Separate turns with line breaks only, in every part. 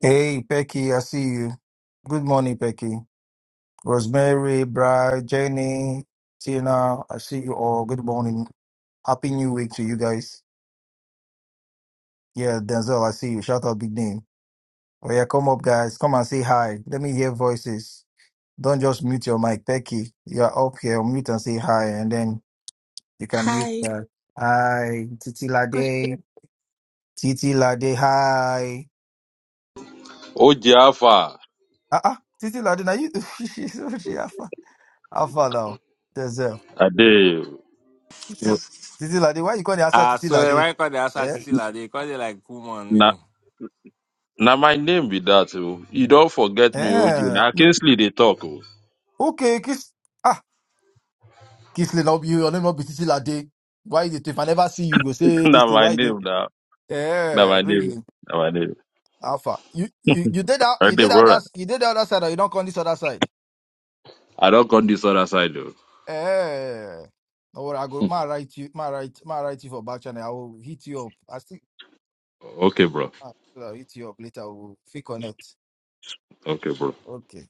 Hey, Becky, I see you. Good morning, Becky. Rosemary, Brad, Jenny, Tina, I see you all. Good morning. Happy New Week to you guys. Yeah, Denzel, I see you. Shout out big name. Oh yeah, come up, guys. Come and say hi. Let me hear voices. Don't just mute your mic, Becky. You're up here. Mute and say hi, and then you can mute
Hi,
that. Hi, Titi
good
Lade. Titi Lade, hi.
Ojiafa.
Ah, uh-uh. Titi Lade, now you. She's Alpha Alpha now. Denzel.
Ade.
Titi ladé, why you call to answer
I
Titi
swear, when
ladé?
I call the assassin,
Eh?
they call it like woman
Na
name.
na my name be that. oh. You don't forget me, Oji.
Eh.
Now Kingsley they talk. oh.
Okay, Kiss. Ah, Kiss Lady, you, your name will be Titi ladé. Why you, if I never see you, you go say this
na
thing.
my
Why they?
name now. Na
Eh,
my name.
really?
Na my name.
Alpha. You, you, you did that,
Right
you
there,
did that,
brother.
that's- you did the other side, or you don't come this other side.
I don't come this other side though.
Eh. No worry, I go, ma write you, ma write, ma write you for back channel. I will hit you up. I still,
Okay, bro.
I'll hit you up later. We'll fake on it.
Okay, bro.
Okay.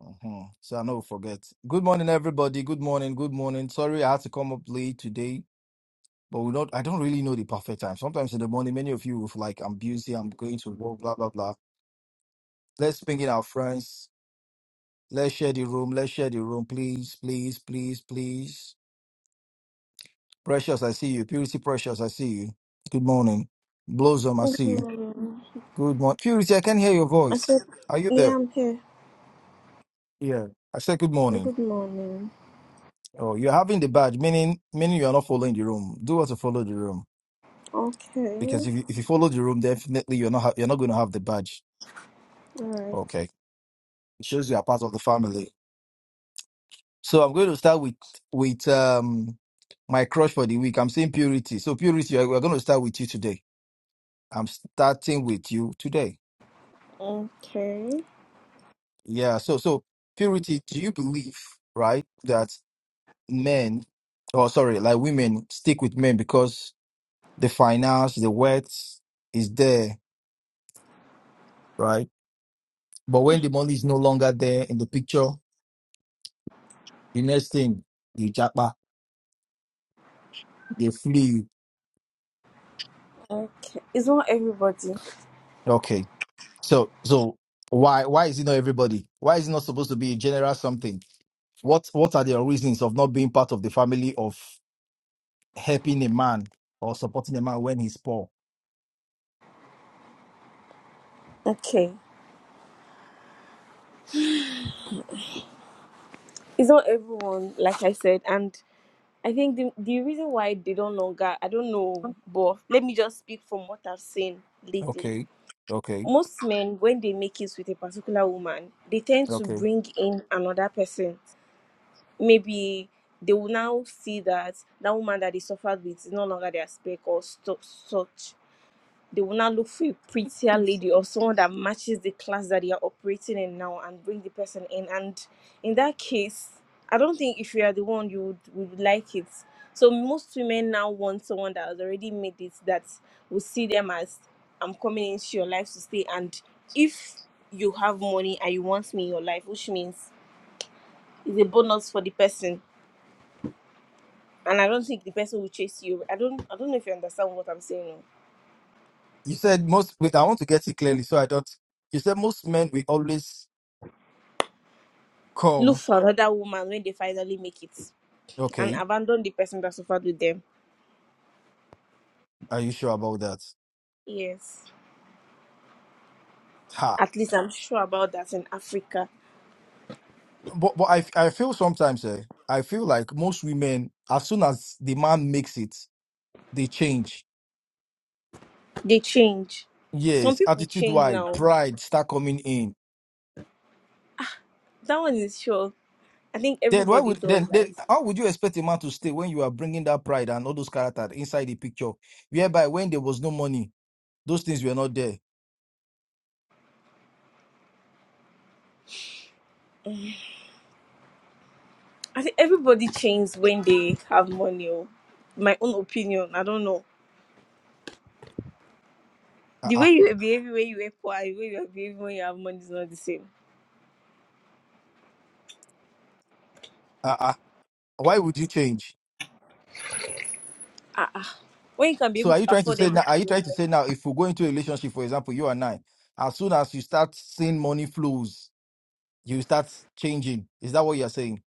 Uh-huh. So I know forget. Good morning, everybody. Good morning. Good morning. Sorry, I had to come up late today, but we do not. I don't really know the perfect time. Sometimes in the morning, many of you will feel like I'm busy. I'm going to work. Blah blah blah. Let's bring in our friends. Let's share the room. Let's share the room, please, please, please, please. Precious, I see you. Purity, precious, I see you. Good morning. Blossom, I
Good
see you.
morning.
Good morning. Purity, I can hear your
I
voice.
said,
Are you
yeah,
there?
I'm here.
Yeah. I said good
Well,
morning.
Good morning.
Oh, you're having the badge, meaning meaning you are not following the room. Do what to follow the room.
Okay.
because if you, if you follow the room, definitely you're not ha- you're not going to have the badge.
Alright.
Okay, it shows you are part of the family. So I'm going to start with with um my crush for the week. I'm saying purity. So purity, I- we're going to start with you today. I'm starting with you today.
Okay.
Yeah. So so purity, do you believe right that men, or sorry, like women stick with men because the finance, the wealth is there, right? But when the money is no longer there in the picture, the next thing you japa They flew.
Okay. It's not everybody.
Okay. So so why why is it not everybody? Why is it not supposed to be a general something? What what are their reasons of not being part of the family of helping a man or supporting a man when he's poor?
Okay. It's not everyone, like I said. And I think the, the reason why they don't longer, I don't know, but let me just speak from what I've seen lately.
Okay. Okay.
Most men, when they make it with a particular woman, they tend to
Okay.
bring in another person maybe they will now see that that woman that they suffered with is no longer their spec or stu- such. They will now look for a prettier lady or someone that matches the class that they are operating in now and bring the person in. And in that case, I don't think if you are the one, you would, would like it. So most women now want someone that has already made it that will see them as I'm coming into your life to stay. And if you have money and you want me in your life, which means it's a bonus for the person and I don't think the person will chase you. I don't I don't know if you understand what I'm saying.
You said most wait, I want to get it clearly so I don't you said most men will always
Look
come.
for another woman when they finally make it and
Okay.
abandon the person that suffered with them.
Are you sure about that?
Yes.
Ha.
At least I'm sure about that in Africa.
But but I I feel sometimes eh, I feel like most women as soon as the man makes it, they change
They change. Some
Yes,
people
attitude
change
wide,
now.
pride start coming in.
That one is sure. I think
Then why
everybody
would
does
then
that.
then how would you expect a man to stay when you are bringing that pride and all those character inside the picture? Whereby when there was no money, those things were not there.
I think everybody changes when they have money or my own opinion. I don't know.
Uh
The
uh
way you behave when you are poor, and the way you behave when you have money is not the same.
uh uh. Why would you change?
Ah, ah. when you can be
So
able
are
to
you trying to
afford
say now? Are you
everything.
trying to say now if we go into a relationship, for example, you and I, as soon as you start seeing money flows, you start changing. Is that what you're saying?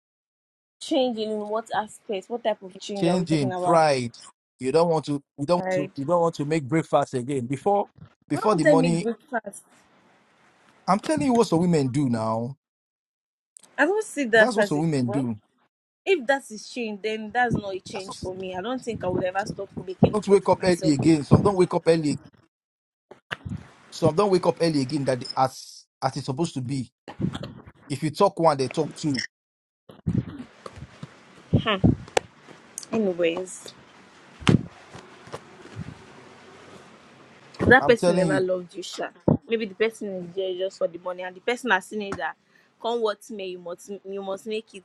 Change in what aspect? What type of change are we talking
Changing
about?
pride. You don't want to. You don't want to.
Right.
You don't want to make breakfast again before
Why
before
won't
the
I make
money
breakfast?
I'm telling you what some women do now.
I don't see that
That's what
as
some
it.
women
well.
do.
If that is change, then that's not a
That's what,
change for me. I don't think I would ever stop making
don't
food
wake
for
up early
myself.
again. Some don't wake up early. Some don't wake up early again that they- as as it's supposed to be. If you talk one, they talk two.
Anyways, that
I'm
person
telling
never
you.
loved you, Sha. Maybe the person is there just for the money, and the person has seen it that come what may, you must you must make it.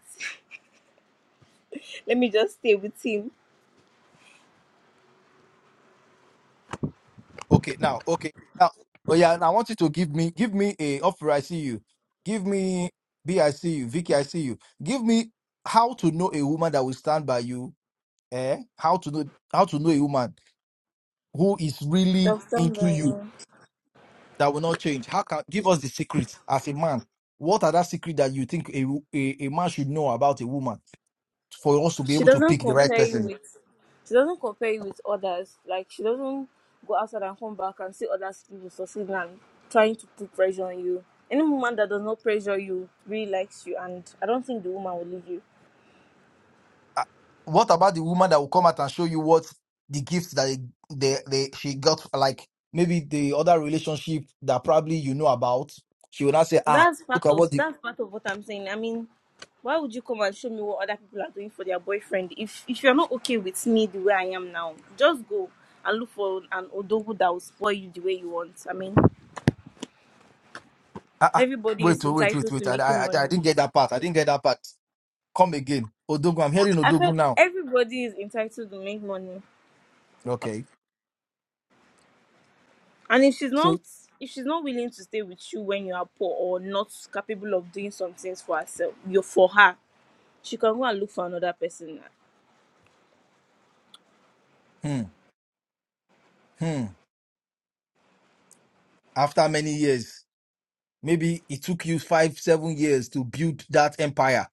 Let me just stay with him.
Okay, now, okay. Now oh yeah, and I want you to give me give me a offer I see you. Give me B I see you, Vicky I see you. Give me how to know a woman that will stand by you. Eh? How to know how to know a woman who is really
There's something
into you
wrong.
that will not change. How can give us the secrets? as a man? What are that secret that you think a, a, a man should know about a woman for us to be
she
able to
doesn't
pick the right
compare you
person?
with she doesn't compare you with others. Like she doesn't go outside and come back and see other people succeeding and trying to put pressure on you. Any woman that does not pressure you really likes you and I don't think the woman will leave you.
Uh, What about the woman that will come out and show you what the gifts that they, they, they she got, like maybe the other relationship that probably you know about? She will not say, ah,
That's part
look at
of
what the
that's part of what I'm saying. I mean, why would you come and show me what other people are doing for their boyfriend if if you're not okay with me the way I am now? Just go and look for an odogu that will spoil you the way you want. I mean,
ah, ah
everybody
wait,
is
oh, wait, wait,
entitled to
wait. I,
making
I, I I
money.
didn't get that part. I didn't get that part. Come again, Odogun. I'm hearing
I feel
Odogun now.
everybody is entitled to make money,
Okay,
and if she's
so
not, if she's not willing to stay with you when you are poor or not capable of doing some things for herself, you for her, she can go and look for another person.
hmm, hmm. After many years. Maybe it took you five, seven years to build that empire.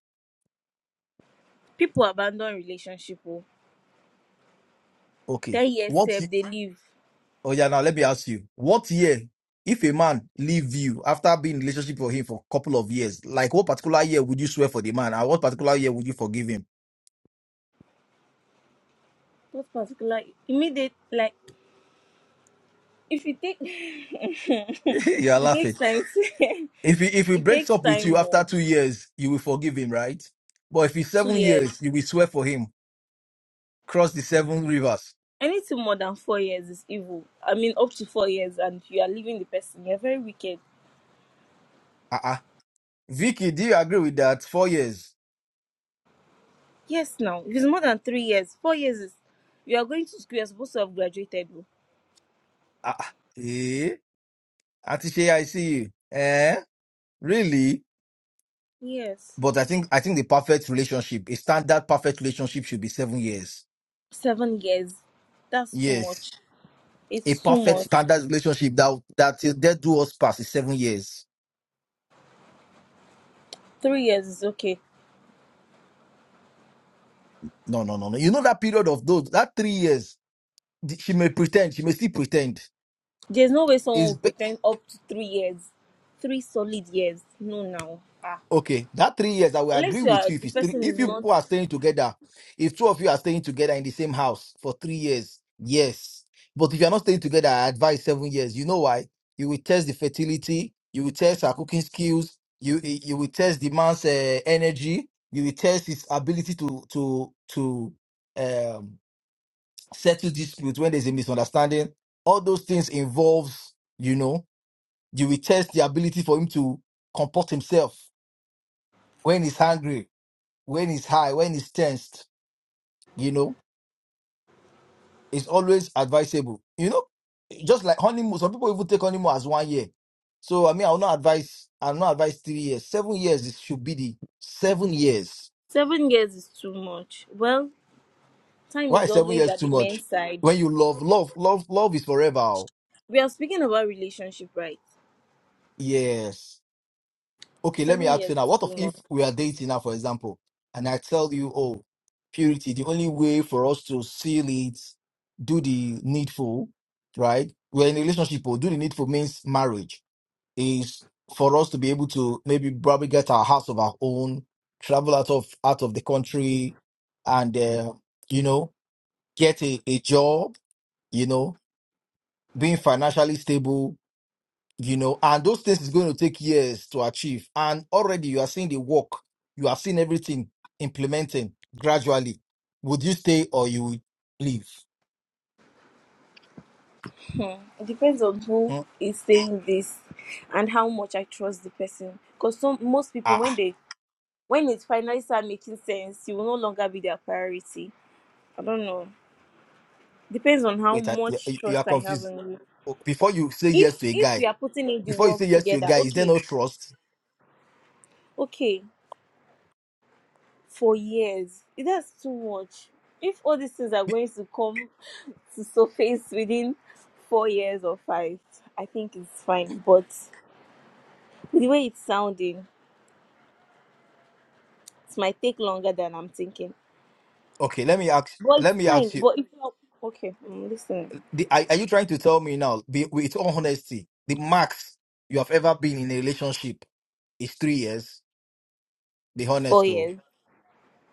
People abandon relationship. Oh,
Okay.
ten years
What,
sef they leave.
oh yeah, now let me ask you. What year, if a man leave you after being in relationship with him for a couple of years, like what particular year would you swear for the man? And what particular year would you forgive him?
Not particular immediate like if you take it
you are
takes
laughing.
time to
If he, if he
it
breaks
takes
up with
time
you after
more
two years, you will forgive him, right? But if it's
two
seven
years
years, you will swear for him. Cross the seven rivers.
anything more than four years is evil i mean up to four years and you are leaving the person you're very wicked
Uh-uh. Vicky, do you agree with that? Four years.
Yes, now. If it's more than three years, four years is. You are going to school, you're supposed to have graduated. oh.
Ah, ah, eh? Atishay, I see you. Eh? Really?
Yes.
But I think I think the perfect relationship, a standard perfect relationship, should be seven years.
Seven years. That's too
Yes,
much.
a
It's too
perfect
much.
standard relationship that that till death do us pass is seven years.
Three years is okay.
No, no, no, no. You know that period of those that three years, th- she may pretend, she may still pretend.
There's no way someone will pretend up to three years. Three solid years. No, now. Ah.
Okay, that three years, I will agree
Unless you
with
are,
you if
the
it's three.
person is
If you
not.
people are staying together, if two of you are staying together in the same house for three years, yes. But if you are not staying together, I advise seven years. You know why? You will test the fertility. You will test her cooking skills. You you you will test the man's uh, energy. You will test his ability to to to um, settle dispute when there's a misunderstanding. All those things involves, you know, you will test the ability for him to comport himself when he's hungry when it's high, when it's tensed, you know, it's always advisable. You know, just like honeymoon, some people even take honeymoon as one year. So I mean, I will not advise. I will not advise three years. Seven years is should be the seven years.
Seven years is too much. Well, time
Why
is
is seven
always
years
at
too
the
much?
men's side.
When you love, love, love, love is forever. oh.
We are speaking about relationship, right?
Yes. okay, let me
Seven
ask
years
you now,
is
what of
too much.
if we are dating now, for example, and I tell you, oh, purity, the only way for us to seal it, do the needful, right? We're in a relationship, or do the needful means marriage, is for us to be able to maybe probably get our house of our own, travel out of out of the country, and uh, you know, get a, a job, you know, being financially stable, you know, and those things is going to take years to achieve. And already you are seeing the work, you are seeing everything implementing gradually. Would you stay or you would leave?
It depends on who
Hmm?
is saying this and how much I trust the person. Because some most people
Ah,
when
ah,
they when it finally start making sense, you will no longer be their priority. I don't know. Depends on how
wait, I, you
much
you
trust
are
I have
confused.
in you.
Oh, Before you say yes
If
to a
if we
guy,
are putting in the
before you
work
say yes to a
together,
guy, is there
okay,
no trust?
okay, for years, that's too much. If all these things are
Be-
going to come to surface within four years or five, I think it's fine. But the way it's sounding. It might take longer than I'm thinking.
Okay, let me ask.
But
Let
it's
me
fine.
ask you.
But if you're okay, mm, listen,
The, are, are you trying to tell me now, be, with all honesty, the max you have ever been in a relationship is three years? Be
four
honest,
years.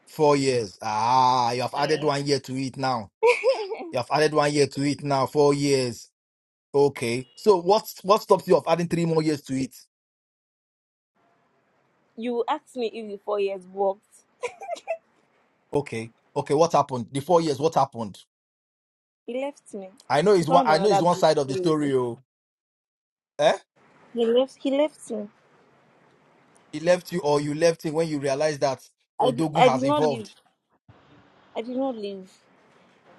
Four years. Ah, you have added one year to it now. You have added one year to it now. Four years. Okay. So what what stops you of adding three more years to it?
You asked me if the four years worked.
Okay. Okay. What happened? The four years. What happened?
He left me.
I know
He
it's one.
found
I know it's
another
one side of
beautiful
the
lady.
story. Oh, eh?
He left. He left me.
He left you, or you left him when you realized that
I, di-
Odogun
I
has
did not leave.
involved.
I did not leave.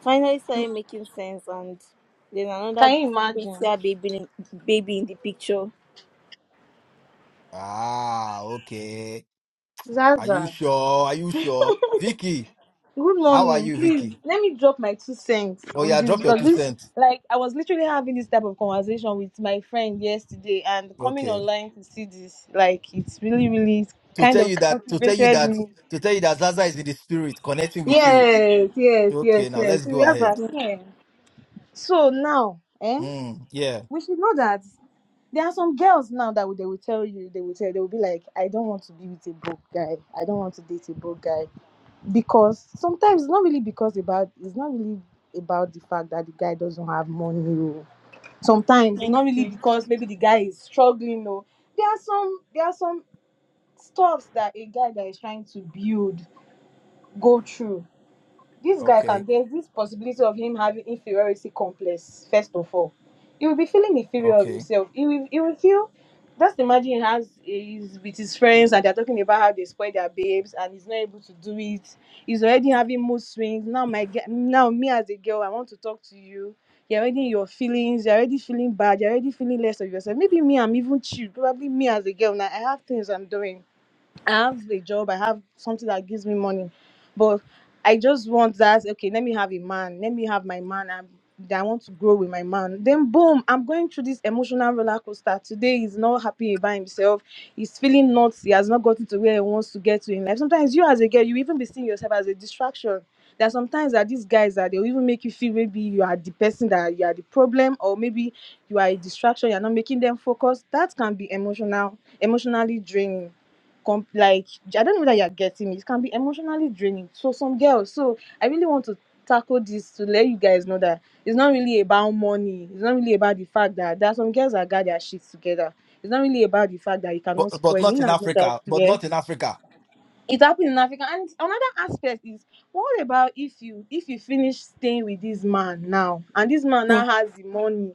Finally started making sense, and then another
Can you imagine?
prettier baby in, baby in the picture.
Ah, okay. Are you
Zaza,
sure? Are you sure? Vicky,
good
how are
morning.
you,
Please
Vicky?
let me drop my two cents
Oh
on
yeah,
this
drop your
because
two
this,
cents.
like, I was literally having this type of conversation with my friend yesterday, and coming
Okay.
online to see this, like, it's really, really
to
kind
tell
of
you that to tell you
captivated
that
me.
to tell you that Zaza is in the spirit connecting with you.
Yes, yes, yes,
Okay, now
The
yes.
let's go
spirit is
Zaza,
ahead.
moving.
yeah. So now, eh,
Mm, yeah.
we should know that there are some girls now that will- they will tell you, they will tell, they will be like, I don't want to be with a broke guy. I don't want to date a broke guy. because sometimes it's not really because about it's not really about the fact that the guy doesn't have money oh. sometimes it's
Thank
not really
you.
because maybe the guy is struggling or there are some there are some stuffs that a guy that is trying to build go through this guy
Okay.
can there's this possibility of him having inferiority complex first of all he will be feeling inferior of
Okay.
himself he will he will feel just imagine he has he's with his friends and they're talking about how they spoil their babes and he's not able to do it he's already having mood swings now my ge- now me as a girl i want to talk to you you're already in your feelings you're already feeling bad you're already feeling less of yourself maybe me i'm even chill probably me as a girl now i have things i'm doing I have a job, I have something that gives me money, but I just want that. Okay, let me have a man, let me have my man. I'm, I want to grow with my man. Then boom, I'm going through this emotional roller coaster. Today he's not happy about himself. He's feeling not. He has not gotten to where he wants to get to in life. Sometimes you as a girl, you even be seeing yourself as a distraction. There are sometimes that these guys that they'll even make you feel maybe you are the person that you are the problem, or maybe you are a distraction, you're not making them focus. That can be emotional, emotionally draining com- like I don't know that you're getting me. It can be emotionally draining. So some girls, so I really want to tackle this to let you guys know that it's not really about money. It's not really about the fact that there are some girls that got their shit together. It's not really about the fact that you
But
cannot
but
spoil me
not
in
in
as much as
Africa. But
yeah
not in Africa.
it happened in Africa. And another aspect is what about if you if you finish staying with this man now and this man
Hmm.
now has the money?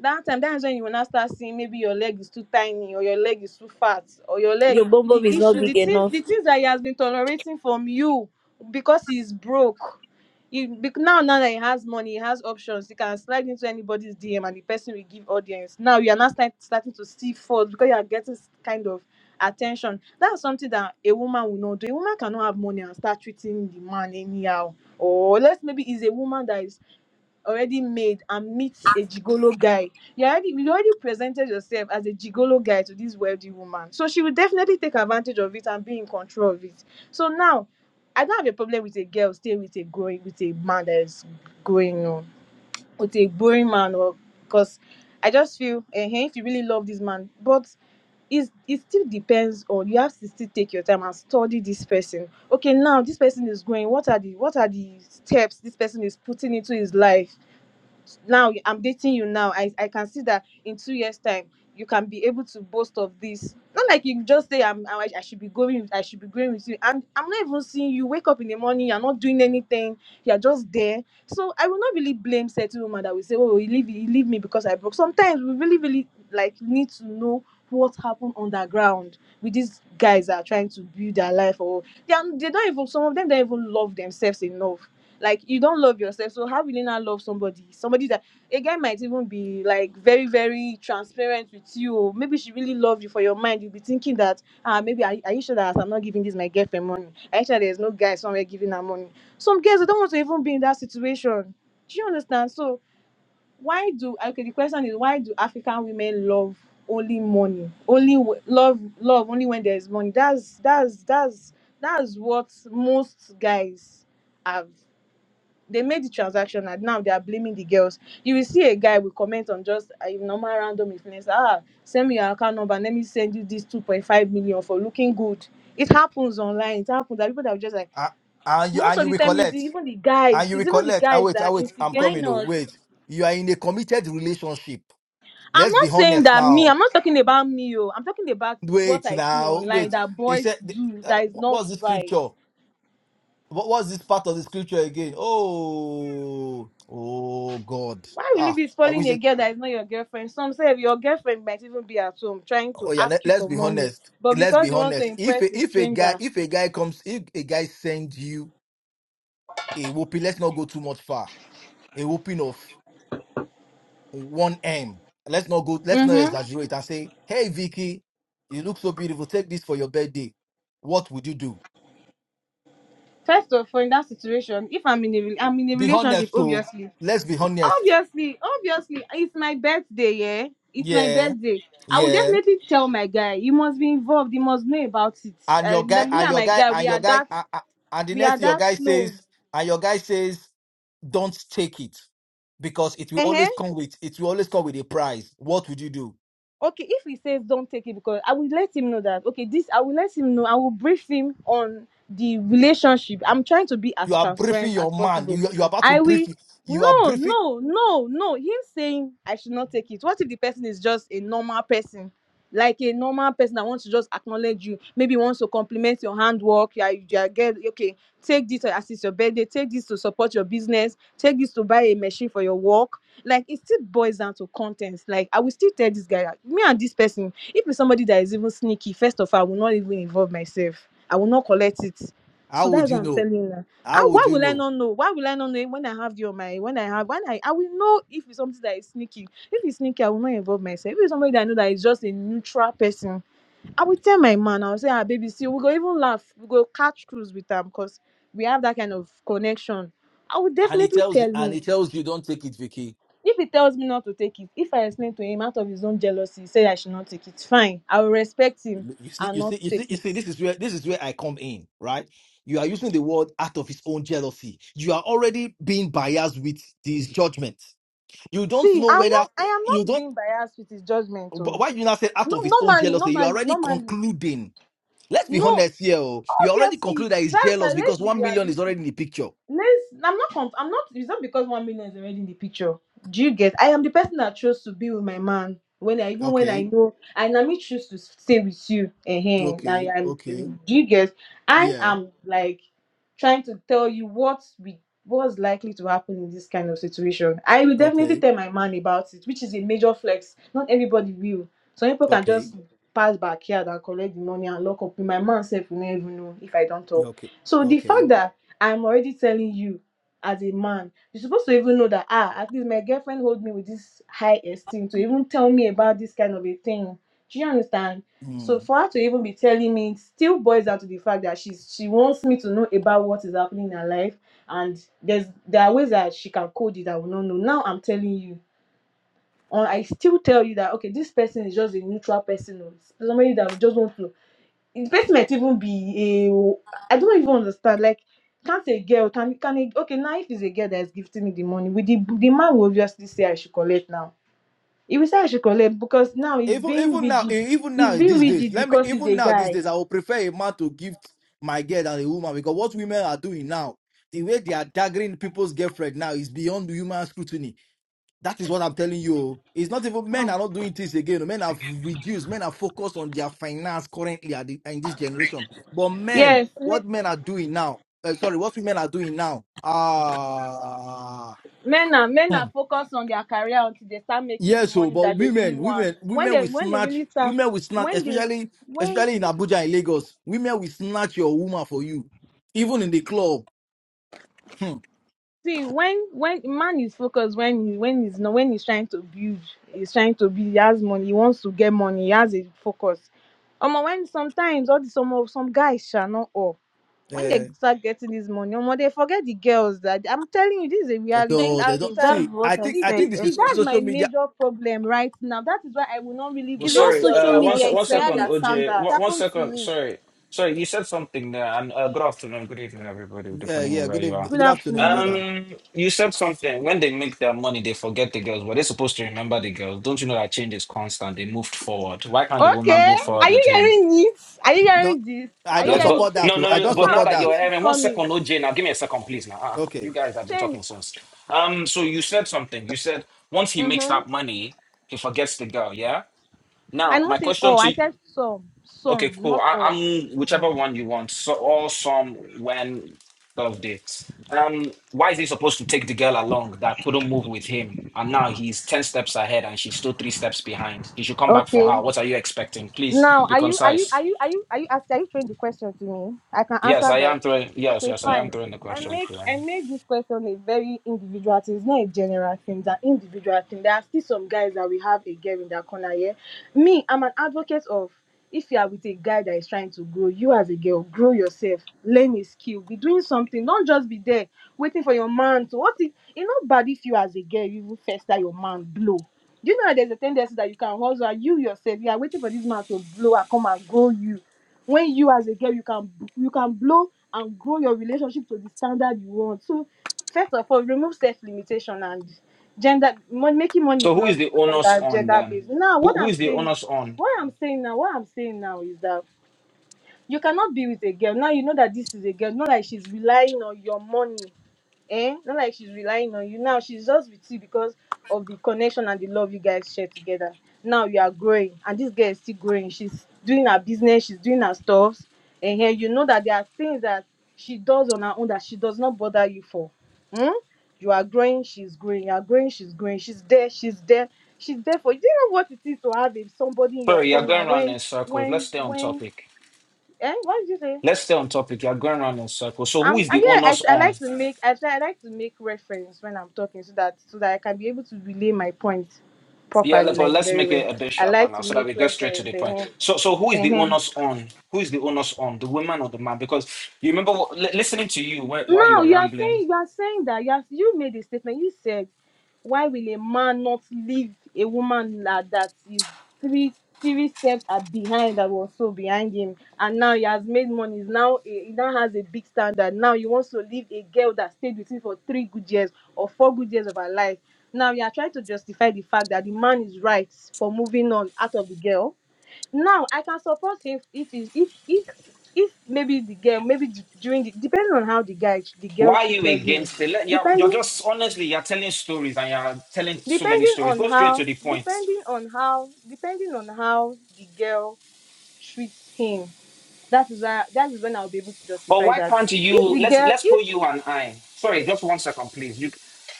That time that is when you will now start seeing maybe your leg is too tiny or your leg is too fat or your
Your
leg
bum bum
the
is not
issue the
big
things the
enough.
things that he has been tolerating from you because he's broke. He, bec- now now that he has money, he has options. He can slide into anybody's DM and the person will give audience. Now you are now start, starting to see faults because you are getting kind of attention that's something that a woman will not do a woman cannot have money and start treating the man anyhow or let's maybe is a woman that is already made and meets a gigolo guy you already you already presented yourself as a gigolo guy to this wealthy woman so she will definitely take advantage of it and be in control of it so now i don't have a problem with a girl staying with a growing with a man that is growing up with a boring man or because I just feel eh, eh, if you really love this man, but it's, it still depends on you have to still take your time and study this person. Okay, now this person is going. What are the what are the steps this person is putting into his life? now i'm dating you now i i can see that in two years time you can be able to boast of this not like you just say i'm i, I should be going with- i should be going with you and i'm not even seeing you wake up in the morning you're not doing anything you're just there so i will not really blame certain women that will say oh you leave you leave me because i broke sometimes we really really like need to know what happened underground with these guys that are trying to build their life or they, are, they don't even some of them don't even love themselves enough like you don't love yourself, so how will you not love somebody? Somebody that a guy might even be like very, very transparent with you. or Maybe she really loved you for your mind. You'll be thinking that ah maybe are, are you sure that I'm not giving this my girlfriend money? Are you sure there's no guy somewhere giving her money? Some girls they don't want to even be in that situation. Do you understand? So why do okay the question is why do African women love only money? Only w- love love only when there's money. That's that's that's that's what most guys have they made the transaction and now they are blaming the girls. You will see a guy will comment on just a normal random influencer, ah, send me your account number, let me send you this 2.5 million for looking good. It happens online. It happens that people that are just like,
Ah, And you
most
and
of
you
the time, it's the,
recollect.
even the guys,
And you
it's even the
recollect. Ah
guys
wait, ah
that
wait. I'm
instigate
Why
it.
coming. Oh
not?
wait. You are in a committed relationship.
I'm
Let's
not
be
saying
honest
that me,
now.
I'm not talking about me, oh. I'm talking about what
Wait
I see
now.
online
Wait.
that
They
boys
said the-
do
uh,
that is not
what's this
right.
scripture? What was this part of the scripture again? Oh, oh God.
Why will you
Ah,
be
I wish
spoiling
they
a girl that is not your girlfriend? Some say your girlfriend might even be at home trying to
Oh yeah,
ask
let,
you
let's
for
be
money,
honest.
but
Let's
because
be
you want to
honest. If
impress
a,
a
if a guy
stranger.
if a guy comes if a guy sends you a whoopee, let's not go too much far. A whooping of one M. Let's not go. Let's not
Mm-hmm.
exaggerate and say, "Hey Vicky, you look so beautiful. Take this for your birthday." What would you do?
First of all, in that situation, if I'm in a re- I'm in a
Be
relationship,
honest, though.
obviously,
Let's be honest.
obviously, obviously, it's my birthday, yeah. It's my
Yeah,
birthday. I would
yeah.
definitely tell my guy. He must be involved. He must know about it.
And
Uh,
your
the-
guy
me
and
and
your
my
guy
guy, we
and
are
your guy
that,
and, and and the
we
next
are
thing your
that
guy says
close.
and your guy says. don't take it because it will
Uh
always come with it will always come with a price. What would you do?
okay if he says don't take it because i will let him know that okay this i will let him know i will brief him on the relationship i'm trying to be
You
as
are briefing
transparent
your
as
man.
possible
You you are about to
i will
brief. You you are
no
briefing.
no no no him saying i should not take it what if the person is just a normal person like a normal person that wants to just acknowledge you maybe wants to compliment your handwork yeah you are get okay take this to assist your birthday take this to support your business take this to buy a machine for your work like it still boils down to contents. Like I will still tell this guy, like, me and this person, if it's somebody that is even sneaky, first of all, I will not even involve myself. I will not collect it. So
How would
that's
you
what I'm
know?
telling you. now. Ah,
How would
why
you
will I
know?
not know? Why will I not know when I have you on my when I have when I I will know if it's something that is sneaky. If it's sneaky, I will not involve myself. If it's somebody that I know that is just a neutral person, I will tell my man, I'll say, ah, baby, see, we go even laugh, we go catch cruise with them because we have that kind of connection. I will
And he
definitely
tells you
tell
and
him
he tells you don't take it, Vicky.
if he tells me not to take it if i explain to him out of his own jealousy say i should not take it fine i will respect him
You see,
and
you
not
see, you see,
take
you
it
see. This is where this is where I come in, right? You are using the word out of his own jealousy. You are already being biased with this judgment. You don't
see
know
i'm
whether
not i am
you
not
don't.
being biased with his judgment Oh,
Why you now say out
no
of his own
normally
jealousy? You are
normally
already
normally
concluding Let's be
no
honest here. oh. You already
obviously
conclude that he's
that's why
jealous because
let's be
one million is
realistic
already in the picture.
Let's. I'm not. Conf- I'm not. It's not because one million is already in the picture. Do you get? I am the person that chose to be with my man when I even when I
Okay,
know and I may choose to stay with you. uh I
okay,
am.
okay,
Do you get? I
yeah,
am like trying to tell you what we what's likely to happen in this kind of situation. I will definitely
okay,
tell my man about it, which is a major flex. Not everybody will. Some people can
okay,
just pass backyard and collect the money and lock up. My man Self will never even know if I don't
yeah,
talk.
okay,
So the
okay.
fact that I'm already telling you, as a man, you're supposed to even know that ah, at least my girlfriend hold me with this high esteem to even tell me about this kind of a thing. Do you understand? So
Mm.
for her to even be telling me it still boils down to the fact that she's she wants me to know about what is happening in her life and there's there are ways that she can code it I will not know. Now I'm telling you. Or I still tell you that okay, this person is just a neutral person, or somebody that just wants to the person might even be a I don't even understand. Like, can't a girl can can a, okay now if it's a girl that's gifting me the money, with the the man will obviously say I should collect now. He will say I should collect because now he's
Even
being
even now,
rigid.
eh, even
He's
now
being
these days,
rigid
let me
because he's
even
a
now these
guy.
days, I would prefer a man to gift my girl than a woman because what women are doing now, the way they are daggering people's girlfriend now is beyond human scrutiny. That is what I'm telling you. It's not even
Oh,
men are not doing this again. Men have reduced. Men are focused on their finance currently at the, in this generation. But men,
Yes, men,
what men are doing now? Uh, sorry, what women are doing now? Ah,
men are men
hmm.
are focused on their career until they start making the
yes. So,
money
but
that they really
women,
want.
women,
When
women
they
will
when they
snatch.
really start
Women will snatch,
when they
especially
when
especially in Abuja and Lagos. Women will snatch your woman for you, even in the club. Hmm.
See, when when man is focused, when he, when he's not, when he's trying to build, he's trying to be. He has money. He wants to get money. He has a focus. Um, when sometimes all the some of some guys shall not all. When
Uh,
they start getting this money, um, they forget the girls. That I'm telling you, this is a reality.
thank
so they
That it
you.
don't
has.
That's
see. I
what
It,
I
think
it,
I
said
it,
think this
it-
is
earlier.
that's
social
my
media.
major problem right now. That is why I will not really
Well,
It's not
blame
sorry,
girls
social
uh,
that
one,
want
media,
se-
to
one
it's
set
second,
reality.
their
It
OJ.
standards.
One, one
happened to
second,
me.
sorry. Sorry, you said something there, and uh, good afternoon, good evening, everybody,
Uh,
depending on
yeah.
where
Good
you
evening,
are.
Good
good afternoon,
afternoon.
brother.
Um, you said something. When they make their money, they forget the girls, but they're supposed to remember the girls. Don't you know that change is constant? They moved forward. Why can't the woman
Thank
Okay.
move
you.
Are
forward
you
with him?
hearing this? Are you
No,
hearing this?
I
Are
don't
you
Yes,
hearing
but
support
this?
that
no,
too.
no,
I
Okay,
no,
don't
but
now
now
support
that
that.
change
you're
is
having one
coming.
second, OJ, now give me a second, please. Now, ah, you
Okay.
guys have been
Change.
talking since. Um, so you said something. You said once he makes
Mm-hmm.
that money, he forgets the girl. Yeah.
I
Now, my
not say
question
all.
to
I
you.
said some.
Okay,
Some,
cool.
not
I,
all.
I'm whichever one you want. So or some when of dates. Um, why is he supposed to take the girl along that couldn't move with him, and now he's ten steps ahead and she's still three steps behind? He should come back for
Okay.
her. What are you expecting? Please
Now
be
are you are you
concise.
are you are you are you asking are you throwing the question to me? I can
Yes,
answer
I
that.
am throwing. Yes,
Okay,
yes, I am
fine.
throwing the
I
question
make
to them.
I make this question a very individual thing. It's not a general thing. It's an individual thing. There are still some guys that we have a girl in that corner here. Me, I'm an advocate of if you are with a guy that is trying to grow, you as a girl, grow yourself, learn a skill, be doing something. Don't just be there waiting for your man to what if it's not bad if you as a girl you even first that your man blow. Do you know that there's a tendency that you can hustle and you yourself, you are waiting for this man to blow and come and grow you when you as a girl you can you can blow and grow your relationship to the standard you want so first of all remove self limitation and gender mon- making money
So
is
who is
not
the onus
gender
on
gender
them?
based now
Who
what
who
i'm
is the
saying
onus on?
what i'm saying now what i'm saying now is that you cannot be with a girl now you know that this is a girl not like she's relying on your money eh? Not like she's relying on you now. She's just with you because of the connection and the love you guys share together. Now you are growing, and this girl is still growing. She's doing her business, she's doing her stuff, and here you know that there are things that she does on her own that she does not bother you for. Hmm? You are growing, she's growing. You are growing, she's growing. She's there, she's there, she's there for you. Do you know what it is to have a, somebody in your
Sorry, you're
corner
going around
when,
in circles. Let's
when,
stay on
when,
topic.
eh? What did you say?
Let's stay on topic. You're going around in circles. So who
Um,
is
uh,
the
yeah, I,
onus
tr- I
on?
like to make I try I like to make reference when I'm talking so that so that I can be able to relay my point
Yeah, le-
properly,
but
like
let's
very
make
well.
it a bit
I
sharper
like
now
to
so that
make
we get straight to
reference.
the point. So, so who is the
Uh-huh.
onus on? Who is the onus on? The woman or the man? Because you remember what, li- listening to you wh- while you
now
were
you are
rambling.
saying you are saying that you have, you made a statement you said why will a man not leave a woman like that is three three steps are behind that was so behind him and now he has made money he's now a, he now has a big standard now he wants to leave a girl that stayed with him for three good years or four good years of her life now you are trying to justify the fact that the man is right for moving on out of the girl now i can support him if he's if if if maybe the girl maybe d- during the depending on how the guy the
Why
girl
are you
treated him
against it? Let- You're, you're
depending
just honestly, you're telling stories and you're telling so many
depending
stories.
on
Go straight
how
to the point.
depending on how depending on how the girl treats him that is why that is when i'll be able to
But
justify
why
that
can't
if
you
the
let's
girl
let's put
if
you and I. Sorry, just one second, please. You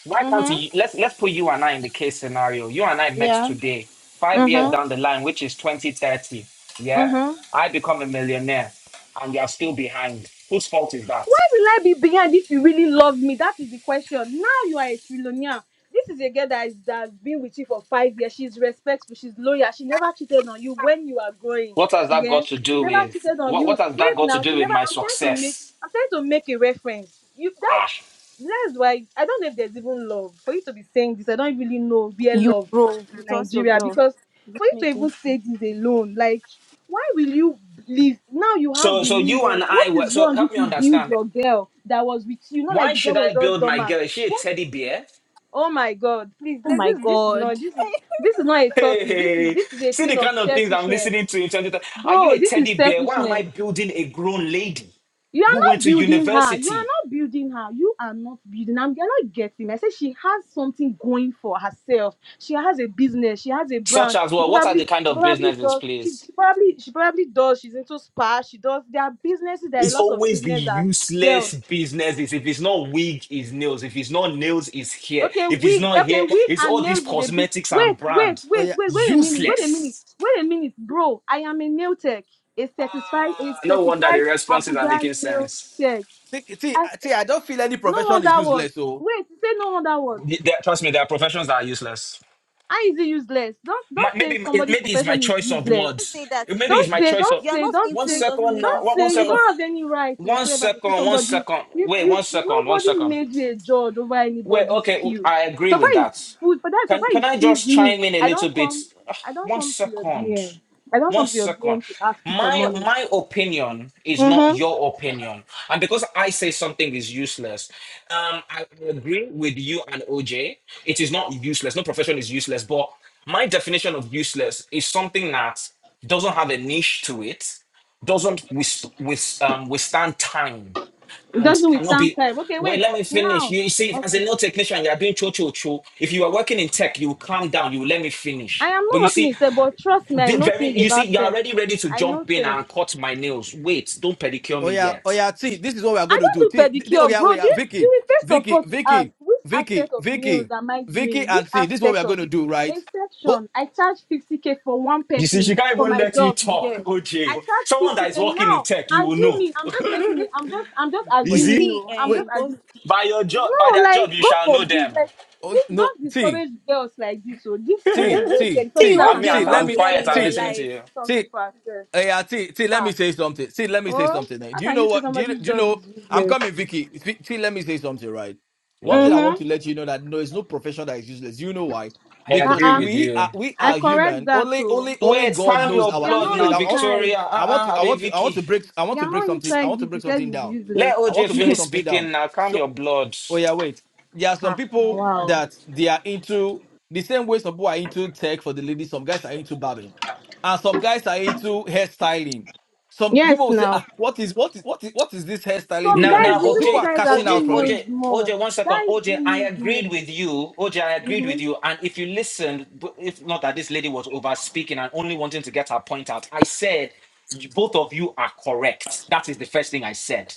why can't
mm-hmm
you let's let's put you and I in the case scenario. You and I met
yeah
today, five years
mm-hmm
down the line, which is 2030. Yeah?
mm-hmm
I become a millionaire and you are still behind. Whose fault is that?
will I be behind if you really love me? That is the question. Now you are a trillionaire. This is a girl that is that's been with you for five years. She's respectful, she's loyal, she never cheated on you when you are growing.
What has that
Yeah.
got to
She
do
never
with
cheated on
what what
you.
has that
Wait
got to
now, she
do with
never
my
I'm trying to make
success?
I'm trying to make a reference. You that
Ah.
that's why I don't know if there's even love for you to be saying this. I don't really know where
You
love
bro,
is
it
in
was your
Nigeria
girl.
because
Is it
for you to
making
even
sense?
say this alone, like, why will you leave? Now you have
So
the
so you and
millions.
I
What
were
is
so
wrong if
help me
you build
understand.
your girl that was with you? Not like
Why
the girl
should
was
I
just
build my
dormant.
girl? Is she a
What?
teddy bear?
Oh my God! Please,
Oh
like
my
this. This is
god.
not. This is this is not a topic. This is
Hey,
this is a
see
thing
the
of
kind of things I'm
selfishness,
listening to in 2020. Are you
bro.
a
This is
teddy bear? Why am I
selfishness.
building a grown lady
You are
who went
not
to
building her. You are
university?
not building her. You are not building her. You're not getting. I said she has something going for herself. She has a business. She has a
Such
brand.
as
She
well, what are the
probably,
kind
she
of
probably
businesses,
does. She,
please?
she probably, she probably does. She's into spa. She does. There are businesses. There are a
It's
lot of
always the
business that girls.
useless businesses. If it's not wig, it's nails. If it's not nails, it's hair.
Okay,
If it's
wig.
not
Okay,
hair,
But
wig
it's all
and
these
nails is a big.
cosmetics and
Wait, wait,
brand.
oh
wait,
yeah.
wait, wait a minute. Wait a minute.
Useless.
Wait a minute, bro. I am a nail tech. A
Ah,
certified, a
no wonder the
certified
responses are
Abuja
making
nail
sense.
tech.
See, see,
I,
see, I don't feel any
No
profession is
wonder what.
useless. So
Wait, say no wonder what.
The- there- trust me, there are professions that are useless.
How is it useless? Don't
my,
don't say
maybe it-
somebody's
maybe it's my
profession is
choice of
useless.
Don't
words.
say that
Maybe it's
Don't
again.
my
say,
choice
don't
of
You're
say,
not
don't
one
into it
say,
doesn't
second
make
now.
don't
it
One, one
say you
useless.
second.
don't have any right
One
whatsoever to say
second. One
somebody
second.
you,
Wait.
you
One second. One
nobody
second.
made you a judge over
Wait.
anybody's
Okay.
skill.
I agree
So far
with that.
it's food for that so
Can
far
can
it
I
feeds
just
me.
chime in a
I
little
don't
bit?
come
Ah,
I don't
One
come to your
second.
DM. I don't
One
come to your
second.
DM to ask you for
My
money.
my opinion is not
Mm-hmm.
your opinion, and because I say something is useless, um, I agree with you and OJ. It is not useless. No profession is useless, but my definition of useless is something that doesn't have a niche to it, doesn't with with um withstand time,
It
and
doesn't
cannot
withstand
be.
time. Okay,
Well,
wait.
let me finish.
Now
You see, if as a
okay.
nail technician, you are doing cho cho cho. If you are working in tech, you will calm down. You will let me
I
finish.
am
But
not
you
working
see,
in tech, but trust me, I
the
know
very
things
you see,
about
you're
tech.
already ready to
I know
jump in
tech.
and cut my nails. Wait, don't pedicure
oh
me
yeah, oh
yet.
yeah, see, this is what we are
I
going to
don't
do.
do
See, th- th- oh
pedicure,
yeah, oh
bro. Do
yeah,
you,
Vicky,
you will first of
Vicky,
all to ask
Vicky,
which aspect
Vicky,
of nails
Vicky,
am I
Vicky,
doing? Which
and see, this is what we
aspect
are
of
going to
it?
do, right?
A
Go
section. I charge 50k for one
You see,
person
she can't
for
even
my
let you
job
talk,
here. I
OJ.
oh,
charge
Someone that is
50k
working in
now.
tech, you will know.
Assuming I'm just making it. I'm just I'm just
oh
You
yeah,
assuming
see?
See
no. I'm
wait,
just
and go
assuming
By your job, by
no.
their job,
Like
you
go
shall
for
know
big.
them.
Like
oh
this,
no,
don't
see,
discourage girls like this. So this thing that you
see,
just
see,
said,
see
something
you
see,
that
I
hope
can
mean,
there
see,
is
I'm
let
no
I'm
discourage
me
a
girl
girl
quiet,
in
I'm
that
your
is
see.
listening
trying to
to
life.
you.
do something for herself.
Hey, uh, T, T, let me
Ah.
say something. See, let me say
Oh,
something. eh.
how
Do you
can
know
you say
what? Do you,
somebody's
do you
job
know?
is
I'm
useless?
coming, Vicky. T, T, let me say something, right? One
Yeah.
thing I want
Mm-hmm.
to let you know that no, it's no profession that is useless. You know why?
I
Because
agree
Uh-uh.
with
we are
you.
we
I
are
correct
human.
that,
Only
oh.
only only
Wait,
God
calm
knows
your
our.
You're
blood
not
now,
Wait, I want
inside.
Victoria.
I want
Uh-uh,
to I
Abi
want to I want
Vicky.
to break I want to
You're
break
not
something I
inside
want to
it.
break
You said
something
it's
down.
useless.
Let
I want
OJ
to break
finish
something
speaking
down.
now. Calm
So
your blood.
Oh yeah, wait. There are some
Ah,
people
wow.
that they are into the same way some people are into tech for the ladies, some guys are into barbing. And some guys are into hairstyling. Some
Yes,
people will say,
now.
ah, what is what is what is what is this hairstyling
Some
thing
Now,
of
now,
guys,
it?
these
But people
even
OJ,
are
guys that
cashing
do
OJ,
out from
nails
it.
OJ,
more.
OJ, one second.
Guys
OJ,
do
I
nails
agreed
more.
with you. OJ, I agreed
Mm-hmm.
with you. And if you listened, b- if not that this lady was over speaking and only wanting to get her point out, I said, "You- both of you are correct. That is the first thing I said.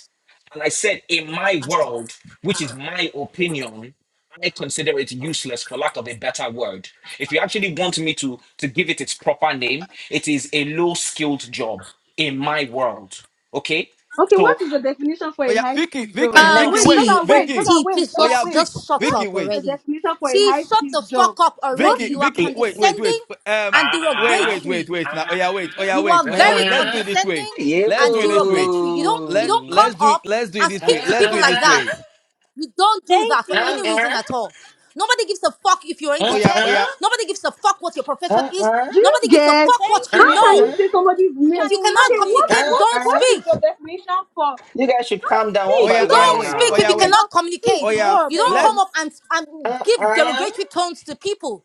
And I said, in my world, which is my opinion, I consider it useless for lack of a better word. If you actually want me to, to give it its proper name, it is a low skilled job in my world. Okay?
Okay,
So
what is your definition for
Oh
a
yeah, Vicky,
high-skilled job?
I
Vicky,
Um,
know.
Vicky,
Wait,
wait,
T,
Zaza,
oh,
wait,
Vicky.
Zaza,
T,
wait,
please
Oh
Zaza,
yeah,
just,
wait.
Vic,
just shut
What
Vicky,
up
wait.
is the
already.
definition for a
T, shut the
high-skilled
fuck
job?
up
What
already.
is
Vicky,
You are
Vicky, wait, wait,
condescending
wait. Um,
and
wait,
Ah,
wait, wait,
derogatory.
wait. Now, oh
ah,
yeah, wait, oh yeah,
You
wait,
are
oh yeah,
very
wait. Let's do
ah.
it this way.
condescending
Yeah,
Let's
and
do it this way.
derogatory. You don't, you
Let
don't
boo.
come
let's do it,
up
let's do it
and
this
Ah,
speak
way.
to
ah,
Let's do
people
it
like
this
ah,
that.
way.
You don't do
Thank
that for
ah,
any
ah,
you.
ah,
reason at all. Nobody gives a fuck if you're
ah,
oh
into
yeah,
ah,
tech.
oh yeah,
Nobody gives a fuck what your profession is.
Do you
Nobody gives a
get?
fuck what
Thank
ah,
How
you
can
you.
you
ah,
know.
say somebody's
You
If
name?
you cannot
Okay,
can
what
imagine.
ah,
communicate,
what
don't
ah.
what is
speak.
the definition for?
You guys should
Don't
calm down one
oh
speak.
by
yeah,
You
oh
don't
yeah,
one
Don't
know
wait, oh
speak if you
yeah,
now.
anything
wait,
about
cannot
see
oh
communicate.
yeah,
Bob,
You don't come
bro.
Nonsense.
let's
up and, and
Ah, ah,
give
ah,
derogatory tones to people,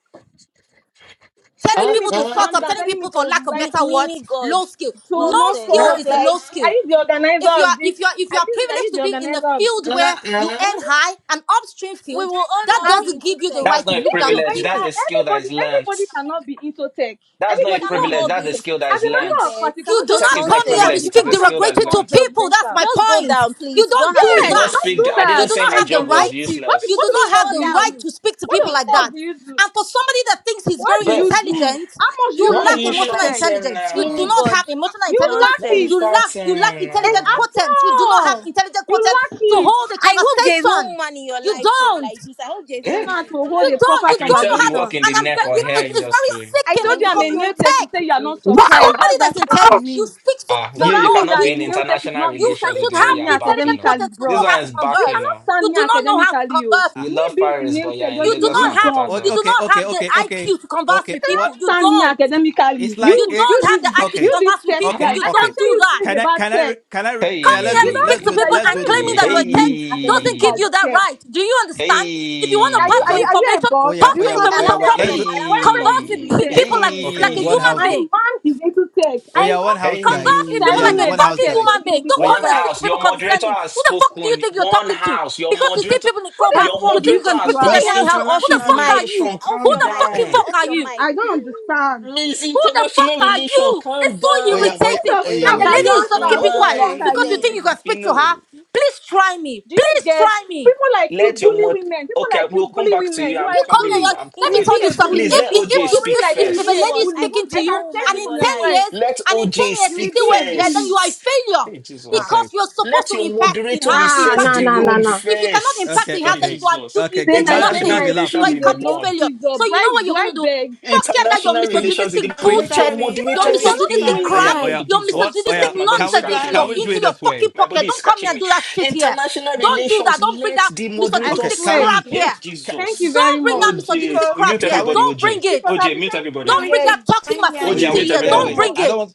telling
ah,
Telling me
people to
to
ah, ah, ah,
shut
calm
ah.
up,
down,
telling
telling me
people for lack
to
of
Mi-
like
better
mini
words,
god.
low skill.
to
No
not
Nonsense.
skill
talk.
is a low
Like, are
skill.
you the
If you
organizer
are
of this?
if you are if you
Are
are
you are you
privileged to
the
be in a
organizer of this?
field where
meeting?
you earn high, an upstream
We
field,
will all
that
not
Uh-uh.
be
doesn't
into
give you the
tech.
That's
right to
not a
look
If
down
you
on
privilege. That's
anyhow,
people.
a skill that is
everybody everybody
learned.
cannot be into tech.
That's not
We
a
Everybody
cannot
cannot
privilege.
all
be
That's
into
be
a
tech.
into
skill that
As
tech.
is
a
Do you
learned.
matter of
get?
fact, you
You
cannot
do
just
Tech
not
is
say
not a
come here
Nonsense.
to
privilege.
somebody. You
It is
speak
a
cannot
skill
just be
derogatory
that is
so
to
learned.
people. That's
judgmental
my
Just go
point.
down,
You
please. You don't
don't
have
I
do
any
did
Yes,
not
point
that.
don't
speak.
do
I
anymore.
You
didn't
that,
do
T.
say
not
her
says
have the
a
job was
low
right.
key. What the,
You
useless.
what
do
the
T,
not
go
have
fuck do
the
you
down.
right
do?
to speak to
What
people
the
like that.
fuck
Nonsense.
do you do?
And for somebody that thinks he's
What do
very
But
you do?
intelligent,
How much do
you
you
why are
gain
lack
you
from your
emotional
tech?
shouting
intelligence. You do
Mini
now?
not have
God.
emotional
You
intelligence.
lack
Why are you
it.
Nonsense.
You lack you lack
shouting
And
intelligent
at
now?
quotient. You do not have
all,
intelligent
you
quotient
lack
to
it.
hold a
I hope there is no
conversation.
woman in your
You
life for
don't.
like this. I hope there is no
I'm
Eh,
woman
not
in
to
your
hold
You
a
life.
don't.
I
proper
You
can
don't
tell
know how
you
to.
work
conversation.
in
And
the
I'm.
neck
ve-
or
It,
hair
it, it's very
industry.
I told
sickening
you I'm
because
a
you're
Nonsense.
nail
in
tech. You
tech.
say you are not
For
surprised.
somebody
What's that
that's in
supposed
tech,
to
you
mean?
speak so
Ah,
so
Does
you
that
you
low
mean
of
cannot
that
be
a
in
people.
nail tech is
international
not?
You
You
you
can
relations
you
with
should
the way
have
you
stand me
are
intelligent
backing. Oh,
academically,
quotient to
this
know
bros?
how
one
to
is
You
backing.
converse.
Oh,
cannot
You
stand me
do not know how to
academically, yo.
converse.
you
ah,
Me
love
being a
Paris,
nail
but you are
tech
in
You
doesn't
do
make
Lagos
we
not
o-
me
and Port
have.
dumb
You do
okay,
Harcourt.
not have
okay,
the
okay, okay,
IQ to converse
okay.
with
What
people. You
Stand me
don't.
academically.
it's like
You
You,
it?
don't
you
have
this,
the IQ to
Okay,
you this
converse with
tech
Ah,
okay,
people.
guy.
ah.
You
I can
okay.
don't
tell
do
you
that.
things
Can I?
about
Can I?
tech.
re- Can I? re- Oh yeah,
Coming
let's
here
You
do.
to speak
don't
Let's
to
do
do
it.
that.
Hey,
people
You
Let's
and
do
cannot
it this
even
claiming that
way.
you're a
stand
tech
me
doesn't
hey.
give you
academically.
that
Tech.
right. Do you understand? If you want to
Are you,
pass
are
Hey,
your
I.
you, are
I-
you a
information,
boss?
Oh yeah.
Do
pass
Oh
you
your
yeah.
know
See,
how
Wait. Oh
many
information
yeah.
allow
Wait.
tech?
her
Let's
talk.
do.
properly.
My
Allow her
boyfriend
talk.
Converse
is
with
See,
into
hey,
you've
pe-
tech.
been
people like
speaking
you-
Okay.
like a
since.
hey,
One
See,
human
house.
My
gu-
being.
man is into tech.
Oh
I
yeah. One house,
know. You
guys.
Converse
think
with
Oh
I
people
yeah.
even
like
hey.
a
know
One
about
house,
fucking
tech?
guys.
human
And you will
being.
be
Don't
Oh
One
yeah.
come here and
surprised.
speak to
house,
people
your moderator
condescending.
has
Who the fuck do you
spoken.
think you're
One
talking to?
house, your
Because you see
moderator,
people in the
Who the
clubhouse,
your
you
fuck do
think
you
you
moderator
can
think you
speak
has
to
are?
them
he
Miss
has
anyhow.
to
Who
off
the
his
International
fuck
mic.
are
See,
you?
Relation,
off
Who
calm
your
the
mic.
fucking
See,
down.
fuck
off
are
your
you?
mic.
I don't understand.
Miss
Who the fuck
International
are
Relation,
you?
calm
It's so
Oh yeah.
down.
Oh
Who
yeah.
irritating.
the
Oh yeah.
Hey,
And
fuck
the
who
Wait.
the
Oh
are you,
lady
yeah.
is
fuck
just
answer?
am
Non-
keeping
Who the
quiet
fuck are
I?
because you
you?
think
nonsense.
you
Hey,
can
You
speak to her.
know,
Please try me.
Do you
Please
get
try me.
people like you
let your
bully
mod.
women? People
Okay,
like you
we'll come
bully
back to
women.
you.
You
I'm
You
are a
come
coming.
here.
Oh,
bully.
you're-
I'm
He's
You
Let me
a
will
coming.
be
tell you
a
big
something.
bully,
Please
a
bully.
If
let
big
if
OJ
if
one,
speak
Somebody
if
like
if,
you
a
will
if a
be
big
a
first.
lady is
one. I
bully.
sticking
hope
to
there
I
is
you,
no
can
woman
sense
and
it
in
in
from
your
your
ten
life.
voice.
years,
Let
and in ten
OJ
years
You
she's
will
speak
still
be
where
a
she is, then you
bully.
are a
first.
failure
Hey,
Ah,
Jesus.
because
Okay.
you're supposed
Let
to
your
impact in
moderator
her, and she
yeah,
reset
no,
the
impacted
no,
you.
no,
room
no.
If you cannot impact
first.
Okay.
in her,
Hey,
then
Okay.
you are
Jesus.
do- you
Okay.
Saying
did
my
Magic.
saying
International
Just
nothing.
my
the laugh.
You
skill
relations
are a
is
in the
a
complete
low
mud.
failure.
skill job.
So
Do
you
I
know what
do
you're
I
gonna do?
beg?
Forget that your
International
Queen.
relations in the mud.
misogynistic
Queen.
Let
bullshit,
your
sorry, sorry,
You
your
don't
moderator
even
See,
you're not
speak.
misogynistic
even
oh yeah,
crap,
oh
sorry,
inside.
yeah.
Hey,
your
What?
Jesus.
Oh
Hey,
misogynistic
yeah.
my body
Can
is
we
nonsense
do?
into
scratching
your
Can
me.
we do
into
it
sorry.
your
this
fucking
way?
My
pocket.
body is
Don't come here
scratching
and
me.
do that shit here.
International
Don't do that.
relations.
Don't bring
Let
that
the
I
moderator
Okay.
misogynistic
Can we?
swear.
crap
speak. Hey,
here.
Can,
Thank you
Jesus.
very
Don't bring that
much.
misogynistic
OJ,
Because
crap
mute
here.
can we?
everybody,
Don't bring
OJ.
it.
because I'll
OJ,
be
mute
trying to
everybody.
Don't bring
Purity,
that
behave.
toxic
can you hear
Oh
OJ,
yeah.
masculinity
Thank
me?
mute
Wait.
here.
you
Oh yeah.
very
Don't
everybody.
Wait. Oh,
bring
much.
I don't.
it.
want-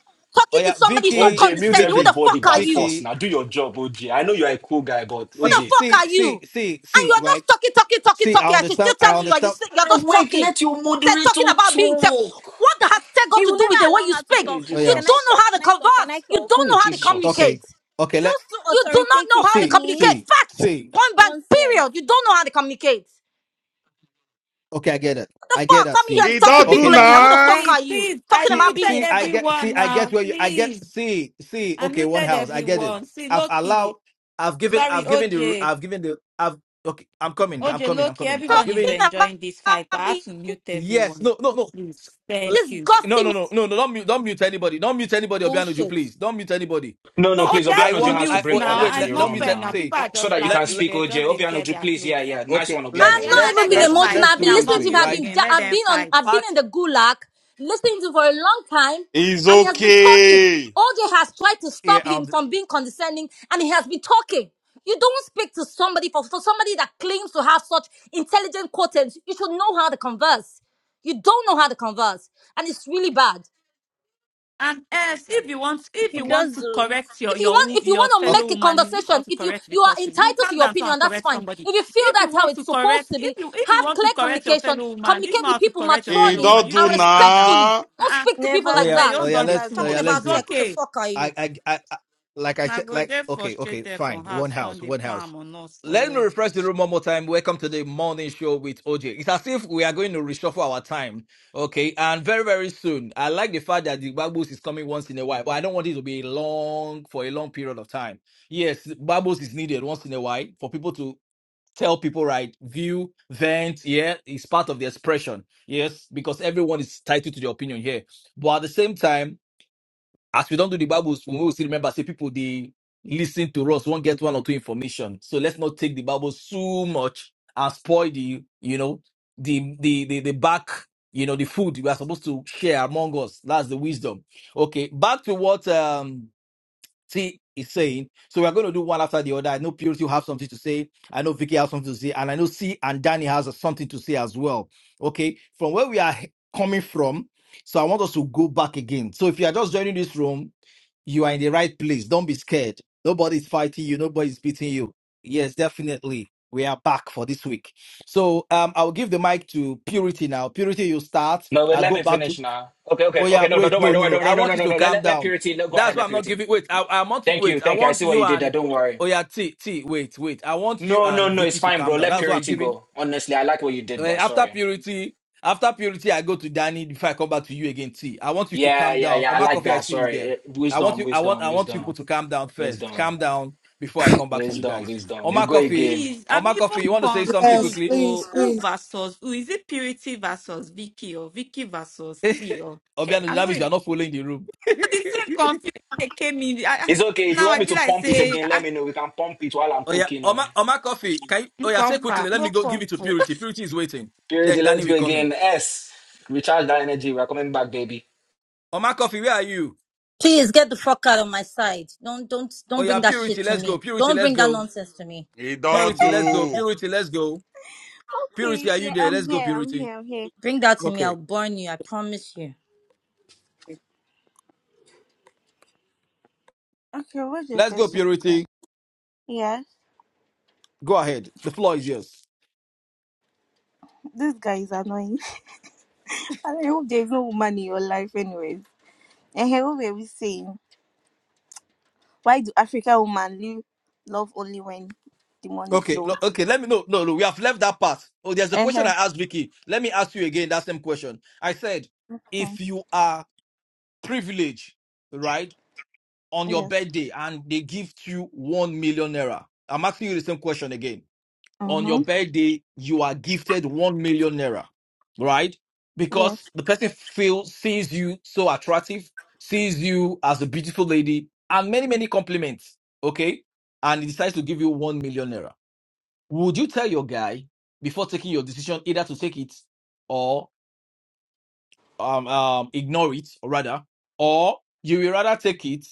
Oh
Talking to
yeah.
somebody so
Vicky.
OJ, mute
condescending. Who the
Vicky.
everybody
fuck are
by
you?
force
Vicky.
Who
now. Do your job, OJ. I know you're a cool guy, but
See.
the
OJ.
fuck
See.
are
See.
you?
See.
And
See.
you're
Right.
just talking, talking, talking,
See. I
talking. And she's still
understand. I
telling you, you're,
understand.
you're
Ah,
just
wait,
talking.
let your
Said talking
moderator
about being tech.
talk.
What the- has tech got
He
to
will
do with the
never
way
allow
you
her to
speak?
Hey,
talk.
Oh
Oh,
You
yeah.
can I
don't
Jesus.
know
talk?
how to
Can I talk? Can I
converse. You
talk?
don't
Hey,
know how to
Jesus.
Okay.
communicate.
Okay. Let.
Just too
You do not know
authoritative.
how
I
to
See.
communicate.
mean,
See.
Fact.
See.
Point blank,
nonsense.
period. You don't know how to communicate.
Okay. I get it.
What the
I get
fuck?
that.
Come here
See.
to
He
talk to
don't do
Sorry,
Okay.
people
Now.
anyhow. Who
please,
the
now.
fuck
please,
are you?
please. I
Talking
See,
about being
muted
see,
in
I
tech.
get, see,
everyone
I get
now.
where you, I get,
Please.
see, see,
I
okay, one
muted
house, I get it.
everyone. See,
I've
Loki.
allowed, I've given,
Sorry,
I've given the,
OJ.
I've given the, I've, okay, I'm coming, I'm
OJ,
coming, I'm
Loki,
coming. I've
everyone is
Talking
given,
about
enjoying this fight, but I had
being
to mute
yes,
everyone.
no, no, no,
Please.
S- l-
Thank you.
no,
disgusting
no, no, no, no, don't mute, don't mute anybody, don't mute anybody, Obianuju,
bullshit.
please, don't mute anybody.
No, no,
No,
please.
OJ, I have
I
to
Obianoju
want,
has to
mute
I
bring
oh, eh,
now.
order
wait,
to
Ah, It's
let,
the
not
don't
room
mute, eh,
fair now.
now
say,
People are
O- so
just
that you
let,
can
laughing.
let,
speak,
They
OJ.
just they tear
Obianoju,
their
please.
clothes.
Yeah, yeah. Nice
okay,
one,
But
let's,
I'm
yeah,
Obianoju.
not
now
let's,
even
let them
being
Nice one,
let's,
nice
emotional.
fight.
one.
let's
I've
do
been
it
Yeah, I'll
this
listening
not
to
way,
him.
mute
I've
right?
been
again.
da-
Let
I've
them
been on
fight.
I've been
Part,
in the gulag listening to him for a long time
It's
and he has been talking.
okay.
OJ has tried to
yeah,
stop him
um,
from being condescending and he has been talking. You don't speak to somebody for, for somebody that claims to have such intelligent quotients. You should know how to converse. You don't know how to converse. And it's really bad.
And yes, if you want, if
He
you
okay,
does
want to
not
correct your
if you
your
want
wo-
if you
your
want to
fellow
okay,
make a
woman, is this how
conversation
to
if you
correct the
you are
person? You
entitled to
can't
your
dance
opinion
and
that's
correct
fine
somebody.
if you feel
If you
that's how
want
it's
to
supposed
correct,
to
if
be
you if you
have
want
clear
to correct your
communication
fellow woman, this
communicate
is not
with
how to
people
correct your
He
fellow
maturely
woman.
don't
You
do
and
said you calm down.
respectfully
now.
don't
Uh-uh.
speak to people
oh
Never
like
I
yeah,
bet you
that
oh
do.
don't
yeah,
done it
Never
let's,
too
oh
talking
yeah,
do.
much.
let's
about
It's
do
tech
it.
who the
okay.
fuck are
I,
you
I, I, I like I
I
said,
go
like
there
okay, okay,
frustrated
fine.
from
One
house, on
house,
the
one house.
palm or not for
Let me
yeah.
refresh the room one more time. Welcome to the morning show with OJ. It's as if we are going to reshuffle our time, okay? And very, very soon. I like the fact that the Babos is coming once in a while, but I don't want it to be long for a long period of time. Yes, Babos is needed once in a while for people to tell people right view vent yeah it's part of the expression yes because everyone is titled to the opinion here but at the same time as we don't do the Bible, we will still remember, say people, they listen to us, won't get one or two information. So let's not take the Bible so much and spoil the, you know, the, the, the, the back, you know, the food we are supposed to share among us. That's the wisdom. Okay. Back to what, um see is saying. So we're going to do one after the other. I know Purity will have something to say. I know Vicky has something to say. And I know C and Danny has something to say as well. Okay. From where we are he- coming from. So I want us to go back again. So if you are just joining this room, you are in the right place. Don't be scared. Nobody's fighting you. Nobody's beating you. Yes, definitely. We are back for this week. So um, I'll give the mic to Purity now. Purity, you start.
No, but
I'll
let
go
me
back to
finish now. Okay, okay,
Oh yeah,
okay. No, no,
wait,
don't worry,
no,
don't
no,
worry,
no.
don't
I
worry, no, no,
want you
no,
to
no, no.
calm
let, let
down.
purity. Let, go
That's
ahead,
why
let
I'm not
purity.
giving. Wait, I, I want you-
Thank you,
wait. I
thank you. I
want
see what you
you
did there.
and
Don't worry.
oh yeah, T T. Wait, wait. I want you
No, no,
and
no. It's
Vicky to
fine,
calm
bro.
down.
Let
That's what I'm
purity
giving.
go. Honestly, I like what you
Uh,
did there.
after
Sorry.
purity, after purity, I go to Danny before I come back to you again. T. I want you to
Yeah,
calm
yeah,
down.
yeah.
Oh
I
my
like
coffee, I
that.
see you
Sorry.
there.
Eh,
I want
Wisdom,
you. I want.
wisdom,
I want you people
wisdom,
to calm down first.
wisdom,
Calm down before I come back to you
wisdom,
guys. Oh
wisdom. We
my
go
coffee.
again.
Please,
Oh
I'm
my coffee.
even
You want to say something
Yes,
confused
quickly?
please,
though.
please.
Who versus who? Is it Purity versus Vicky or Vicky versus T? Or hey,
Obiano,
I'm
that
not.
means you are not following the room.
So the same confusion that came in. I, I-
It's okay. If you
now
want
I
me
be
to
like,
pump it
say,
again, let
ah,
me know. We can pump it while I'm
Oh yeah,
cooking. Oh.
Oma Oma Coffee. Can you,
no
oh yeah, say
comfort,
quickly. Let
no
me go give it to
comfort.
Purity. Purity is waiting.
Purity,
Then Danny
let's go
will come in.
again. S. Recharge that energy. We're coming back, baby.
Oma Coffee, where are you?
please get the fuck out of my side don't don't
Oh
don't
yeah,
bring that
Purity,
shit to
let's go.
me
Purity,
don't
let's
bring that
go.
nonsense to me
He don't
Purity, let's go.
do.
Purity, let's go.
Okay,
Purity, are you
yeah,
there? Let's
I'm
go,
here. I'm
Purity.
here. I'm here.
bring that to me
Okay,
i'll burn you i promise you
Okay, what's your
let's go,
question, girl?
Purity.
Yeah,
Go ahead. The floor is yours.
this guy is annoying. And I hope there is no woman in your life, anyways. And here, what were we saying? Why do African women live love only when the money
Okay,
flows?
no, okay. Let me know. No, no, we have left that part. Oh, there's a question I
Uh-huh.
asked Vicky. Let me ask you again that same question. I said,
Hmm.
if you are privileged, right? on your
Yes.
birthday and they give you one million naira. I'm asking you the same question again. On your
Mm-hmm.
birthday, you are gifted one million naira, right?
Yes.
Because the person feels sees you so attractive, sees you as a beautiful lady, and many many compliments. Okay, and he decides to give you one million naira. Would you tell your guy before taking your decision either to take it or um, um ignore it, or rather, or you will rather take it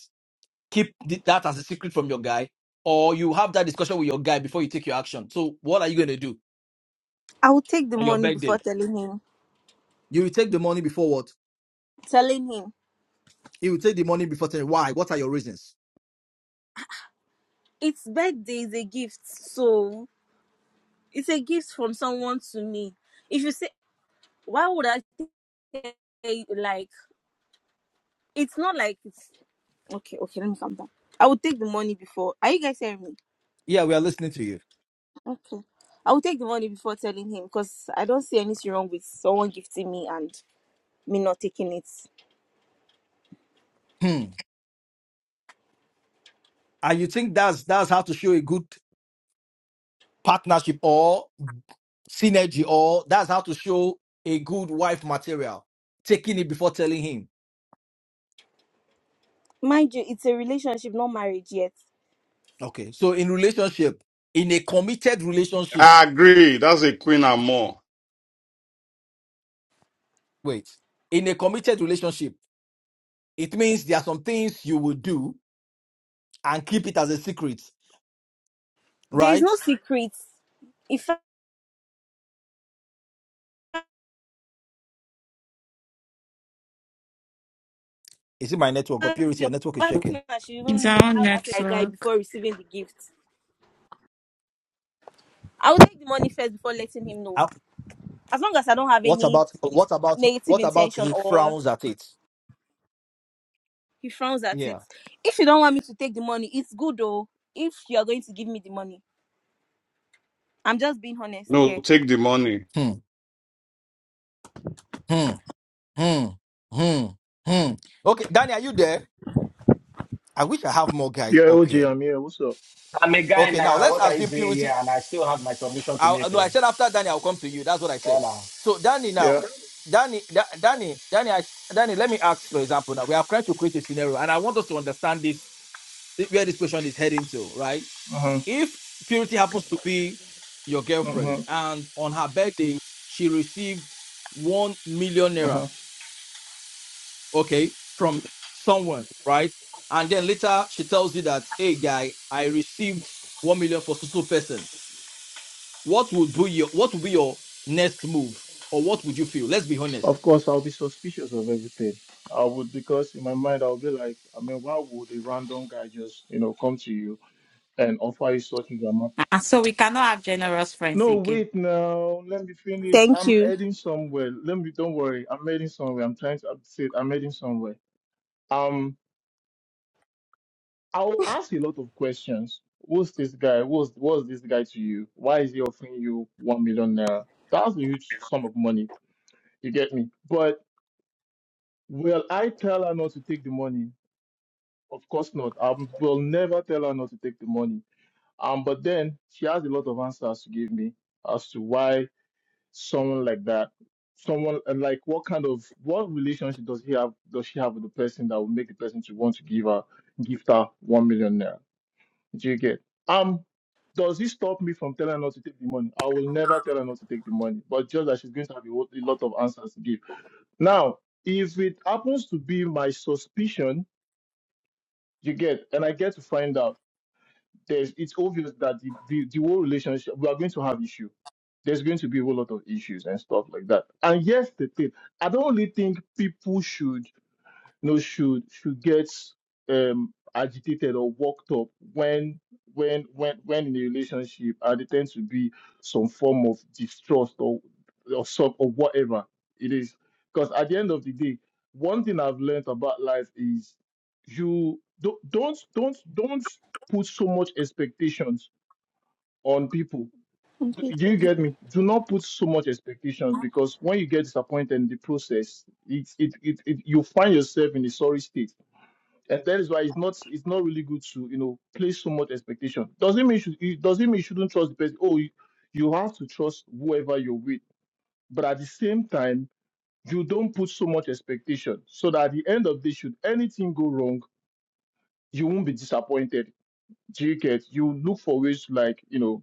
keep th- that as a secret from your guy, or you have that discussion with your guy before you take your action. So what are you going to do
I will take the
on your
money before
birthday?
telling him.
You will take the money before what?
Telling him.
He will take the money before telling why. What are your reasons?
It's birthday is a gift, so it's a gift from someone to me. If you say, why would I say like? It's not like it's okay. Okay, let me calm down. I would take the money before. Are you guys hearing me?
Yeah, we are listening to you.
Okay, I would take the money before telling him because I don't see anything wrong with someone gifting me and me not taking it.
Hmm. And you think that's that's how to show a good partnership or synergy or that's how to show a good wife material taking it before telling him
Mind you, it's a relationship, not marriage yet.
okay so in relationship in a committed relationship
I agree. That's a queen and more.
wait in a committed relationship It means there are some things you will do and keep it as a secret,
There is
right?
no secrets. In fact,
Is it my network or purity? Your
your
network is shaking.
partner should
It's
even know,
our own
have asked a guy
network.
before receiving the gift. I would take the money first before letting him know.
Ah,
As long as I don't have
What
any
about what about
negative
what about
intention
he
or
frowns at it?
he frowns at it.
Yeah.
If you don't want me to take the money, it's good though. If you're going to give me the money, I'm just being honest
No,
here.
take the money.
Hmm. Hmm. Hmm. Hmm. Hmm. Okay, Danny, are you there? I wish I have more guys
Yeah,
up here.
OJ, I'm here. What's up?
I'm a guy
Okay, now
now.
let's
What are you
assume
doing here?
purity.
And I still have my submission to make.
I, no,
Oh.
I said after Danny, I'll come to you. That's what I said.
Hola.
So Danny, now,
Yeah.
Danny, Da- Danny, Danny, I, Danny. Let me ask, for example, now we are trying to create a scenario, and I want us to understand this thi- where this question is heading to, right?
Uh-huh.
If Purity happens to be your
Uh-huh.
girlfriend and on her birthday she received one million naira,
Uh-huh.
okay, from someone, right? And then later she tells you that, hey guy, I received one million for so so person. What would be your what would be your next move? Or what would you feel? Let's be honest.
Of course, I'll be suspicious of everything. I would because in my mind I'll be like, I mean, why would a random guy just, you know, come to you and offer you such an amount?
Ah, so we cannot have generous friends
No,
again.
wait now. Let me finish.
Thank
I'm
you.
heading somewhere. Let me don't worry. I'm heading somewhere. I'm trying to update. I'm heading somewhere. Um, I'll ask a lot of questions. Who's this guy? What's what's this guy to you? Why is he offering you one million naira? That's a huge sum of money You get me? But will I tell her not to take the money? Of course not. I will never tell her not to take the money. Um, but then she has a lot of answers to give me as to why someone like that, someone and like what kind of what relationship does he have? Does she have with the person that will make the person to want to give her gift her one million naira? Do you get? Um, does it stop me from telling her not to take the money? I will never tell her not to take the money, but just that she's going to have a lot a lot of answers to give. Now, if it happens to be my suspicion, you get, and I get to find out, there's it's obvious that the, the, the whole relationship we are going to have issue. There's going to be a whole lot of issues and stuff like that. And yes, the thing, I don't really think people should you know should should get um agitated or worked up when when when when in a relationship and there tends to be some form of distrust or or some or whatever it is because at the end of the day one thing i've learned about life is you don't don't don't don't put so much expectations on people do do you
Allow
get me do not put so much expectations because when you get disappointed in the process it it, it, it you find yourself in a sorry state and that is why it's not it's not really good to you know place so much expectation. Doesn't mean you should, it doesn't mean you shouldn't trust the person. Oh, you, you have to trust whoever you're with, but at the same time, you don't put so much expectation so that at the end of the day, should anything go wrong, you won't be disappointed. Do you get? You look for ways to, like you know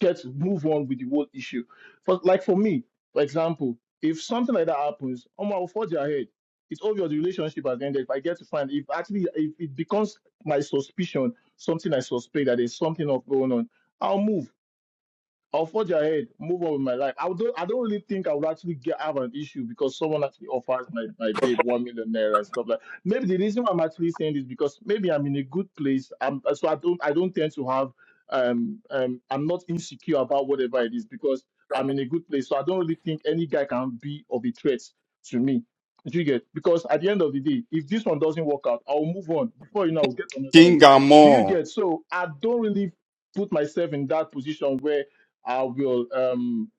get move on with the whole issue. For like for me, for example, if something like that happens, Omo, i will forge ahead. It's obvious the relationship has ended. If I get to find if actually if it becomes my suspicion, something I suspect that there's something of going on, I'll move. I'll forge ahead, move on with my life. I don't I don't really think I would actually get have an issue because someone actually offers my, my babe one million naira and stuff like maybe the reason why I'm actually saying this because maybe I'm in a good place. I'm so I don't I don't tend to have um um I'm not insecure about whatever it is because I'm in a good place. So I don't really think any guy can be of a threat to me. Do you get? Because at the end of the day, if this one doesn't work out, I'll move on. Before you know, I'll get another one.
King and
Do you
more.
get? So I don't really put myself in that position where I will um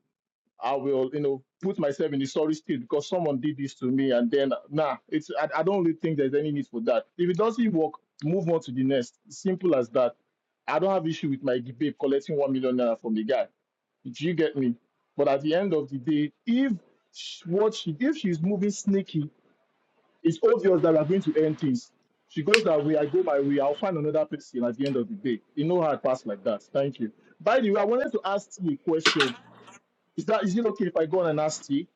I will you know put myself in the sorry state because someone did this to me and then nah it's I, I don't really think there's any need for that. If it doesn't work, move on to the next. Simple as that. I don't have issue with my babe collecting one million naira from the guy. Do you get me? But at the end of the day, if sh- what she if she's moving sneaky, it's obvious that we're going to end things. She goes that way, I go my way, I'll find another person at the end of the day. You know how it passed like that. Thank you. By the way, I wanted to ask you a question is that is it okay if I go on and ask T?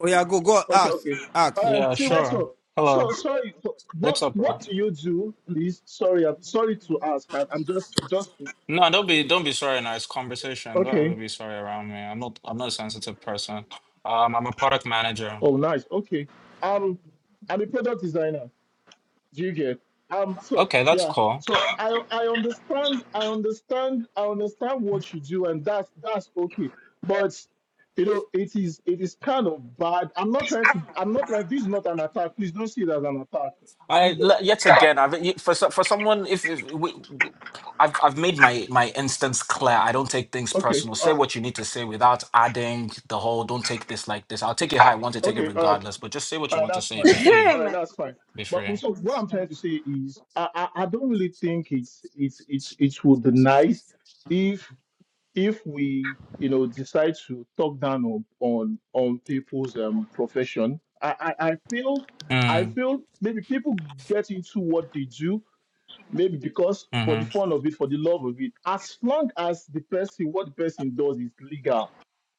Oh yeah, go go
Okay,
ask
okay. All
ask.
right,
Yeah,
T, what's
sure.
up? So
Hello.
sorry, so
What's
what
up, bro?
what do you do, please? Sorry, I'm sorry to ask. I, I'm just just
No, don't be don't be sorry now. It's conversation. Don't ever
okay.
be sorry around me. I'm not I'm not a sensitive person. Um, I'm a product manager.
Oh, nice. Okay. Um, I'm a product designer. Do you get? Um, so
Okay, that's
yeah.
cool.
So I I understand I understand I understand what you do, and that's that's okay. But you know, it is it is kind of bad. I'm not trying to. I'm not like this. Is not an attack. Please don't see it as an
I
attack.
le- yet again, I've y- for so- for someone if, if we, w- I've I've made my my instance clear. I don't take things
Okay.
personal.
Uh,
Say what you need to say without adding the whole. Don't take this like this. I'll take it how I want to take it
okay. All right.
regardless. But just say what
All
you
right.
want to
That's
say.
fine.
Be free.
Hey,
all right.
man.
That's fine.
Be
But
free.
so what I'm trying to say is, I, I, I don't really think it's it's it's it would be nice if if we you know decide to talk down on on, on people's um profession. I, I I feel I
Mm,
feel maybe people get into what they do Maybe because for the
mm-hmm.
fun of it, for the love of it, as long as the person, what the person does is legal,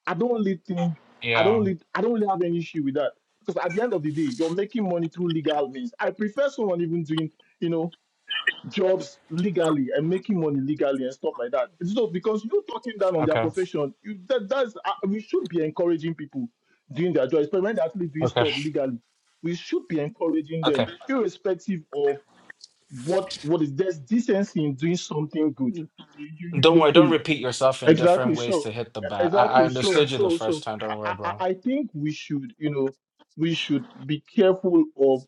I don't really think I don't
Yeah.
really I don't really have any issue with that because at the end of the day, you're making money through legal means. I prefer someone even doing you know jobs legally and making money legally and stuff like that. So because you talking down on their
Okay.
profession, you, that that's uh, we should be encouraging people doing their jobs, but when they're actually doing
Okay.
stuff legally, we should be encouraging them
Okay.
irrespective of what what is there's decency in doing something good. You, you, you
Don't
you
worry.
feel
Don't
me?
repeat yourself in
Exactly.
different ways
So
to hit the
e-
bat. I I
exactly. So
understood you the
so
first
so
time.
I,
Don't worry,
I I
bro.
I think we should you know we should be careful of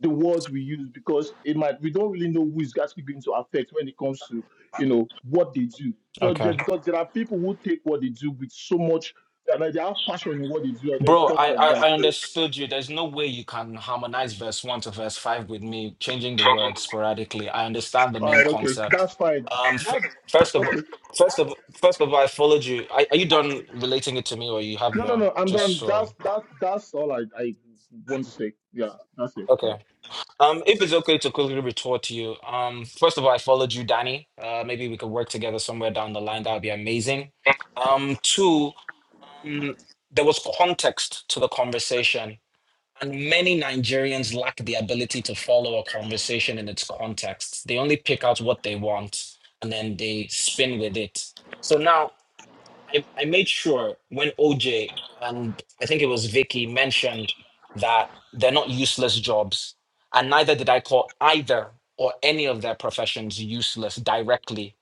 the words we use because it might we don't really know who is actually going to affect when it comes to you know what they do. So
Okay.
there, because there are people who take what they do with so much and like, they have passion in what they do and then
Bro,
stuff
I,
like that.
I I
So
understood you. There's no way you can harmonize verse one to verse five with me changing the words sporadically. I understand the
all
main
right, okay,
concept.
that's fine.
Um, f first of
That,
all, first of first of all, I followed you. Are, are you done relating it to me, or you have
No, no,
more?
no. I'm
Just
done.
so
That's that. That's all I, I want to say. Yeah, that's it.
okay.
Yeah.
Um, if it's okay to quickly retort to you, um, first of all, I followed you, Danny. Uh, maybe we could work together somewhere down the line. That would be amazing. Um, two, um, there was context to the conversation And many Nigerians lack the ability to follow a conversation in its context. They only pick out what they want and then they spin with it. So now I, I made sure when OJ and I think it was Vicky mentioned that they're not useless jobs, and neither did I call either or any of their professions useless directly.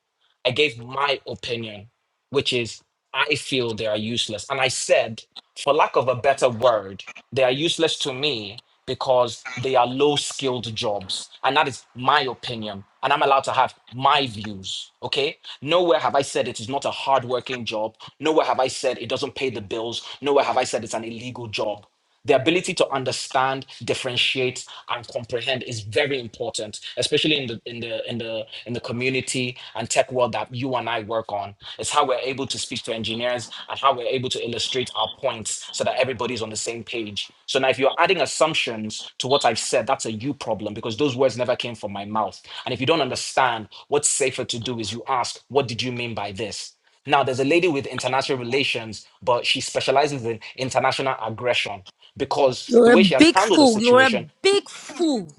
I gave my opinion, which is I feel they are useless. And I said, for lack of a better word, they are useless to me because they are low skilled jobs. And that is my opinion. And I'm allowed to have my views. Okay. Nowhere have I said it is not a hard working job. Nowhere have I said it doesn't pay the bills. Nowhere have I said it's an illegal job. The ability to understand, differentiate, and comprehend is very important, especially in the in the in the in the community and tech world that you and I work on. It's how we're able to speak to engineers and how we're able to illustrate our points so that everybody's on the same page. So now, if you're adding assumptions to what I've said, that's a you problem because those words never came from my mouth. And if you don't understand, what's safer to do is you ask, What did you mean by this? Now, there's a lady with international relations, but she specializes in international aggression because
you're
the
a
way she has
big
handled the
fool you're a
situation.
big fool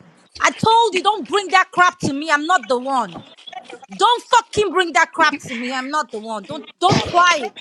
I told you don't bring that crap to me. I'm not the one. Don't fucking bring that crap to me. I'm not the one. Don't don't try it.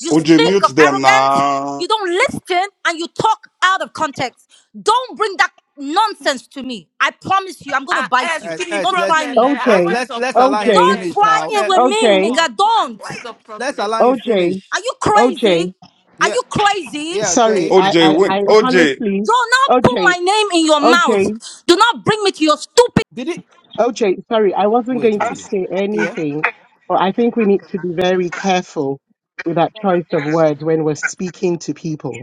You
OJ,
stink
mute
of
them
arrogance.
now.
You don't listen and you talk out of context. Don't bring that nonsense to me. I promise you, I'm gonna
Ah,
bite
S,
you.
Eh,
see the
Yes,
Don't
let's
try
problem,
me.
eh? Ah,
yes,
OJ,
what is
let's
your
let's allow
problem?
him
OJ,
Don't
S?
finish
your
try
now.
own
it
is
Eh,
with
even
OJ,
too
me,
much.
nigga.
Ah,
Don't.
what is your
Let's
problem?
allow him
OJ,
finish.
Are you crazy?
OJ.
Are you crazy?
Yeah,
Sorry,
S?
say,
what
I,
OJ,
I,
is
I
wait.
it?
OJ,
Do
honestly,
not put my
OJ,
name in your mouth.
OJ.
Do not bring me to your stupid.
did it?
Okay, sorry, I wasn't
Wait,
going to
wait, wait.
say
Yeah,
anything, but I think we need to be very careful with that choice of words when we're speaking to people.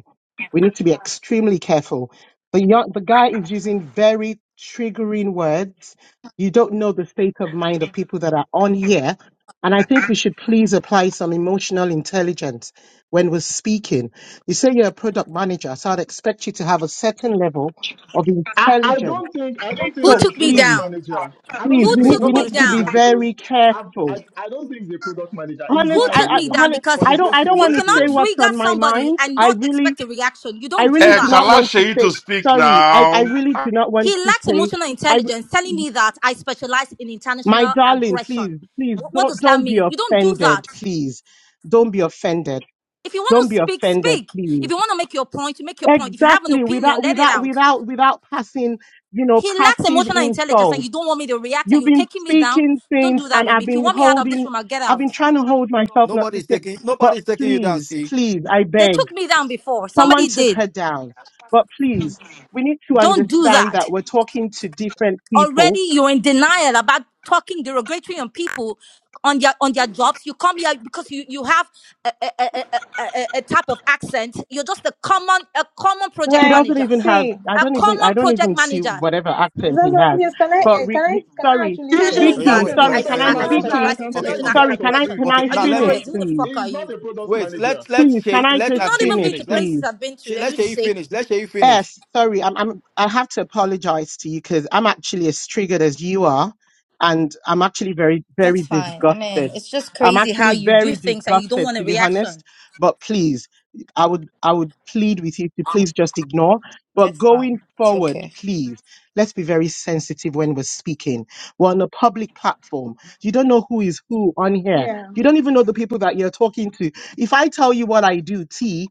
We need to be extremely careful. The young, the guy is using very triggering words. You don't know the state of mind of people that are on here. And I think we should please apply some emotional intelligence when we're speaking. You say you're a product manager, so I'd expect you to have a certain level of
I, I
intelligence.
don't think I don't think
Who
So
he's a
took me
product
please
down?
manager. I don't
please
Who
think
we
he's a
please.
need
took
we
me
Nobody
need
product
to
should.
be
down?
manager
very
because I
careful
I, I don't think he's a product manager. He's
honest
who
lying
took
i i
me
even.
down
honest,
because
But
i
it's
don't i
okay.
don't
you
want
Let's
to
go
cannot
say
on.
what's
trigger
on my
somebody
mind
and
i
not
really
expect a reaction. You
i
don't do
really do
X,
Okay,
that.
not
allow
want to
Sheyi to
say
speak
sorry i i
now.
really do not
He
want to
lacks
say
emotional
i
intelligence, telling me that I specialize in
my
international
darling
aggression.
please please
Wh- What
don't
does that
don't be
mean? You don't do that.
offended please don't be offended
If you want
don't
to
be
speak,
offended
speak. If
please
you want to make your point, you make your point. If you have an
exactly
opinion,
without
let it
without
out.
without without passing you know
He lacks
passive
emotional intelligence
insults
and you don't want me to react and
You've
you're
been
taking me down.
speaking
Don't
things
do that
and
with me.
I've
If you
been
want me out of this
holding,
room, I'll get
I've
out.
been trying to hold myself not to
nobody's
say,
taking.
but
Nobody's taking you down.
please,
See.
please, I
They
beg.
took me down before.
Someone
Somebody
took
did.
her down. But please, we need to
L-
Don't do
understand
that.
that we're talking to different people.
already you're in denial about talking derogatory on people on their on their jobs you come here because you you have a, a, a, a, a a type of accent you're just a common a common project
She
Like,
doesn't
manager
even have,
see.
I
a
don't even, I
common
don't
project
even see
manager
whatever accent he
Zaza,
has.
please, can I,
But
Okay.
eh,
re,
can I,
re,
can I
sorry,
He
actually
telling
is
me
Oh
talk?
yeah,
not
that
Vicky,
wait.
a
Oh
sorry,
i
yeah, oh,
can
product
I,
yeah
i, I
wait.
No
manager. I
hard
specialize
Vicky,
in
can
Okay,
tell
international
you
feelings.
okay,
guys
sorry,
for
can I,
aggression
free.
can
okay.
I
are
He
Now
you
is
let
finish,
me
not.
crazy who the
please?
fuck
He
are
is
you
not a product
wait.
manager.
Let let
Please, can
Shay
I
let
you've
just
at
not
Shay
even
finish,
been to
finish. Let
please?
places i've been
Shay-
to are you
let Shay
sick
finish. Let Shay finish.
Yes, sorry, I'm, I'm, I have to apologize to you because I'm actually as triggered as you are. And I'm actually very, very
that's fine i mean
disgusted.
it's just
I'm
crazy how
actually
you
very
do things and you don't
disgusted,
want a
to be
reaction
honest. But please, I would, I would plead with you to please just ignore. But
that's
going
fine it's
forward,
okay
please, let's be very sensitive when we're speaking. We're on a public platform. You don't know who is who on here.
Yeah.
You don't even know the people that you're talking to. If I tell you what I do, T,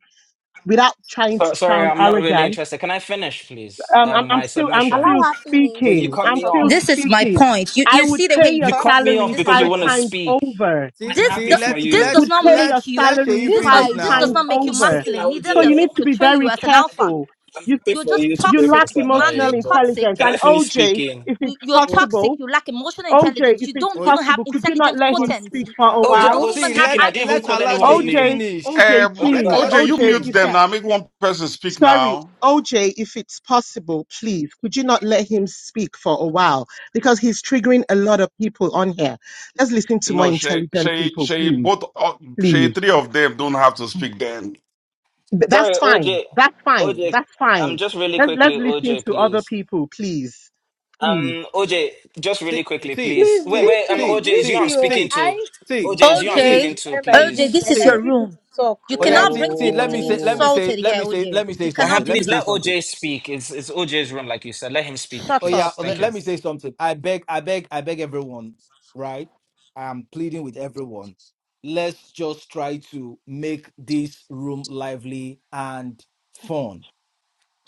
without trying
So,
to
sorry,
sound
I'm not really
arrogant,
interested. Can I finish, please?
um, I'm,
Um,
I'm
my
still I'm still
submission.
her finish.
But you
She's
speaking.
cut
still
I'm
me
still
off.
talking.
This is my
speaking.
point. You
I
you
would
see the way
pay
he
your
You cut
talks.
me
salary
off
This is
because
five
you
my
want to
point.
times
speak.
over.
See
I'm
This
see.
happy
do-
Let
for
this
you.
let
does
Would
not
pay
let
your
make
let
you
Shay
salary
This
this not
five
guy
finish
is
this does
now.
times
rude.
not
I
make you
was
over.
speaking
masculine.
now, OJ,
Neither
So
you
you
does it
need
know?
to be
portray you
very
as an
I-
alpha.
careful.
I'm
You
happy
You're
for
just
you to pay
you
my
lack
toxic, man.
emotional
See.
You're
salary, but
toxic.
intelligence.
can I
And
finish
OJ,
speaking?
if
You
it's
you're
Oh,
possible,
toxic. You lack emotional
OJ,
intelligence.
if
You
it's
don't
oh
even have
possible, could you not
intelligent
let him
quotient.
speak
Forty.
for
Ah,
a
OJ,
wait.
You
I
while?
don't
was
even
See.
have
speaking.
Let
I didn't even
IQ
let
to
call
Allah
begin
anyone's
with.
Shay
name.
OJ,
finish.
OJ,
Um,
Okay,
Let
go
please,
Allah
ahead.
OJ,
Shay
you
OJ,
finish.
mute
if it's
them
Crap.
now. Make one person speak
Sorry,
now.
OJ, if it's possible, please, could you not let him speak for a while? Because he's triggering a lot of people on here. Let's listen to more
No, Shay,
intelligent
Shay,
people,
Shay,
please,
both, uh, Shay,
please.
three of them don't have to speak then.
Th- That's
Sorry,
fine.
OJ.
That's fine.
OJ,
That's
um,
fine.
just really
Let's, let's
quickly,
listen
OJ,
to other
please.
people, please. Please,
Um, OJ, just
Sí,
really quickly,
sí,
please.
Please,
Wait,
sí,
wait, um,
Vicky,
sí,
OJ, is you I'm
sí,
Vicky, oh,
speaking
sí,
to.
I,
sí,
OJ,
I
is you I'm
really need
speaking
OJ,
sí,
to
to,
end my
OJ,
grief.
please.
this
Like,
is
I
your
sí.
really need
room.
to talk
You
Oh yeah,
right
cannot
see,
now.
bring
see,
people
let
to
me
be
say, let
Oh.
me say,
insulted
let
here,
me say, let
OJ.
me
You
say
Uh,
something.
cannot
Let
do
me
please
say
let
that.
something.
OJ speak. It's it's OJ's room, like you said. Let him speak,
Oh
Shut
yeah,
please.
up,
oh,
Thank
let
you.
let me
please.
say something. I beg, I beg, I beg everyone, right? I'm pleading with everyone. Let's just try to make this room lively and fun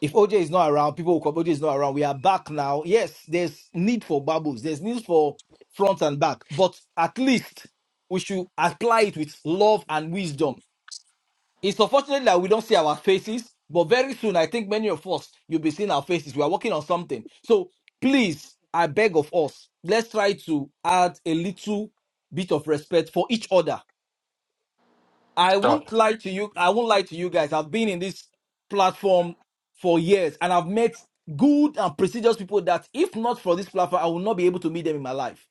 if OJ is not around, people will come. OJ is not around. We are back now. Yes, there's need for bubbles. There's need for front and back. But at least we should apply it with love and wisdom. It's unfortunate that we don't see our faces, but very soon, I think many of us, you'll be seeing our faces. We are working on something. So please, I beg of us, let's try to add a little bit of respect for each other I
Sure.
won't lie to you. I won't lie to you guys. I've been in this platform for years and I've met good and prestigious people that, if not for this platform, I will not be able to meet them in my life.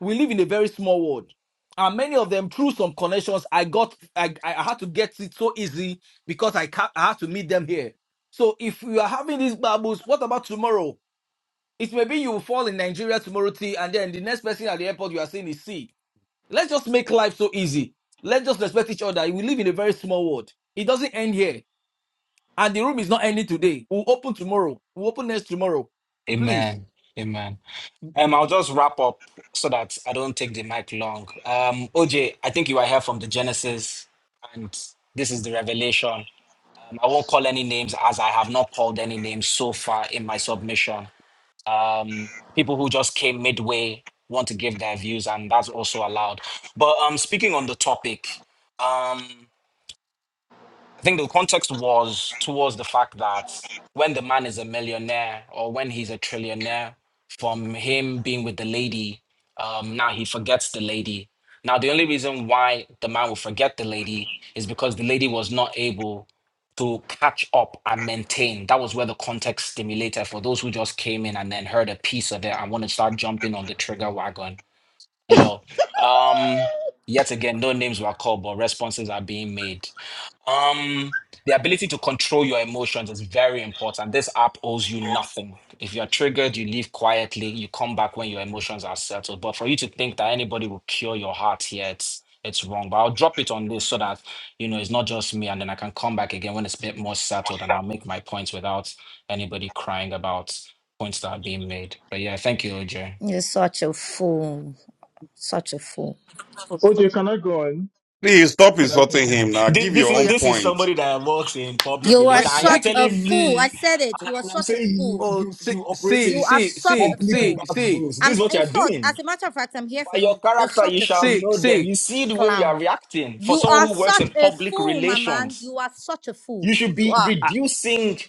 We live in a very small world. And many of them, through some connections, I got, I, I had to get it so easy because I, ca- I had to meet them here. So if you are having these babbles, what about tomorrow? It may be you will fall in Nigeria tomorrow, T, and then the next person at the airport you are seeing is C. Let's just make life so easy. Let's just respect each other. We live in a very small world. It doesn't end here. And the room is not ending today. We'll open tomorrow. We'll open next tomorrow. Please.
Amen. Amen. Um, I'll just wrap up so that I don't take the mic long. Um, OJ, I think you are here from the Genesis, and this is the revelation. Um, I won't call any names as I have not called any names so far in my submission. Um, people who just came midway want to give their views, and that's also allowed. But um, speaking on the topic, Um. I think the context was towards the fact that when the man is a millionaire or when he's a trillionaire, from him being with the lady, um, now he forgets the lady. Now, the only reason why the man will forget the lady is because the lady was not able to catch up and maintain. That was where the context stimulated for those who just came in and then heard a piece of it and want to start jumping on the trigger wagon. You know, um, yet again, no names were called, but responses are being made um, the ability to control your emotions is very important. This app owes you nothing. If you're triggered, you leave quietly, you come back when your emotions are settled. But for you to think that anybody will cure your heart here, it's it's wrong. But I'll drop it on this so that you know it's not just me, and then I can come back again when it's a bit more settled and I'll make my points without anybody crying about points that are being made. But yeah, thank you, OJ.
You're such a fool. Such a fool.
Okay, can I go on?
Please stop
Can I say
insulting him
something?
now.
This,
Give
this
your
Oh
is
own
yeah,
this is
point.
somebody that works in public
You
oh
are
yeah,
relations, and you're
such
Vicky.
a
telling
fool.
me,
I said it.
and, I-
You are
and I'm
such a
saying you
fool.
Oh,
you
see,
you operate
see,
You
in
are
see,
such
see,
a
public
see,
fool.
see,
backdoors. This
I'm
is what
in
you're
short,
doing.
as a matter of fact, I'm here for
By your
you. You're
character, you
such a
shall
fool.
see,
know them.
see.
You see the way you are
Clown.
reacting. For
You
someone
are
who works
such
in
a
public
fool, my man.
relations,
You are such a fool.
you should
You
be
are.
Ah,
reducing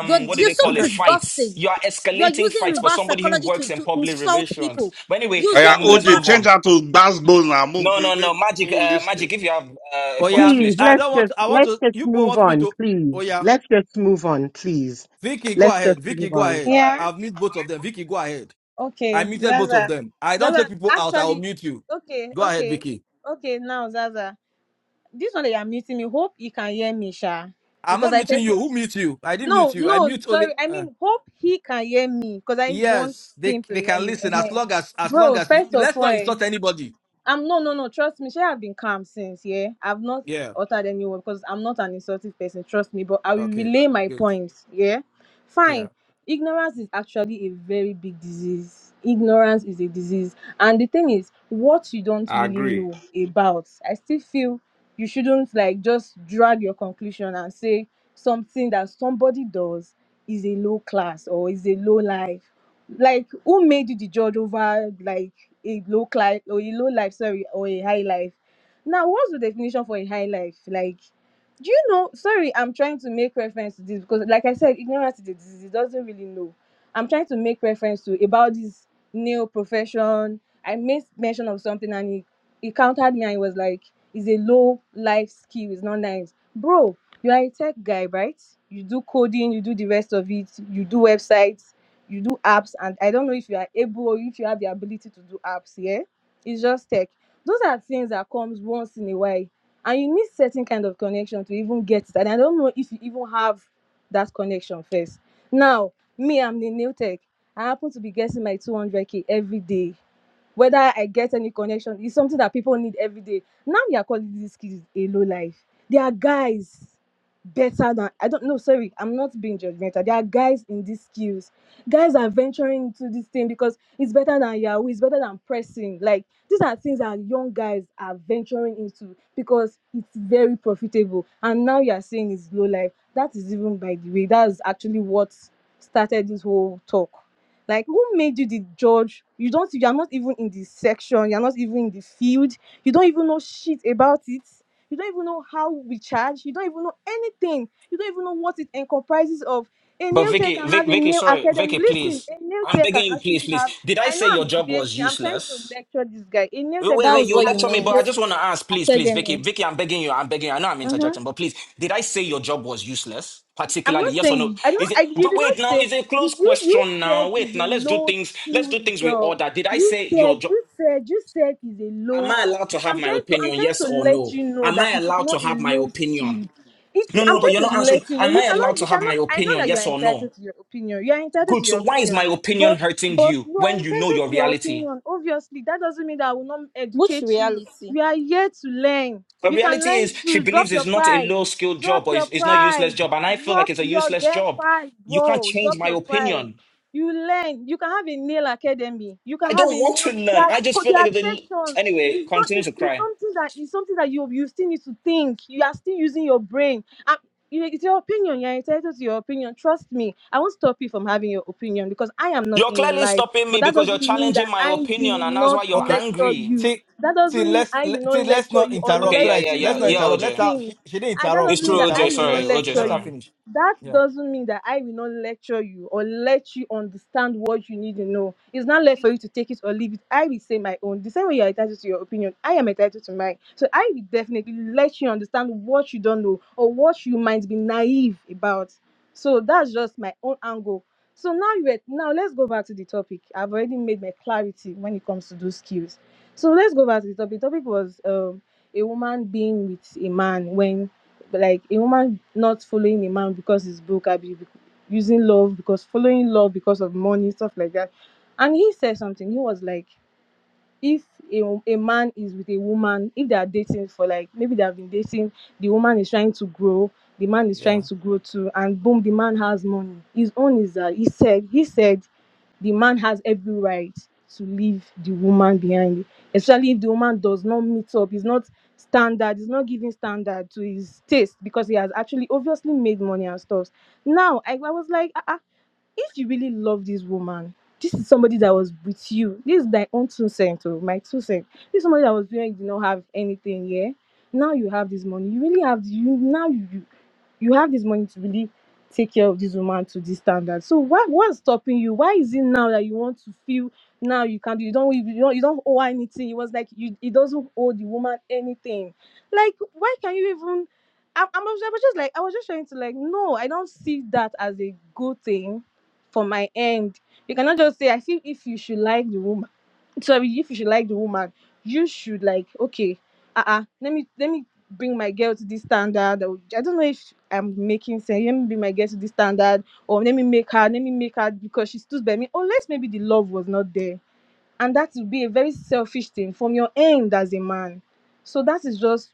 You're
what do
you're
they
so
Okay.
call it fights.
disgusting.
You are
You're
escalating
using
fights for
reverse
somebody who
psychology
works
to,
in
to
public
insult
relations.
people.
But anyway,
Oh, yeah,
Using
um, let's
OJ,
move
reverse
change
on.
psychology.
that to basketball now. Move,
No, no,
people
no, magic, uh,
listen.
magic. If you have uh, a
Oh yeah,
point,
me.
please,
please
I
talk.
let's
don't want.
just,
I want
let's
to.
just
You people
move
want me
on,
to. Oh
please.
yeah,
Let's just move on, please.
Vicky, go
Let's
ahead.
just
Vicky,
move
go
on.
ahead.
Yeah.
I've muted both of them. Vicky, go ahead. I
Okay,
muted both of
Zaza.
them. I don't
Zaza,
take people out. I'll
actually,
mute you.
okay,
Go ahead,
okay,
Vicky.
okay. Now, Zaza, this one that you're meeting me, hope you can hear me, Sha,
I'm
because
not
I
muting you.
personally.
Who mute you? I didn't
No,
mute you. I
no,
mute only.
sorry. I
Uh,
mean, hope he can hear me because I want
yes, they
him to
they
hear
can
me.
listen as
Ehen.
long as as long
Bro,
as you
first of
let's
all,
not
eh,
insult anybody.
I'm no, no, no. Trust me. She have been calm since. Yeah, I've not
Yeah.
uttered any word because I'm not an insultive person. Trust me. But I will
Okay.
relay my
Good.
points. Yeah, fine.
Yeah.
Ignorance is actually a very big disease. Ignorance is a disease, and the thing is, what you don't
I
really
agree.
know about, I still feel you shouldn't like just drag your conclusion and say something that somebody does is a low class or is a low life. Like, who made you the judge over like? a low life or a low life, sorry, or a high life. Now, what's the definition for a high life? Like, do you know? Sorry, I'm trying to make reference to this because, like I said, ignorance is a disease. It doesn't really know. I'm trying to make reference to about this new profession. I made mention of something and he, he countered me and he was like, it's a low life skill. It's not nice. Bro, you are a tech guy, right? You do coding, you do the rest of it, you do websites you do apps and i don't know if you are able or if you have the ability to do apps yeah it's just tech those are things that comes once in a while and you need certain kind of connection to even get it and i don't know if you even have that connection first now me i'm the new tech i happen to be getting my 200k every day whether I get any connection is something that people need every day. Now we are calling these kids a low life. They are guys better than I don't know. Sorry, I'm not being judgmental. There are guys in these skills. Guys are venturing into this thing because it's better than Yahoo, it's better than pressing. Like these are things that young guys are venturing into because it's very profitable. And now you're saying it's low life. That is even by the way, that's actually what started this whole talk. Like, who made you the judge? You don't, you are not even in the section, you're not even in the field, you don't even know shit about it. You don't even know how we charge, you don't even know anything, you don't even know what it encompasses of. A
But
nail tech
Vicky,
can
Vic,
have a
Vicky,
nail
sorry, Vicky,
academy. Listen,
please.
a nail
I'm
tech
begging
can
you,
actually
please, please.
have.
Did I
I know
say your
I'm
job was
debating, I'm trying to
useless?
lecture this guy. A nail
Wait,
tech can
wait,
That
wait,
was
actually
you
what you
have
lecture me,
a
but
meant.
I
nail
just want to ask, please, please, Vicky,
academy.
Vicky, I'm begging you, I'm begging you. I know I'm
Uh huh.
interjecting, but please, did I say your job was useless?
I'm
Particularly,
not
yes or no?
saying I don't.
Is
I,
it
you
but
did
wait
not
now?
say
Is it a close
you, you. You
question now?
said
Wait
it's
now,
a
let's do
low
things, let's do
skilled
things with
job.
order. Did I
You
say your
said
job?
you said you said it's a
Am
low.
I allowed to have
I'm
my
trying to. I'm
opinion,
trying
yes
to
or
let
no?
you know
Am
that
I
it is
allowed to
not a
have my
low
opinion?
skilled. It's.
No, no,
I'm
no, but you're
trying to
not answering.
let you know
Am
you
I allowed
cannot.
to
You
have my
cannot. I know
opinion,
that you
yes
are
or no?
entitled to your opinion. You are entitled to
Good. So
your
why is
opinion,
my opinion
but.
hurting
But
you
you are
when you know
entitled
your
to your
reality?
opinion. Obviously, that doesn't mean that I will not
Which
educate you.
reality?
We are here to learn.
But
You can
reality
learn
is she
to drop
believes
your
it's not a
pride.
low skilled
Drop
job or
your
it's, it's not a useless
pride.
job. And I feel like
Drop
it's a
your
useless
damn
job.
pride,
You can't
bro.
change
Drop
my
your pride.
opinion.
You learn. You can have a nail academy. You can
I
have
don't
a
want
nail.
to
There
learn.
are,
I just
co-
feel
there
like
are
it's a...
sections.
Anyway,
It's not.
continue
It's,
to
it's
cry.
something that it's something that you you still need to think. You are still using your brain. And you- it's your opinion. You're entitled to your opinion. Trust me. I won't stop you from having your opinion because I am not
You're
in your
clearly
life.
stopping
But
me
that
because you're
doesn't mean
challenging
that
my
I will
opinion and that's
not
why you're
Okay.
lecture
angry.
you.
See,
That
see,
doesn't mean
let's
I will
let,
not
see, let's
lecture
not
you or
Okay,
interrupt. So
yeah,
that
let
yeah,
it's-
you
let's
yeah.
not
Yeah,
know
interrupt. Let's
OJ.
her,
things
she, she didn't
and that
interrupt.
It's
doesn't
She
mean
didn't
true,
that I
OJ.
interrupt
will
you.
Sorry,
not
Let's
OJ,
lecture
let her
sorry.
you.
finish.
That
Yeah.
doesn't mean that I will not lecture you or let you understand what you need to know. It's not left for you to take it or leave it. I will say my own. The same way you're entitled to your opinion, I am entitled to mine. So I will definitely let you understand what you don't know or what you might be naive about. So that's just my own angle. So now you now let's go back to the topic. I've already made my clarity when it comes to those skills. So let's go back to the topic. The topic was um a woman being with a man when like a woman not following a man because he's broke i be using love because following love because of money stuff like that and he said something he was like if a, a man is with a woman if they are dating for like maybe they have been dating the woman is trying to grow the man is
Yeah.
trying to grow too and boom the man has money his own is that he said he said the man has every right to leave the woman behind especially if the woman does not meet up is not standard is not giving standard to his taste because he has actually obviously made money and stuff now i, I was like ah ah if you really love this woman, this is somebody that was with you. This is my own two cents, oh, my two cents. This is somebody that was doing, did not have anything, yeah. Now you have this money. You really have you now. You, you have this money to really take care of this woman to this standard. So why what's stopping you? Why is it now that you want to feel now you can't do you don't you don't you don't owe her anything. It was like you it doesn't owe the woman anything. Like why can you even I, I, was, I was just like I was just trying to like no I don't see that as a good thing for my end. You cannot just say I feel if you should like the woman so if you should like the woman you should like okay uh-uh let me let me bring my girl to this standard or, i don't know if i'm making sense let me bring my girl to this standard or let me make her let me make her because she stood by me unless maybe the love was not there and that would be a very selfish thing from your end as a man so that is just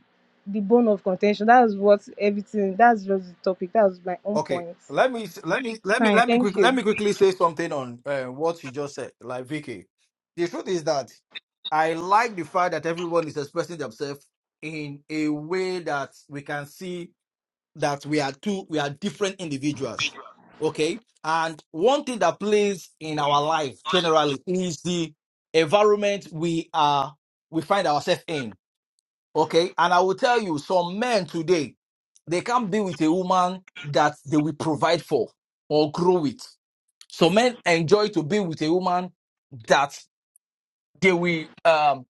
the bone of contention that's what everything that's just the topic That was my own
Okay,
point
let me let me let me
fine
let me
thank
quick let
you
me quickly say something on uh, what you just said, like Vicky. The truth is that I like the fact that everyone is expressing themselves in a way that we can see that we are two we are different individuals. Okay, and one thing that plays in our life generally is the environment we are we find ourselves in Okay. And I will tell you, some men today, they can't be with a woman that they will provide for or grow with. Some men enjoy to be with a woman that they will um,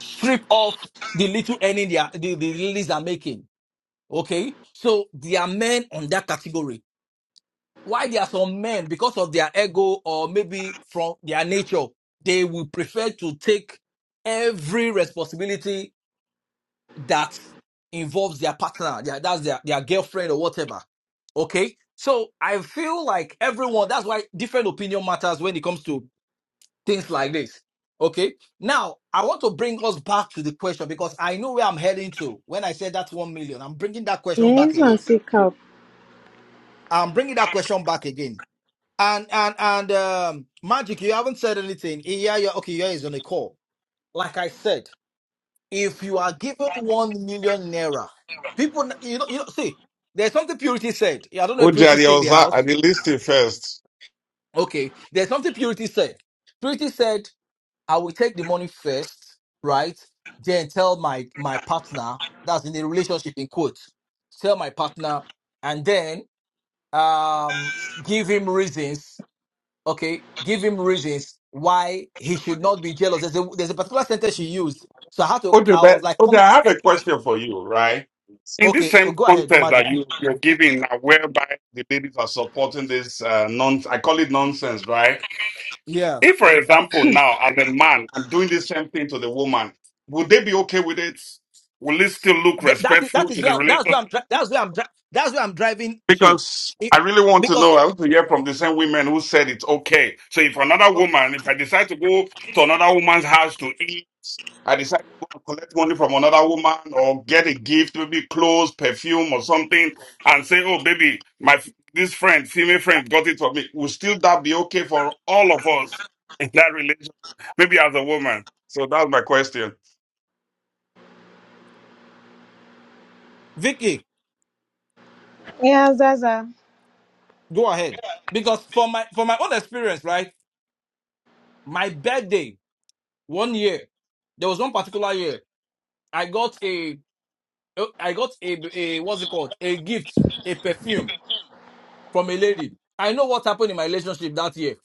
strip off the little earning they are, the, the ladies are making. Okay. So there are men on that category. Why there are some men, because of their ego or maybe from their nature, they will prefer to take every responsibility that involves their partner, their, that's their, their girlfriend or whatever. Okay. So I feel like everyone, that's why different opinion matters when it comes to things like this. Okay. Now, I want to bring us back to the question because I know where I'm heading to when I said that 1 million. I'm bringing that question
Yeah,
back
it's on
again.
sick up.
I'm bringing that question back again. And, and, and, um, Magic, you haven't said anything. Yeah, yeah. Okay. Yeah, is on a call. Like I said. if you are given one million naira, people, you know, you know, see, there's something Purity said. Yeah, I don't know if
Oji, I
Purity stay in the
was at
house.
the listing first.
Okay, there's something Purity said. Purity said, I will take the money first, right? Then tell my my partner that's in the relationship in quotes. Tell my partner, and then um give him reasons. Okay, give him reasons why he should not be jealous. There's a there's a particular sentence she used. So I had to.
OJ,
I was
but
like,
Oji,
come.
I have a question for you, right? In this
Okay, well,
same
go ahead,
context
Magic.
that you, you're giving now, whereby the ladies are supporting this uh, non I call it nonsense, right?
Yeah.
If, for example, now as a man, I'm doing the same thing to the woman, would they be okay with it? Will it still look
Th- that is that
respectful to
is
the
where
relationship?
that's where I'm dri- that's where I'm dri- that's where I'm driving to,
because
it,
I really want to
because
know. I want to hear from the same women who said it's okay. So if another
oh,
woman, if I decide to go to another woman's house to eat, I decide to go and collect money from another woman or get a gift, maybe clothes, perfume, or something, and say, "Oh, baby, my f- this friend, female friend, got it for me." Will still that be okay for all of us in that relationship? Maybe as a woman. So that's my question.
Vicky,
yeah zaza
go ahead. Because for my for my own experience, right, my birthday one year, there was one particular year I got a oh, I got a, a what's it called a gift a perfume from a lady. I know what happened in my relationship that year.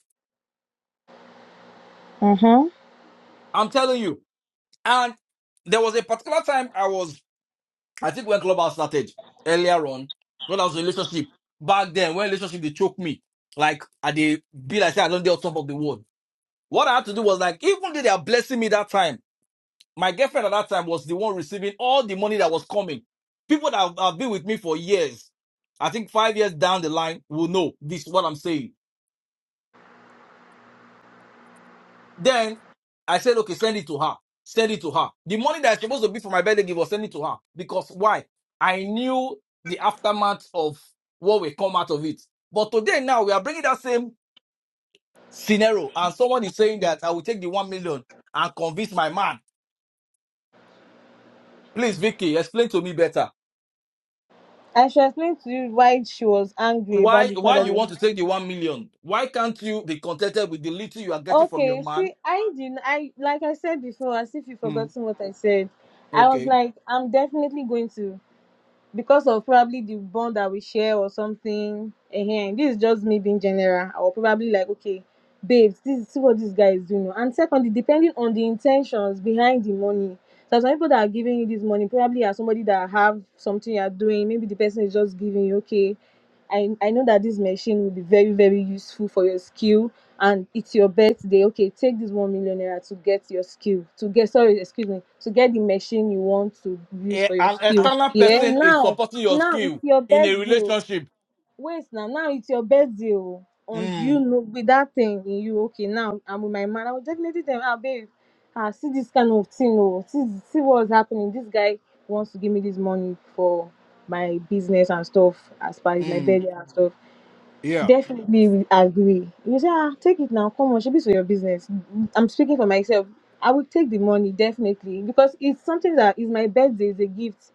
Mm-hmm.
I'm telling you, and there was a particular time I was I think when Clubhouse started earlier on, when I was in a relationship, back then, when relationship, they choked me. Like, I they be like, say, I don't dare on top of the world. What I had to do was like, even though they are blessing me that time, my girlfriend at that time was the one receiving all the money that was coming. People that have have been with me for years, I think five years down the line will know this, what I'm saying. Then I said, okay, send it to her. Send it to her. The money that is supposed to be for my birthday gift was send it to her. Because why? I knew the aftermath of what will come out of it. But today now we are bringing that same scenario and someone is saying that I will take the one million and convince my man. Please, Vicky, explain to me better.
I should explain to you why she was angry about
Why
the
why you
father.
want to take the one million? Why can't you be contented with the little you are getting from your
Okay,
man?
see, I didn't. I like I said before, as if you've
Hmm,
forgotten what I said. I was
okay.
like, I'm definitely going to. because of probably the bond that we share or something. Ehen, This is just me being general. I will probably like, okay, babes, this see what this guy is doing. oh." And secondly, depending on the intentions behind the money. So some people that are giving you this money probably are somebody that have something you're doing. Maybe the person is just giving you, okay, I, I know that this machine will be very, very useful for your skill and it's your birthday okay take this one million naira to get your skill to get sorry excuse me to get the machine you want to use
A-
for your
an
skill
external
yeah
person is
now
supporting your
now it's
skill
your
in a
birthday o.
relationship.
wait now now it's your birthday o and
Hmm.
you know with that thing in you okay now i'm with my man i will definitely tell him ah babe ah see this kind of thing oh, see see what's happening this guy wants to give me this money for my business and stuff as far as my
Mm,
birthday and stuff
yeah.
definitely we agree. You say, ah, take it now, come on, should be for your business. I'm speaking for myself. I will take the money definitely because it's something that is my birthday is a gift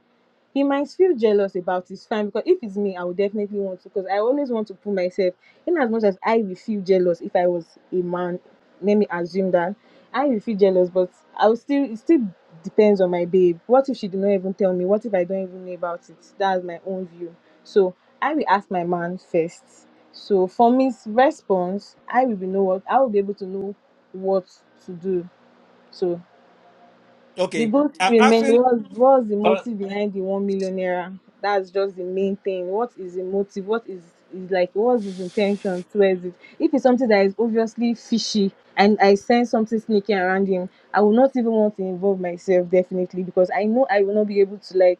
he might feel jealous about his fine. because if it's me, I would definitely want to because I always want to put myself in as much as I will feel jealous if I was a man. Let me assume that I will feel jealous, but I will still it still depends on my babe. What if she did not even tell me? What if I don't even know about it? That's my own view. So I will ask my man first. So from his response, I will be know what I will be able to know what to do. So. The
Okay.
goal to
I'm
remain
asking.
what's what's the
But,
motive behind the one million naira? That's just the main thing. What is the motive? What is is like what's his intention towards it? If it's something that is obviously fishy and I sense something sneaking around him, I will not even want to involve myself definitely because I know I will not be able to like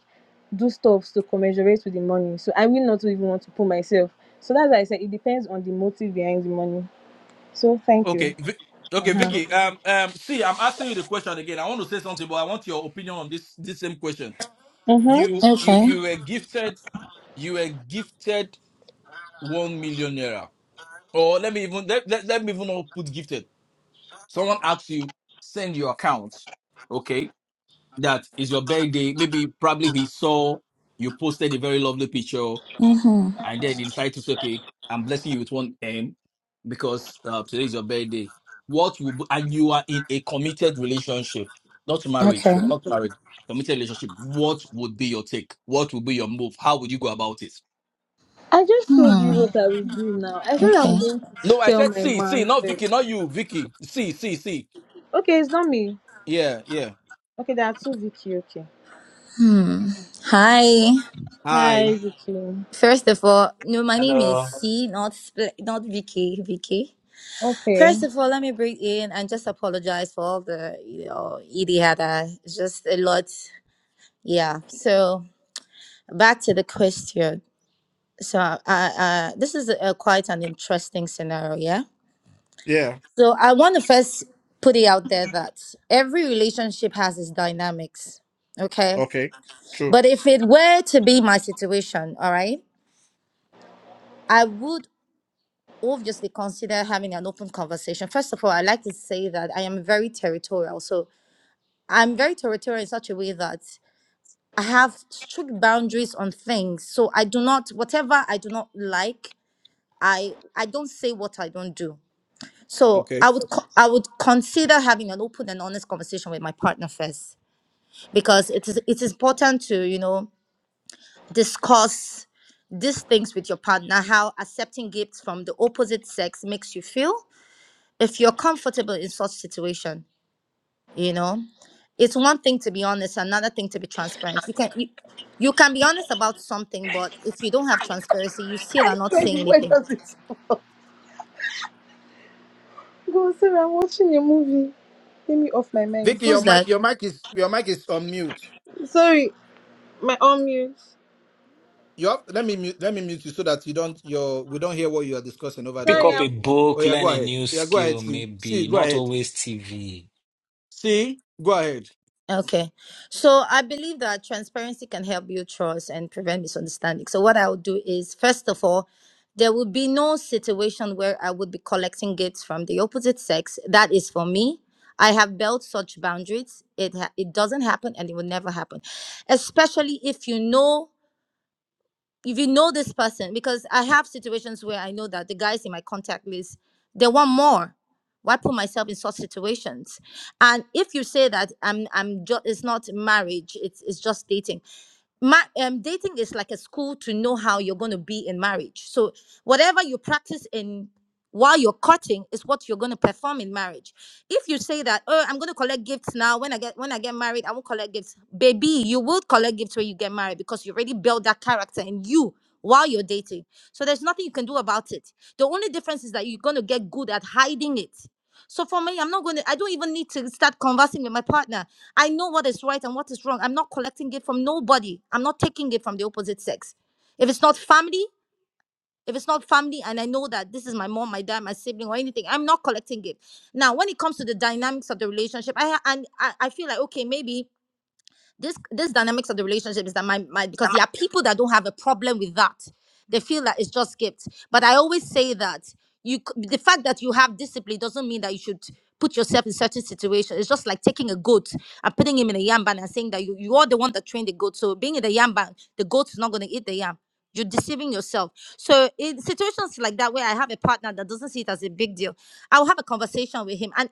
do stuff to commensurate with the money. So I will not even want to put myself. So that's why I said it depends on the motive behind the money. So thank you.
Okay. Vi- okay,
Uh-huh.
Vicky. Um. Um. See, I'm asking you the question again. I want to say something, but I want your opinion on this. This same question.
Mm-hmm.
You. You. You were gifted. You were gifted one million naira. Or let me even let, let, let me even not put gifted. Someone asks you send your account. Okay. That is your birthday. Maybe probably he saw you posted a very lovely picture.
Mm-hmm.
and then they decided to say, "Okay, I'm blessing you with one M because uh, today is your birthday." What you and you are in a committed relationship, not marriage.
Okay.
You're not married. Committed relationship. What would be your take? What would be your move? How would you go about it?
I just told you
Hmm.
what I will do now. I said
Okay.
I'm going to
No, I
tell
said
my
see, see,
man
not
first.
Vicky, not you, Vicky. See, see, see.
Okay, it's not me.
Yeah, yeah.
Okay, there are two Vicky. Okay.
Hi.
Hi.
Hi, Vicky.
First of all, no, my name is
hello.
C, not Spl- not Vicky. Vicky.
Okay.
First of all, let me bring in and just apologize for all the you know idiota. It's just a lot. Yeah. So back to the question. So I, I, this is a, quite an interesting scenario. Yeah.
Yeah.
So I want to first put it out there that every relationship has its dynamics. Okay.
Okay. True.
But if it were to be my situation, all right, I would obviously consider having an open conversation. First of all, I like to say that I am very territorial. So I'm very territorial in such a way that I have strict boundaries on things. So I do not whatever I do not like, I I don't say what I don't do. So
Okay.
I would co- I would consider having an open and honest conversation with my partner first because it is it is important to, you know, discuss these things with your partner, how accepting gifts from the opposite sex makes you feel, if you're comfortable in such situation you know it's one thing to be honest another thing to be transparent you can you, you can be honest about something but if you don't have transparency you still are not saying
Wait, wait,
anything
does it? Go, sorry, I'm watching a movie. Take me off my mind.
Vicky, your
who's that
mic, your mic is your mic is on mute.
Sorry, my own mute.
you have let me mute- let me mute you so that you don't your we don't hear what you are discussing over there.
Pick
Sorry.
up
I'm...
Okay.
a
Oh
book,
yeah, go
learn a
ahead.
new
Yeah, go ahead.
skill,
See, see,
maybe.
go
Not
ahead.
always TV.
See, go ahead.
Okay. So I believe that transparency can help build trust and prevent misunderstanding. So what I'll do is first of all, there will be no situation where I would be collecting gifts from the opposite sex. That is for me. I have built such boundaries. It ha- it doesn't happen and it will never happen. Especially if you know if you know this person, because I have situations where I know that the guys in my contact list, they want more. Why put myself in such situations? And if you say that I'm I'm just it's not marriage, it's it's just dating. Ma- um, dating is like a school to know how you're going to be in marriage. So whatever you practice in while you're courting is what you're going to perform in marriage. If you say that, oh, I'm going to collect gifts now. When I get when I get married, I won't collect gifts. Baby, you will collect gifts when you get married because you already built that character in you while you're dating. So there's nothing you can do about it. The only difference is that you're going to get good at hiding it. So for me, I'm not going to. I don't even need to start conversing with my partner. I know what is right and what is wrong. I'm not collecting it from nobody. I'm not taking it from the opposite sex. If it's not family, if it's not family, and I know that this is my mom, my dad, my sibling, or anything, I'm not collecting it. Now, when it comes to the dynamics of the relationship, I and I, I feel like okay, maybe this this dynamics of the relationship is that my, my because there are people that don't have a problem with that they feel that it's just gifts but i always say that you c- the fact that you have discipline doesn't mean that you should put yourself in certain situations it's just like taking a goat and putting him in a yam ban and saying that you, you are the one that trained the goat so being in the yam ban the goat is not going to eat the yam you're deceiving yourself so in situations like that where i have a partner that doesn't see it as a big deal i'll have a conversation with him and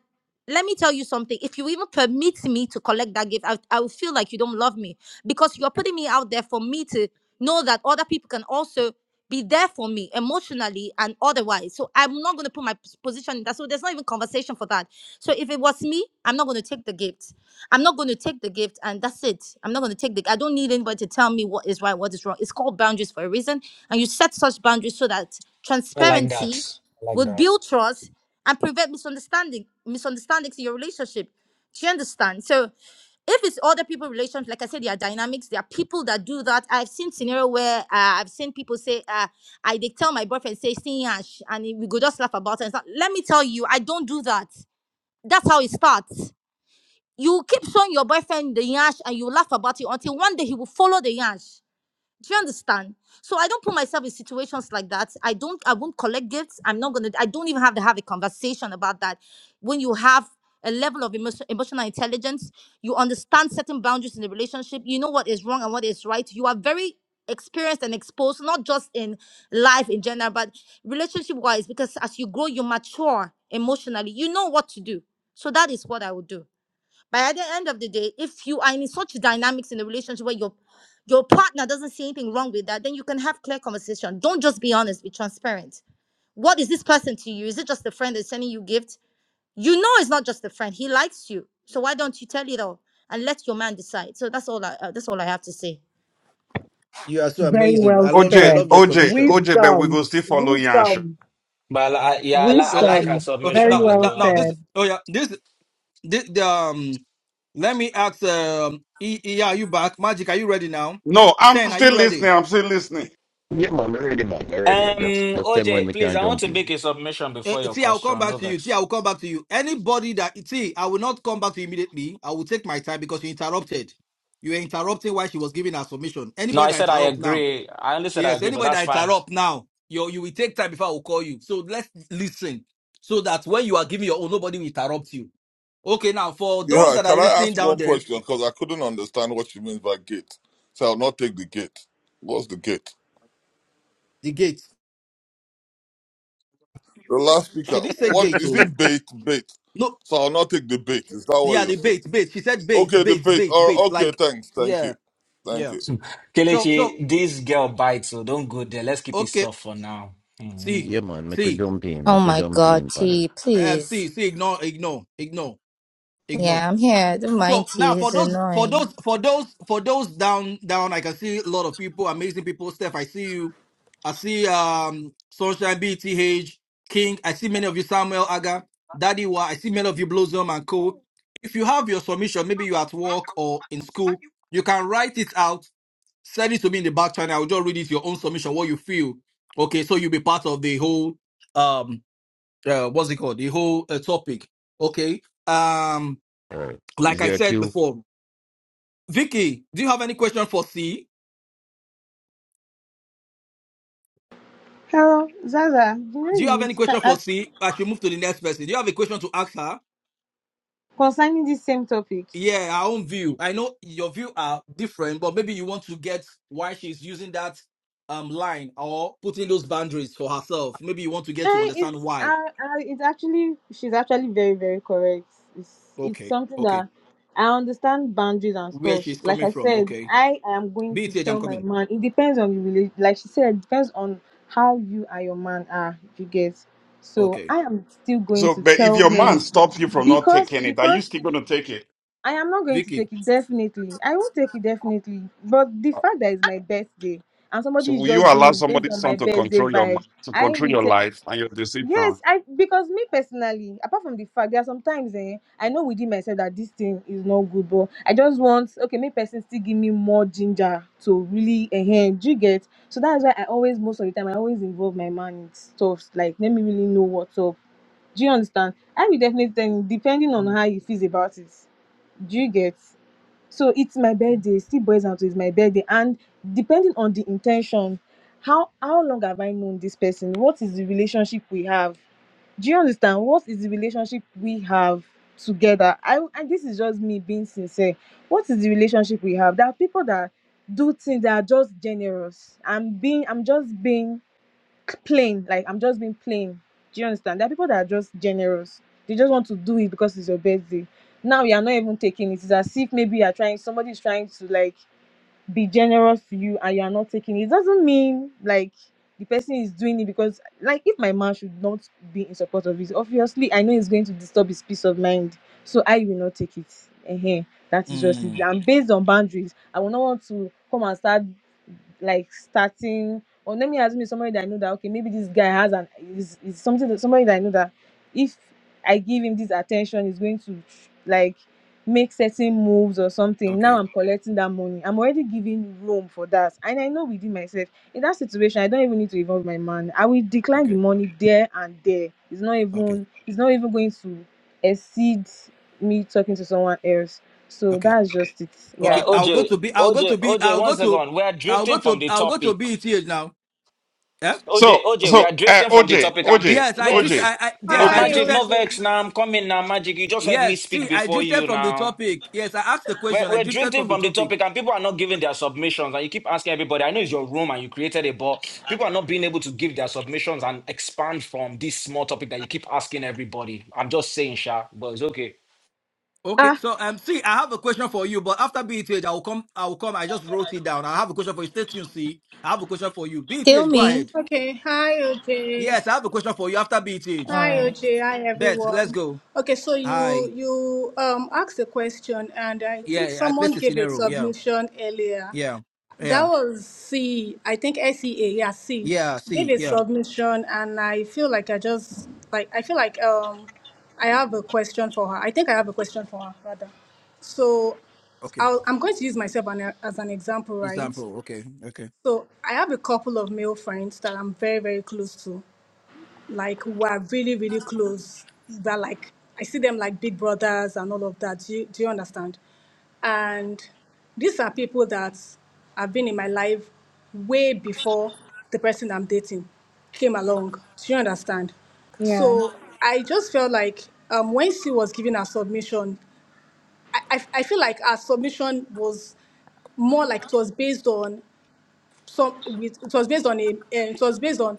let me tell you something. If you even permit me to collect that gift, I, I will feel like you don't love me because you're putting me out there for me to know that other people can also be there for me emotionally and otherwise. So I'm not going to put my pos- position in that. So there's not even conversation for that. So if it was me, I'm not going to take the gift. I'm not going to take the gift and that's it. I'm not going to take the I don't need anybody to tell me what is right, what is wrong. It's called boundaries for a reason. And you set such boundaries so that
I like
transparency
that. I like
would
that.
build trust and prevent misunderstanding misunderstandings in your relationship. Do you understand? So if it's other people relations, like I said, there are dynamics. There are people that do that. I've seen scenario where uh, I've seen people say, uh, "I they tell my boyfriend say sing and sh-" and we go just laugh about it. And stuff. Let me tell you, I don't do that. That's how it starts. You keep showing your boyfriend the yash and you laugh about it until one day he will follow the yash. Do you understand? So I don't put myself in situations like that. I don't. I won't collect gifts. I'm not gonna. I don't even have to have a conversation about that. When you have a level of emotion, emotional intelligence, you understand certain boundaries in the relationship. You know what is wrong and what is right. You are very experienced and exposed, not just in life in general, but relationship wise. Because as you grow, you mature emotionally. You know what to do. So that is what I would do. But at the end of the day, if you are in such dynamics in a relationship where your your partner doesn't see anything wrong with that, then you can have clear conversation. Don't just be honest, be transparent. What is this person to you? Is it just a friend that's sending you gifts? You know it's not just a friend. He likes you. So why don't you tell it all and let your man decide? So that's all I uh, that's all I have to say.
You are so
Very
amazing.
well
I love I
OJ,
said.
love your
OJ,
submission.
OJ, but we
Wisdom,
go still follow Yash.
wisdom.
But I, I- yeah, I, li- I
Okay.
like
See,
her
Wisdom.
okay.
Very
submission
Now,
as
now
well
well.
now
Um,
this.
said.
Oh yeah. This this the, um. Let me ask. Um. E, E, are you back? Magic, are you ready now?
No, I'm
Ten, are
still
you ready?
listening. I'm still listening.
Yeah man, ready man, ready.
Um,
Just just tell me when
OJ,
we
please,
can
I want
jump
to
in.
make a submission
Eh,
before your
see, I will come
question. No
back to you. See,
vex.
I will come back to you. Anybody that see, I will not come back to you immediately. I will take my time because you interrupted. You were interrupting while she was giving her submission.
No,
Anybody
I
that
said I
interrupt now,
agree. I only said I
yes,
agree, but
anybody
that's
that
fine.
interrupt now, you you will take time before I will call you. So let's listen, so that when you are giving your own, nobody will interrupt you. Okay, now for those
Yeah,
that are
can I
listening
ask
down
one
there,
question? Because I couldn't understand what she means by gate. So I'll not take the gate. What's the gate?
the gate.
The last speaker,
She didn't say
what
gate,
is
oh
it bait? Bait.
no,
So I'll not take the bait. Is that what
yeah,
you're
the
saying?
bait, bait. She said bait,
Okay, the
bait,
bait.
bait,
Or
bait.
okay,
Like,
thanks. Thank
yeah,
you. Thank
yeah.
you.
Hmm.
So, so
Kelechi, this girl bites, so don't go there. Let's keep it
okay.
soft for now. hmm
See,
Yeah man, make we
see.
jump in,
Oh
make we
my
jump
God,
in pan it.
T,
um, see,
please.
see, ignore, ignore, ignore, ignore.
Yeah, I'm here. Don't mind
So
T.
now for
He's
those, for
annoying.
those, for those, for those down, down, I can see a lot of people, amazing people. Steph, I see you. I see um Sunshine BTH, King. I see many of you, Samuel Aga, Daddy Wa. I see many of you, Blossom and Co. If you have your submission, maybe you're at work or in school, you can write it out, send it to me in the back channel. I'll just read it your own submission, what you feel. Okay, so you'll be part of the whole um uh, what's it called? The whole uh, topic. Okay. Um,
Alright. Is
like I
there a
said
queue?
before, Vicky, do you have any question for C?
Hello, Zaza. You know
Do
you
you have any
missed ca-
question
uh,
for C? I should move to the next person. Do you have a question to ask her?
concerning this same topic.
Yeah, our own view. I know your view are different, but maybe you want to get why she's using that um line or putting those boundaries for herself. Maybe you want to get to
Eh,
understand
it's uh,
why.
uh, it's actually she's actually very very correct. It's it's
Okay,
something
okay.
that I understand boundaries and
Where
stuff.
she's
Like
coming
I
from.
said,
Okay.
I am going to
BTH, I'm
tell my
coming.
man. It depends on your relation. Like she said, it depends on how you and your man are. You get. So
Okay.
I am still going
So,
to
but if
tell
your man
him
stops you from not
because
taking it, are you
because
still
it,
going to take it?
I am not going to
Vicky.
take it definitely. I won't take it definitely. But the fact that it's my birthday and
So,
somebody is
will you
just doing
allow
it based
somebody's
on my
son to
birthday
control your mi-
vibe.
to
I
control your
will.
life and your decision?
Yes, I because me personally, apart from the fact there are sometimes eh, I know within myself that this thing is not good, but I just want okay, me person still give me more ginger to really enhance. Do you get? So that's why I always most of the time I always involve my man in stuff like let me really know what's up. Do you understand? I will definitely tell him depending on
Mm,
how he feels about it. Do you get? So it's my birthday, still boys out is my birthday, and depending on the intention, how how long have I known this person? What is the relationship we have? do you understand what is the relationship we have together i and this is just me being sincere what is the relationship we have there are people that do things that are just generous i'm being i'm just being plain like i'm just being plain do you understand there are people that are just generous they just want to do it because it's your birthday now you are not even taking it it's as if maybe you are trying somebody is trying to like be generous to you and you are not taking it, doesn't mean like the person is doing it because like if my man should not be in support of it, obviously I know it's going to disturb his peace of mind. So I will not take it. uh That is just it.
mm,
And based on boundaries, I will not want to come and start like starting or let me assume it's somebody that I know that okay, maybe this guy has an is, is something that somebody that I know that if I give him this attention is going to like make certain moves or something now
okay.
i'm collecting that money i'm already giving room for that and i know within myself in that situation i don't even need to involve my man i will decline the
Okay.
money there and there it's not
Okay.
even it's not even going to exceed me talking to someone else so
Okay.
that's just it yeah
Uh,
Okay, I'll go
OJ,
to B. I'll go to
OJ,
B.
OJ,
I'll
one
go to.
second. We are
I'll go
drifting from
to.
the
I'll go to
topic.
BETH now. Yeah.
OJ,
So,
OJ, we are
so uh,
drifting from the
OJ,
topic. And pe-
OJ,
Yes, I drifted.
OJ,
wait,
I, I yes,
ma-
I
OJ.
Hi,
Magic,
drifted.
no
OJ.
vex now. I'm coming now, Magic. You just heard me
Yes, see,
speak
I
before
drifted
you
from the
now.
topic. Yes, I asked the
We're,
question. I
we're
drifted from
drifting
the
from the
topic.
topic and people are not giving their submissions. And you keep asking everybody, I know it's your room and you created it, but People are not being able to give their submissions and expand from this small topic that you keep asking everybody. I'm just saying, Sha, but it's okay.
Okay,
ah
so um, see, I have a question for you, but after BETH, I will come. I will come. I just wrote it down. I have a question for you. Stay tuned. See, I have a question for you.
Still
BETH, go
me.
ahead.
Okay, hi, OJ.
Yes, I have a question for you after BETH.
All
Hi,
right.
OJ. Hi,
Bet, let's
everyone.
go.
Okay, so you
Hi.
you um asked a question, and I think
Yeah, I
someone
placed the
gave a
scenario. Yeah,
submission earlier.
yeah,
That
yeah,
was C. I think SEA. Yeah, C.
yeah.
She gave
See,
a
yeah.
submission, and I feel like I just like I feel like um I have a question for her. I think I have a question for her rather. So
Okay.
I'll, I'm going to use myself an, as an example, right?
Example. Okay. Okay.
So I have a couple of male friends that I'm very, very close to. Like we're really, really close. They're like I see them like big brothers and all of that. Do you, do you understand? And these are people that have been in my life way before the person I'm dating came along. Do you understand?
yeah
So I just felt like um, when she was giving her submission, I, I, I feel like her submission was more like it was based on some with it was based on a um, it was based on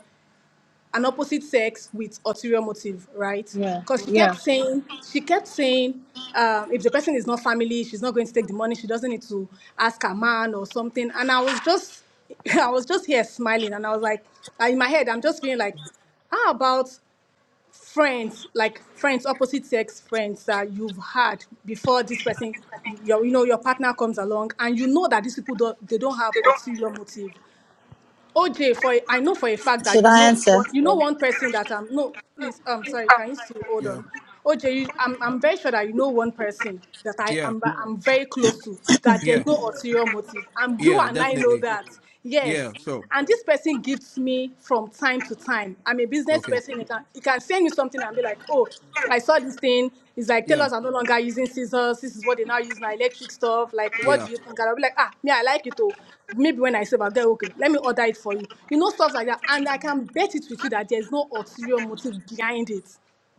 an opposite sex with ulterior motive, right?
yeah
Because she
yeah
kept saying she kept saying um, if the person is not family, she's not going to take the money. She doesn't need to ask her man or something. And I was just I was just here smiling, and I was like uh, in my head I'm just feeling like how about friends like friends opposite sex friends that you've had before this person your you know your partner comes along and you know that these people don't they don't have ulterior motive OJ, for a- I know for a fact that you know one- you know Well, one person that I'm no please I'm sorry can you still hold
Yeah.
on OJ you, I'm I'm very sure that you know one person that I
Yeah.
am I'm, I'm very close to that there's
Yeah.
no ulterior motive and you
Yeah.
and I know
Definitely.
that
Yeah.
yes
So.
and this person gives me from time to time I'm a business
Okay.
person He can he can send me something and be like oh I saw this thing. It's like
Yeah.
tailors are no longer using scissors. This is what they now use now, electric stuff. Like, what
Yeah.
do you think? And I'll be like, ah, me, I like it too maybe when I save, I'll get okay, let me order it for you. You know, stuff like that. And I can bet it with you that there's no ulterior motive behind it.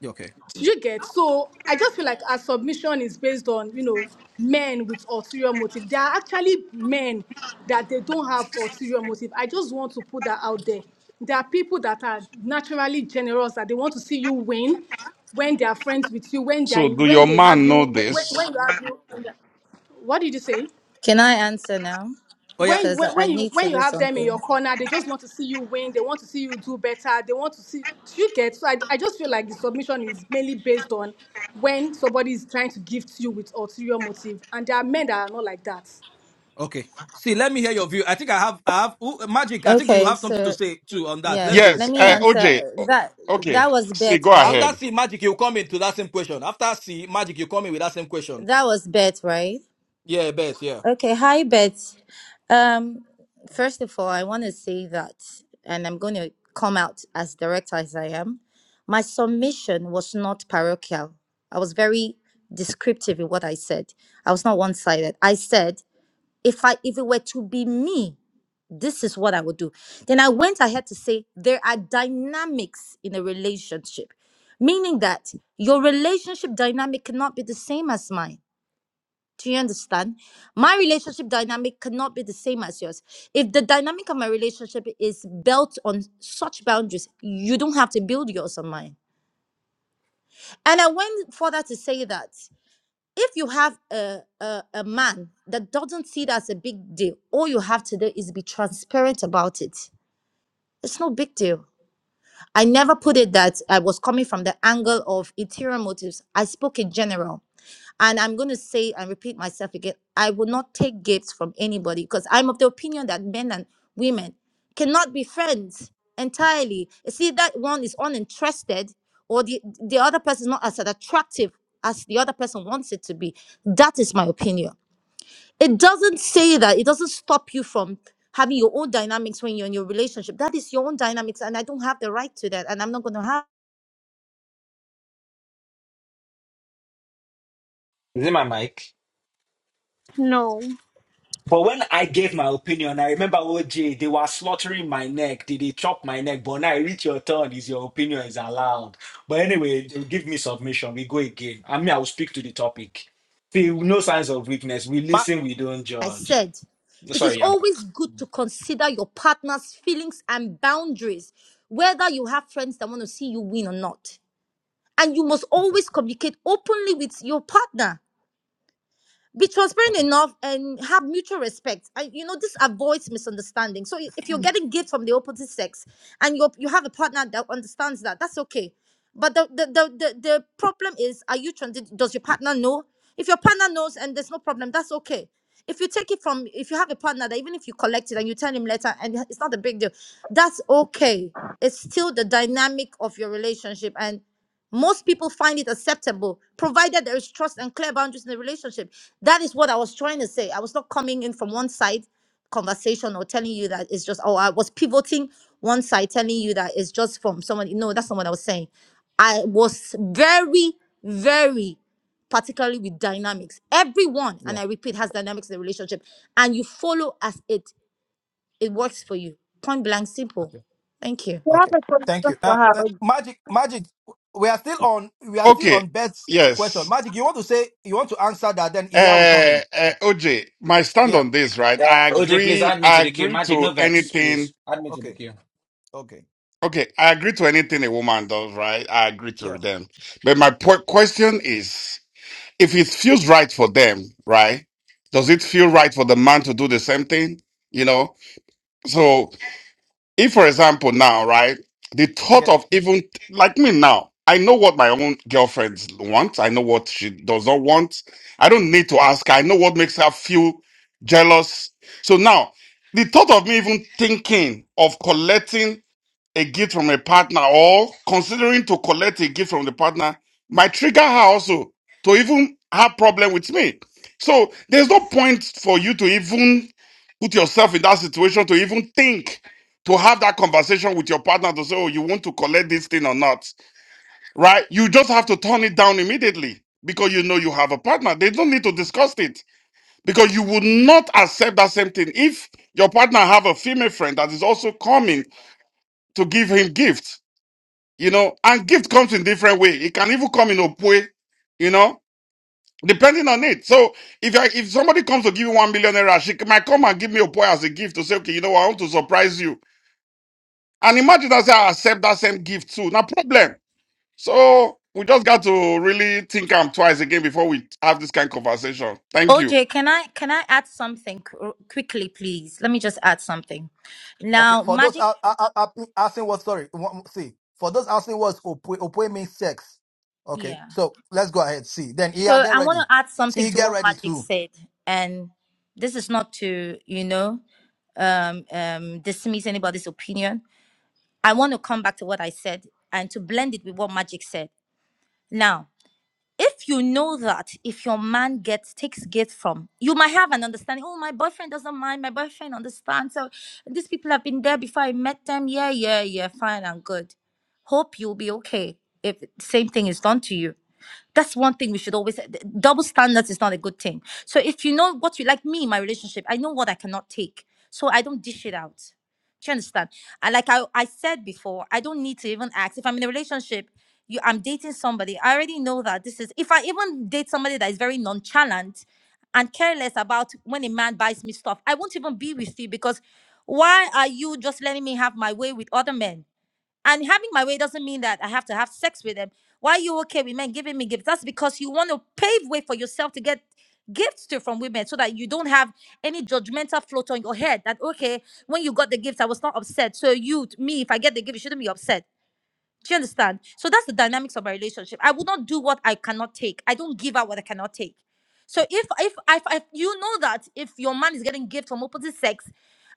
Okay.
Do you get? So I just feel like our submission is based on, you know, men with ulterior motive. There are actually men that they don't have ulterior motive. I just want to put that out there. There are people that are naturally generous that they want to see you win when they are friends with you, when they are,
So, do
when
your
they have
man
you,
know
when, when
this?
you have you. In the, what did you say?
Can I answer now?
Oh yeah.
when
Because
when
I I
when you
need to
when you
do
have them in your
something.
corner, they just want to see you win. They want to see you do better. They want to see do you get. So I, I just feel like the submission is mainly based on when somebody is trying to gift you with ulterior motive, and there are men that are not like that.
Okay. See, let me hear your view. I think I have. I have ooh, magic. I think you
Okay,
have something
so
to say too on that. Let's
Yes,
go.
Yes,
let me
uh,
See.
answer.
OJ. o-
That
Okay,
that was
see, go
Beth, right?
After
ahead.
C, magic, you come into that same question. After C, magic, you come in with that same question.
That was Beth, right?
Yeah. Bet. Yeah.
Okay, hi Beth. Um, first of all, I want to say that, and I'm going to come out as direct as I am. My submission was not parochial. I was very descriptive in what I said. I was not one-sided. I said, if I if it were to be me, this is what I would do. Then I went ahead to say there are dynamics in a relationship, meaning that your relationship dynamic cannot be the same as mine. Do you understand? My relationship dynamic cannot be the same as yours. If the dynamic of my relationship is built on such boundaries, you don't have to build yours on mine. And I went further to say that if you have a, a, a man that doesn't see it as a big deal, all you have to do is be transparent about it. It's no big deal I never put it that I was coming from the angle of interior motives. I spoke in general. And I'm going to say and repeat myself again I will not take gifts from anybody because I'm of the opinion that men and women cannot be friends entirely. You see, that one is uninterested or the, the other person is not as attractive as the other person wants it to be. That is my opinion. It don't having your own dynamics when you're in your relationship. That is your own dynamics, and I don't have the right to that, and I'm not going to have.
Is it my mic?
No.
But when I gave my opinion, I remember OJ, they were slaughtering my neck. They, they chop my neck. But now I reach your turn, is your opinion is allowed. But anyway, they'll give me submission. We go again. I mean, I will speak to the topic. See, no signs of weakness. We
Ma-
listen, we don't
I
judge.
said, it is
Sorry, Yaba.
always good to consider your partner's feelings and boundaries, whether you have friends that want to see you win or not. And you must
Okay.
always communicate openly with your partner be transparent
Okay.
enough and have mutual respect and you know this avoids misunderstanding so i- if you're getting gifts from the opposite sex and you you have a partner that understands that that's okay but the the the, the, the problem is are you trans? does your partner know if your partner knows and there's no problem that's okay if you take it from if you have a partner that even if you collect it and you tell him later and it's not a big deal that's okay it's still the dynamic of your relationship and. Most people find it acceptable, provided there is trust and clear boundaries in the relationship. That is what I was trying to say. I was not coming in from one side conversation or telling you that it's just, oh, I was pivoting one side, telling you that it's just from someone. No, that's not what I was saying. I was very, very particularly with dynamics. Everyone, and I
Yeah.
repeat, has dynamics in the relationship. And you follow as it it works for you. Point blank simple. Thank you.
I have
Okay.
a question
Thank you.
for
Uh, uh,
her.
Magic, Magic, we are still on we are still
Okay,
on Beth's question.
yes.
Magic, you want to say you want to answer that, then Iya will come
Uh,
in.
uh, OJ, my stand
Yeah.
on this, right?
Uh,
I
OJ, please
agree.
add me to
I
the queue.
agree
Magic,
to
no vex,
anything
please. Add me to the
Okay.
queue.
Okay.
Okay, I agree to anything a woman does, right? I agree to
Yeah.
them. But my po- question is if it feels right for them, right? Does it feel right for the man to do the same thing? You know? So, if for example, now, right, the thought
Yeah.
of even like me now, I know what my own girlfriend wants, I know what she does not want. I don't need to ask her, I know what makes her feel jealous. So now, the thought of me even thinking of collecting a gift from a partner or considering to collect a gift from the partner might trigger her also to even have problem with me. So there's no point for you to even put yourself in that situation to even think to have that conversation with your partner to say, oh, you want to collect this thing or not, right? You just have to turn it down immediately because you know you have a partner. They don't need to discuss it because you would not accept that same thing if your partner have a female friend that is also coming to give him gifts you know, and gift comes in different way. It can even come in Opwe, you know, depending on it. So if I, if somebody comes to give you one million naira, she might come and give me Opwe as a gift to say, okay, you know, I want to surprise you. And imagine that say I accept that same gift too. No problem. So we just got to really think am twice again before we have this kind of conversation. Thank you.
OJ, can I can I add something qu- quickly, please? Let me just add something. Now,
Okay. For those uh, uh, uh, asking what sorry, one- see. For those asking what's opwe, opwe means sex. Okay.
yeah,
So let's go ahead. See. Then Iya, get ready.
I'll add something,
See, get ready too.
and this is no is anybody's opinion. I want to come back to what I s- and to blend it with what Magic said. Now, if you know that if your man gets takes gift from, you might have an understanding. Oh, my boyfriend doesn't mind. My boyfriend understands. So these people have been there before I met them. Yeah, yeah, yeah. Fine and good. Hope you'll be okay if the same thing is done to you. That's one thing we should always th- double standards is not a good thing. So if you know what you like me my relationship, I know what I cannot take. So I don't dish it out. Do you understand? I like I, I said before, I don't need to even ask. If I'm in a relationship, you I'm dating somebody. I already know that this is if I even date somebody that is very nonchalant and careless about when a man buys me stuff, I won't even be with you because why are you just letting me have my way with other men? And having my way doesn't mean that I have to have sex with them. Why are you okay with men giving me gifts? That's because you want to pave way for yourself to get gifts to from women so that you don't have any judgmental float on your head that okay when you got the gift i was not upset so you me if i get the gift you shouldn't be upset do you understand? So that's the dynamics of my relationship. I will not do what I cannot take. I don't give out what I cannot take. So if if if, if you know that if your man is getting gifts from opposite sex,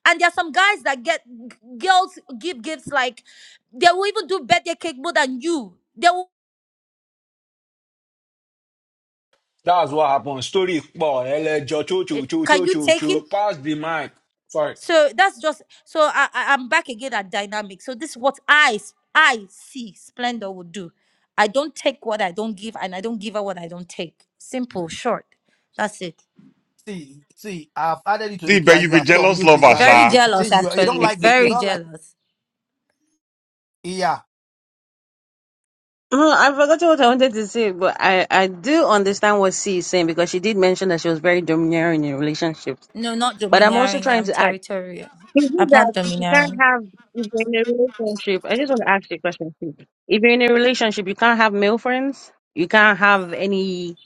and there are some guys that get g- girls give gifts like they will even do birthday cake more than you. They will,
That's what happened. Story boy, pọ̀ ẹlẹ́jọ́ cho
eh,
cho cho
can
cho
you
cho
take
cho
it?
pass the mic. Sorry.
So that's just so I, I I'm back again at dynamics. So this is what I s- I see Splendor would do. I don't take what I don't give, and I don't give her what I don't take. Simple, short. That's it.
See, see, I've added you to the
See,
queue
but
and
you
you
be
are still on
jealous
mute. You
lover,
are still
Very
you,
Sha.
see
jealous,
you you don't
actually.
like it. You
Very
don't like
jealous.
Iya.
Uh, I forgot what I wanted to say, but I, I do understand what C is saying because she did mention that she was very domineering in relationships.
No, not
But I'm also
domineering.
trying
I'm
to add,
territorial.
is it
I'm not
that you can't
domineering.
have, if you're in a relationship, I just want to ask you a question. Steve. If you're in a relationship, you can't have male friends, you can't have any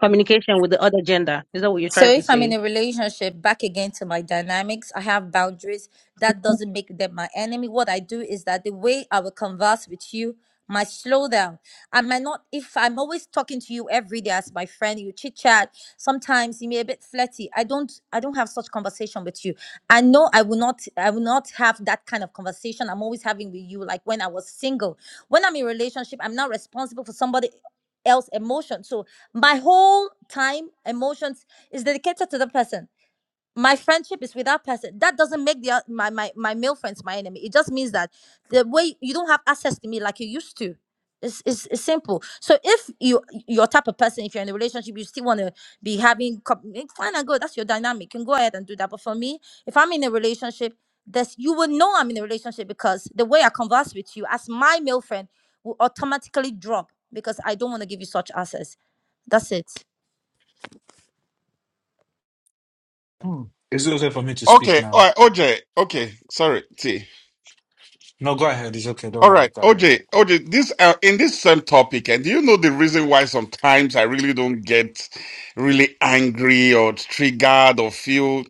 communication with the other gender. Is that what you're
So
trying to
if I'm in
say?
a relationship, back again to my dynamics, I have boundaries. That doesn't make them my enemy. What I do is that the way I will converse with you might slow down. I might not if I'm always talking to you every day as my friend, you chit chat. Sometimes you may a bit flirty. I don't I don't have such conversation with you. I know I will not I will not have that kind of conversation I'm always having with you, like when I was single. When I'm in relationship, I'm not responsible for somebody else emotion. So my whole time emotions is dedicated to the person. My friendship is with that person. That doesn't make the oth- my my my male friends my enemy. It just means that the way you don't have access to me like you used to. It's, it's, it's simple. So if you your type of person, if you're in a relationship, you still want to be having cou- eh, fine and good. That's your dynamic. You can go ahead and do that. But for me, if I'm in a relationship, this you will know I'm in a relationship because the way I converse with you as my male friend will automatically drop because I don't want to give you such access. That's it.
Hmm.
Is it okay for me to speak
Okay, all
now?
right, OJ. Okay, sorry, T.
No, go ahead. It's okay. Don't
All right,
worry. Go ahead.
OJ, OJ, this uh, in this same topic, and do you know the reason why sometimes I really don't get really angry or triggered or feel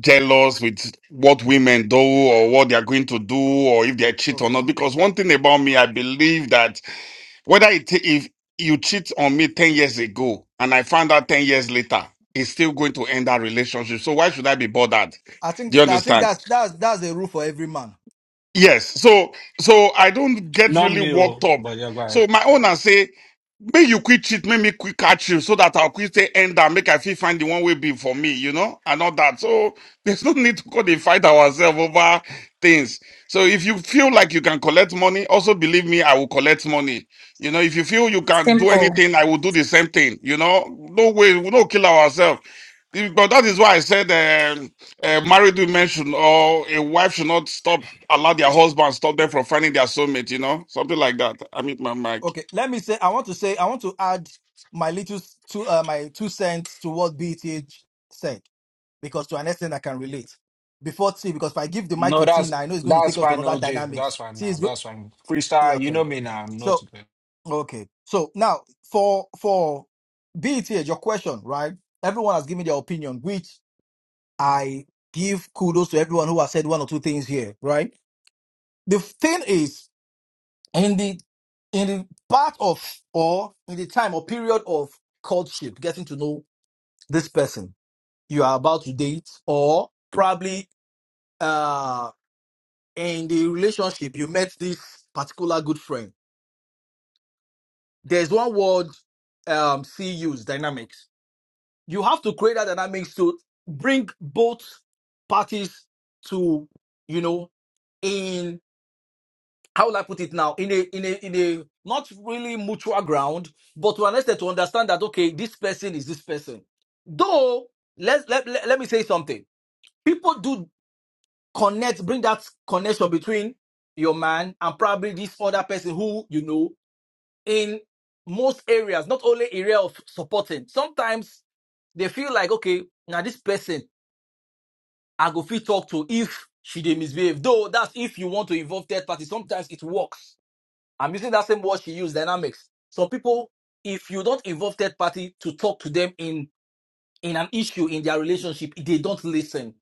jealous with what women do or what they are going to do or if they cheat or
Okay.
not? Because one thing about me, I believe that whether it if you cheat on me ten years ago and I found out ten years later, it's still going to end that relationship. So why should I be bothered?
I think
Do you
I
understand?
think that's that's that's a rule for every man.
Yes. So so I don't get
Not
really
me o,
worked up.
but yeah, go ahead.
So my owner say, may you quit cheat, make me quit catch you so that I'll quit say end and make I feel find the one way be for me, you know, and all that. So there's no need to go and fight ourselves over things. So if you feel like you can collect money, also believe me, I will collect money. You know, if you feel you can do
Simple.
anything, I will do the same thing. You know, no way, we don't kill ourselves. But that is why I said um, a married woman should or a wife should not stop allow their husband stop them from finding their soulmate, you know? Something like that. I mean my mic.
Okay, let me say I want to say I want to add my little s- two uh, my two cents to what BTH said because to an extent I can relate. Before T, because if I give the mic
No,
to T
that's
now, I know it's going to
that's
take us to
fine,
another
OJ. That's
dynamics.
fine
T
now.
is good.
That's fine.
Yeah,
Freestyle, you know
Okay,
me now. I'm not
so
today.
okay, so now for for BTH, your question, right? Everyone has given their opinion, which I give kudos to everyone who has said one or two things here, right? The thing is. in the in the part of or in the time or period of courtship, getting to know this person you are about to date, or probably uh in the relationship you met this particular good friend. There's one word um C use dynamics. You have to create that dynamics to bring both parties to you know in how will I put it now? In a in a in a not really mutual ground, but to an extent to understand that okay, this person is this person. Though let's let, let, let me say something. People do connect, bring that connection between your man and probably this other person who you know in most areas, not only area of supporting. Sometimes they feel like okay, now this person I go fit talk to if she dey misbehave. Though that's if you want to involve third party, sometimes it works I'm using that same word she used, dynamics. So people, if you don't involve third party to talk to them in in an issue in their relationship, they don't listen.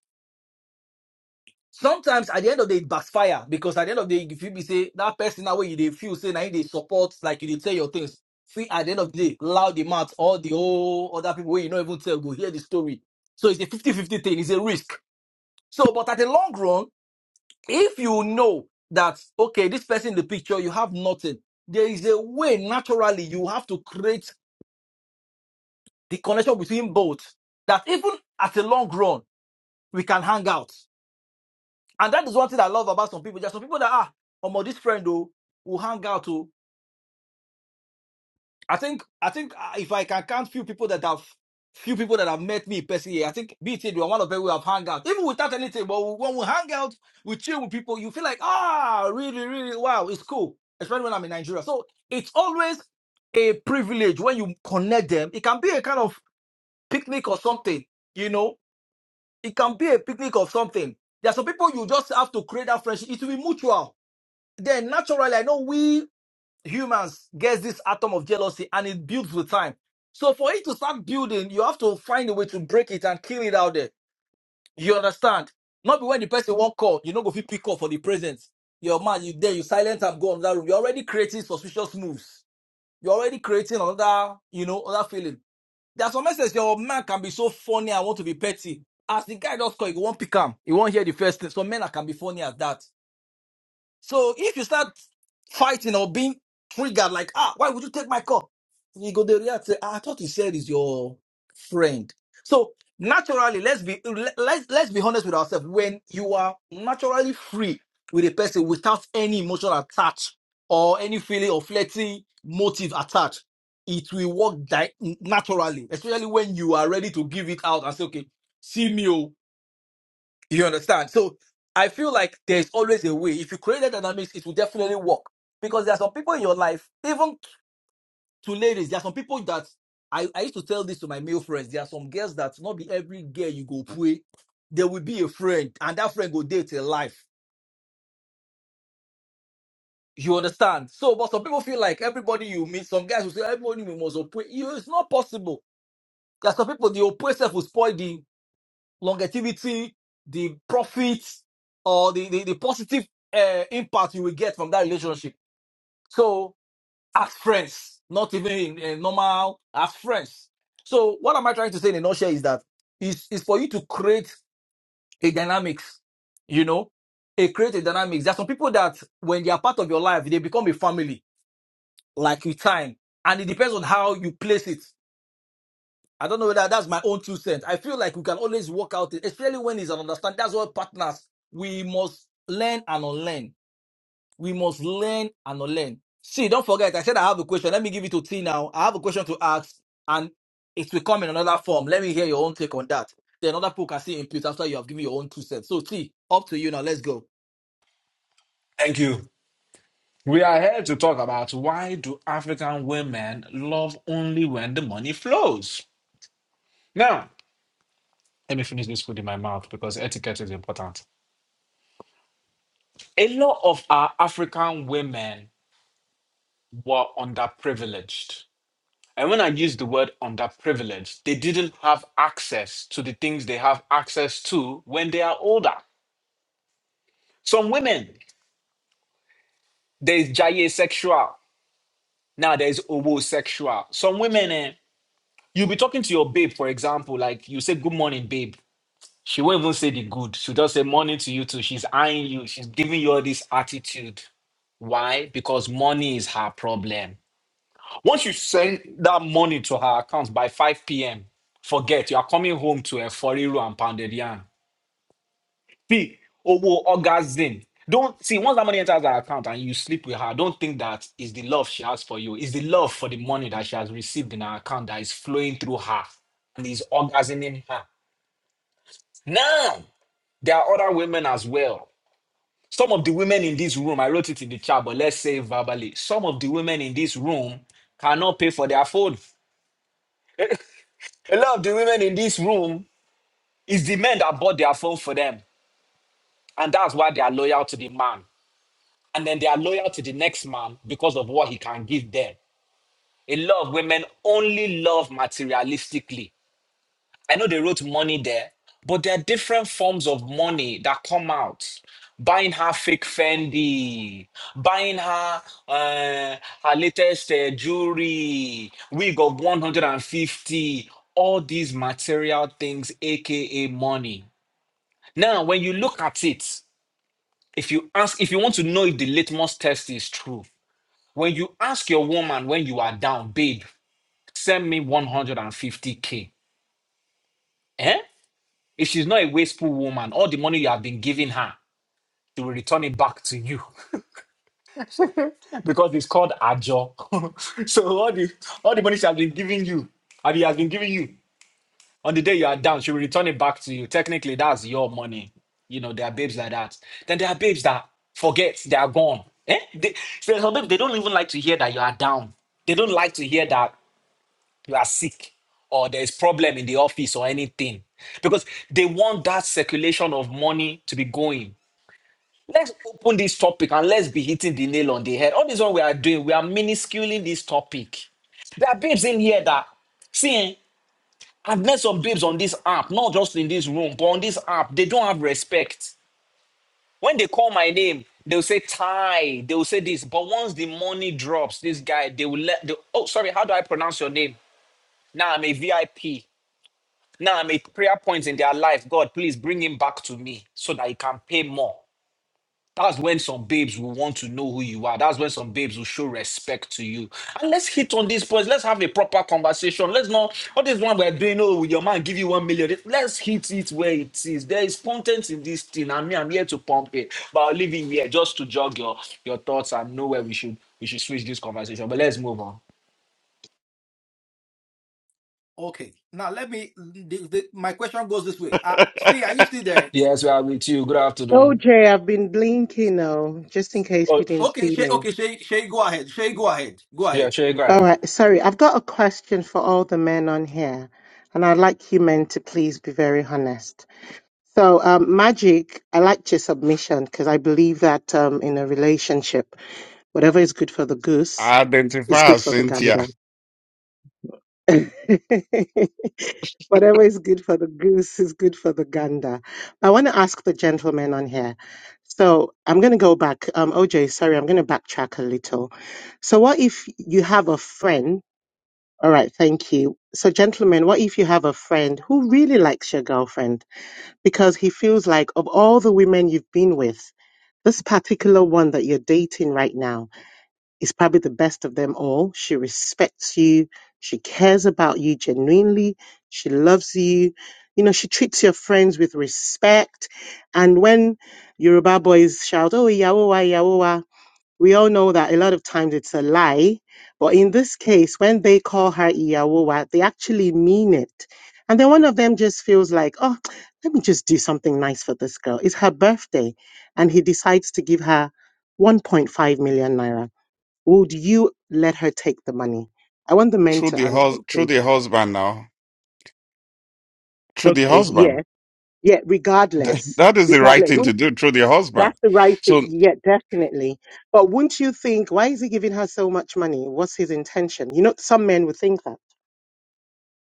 Sometimes at the end of the day, it backfire because at the end of the day, if you be say that person that way you they feel say now they support, like you they tell your things. See, at the end of the day, loud the mouth, all the whole other people where you not even tell go hear the story. So it's a fifty-fifty thing, it's a risk. So, but at the long run, if you know that okay this person in the picture you have nothing there is a way naturally you have to create the connection between both that even at a long run we can hang out and that is one thing i love about some people There are some people that ah omo this friend though will hang out oh." I think I think uh, if I can count few people that have few people that have met me personally, I think BT you are one of them who have hung out. Even without anything, but we- when we hang out, we chill with people, you feel like, ah, really, really, wow, it's cool. Especially when I'm in Nigeria. So it's always a privilege when you connect them. It can be a kind of picnic or something, you know. It can be a picnic or something. There are some people you just have to create that friendship. It will be mutual. Then naturally, I know we humans gets this atom of jealousy and it builds with time. So for it to start building, you have to find a way to break it and kill it out there. You understand? Not be when the person won't call, you know, go fit pick up for the present. Your man, you there, you silent up, go on that room. You're already creating suspicious moves. You're already creating another, you know, other feeling. There's some messages your man can be so funny and want to be petty. As the guy just call, you won't pick him. You won't hear the first thing. Some men that can be funny as that. So if you start fighting or being triggered, like, ah, why would you take my cup? You go, they react, say, ah, I thought he said is your friend. So naturally, let's be le- let's let's be honest with ourselves. When you are naturally free with a person without any emotional attach or any feeling of flirty motive attached, it will work di- naturally, especially when you are ready to give it out and say, okay, see me. oh. You understand? So I feel like there's always a way. If you create that dynamics, it will definitely work. Because there are some people in your life, even to ladies, there are some people that I, I used to tell this to my male friends. There are some girls that not be every girl you go play, there will be a friend, and that friend go date a life. You understand? So, but some people feel like everybody you meet, some guys will say everybody we must play. You, it's not possible. There are some people the oppressive will spoil the longevity, the profits, or the, the, the positive uh, impact you will get from that relationship. So, as friends, not even in, in normal, as friends. So, what am I trying to say in a nutshell is that is is for you to create a dynamics, you know, a create a dynamics. There are some people that when they are part of your life, they become a family, like with time, and it depends on how you place it. I don't know whether that's my own two cents. I feel like we can always work out it, especially when it's an understanding. That's what partners we must learn and unlearn. We must learn and unlearn. See, don't forget, I said I have a question. Let me give it to T now. I have a question to ask, and it will come in another form. Let me hear your own take on that. Then other people can see input after you have given your own two cents. So T, up to you now. Let's go.
Thank you. We are here to talk about why do African women love only when the money flows. Now. Let me finish this food in my mouth because etiquette is important. A lot of our African women were underprivileged. And when I use the word underprivileged, they didn't have access to the things they have access to when they are older. Some women, there's jaye sexual. Now there's homosexual. Some women, eh, you'll be talking to your babe, for example, like you say, Good morning, babe. She won't even say the good. She'll just say morning to you too. She's eyeing you. She's giving you all this attitude. Why? Because money is her problem. Once you send that money to her account by 5 p.m., forget you are coming home to a 40 row and pounded yarn. P, Owo, orgasm. Don't see once that money enters her account and you sleep with her, don't think that is the love she has for you. It's the love for the money that she has received in her account that is flowing through her and is orgasming her. Now, there are other women as well Some of the women in this room, I wrote it in the chat, but let's say it verbally, some of the women in this room cannot pay for their phone. A lot of the women in this room is the men that bought their phone for them. And that's why they are loyal to the man. And then they are loyal to the next man because of what he can give them. A lot of women only love materialistically I know they wrote money there, but there are different forms of money that come out. Buying her fake Fendi, buying her uh, her latest uh, jewelry, wig of 150, all these material things, aka money. Now, when you look at it, if you ask, if you want to know if the litmus test is true, when you ask your woman when you are down, babe, send me 150k. Eh? If she's not a wasteful woman, all the money you have been giving her, they will return it back to you because it's called ajo. so all the all the money she has been giving you, and he has been giving you on the day you are down, she will return it back to you. Technically, that's your money. You know, there are babes like that. Then there are babes that forget they are gone. Eh? They, there's some babes, they don't even like to hear that you are down. They don't like to hear that you are sick or there's problem in the office or anything because they want that circulation of money to be going Let's open this topic and let's be hitting the nail on the head. All this one we are doing, we are minusculing this topic. There are babes in here that see, eh, I've met some babes on this app, not just in this room, but on this app, they don't have respect. When they call my name, they'll say Ty, they'll say this. But once the money drops, this guy, they will let the oh sorry, how do I pronounce your name? Now I'm a VIP. Now I'm a prayer point in their life. God, please bring him back to me so that he can pay more. That's when some babes will want to know who you are. That's when some babes will show respect to you. And let's hit on these points. Let's have a proper conversation. Let's not all this one we're doing. Oh, will your man give you one million. Let's hit it where it is. There is content in this thing, and me, I'm here to pump it. But I'll leave it here just to jog your your thoughts and know where we should we should switch this conversation. But let's move on.
Okay. Now let me. The, the, my question goes this way. Uh,
I
Steve, are you still there?
Yes, we are with you. Good afternoon.
OJ, I've been blinking now, just in case
Oh,
you didn't
Okay.
see
Shay,
me.
okay. Shay, Shay, go ahead. Shay, go ahead. Go ahead.
yeah, sure, go
All
ahead.
right. Sorry, I've got a question for all the men on here, and I'd like you men to please be very honest. So, um, Magic, I liked your submission because I believe that um, in a relationship, whatever is good for the goose is
identify
good
as
for the
Cynthia
gander. Whatever is good for the goose is good for the gander. I want to ask the gentleman on here. So I'm going to go back. Um, OJ, sorry, I'm going to backtrack a little. So, what if you have a friend? All right, thank you. So, gentlemen, what if you have a friend who really likes your girlfriend because he feels like, of all the women you've been with, this particular one that you're dating right now is probably the best of them all. She respects you. She cares about you genuinely. She loves you. You know, she treats your friends with respect. And when Yoruba boys shout, oh, Iyawo wa, Iyawo wa, we all know that a lot of times it's a lie. But in this case, when they call her Iyawo wa, they actually mean it. And then one of them just feels like, oh, let me just do something nice for this girl. It's her birthday. And he decides to give her 1.5 million naira would you let her take the money? I want the men
through
to
the
answer,
hus through
please.
the husband now. Through the
Okay,
husband.
yeah, yeah,
Th-
regardless.
That is the right
Regardless,
thing to
wouldn't,
do through the husband.
that's the right thing.
So
Yeah, definitely. But wouldn't you think, why is he giving her so much money? What's his intention? You know, some men would think that.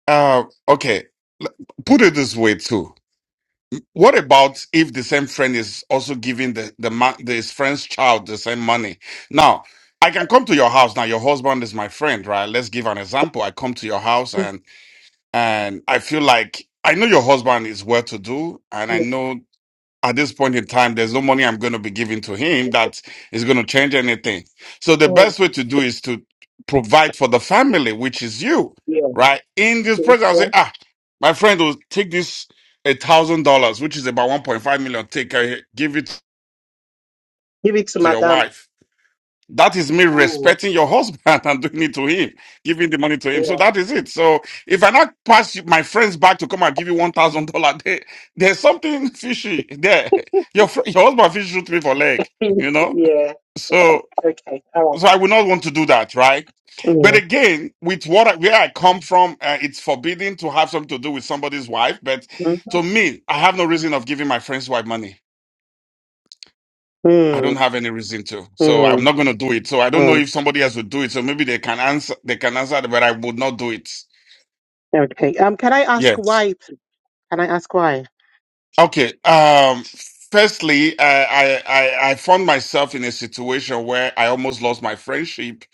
uh okay. L- Put it this way too. What about if the same friend is also giving the the man this friend's child the same money? Now, I can come to your house. Now, your husband is my friend, right? Let's give an example. I come to your house and And I feel like I know your husband is well to do. And I know at this point in time, there's no money I'm going to be giving to him that is going to change anything. So the
Oh,
best way to do is to provide for the family, which is you,
yeah,
right? In this
yeah,
present, I'll
yeah.
say, ah, my friend will take this a thousand dollars, which is about 1.5 million. Take, uh, give it
Give it to
to your
madame.
wife that is me
Mm,
respecting your husband and doing it to him, giving the money to him. So
yeah,
that is it. So if I not pass you, my friends back to come and give you one thousand dollar, there- there's something fishy there. Your fr- your husband fish shoot me for leg, you know.
yeah.
So
Okay, all right.
so I would not want to do that, right? But
Mm,
again, with what I, where I come from, uh, it's forbidden to have something to do with somebody's wife. But
mhm.
to me, I have no reason of giving my friend's wife money. I don't
mm,
have any reason to, so I'm
mm,
not going to do it. So I don't know
mm.
if somebody else would do it. So maybe they can answer. They can answer, but I would not do it.
Okay. Um, can I ask
Yes.
why? please? Can I ask why?
Okay. Um. Firstly, I I I I found myself in a situation where I almost lost my friendship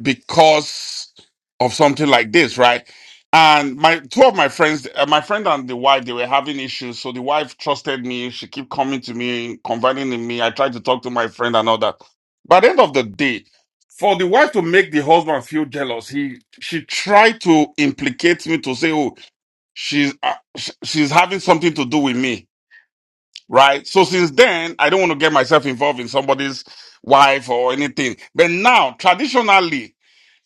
because of something like this, right? And my two of my friends, uh, my friend and the wife, they were having issues. So the wife trusted me. She kept coming to me, confiding in me. I tried to talk to my friend and all that. By the end of the day, for the wife to make the husband feel jealous, he she tried to implicate me to say, "Oh, she's uh, sh- she's having something to do with me." right? So since then, I don't want to get myself involved in somebody's wife or anything. But now, traditionally,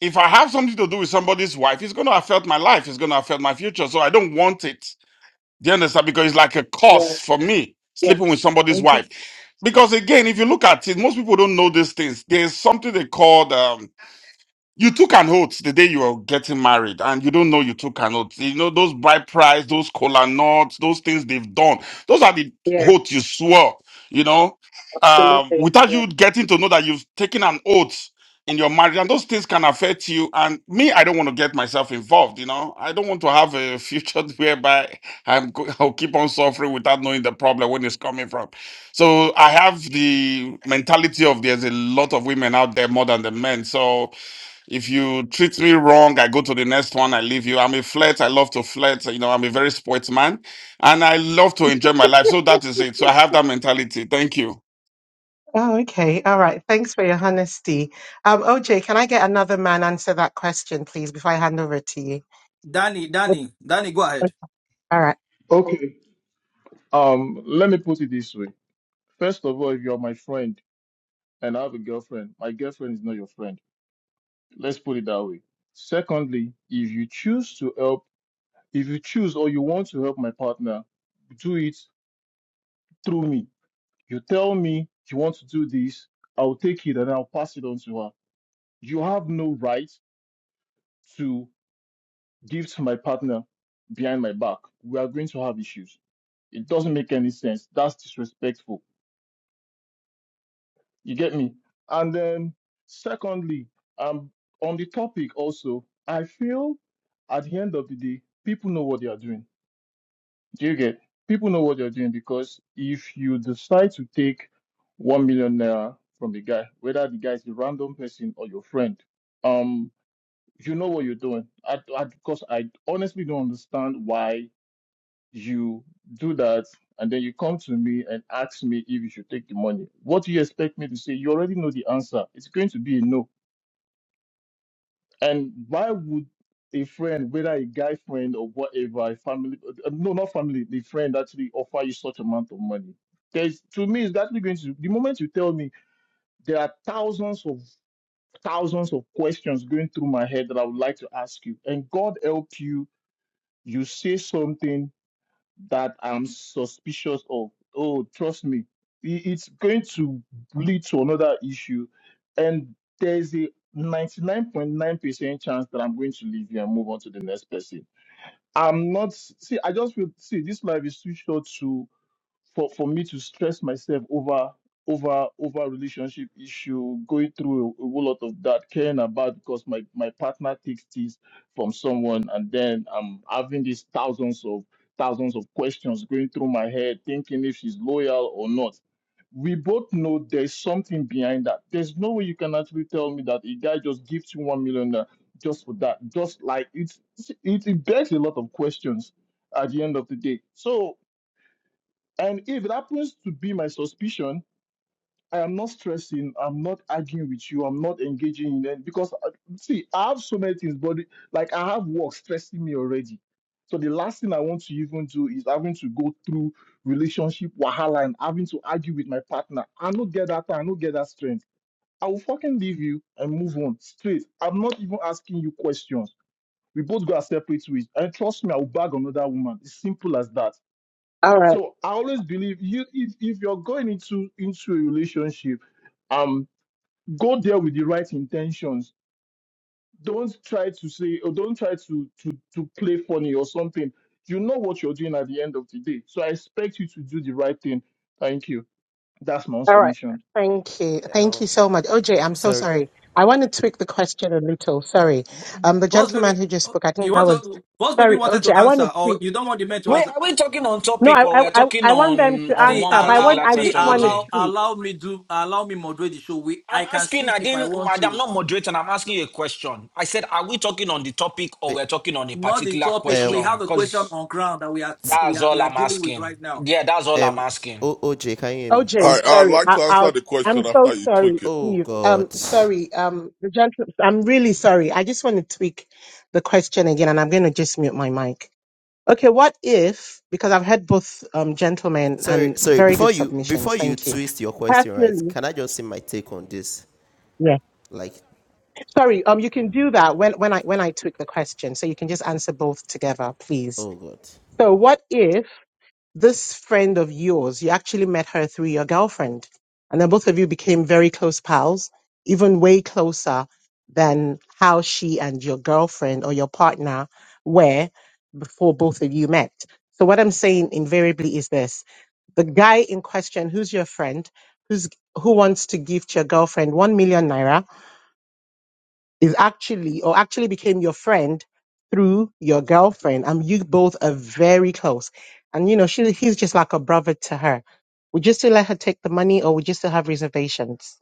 if I have something to do with somebody's wife, it's going to affect my life. It's going to affect my future. So I don't want it. Do you understand? Because it's like a
Yeah,
curse for me
yeah,
sleeping with somebody's
mhm.
wife. Because again, if you look at it, most people don't know these things. There's something they call you took an oath the day you were getting married, and you don't know you took an oath. You know those bride price, those cola nuts, those things they've done. Those are the
yeah,
oath you swore. You know, um, without
absolutely.
you getting to know that you've taken an oath in your marriage, and those things can affect you. And me, I don't want to get myself involved. You know, I don't want to have a future whereby I'm go- I'll keep on suffering without knowing the problem when it's coming from. So I have the mentality of there's a lot of women out there more than the men. So if you treat me wrong, I go to the next one, I leave you. I'm a flirt, I love to flirt, you know, I'm a very sports man, and I love to enjoy my life. So that is it. So I have that mentality. Thank you.
Oh, okay. All right. Thanks for your honesty. Um, OJ, can I get another man answer that question, please, before I hand over to you?
Danny,
Would-
Danny, Danny, go ahead.
All right.
Okay. Um, let me put it this way. First of all, if you're my friend. and I have a girlfriend, my girlfriend is not your friend. Let's put it that way. Secondly, if you choose to help, if you choose or you want to help my partner, do it through me. You tell me you want to do this, I'll take it and I'll pass it on to her. You have no right to give to my partner behind my back. We are going to have issues. It doesn't make any sense. That's disrespectful You get me? And then, secondly, um, on the topic also, I feel at the end of the day, people know what they are doing. Do you get? People know what they're doing because if you decide to take one million naira from the guy, whether the guy is a random person or your friend, um, you know what you're doing. I, I, because I honestly don't understand why you do that and then you come to me and ask me if you should take the money what do you expect me to say you already know the answer it's going to be a no and why would a friend whether a guy friend or whatever a family uh, no not family the friend actually offer you such amount of money there's to me it's actually going to the moment you tell me there are thousands of thousands of questions going through my head that i would like to ask you and god help you you say something that I'm suspicious of. Oh, trust me, i- it's going to lead to another issue. And there's a 99.9% chance that I'm going to leave you and move on to the next person. I'm not, see, I just feel, see, this life is too short to for for me to stress myself over over over relationship issue going through a, a whole lot of that caring about because my my partner takes this from someone and then i'm having these thousands of thousands of questions going through my head thinking if she's loyal or not we both know there's something behind that there's no way you can actually tell me that a guy just gives you one million naira just for that just like it's it, it begs a lot of questions at the end of the day so and if it happens to be my suspicion, I am not stressing, I'm not arguing with you, I'm not engaging in it because uh, see, I have so many things, but like I have work stressing me already. So the last thing I want to even do is having to go through relationship wahala and having to argue with my partner. I don't get that I don't get that strength. I will fucking leave you and move on straight. I'm not even asking you questions. We both go our separate ways. And trust me, I will bag another woman. It's simple as that.
All right.
So I always believe you if, if you're going into into a relationship, um, go there with the right intentions. Don't try to say or don't try to to to play funny or something. You know what you're doing at the end of the day. So I expect you to do the right thing. Thank you. That's my own
All right.
submission.
Thank you. Thank
Um,
you so much. OJ, I'm so
sorry.
sorry. I want to tweak the question a little. Sorry.
B-
Um, the
Boss
gentleman
baby,
who just spoke, I
you
think that
want
was,
to? Boss baby
sorry,
wanted
OJ,
to
I want to
answer,
tweak.
or you don't want the man to
Wait,
answer.
are we talking on
No,
topic
I,
or
I,
we're
I
talking
I want them
on
to
on
See,
one
answer, but I
allow,
want,
particular
I
see,
just
question,
want it
OJ?
allow,
sweet.
allow me do, allow me moderate the show. We,
I'm
I can
asking, I
shift if I
didn't,
want
I'm
to.
not moderating. I'm asking you a question. I said, are we talking on the topic or
Wait.
we're talking on a
Not the
particular
topic. We
Um,
question?
have a question
Because
on ground that we are, we
that's
are,
all
we are
I'm
dealing with
asking.
right now.
Yeah, that's all I'm
um,
asking.
O O J, can you hear me?
All
OJ,
right, I'd
sorry,
like
I,
to answer
I'll,
the
I'm
question
so
after you
sorry,
tweak it.
Oh
please. Um,
God.
sorry, um, the gentleman, I'm really sorry. I just want to tweak the question again, and I'm going to just mute my mic. Okay, what if, because I've heard both, um, gentlemen
Sorry,
and
sorry.
very
Before
good
you before
submissions.
you
Thank you.
twist your question, right?
Personally,
Can I just say my take on this?
yeah.
Like,
Sorry, um, you can do that when, when I, when I tweak the question. So you can just answer both together, please.
oh God.
So what if this friend of yours, you actually met her through your girlfriend. And then both of you became very close pals, even way closer than how she and your girlfriend or your partner were before both of you met. So, what I'm saying invariably is this the guy in question, who's your friend, who's, who wants to gift your girlfriend 1 million naira is actually or actually became your friend through your girlfriend and you both are very close and you know she he's just like a brother to her would you still let her take the money or would you still have reservations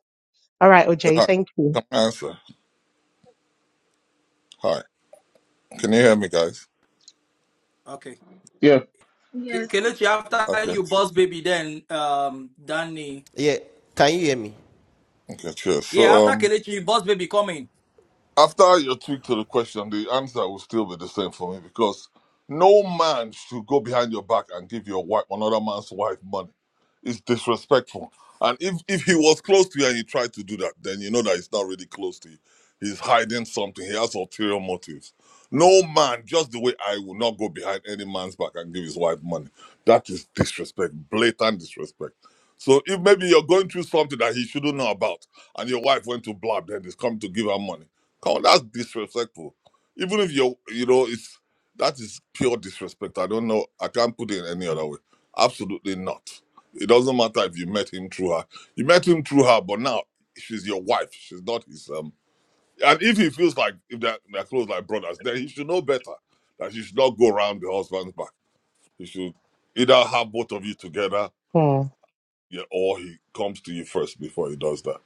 all right oj
Hi,
thank you
answer. Hi. Can you hear me guys?
Okay,
Yeah.
Ke- Kelechi, after
Okay.
you, boss baby, then um, Danny.
Yeah.
Yeah,
Can you hear me?
Okay, cheers. So
yeah. After
um
Kelechi, boss baby coming.
After your tweak to the question, the answer will still be the same for me because no man should go behind your back and give your wife another man's wife money. It's disrespectful. And if if he was close to you and he tried to do that, then you know that he's not really close to you. He's hiding something. He has ulterior motives. No man, just the way I will not go behind any man's back and give his wife money. That is disrespect, blatant disrespect. So if maybe you're going through something that he shouldn't know about, and your wife went to blab, then he's come to give her money. Come on, that's disrespectful. Even if you're, you know, it's that is pure disrespect. I don't know. I can't put it any other way. Absolutely not. It doesn't matter if you met him through her. You met him through her, but now she's your wife. She's not his um. And if he feels like if they're, they're close like brothers, then he should know better that you should not go around the husband's back. He should either have both of you together,
Hmm. all
yeah, or he comes to you first before he does that.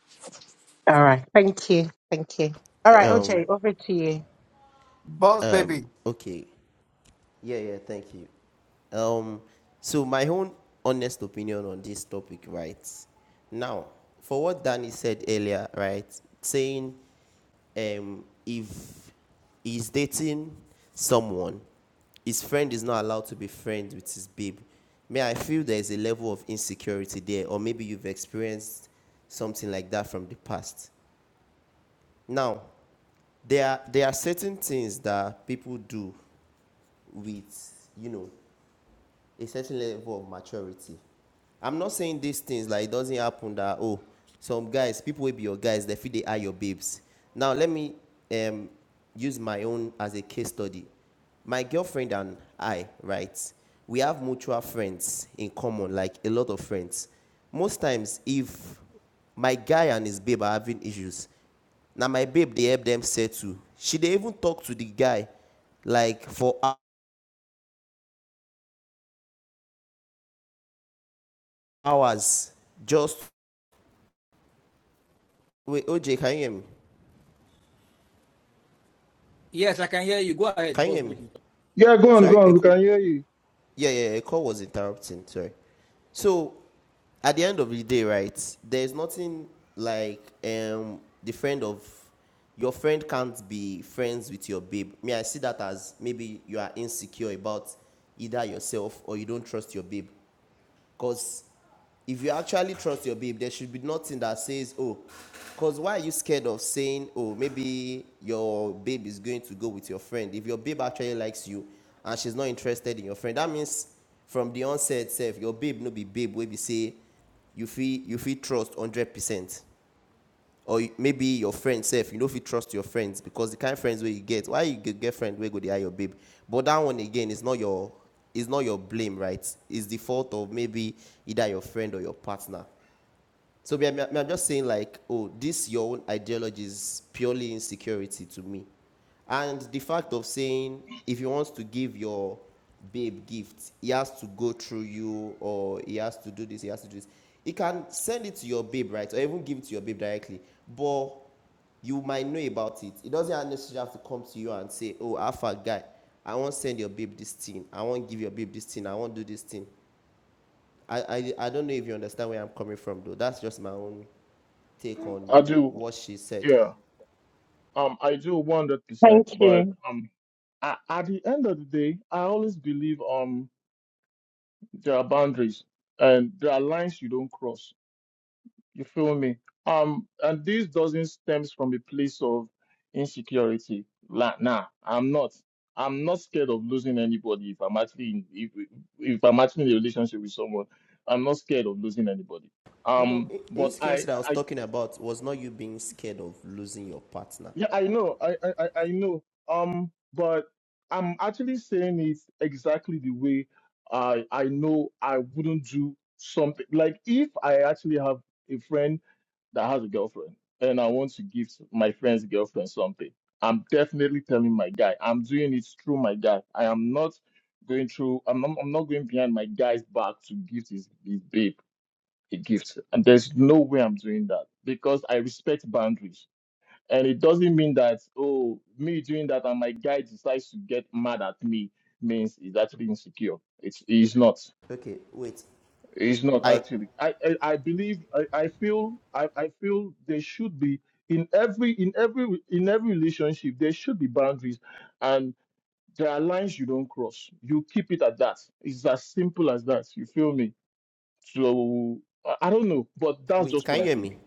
right thank you thank you all right
Um.
oj over to you
Boss
Um.
baby.
Okay. Yeah. Yeah. Thank you. Um. So my own honest opinion on this topic, right? Now, for what Danny said earlier, right? Saying um, if he's dating someone, his friend is not allowed to be friends with his babe. May I feel there is a level of insecurity there, or maybe you've experienced something like that from the past. Now, there are, there are certain things that people do with, you know, a certain level of maturity. I'm not saying these things like it doesn't happen that oh some guys people will be your guys they feel they are your babes. Now let me um use my own as a case study. My girlfriend and I, right? We have mutual friends in common, like a lot of friends. Most times, if my guy and his babe are having issues, now my babe they help them settle. She they even talk to the guy like for hours just Wait, OJ, can you hear me?
Yes, I can hear you. Go ahead,
Can you
boss
hear me?
baby.
Yeah, go on,
Sorry,
go
a,
on. We
c-
can hear you.
yeah, yeah, a call was interrupting. Sorry. So, at the end of the day, right? There's nothing like um the friend of your friend can't be friends with your babe. May I see that as maybe you are insecure about either yourself or you don't trust your babe, because if you actually trust your babe, there should be nothing that says, oh, because why are you scared of saying, oh, maybe your babe is going to go with your friend? If your babe actually likes you and she's not interested in your friend, that means from the onset itself, your babe no be babe, where we say you feel you feel trust 100% or maybe your friend sef you know if you trust your friends because the kind of friends where you get why you get get friend wey go dey hire your babe but that one again is not your is not your blame right it's the fault of maybe either your friend or your partner so we are I'm just saying like, oh, this your own ideology is purely insecurity to me, and the fact of saying if he wants to give your babe gifts, he has to go through you, or he has to do this, he has to do this. He can send it to your babe, right, or even give it to your babe directly, but you might know about it. It doesn't necessarily have to come to you and say, oh, alpha guy, I won't send your babe this thing. I won't give your babe this thing. I won't do this thing. I, I, I don't know if you understand where I'm coming from, though. That's just my own take
I
on
do.
what she said.
Yeah, um, I do 100%,
thank
but
you
um, I, at the end of the day, I always believe um. There are boundaries and there are lines you don't cross. You feel me? Um, and this doesn't stems from a place of insecurity. Like, nah, I'm not. I'm not scared of losing anybody if I'm actually in, if if I'm actually in a relationship with someone. I'm not scared of losing anybody.
No, no,
Um, but I,
insecurity that I was
I
talking about was not you being scared of losing your partner.
Yeah, I know. I, I, I I know. Um, but I'm actually saying it exactly the way I I know I wouldn't do something like if I actually have a friend that has a girlfriend and I want to give my friend's girlfriend something, I'm definitely telling my guy. I'm doing it through my guy. I am not going through. I'm not, I'm not going behind my guy's back to give his his babe a gift. And there's no way I'm doing that because I respect boundaries. And it doesn't mean that, oh, me doing that and my guy decides to get mad at me means he's actually insecure. It's he's not.
Okay, wait.
He's not
I
actually. I I, I believe I, I feel I, I feel there should be in every in every in every relationship there should be boundaries and there are lines you don't cross. You keep it at that. It's as simple as that. You feel me? So I I don't know, but that's
wait,
just
can
what
you
I
hear me?
think.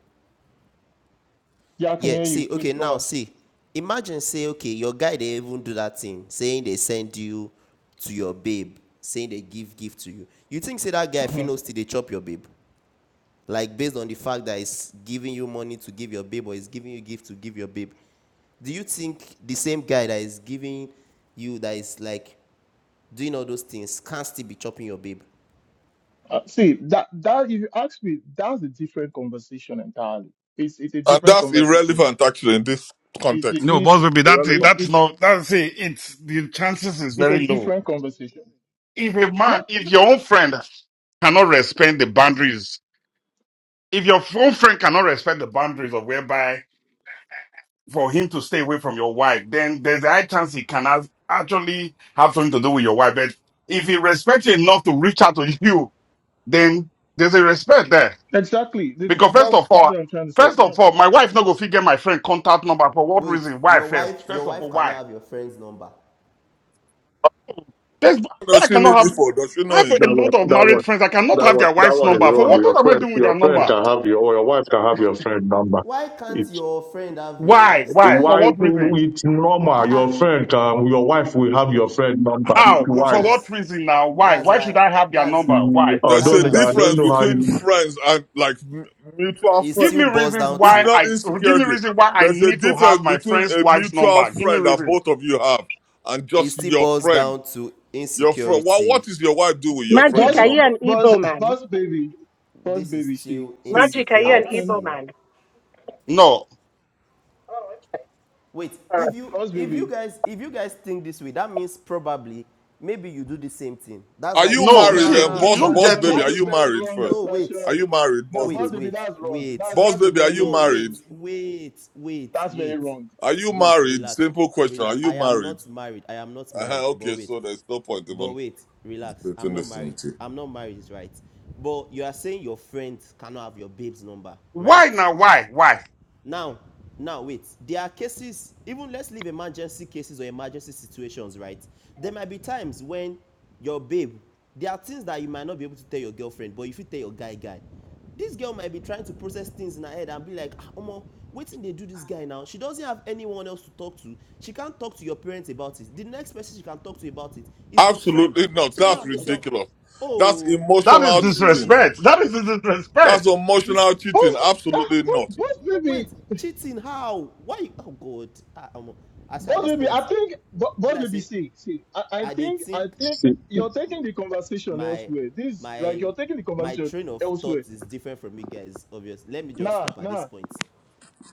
Yeah, I can
Yeah,
hear you.
see,
Please
okay, now
go
see. Imagine say, okay, your guy they even do that thing, saying they send you to your babe, saying they give gift to you. You think say that guy
on.
Finos till they chop your babe? Like based on the fact that he's giving you money to give your babe or he's giving you gift to give your babe do you think the same guy that is giving you that is like doing all those things can still be chopping your babe.
Uh, see that that if you ask me, that's a different conversation entirely. It's it's a
And
different
that's
conversation.
irrelevant actually in this
It's
context.
No,
it's
boss baby, that's it.
it's
Irrelevant.
That's
it's
not that's it. It's the chances is
it's a
very low.
different conversation.
If a man,
No,
if your own friend cannot respect the boundaries, if your own friend cannot respect the boundaries of whereby for him to stay away from your wife, then there's a high chance he can have, actually have something to do with your wife. But if he respects you enough to reach out to you then there's a respect there.
exactly. That's
Because
that's
first
that's
of all,
what I'm trying to say.
first
You know,
of all, my wife not go figure my friend contact number for what
wait
reason? Why
your wife
first?
your
First of
wife
all,
cannot
why?
have your friend's number
There's why
What does
I
she
cannot
need it
have
for? Does she
I
know
have
him?
a
That one,
lot of
that
married
one,
friends. I cannot
that
have
one,
their
that
wife's
one is
number. For
wrong.
what,
Your
what am I
friend,
doing with their
your friend
number?
can have your, or your wife can have your friend number.
why can't
It's
your friend have your
Why?
wife's
Why?
like
For
why
what reason?
it's normal. Your friend can, your wife will have your friend number. It's
How? Wh-
why
For what
that's
reason now? Why?
that's
Why should
why
I have their
that's
number? Why?
I
There's
that's
a
why
don't,
i'm
I
saying
don't
difference
it's
know how
still
between
you
friends and like m- mutual
It
Give
friends.
me
still boils
reasons
down
It's
why
to
not
I give me
insecurity.
reason why I
There's a
need to
difference
have my
between
friend's
a
wife's
mutual
number. Give me
friend that
reasons.
both of you have and
it
just
still
your
boils
friend.
down to
Your friend. What
insecurity.
what is your wife do with your
magic
boss,
friend's
are you
number?
an
boss,
Igbo man
boss, baby, boss,
this is
baby. See,
still
see,
magic are you
I
an
can,
Igbo
insecurity
man
No,
Oh, okay.
wait
all
if
right.
you
boss,
if
baby.
you guys if you guys think this way that means probably maybe you do the same thing that's
Are
why you
you
think
no.
married?
like
See,
And
oh
Nah,
you
boss,
nah,
don't
boss
no.
get
baby,
no
That's
it.
are
a
you
very
married
wrong
first?
no wait
Are
assertion.
you married,
No,
boss
boss,
wait
baby?
baby,
wait
that's wrong.
wait
That's
Boss
that's a
baby, are
very
you
no wait
married?
wait wait
that's very
wait
wrong.
Are you
wait
married?
relax
Simple question. Are
relax
you
i am
married?
not married i am not married
Uh-huh,
but
okay,
wait
so there's no point
but
even
wait relax i'm
debating
not
this
married
thing.
i'm not married is right but you are saying your friends cannot have your babe's number
Why
right
now? Why? Why?
now now wait there are cases even let's leave emergency cases or emergency situations right there might be times when your babe there are things that you might not be able to tell your girlfriend but if you tell your guy guy this girl might be trying to process things in her head and be like ah omo wetin dey do this guy now she doesn't have anyone else to talk to she can't talk to your parents about it the next person she can talk to about it is your friend
Absolutely not.
so
That's
now this your
ridiculous. That's
oh
That is
how
emotional
is he
cheating.
read
disrespect. That is
That's
disrespect.
this
emotional cheating.
Boss, ah,
Absolutely
boss,
not.
boss, baby.
wait cheating how why oh god ah omo i swear at
Boss
this
baby,
point
I think Bo-
be
boss
like
baby,
say
see, see, I, I
i dey
think I
think
think
see.
you're taking the conversation
my
elsewhere. This like
my
you're taking the
my
conversation
train of
elsewhere.
thought is different from you guys obvious let me just
Nah,
stop at this
nah.
point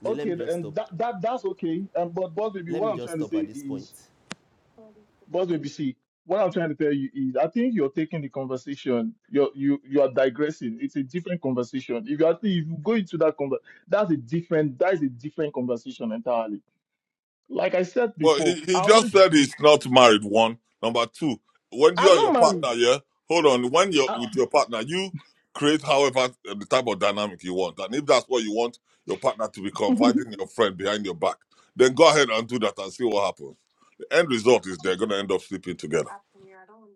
no let
Okay,
me just
and
stop
that, that that's okay. And but boss baby,
let
what
me
I'm
just
trying to
stop at
say
this point
is boss baby, see, what I'm trying to tell you is I think you're taking the conversation. You're you you are digressing. It's a different conversation. If you actually if you go into that conver that's a different that is a different conversation entirely. Like I said
Well, he,
before, I
he just
always
said
been
he's not married. One. Number two, when you
I'm
and your
not married.
partner, yeah, hold on. When you're
I,
with your partner, you create however uh, the type of dynamic you want. And if that's what you want your partner to be confiding in your friend behind your back, then go ahead and do that and see what happens. The end result is they're going to end up sleeping together.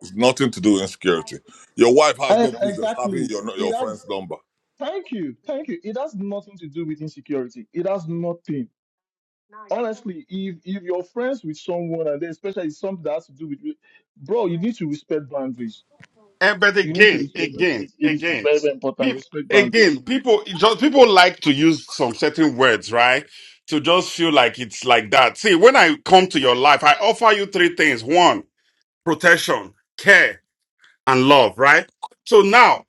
It's nothing to do with insecurity. Your wife has
Eh,
no business having
Exactly.
your,
It
your
has,
friend's number.
thank you, thank you. It has nothing to do with insecurity. It has nothing. Honestly, if if you're friends with someone and then especially something that has to do with, re- bro, you need to respect boundaries.
And but
You need to
again,
respect
again,
boundaries. It is
again,
very, very important.
people,
Respect boundaries.
again, people just people like to use some certain words, right? To just feel like it's like that. See, when I come to your life, I offer you three things: one, protection, care, and love, right? So now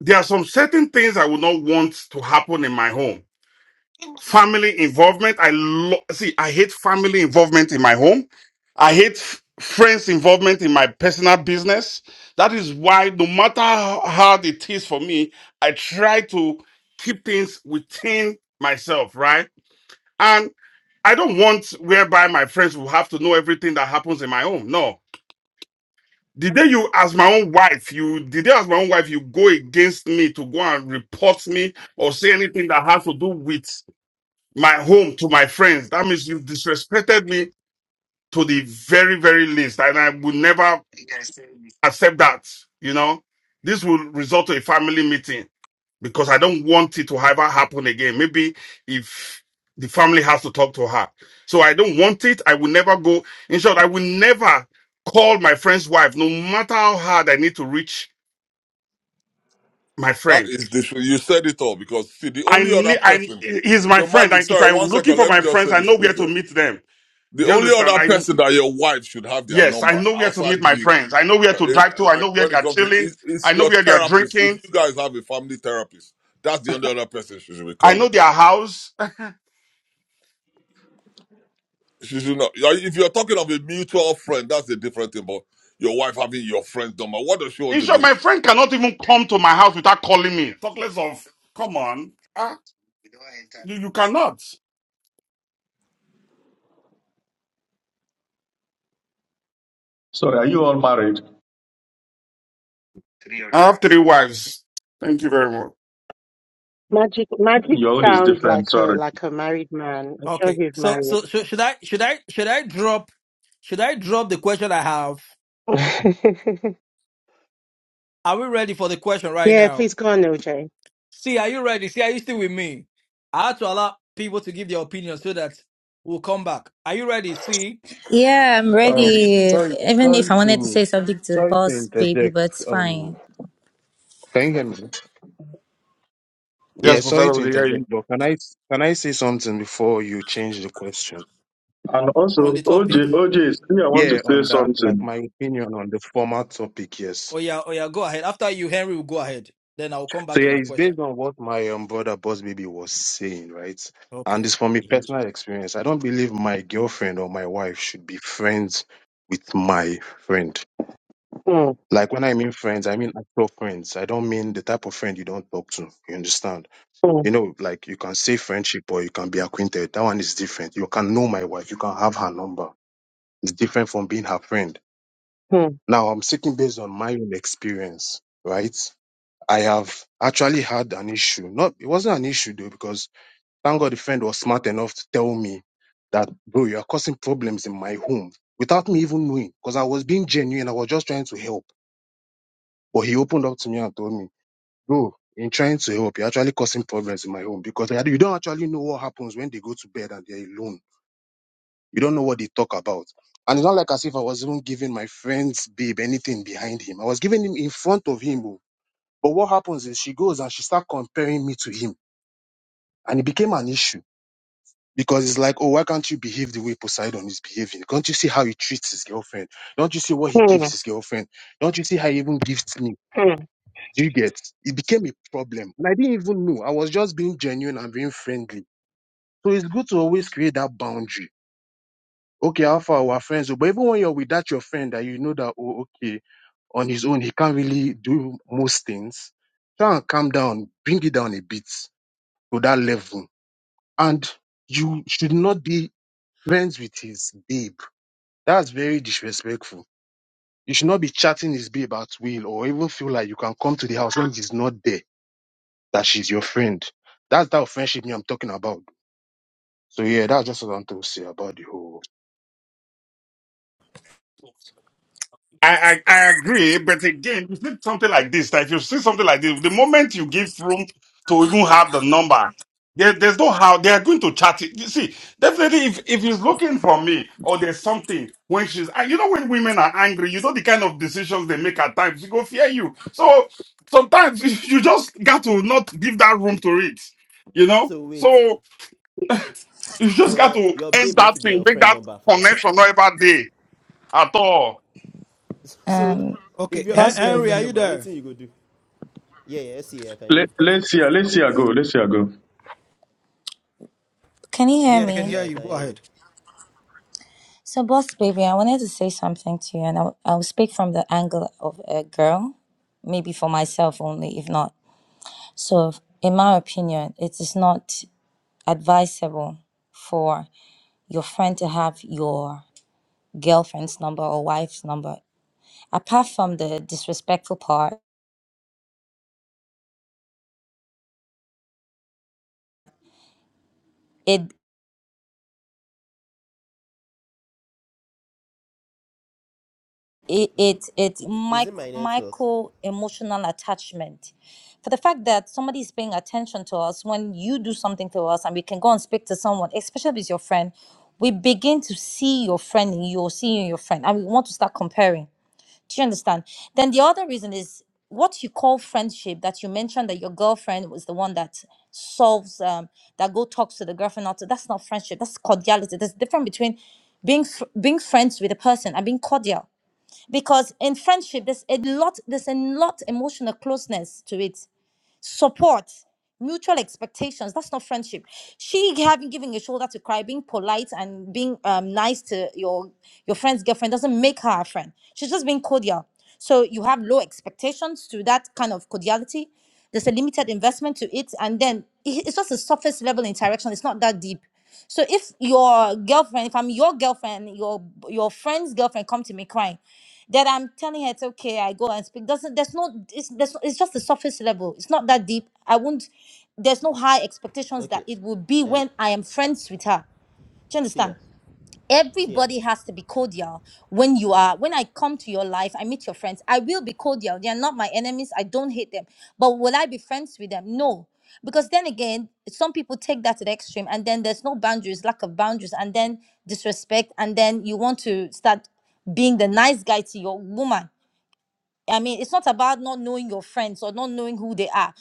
there are some certain things I would not want to happen in my home. family involvement. I lo- see, I hate family involvement in my home. I hate f- friends involvement in my personal business. That is why no matter how hard it is for me, I try to keep things within myself, right? And I don't want whereby my friends will have to know everything that happens in my home. No. The day you, as my own wife, you, the day as my own wife, you go against me to go and report me or say anything that has to do with my home to my friends. That means you've disrespected me to the very, very least. And I will never accept that. You know, this will result to a family meeting because I don't want it to ever happen again. Maybe if the family has to talk to her. So I don't want it. I will never go. In short, I will never call my friend's wife, no matter how hard I need to reach my
That
friends.
is this. You said it all because see, the
I
only other
need, I,
person.
he's my
So
friend.
magic.
Like if
Sorry,
I'm
one
looking
second.
for
Let me
my
just
friends,
say
I
this,
know where
please. eh.
to meet them.
The
Do you
only
understand?
other
I.
person that your wife should have their
Yes, I
number
know where to
outside
meet my
you,
friends. I know where
uh,
to
eh,
drive to. I
like
know where
when
they
it
are
comes to,
chilling.
is, is
I know
your
where they are
therapist. If
drinking.
you guys have a family therapist, that's the only other person she should be
I know
calling.
their house.
She should not. yeah, If you're talking of a mutual friend, that's a different thing. But your wife having your friend's number, what does she want
In
to
short,
do
my
with
friend cannot even come to my house without calling me. Talk less of, come on. Ah, you, you cannot.
Sorry, are you all married?
I have three wives. Thank you very much.
Magic, magic
Your own is
sounds
different.
like a
Sorry.
like a married man. I'm sure
Okay.
he's
So
married.
so so should I should I should I drop should I drop the question I have? Are we ready for the question right
Yeah,
now?
please go on, OJ.
See, are you ready? See, are you still with me? I had to allow people to give their opinion so that we'll come back. Are you ready? See,
Yeah, I'm
is
Um,
he still
ready.
sorry,
Even if
sorry
I wanted to
to,
say something to
sorry to
Boss Baby,
interject.
but it's
Um,
fine.
can you hear me? Yeah,
Yes,
sorry
Pastor,
to
we hear
interject,
you.
but can I can I say something before you change the question?
And
on
also,
the topic?
OJ, OJ, is- me, I want to
Yeah,
say
on that, like
something.
my opinion on the former topic, yes.
Oh yeah, oh yeah, go ahead. After you, Henry will go ahead. Then I'll come
So
back to
yeah,
my
it's based
question.
on what my um, brother Boss Baby was saying, right? And
Okay.
it's from a personal experience. I don't believe my girlfriend or my wife should be friends with my friend.
Mm,
Like when I mean friends, I mean actual friends. I don't mean the type of friend you don't talk to. You understand?
mm,
You know, like you can say friendship or you can be acquainted. That one is different. You can know my wife. You can have her number. It's different from being her friend.
mm,
Now I'm speaking based on my own experience, right? I have actually had an issue. Not, it wasn't an issue though, because thank God the friend was smart enough to tell me that, bro, you are causing problems in my home without me even knowing, because I was being genuine. I was just trying to help. But he opened up to me and told me. Bro, in trying to help, you're actually causing problems in my home because I- you don't actually know what happens when they go to bed and they're alone. You don't know what they talk about. And it's not like as if I was even giving my friend's babe anything behind him. I was giving him in front of him. oh. But what happens is she goes and she starts comparing me to him. And it became an issue because it's like, oh, why can't you behave the way Poseidon is behaving? Don't you see how he treats his girlfriend? Don't you see what he gives
mm,
his girlfriend? Don't you see how he even gives me?
mm,
Do you get? It became a problem. And I didn't even know. I was just being genuine and being friendly. So it's good to always create that boundary. Okay, how far our friends, but even when you're with that your friend that you know that oh okay, on his own he can't really do most things. Try and calm down, bring it down a bit to that level. And you should not be friends with his babe. That's very disrespectful. You should not be chatting his babe at will or even feel like you can come to the house when he's not there that she's your friend. That's that friendship me I'm talking about. So yeah, that's just what I want to say about the whole.
I, I, I agree, but again, you see something like this, that if you see something like this, the moment you give room to even have the number, there, there's no how they are going to chat it. You see, definitely if, if he's looking for me or there's something when she's, ah, you know, when women are angry, you know, the kind of decisions they make at times, she go fear you. So sometimes you just got to not give that room to it, you know?
so wait
So you just got
your
to
your
end
babe no
that
fit get
thing,
your
make
friend
that
number for life
connection not every day at all.
so
Um,
if
Okay.
your
Hen-
babe
Boss
get your
Henry,
friend
are
Baby,
you
number
there?
wetin you go do yeah yeah i see yeah, i can hear you
Let, let's hear, let's hear go, let's hear go.
can you hear
Yeah, I can
me?
yeah
hear
i
you.
can
Go
hear
ahead.
you
So, Boss Baby, I wanted to say something to you, and I'll, I'll speak from the angle of a girl, maybe for myself only, if not. So, in my opinion, it is not advisable for your friend to have your girlfriend's number or wife's number. Apart from the disrespectful part, it,
is it
it it's
is it
micro,
my network
micro emotional attachment for the fact that somebody is paying attention to us when you do something to us and we can go and speak to someone especially if it's your friend we begin to see your friend in you or see you in your friend and we want to start comparing do you understand then the other reason is what you call friendship that you mentioned that your girlfriend was the one that solves um that go talks to the girlfriend after that's not friendship that's cordiality there's a difference between being fr- being friends with a person and being cordial because in friendship there's a lot there's a lot emotional closeness to it support mutual expectations that's not friendship she having giving a shoulder to cry being polite and being um, nice to your your friend's girlfriend doesn't make her a friend she's just being cordial so you have low expectations to that kind of cordiality there's a limited investment to it and then it- it's just a surface level interaction it's not that deep so if your girlfriend if i'm your girlfriend your your friend's girlfriend come to me crying that I'm telling her it's okay. I go and speak. Doesn't there's no it's there's, no, it's just the surface level. It's not that deep. I won't. There's no high expectations that
okay
it will be
um
when I am friends with her. Do you
see
understand?
ya Sear,
Everybody has to be cordial when you are. When I come to your life, I meet your friends. I will be cordial. They are not my enemies. I don't hate them. But will I be friends with them? No. Because then again, some people take that to the extreme, and then there's no boundaries, lack of boundaries, and then disrespect, and then you want to start being the nice guy to your woman I mean, it's not about not knowing your friends or not knowing who they are.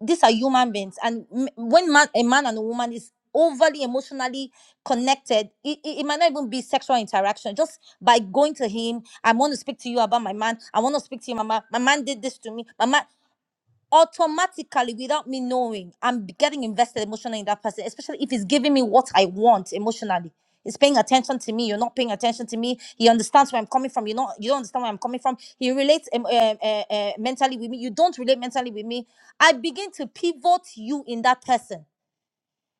These are human beings, and m- when man, a man and a woman is overly emotionally connected, it, it, it might not even be sexual interaction. Just by going to him, I want to speak to you about my man. I want to speak to you, mama. My man did this to me. Mama automatically without me knowing i'm getting invested emotionally in that person especially if he's giving me what i want emotionally he's paying attention to me you're not paying attention to me he understands where i'm coming from you not you don't understand where i'm coming from he relates um, uh, uh, uh, mentally with me you don't relate mentally with me i begin to pivot you in that person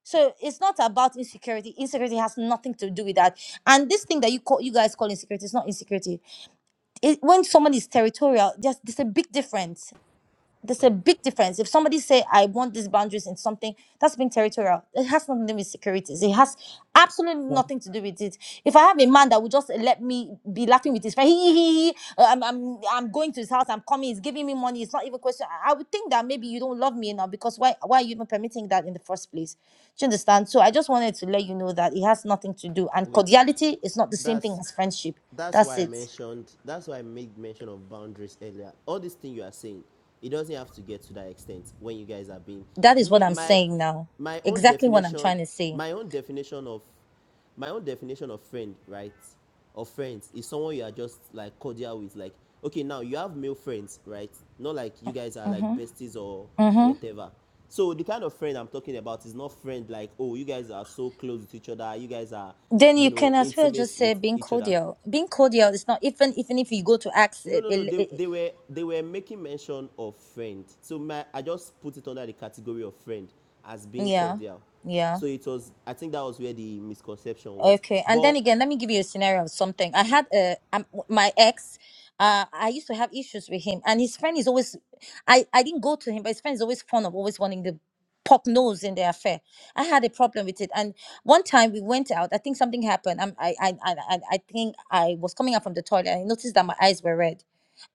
so it's not about insecurity insecurity has nothing to do with that and this thing that you call you guys call insecurity is not insecurity it, when someone is territorial there's, there's a big difference there's a big difference. If somebody say I want these boundaries in something, that's being territorial. It has nothing to do with securities. It has absolutely
mm.
nothing to do with it. If I have a man that would just let me be laughing with his friend, he, he, he, he, uh, I'm, I'm, I'm going to his house. I'm coming. He's giving me money. It's not even a question. I I would think that maybe you don't love me enough because why, why are you even permitting that in the first place? Do you understand? So I just wanted to let you know that it has nothing to do. And
which
cordiality is not the same thing
thus
as friendship.
that's
That's
why I
it.
mentioned that's why I made mention of boundaries earlier. All this thing you are saying, it doesn't have to get to that extent when you guys are being
That is what
me
I'm
my
saying now.
my own
Exactly what I'm
definition
trying to say.
my own definition of my own definition of friend, right? Of friends is someone you are just like cordial with. Like, okay, now you have male friends, right? Not like you guys are
Mm-hmm.
like besties or
hmm
whatever. So the kind of friend I'm talking about is not friend like, oh, you guys are so close with each other, you guys are,
Then
you
you
know,
can as well just
intimate
say
with
being
each other.
cordial. Being cordial is not even even if you go to ask.
No,
It,
no, no.
it,
They,
it,
they were they were making mention of friend. So my I just put it under the category of friend as being
yeah,
cordial.
yeah.
So it was I think that was where the misconception was.
Okay, and then
But
again, let me give you a scenario of something. I had a um, my ex. Uh, I used to have issues with him, and his friend is always. I I didn't go to him, but his friend is always fond of always wanting the, poke nose in their affair. I had a problem with it, and one time we went out. I think something happened. Um, I I I I I think I was coming out from the toilet, and I noticed that my eyes were red.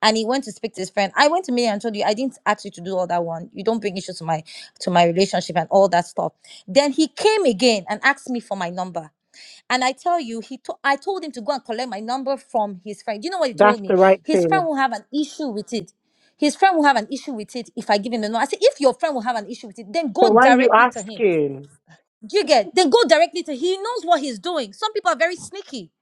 And he went to speak to his friend. I went to me and told you I didn't ask you to do all that one. You don't bring issues to my to my relationship and all that stuff. Then he came again and asked me for my number. And I tell you, he to- I told him to go and collect my number from his friend. Do you know what he told
That's
me?
the right
His friend
thing.
will have an issue with it. His friend will have an issue with it if I give him the number. I said, if your friend will have an issue with it, then go
So why are you
directly to him.
asking?
Do you get? Then go directly to He knows what he's doing. Some people are very sneaky.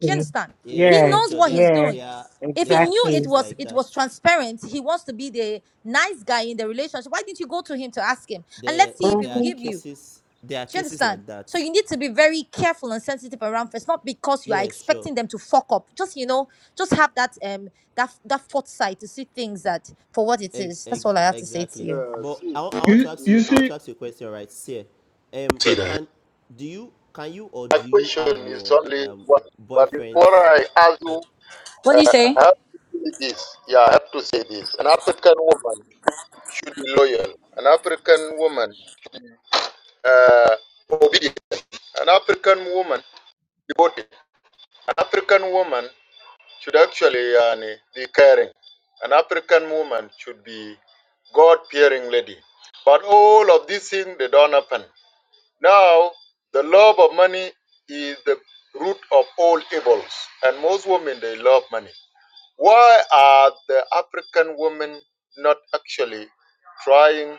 Do you understand?
yeah,
He
Yeah,
sure,
knows
sure.
what
There
he's
yeah,
doing.
there are
If he
there are
knew it
cases
exactly.
was
like
it
that.
was transparent, he wants to be the nice guy in the relationship. Why didn't you go to him to ask him? And
There
let's see if he will
there are
Mhm.
give you.
cases there are
Do you
cases
understand?
like that.
So you need to be very careful and sensitive around first, not because you are
Yeah, sure.
expecting them to fuck up. Just you know, just have that um that that foresight to see things that for what it
Ex-
is. That's all
ex-
I have to say to
exactly.
you.
uh,
But I,
since.
wa- I want
You
to ask
you
you. I want
see,
to ask you a question, right, Sir? Um,
See that?
can do you can you or
My
do you
question
have
is
your
only
um
one. But before
boyfriend's?
I ask
Oh,
you,
What do you
I
say?
have to say this. Yeah, I have to say this. An African woman should be loyal. An African woman uh, obedient. An African woman devoted. An African woman should actually uh, be caring. An African woman should be God-fearing lady. But all of these things they don't happen. Now, the love of money is the root of all evils, and most women they love money. Why are the African women not actually trying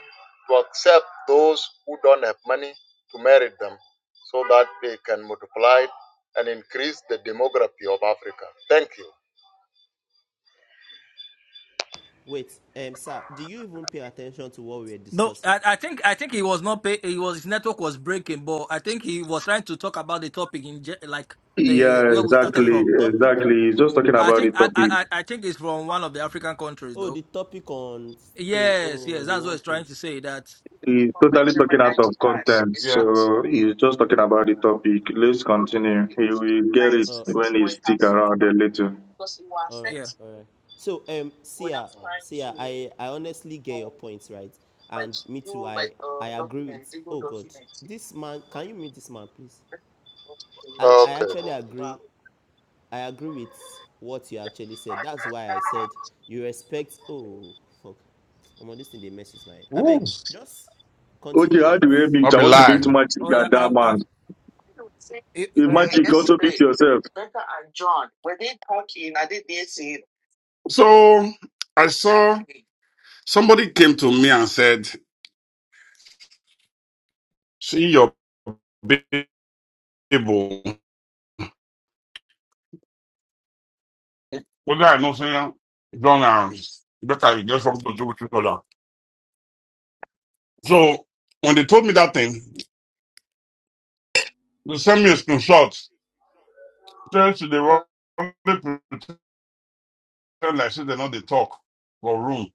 to accept those who don't have money to marry them so that they can multiply and increase the demography of Africa? Thank
wait, um, sir, do you even pay attention to what we're
No,
discussing?
I, I think I think he was not pay. He was his network was breaking, but I think he was trying to talk about the topic in ge- like the
Yeah,
where we started
Okay,
exactly,
the
from.
topic.
exactly. He's just talking
I
about
think
the
I,
topic.
I I I think it's from one of the African countries
Oh,
though.
the topic on stage.
Yes,
Oh,
yes,
the
that's what
one
he's trying
pinned.
to say. That
He's totally talking out of context,
Yeah.
so he's just talking about the topic. Let's continue. He will get it
Uh,
when he stick around a little.
All right,
yeah.
all right. So, um, Sia,
you.
Sia, I, I honestly get your points, right? And me too. I, I agree with. Oh God, this man. Can you meet this man, please? And I actually
Okay.
agree. I agree with what you actually said. That's why I said you respect. Oh fuck, I'm on this thing. They mess with my. I beg,
Ooh,
just
Okay,
continue
how do we
with.
I'll
meet? I
be
want to
lying.
meet Magic
Oh yeah,
and that
I've
man.
I've. It,
If Magic
the- the-
also meet yourself.
So I saw somebody came to me and said, "See your Bible." Whether I know saying John and better you get something to do with each other. So when they told me that thing, they sent me a screenshot. Says they want people pretend like say they know they talk for room,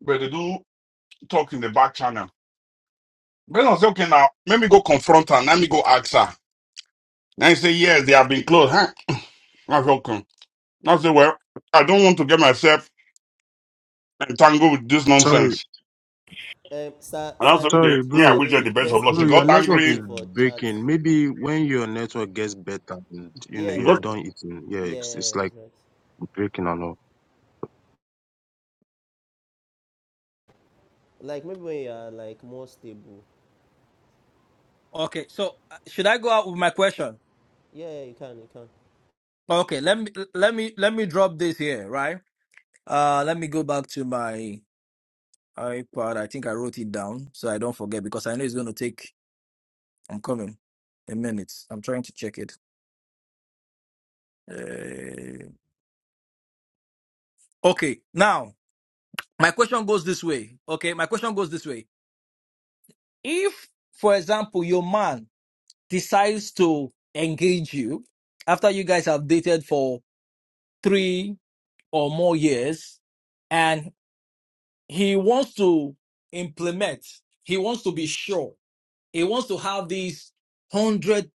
but they do talk in the back channel. Then I say, okay, now let me go confront her. Let me go ask her. And he say, yes, they have been closed. Huh? I said, okay. I say, well, I don't want to get myself and tangle with this
Sorry,
nonsense.
Um, Sir,
And I
Sir
said, okay,
David,
sorry,
me, I
Sir
bro.
wish her the
David,
best of
person
luck.
Bro,
She
they
your
got
talk
network is
angry.
something for chat.
breaking. Maybe when your network gets better and you know
Yeah,
you're
Because,
done eating, yeah, it's, it's
yeah,
like
exactly.
breaking and all.
Like maybe when you are like more stable.
okay, so uh, should I go out with my question?
Yeah, yeah, you can, you can.
Okay, let me let me let me drop this here, right? Uh, let me go back to my iPad. I think I wrote it down so I don't forget because I know it's going to take I'm coming. A minute. I'm trying to check it. Uh, okay. Now, my question goes this way. Okay. My question goes this way. If, for example, your man decides to engage you after you guys have dated for three or more years and he wants to implement, he wants to be sure, he wants to have this 100%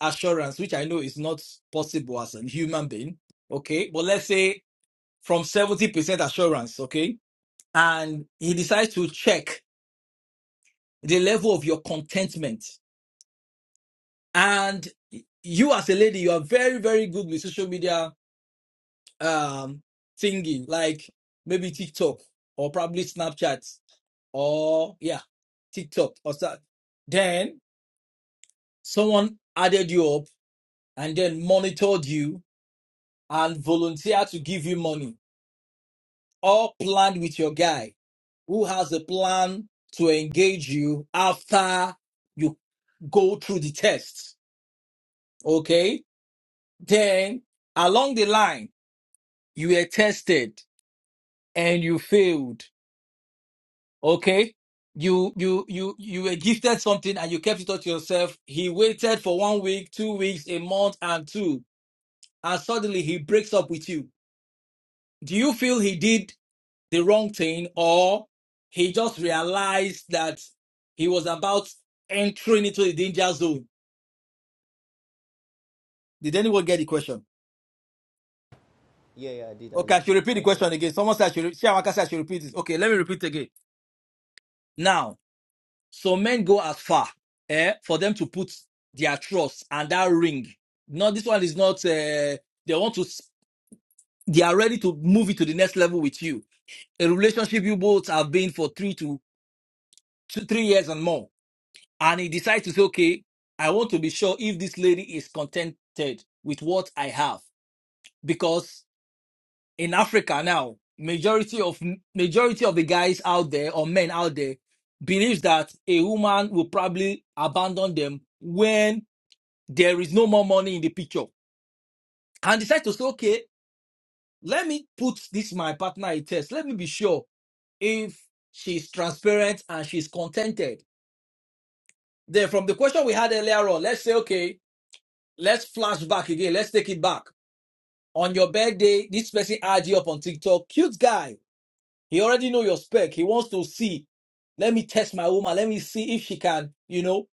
assurance, which I know is not possible as a human being. Okay. But let's say from 70% assurance, okay? And he decides to check the level of your contentment. And you as a lady, you are very, very good with social media um thingy, like maybe TikTok or probably Snapchat or yeah, TikTok or that. Then someone added you up and then monitored you and volunteered to give you money, all planned with your guy who has a plan to engage you after you go through the test. Okay. Then along the line, you were tested and you failed. Okay. You, you, you, you were gifted something and you kept it all to yourself. He waited for one week, two weeks, a month and two. And suddenly he breaks up with you. Do you feel he did the wrong thing or he just realized that he was about entering into the danger zone? Did anyone get the question?
Yeah, yeah, I did, I
Okay, I
did.
should repeat the
I got.
question again. Someone said I should, re- Shiawaka said I should repeat it. Okay, let me repeat again. Now, so men go as far eh, for them to put their trust and that ring. No, this one is not, uh, they want to, s- they are ready to move it to the next level with you. A relationship you both have been for three to two, three years and more. And he decides to say, okay, I want to be sure if this lady is contented with what I have. Because in Africa now, majority of majority of the guys out there or men out there believes that a woman will probably abandon them when there is no more money in the picture, and decide to say, okay, let me put this my partner a test. Let me be sure if she's transparent and she's contented. Then from the question we had earlier on, let's say, okay, let's flash back again. Let's take it back. On your birthday, this person adds you up on TikTok. Cute guy He already know your spec. He wants to see. Let me test my woman. Let me see if she can, you know,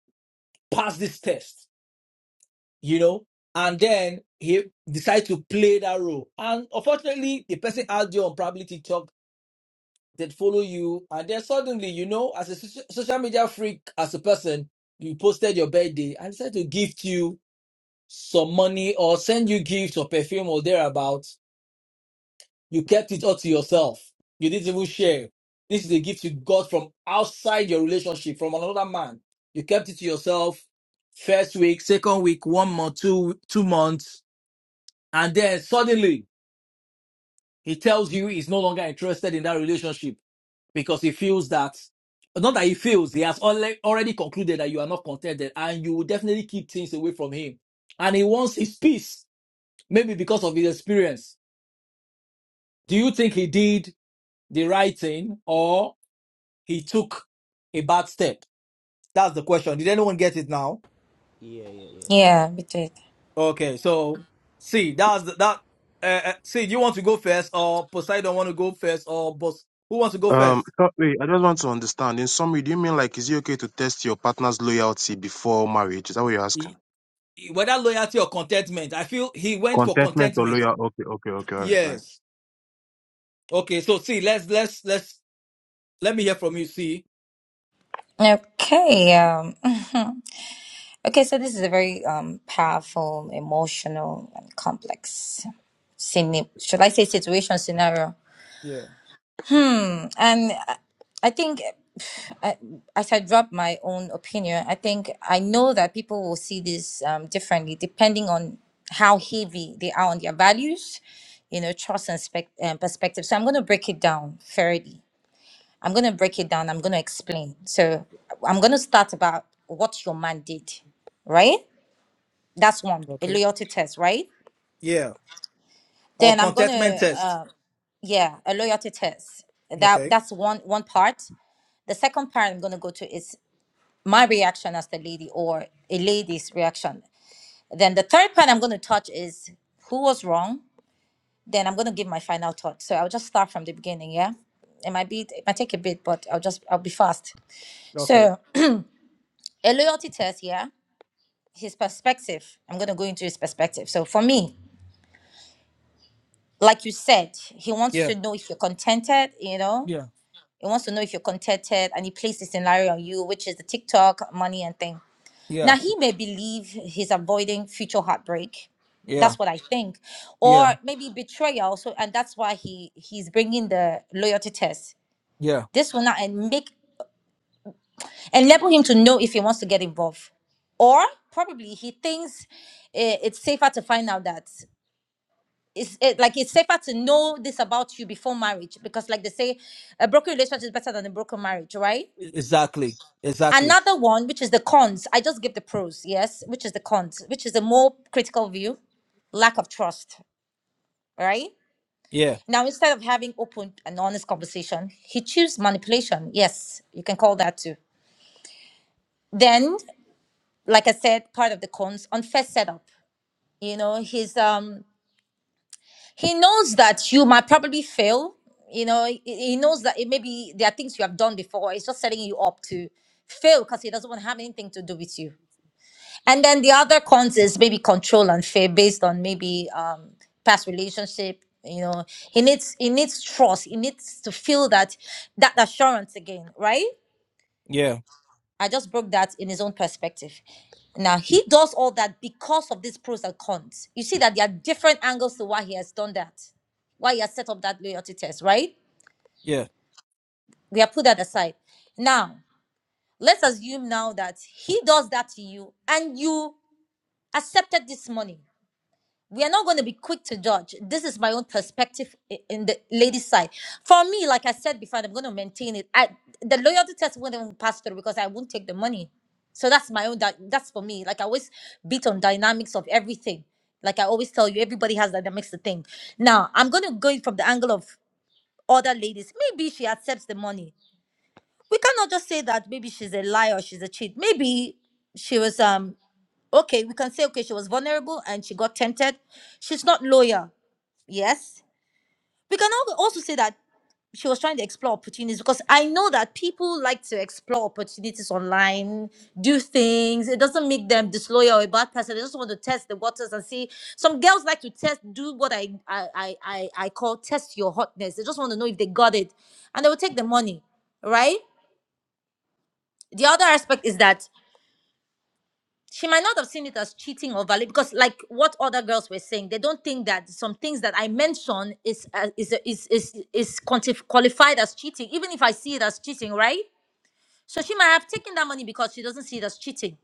pass this test. You know, and then he decides to play that role. And unfortunately, the person out there on probably TikTok that follow you, and then suddenly, you know, as a soci- social media freak, as a person, you posted your birthday. I decided to gift you some money or send you gifts or perfume or thereabout. You kept it all to yourself. You didn't even share. This is a gift you got from outside your relationship, from another man. You kept it to yourself. First week, second week, one month, two two months, and then suddenly he tells you he's no longer interested in that relationship because he feels that not that he feels he has alre- already concluded that you are not contented and you will definitely keep things away from him and he wants his peace maybe because of his experience do you think he did the right thing or? He took a bad step. That's the question. Did anyone get it now?
Yeah, yeah, yeah.
Yeah, we did.
Okay, so see, that's the, that. Uh, uh, see, do you want to go first, or Poseidon want to go first, or boss? Who wants to go
Um,
first?
so- wait, I just want to understand. In summary, do you mean like is it okay to test your partner's loyalty before marriage? Is that what you're asking?
He, he- whether loyalty or contentment, I feel he went for
Contentment or
contentment.
loyal? Okay, okay, okay, all right, all right.
Yes. Okay. So see, let's let's let's let me hear from you. See.
Okay. Um, okay, so this is a very um, powerful, emotional, and complex scene. Should I say situation scenario?
Yeah.
Hmm. And I I think, I, as I drop my own opinion, I think I know that people will see this um, differently depending on how heavy they are on their values, you know, trust and spec- um, perspective. So I'm going to break it down fairly. I'm going to break it down. I'm going to explain. So I'm going to start about what your man did, right? That's one, a
Okay.
loyalty test, right?
Yeah. Or
Then I'm going
contentment
to, uh,
test.
yeah, a loyalty test. That
Okay.
that's one one part. the second part i'm going to go to is my reaction as the lady or a lady's reaction then the third part i'm going to touch is who was wrong then i'm going to give my final thought so i'll just start from the beginning yeah it might be it might take a bit but i'll just i'll be fast
Okay.
so a loyalty test yeah his perspective i'm going to go into his perspective so for me like you said he wants
Yeah.
to know if you're contented you know
Yeah.
he wants to know if you're contented and he plays this scenario on you which is the tiktok money and thing
Yeah.
Now, he may believe he's avoiding future heartbreak.
Yeah.
That's what I think, or
Yeah.
maybe betrayal. So, and that's why he he's bringing the loyalty test.
Yeah.
This will not and make enable him to know if he wants to get involved, or probably he thinks eh, it's safer to find out that it's eh, like it's safer to know this about you before marriage because, like they say, a broken relationship is better than a broken marriage, right?
Exactly. Exactly.
Another one, which is the cons, I just give the pros, yes, which is the cons, which is the more critical view, lack of trust, right?
yeah.
Now, instead of having open and honest conversation, he choose manipulation. Yes, you can call that too. Then, like I said, part of the cons, unfair setup. You know, he's um he knows that you might probably fail. You know, he, he knows that it maybe there are things you have done before. It's just setting you up to fail because he doesn't want to have anything to do with you And then the other cons is maybe control and fear based on maybe um, past relationship. You know, he needs he needs trust. He needs to feel that that assurance again, right?
Yeah.
I just broke that in his own perspective. Now he does all that because of these pros and cons. You see that there are different angles to why he has done that, why he has set up that loyalty test, right?
Yeah.
We have put that aside. Now let's assume now that he does that to you and you accepted this money we are not going to be quick to judge. This is my own perspective i- in the ladies' side. For me, like I said before, and I'm going to maintain it. I, the loyalty test won't even pass through because I won't take the money. So that's my own. That, that's for me. Like I always beat on dynamics of everything. Like I always tell you, everybody has dynamics to think. Now I'm going to go in from the angle of other ladies. Maybe she accepts the money. We cannot just say that. Maybe she's a liar. or She's a cheat. Maybe she was. Um. Okay, we can say, okay, she was vulnerable and she got tempted. She's not loyal. Yes. We can al- also say that she was trying to explore opportunities because I know that people like to explore opportunities online, do things. It doesn't make them disloyal or a bad person. They just want to test the waters and see. Some girls like to test, do what I I I I, I call test your hotness. They just want to know if they got it, and they will take the money, right? The other aspect is that she might not have seen it as cheating or valid because like what other girls were saying they don't think that some things that i mention is uh, is uh, is is is quantif- qualified as cheating even if i see it as cheating right so she might have taken that money because she doesn't see it as cheating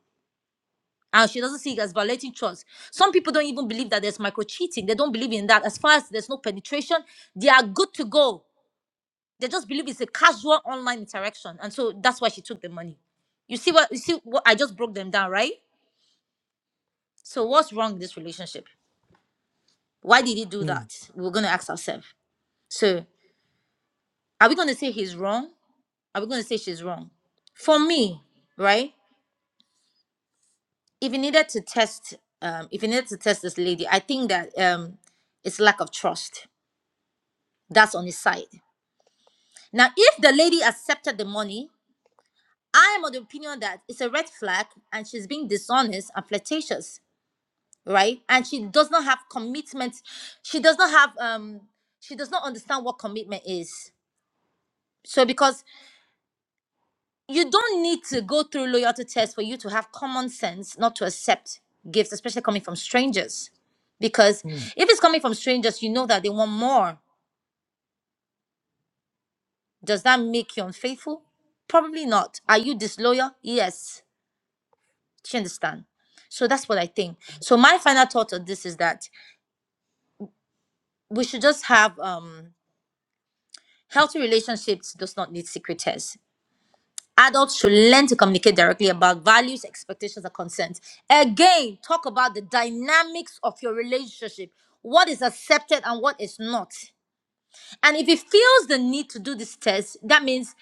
and she doesn't see it as violating trust some people don't even believe that there's micro cheating they don't believe in that as far as there's no penetration they are good to go they just believe it's a casual online interaction and so that's why she took the money you see what you see what i just broke them down right so what's wrong with this relationship Why did he do
Mm,
that? We're going to ask ourselves. So, are we going to say he's wrong? Are we going to say she's wrong? For me, right? If you needed to test, um, if you needed to test this lady, I think that um, it's lack of trust. That's on his side. Now, if the lady accepted the money, I am of the opinion that it's a red flag and she's being dishonest and flirtatious, right? And she does not have commitment. She does not have um. She does not understand what commitment is. So because you don't need to go through loyalty tests for you to have common sense not to accept gifts, especially coming from strangers. Because
mm.
if it's coming from strangers, you know that they want more. Does that make you unfaithful? Probably not. Are you disloyal? Yes. Do you understand? So that's what I think. So my final thought on this is that we should just have um healthy relationships does not need secret tests. Adults should learn to communicate directly about values, expectations, and consent. Again, talk about the dynamics of your relationship. What is accepted and what is not. And if he feels the need to do this test, that means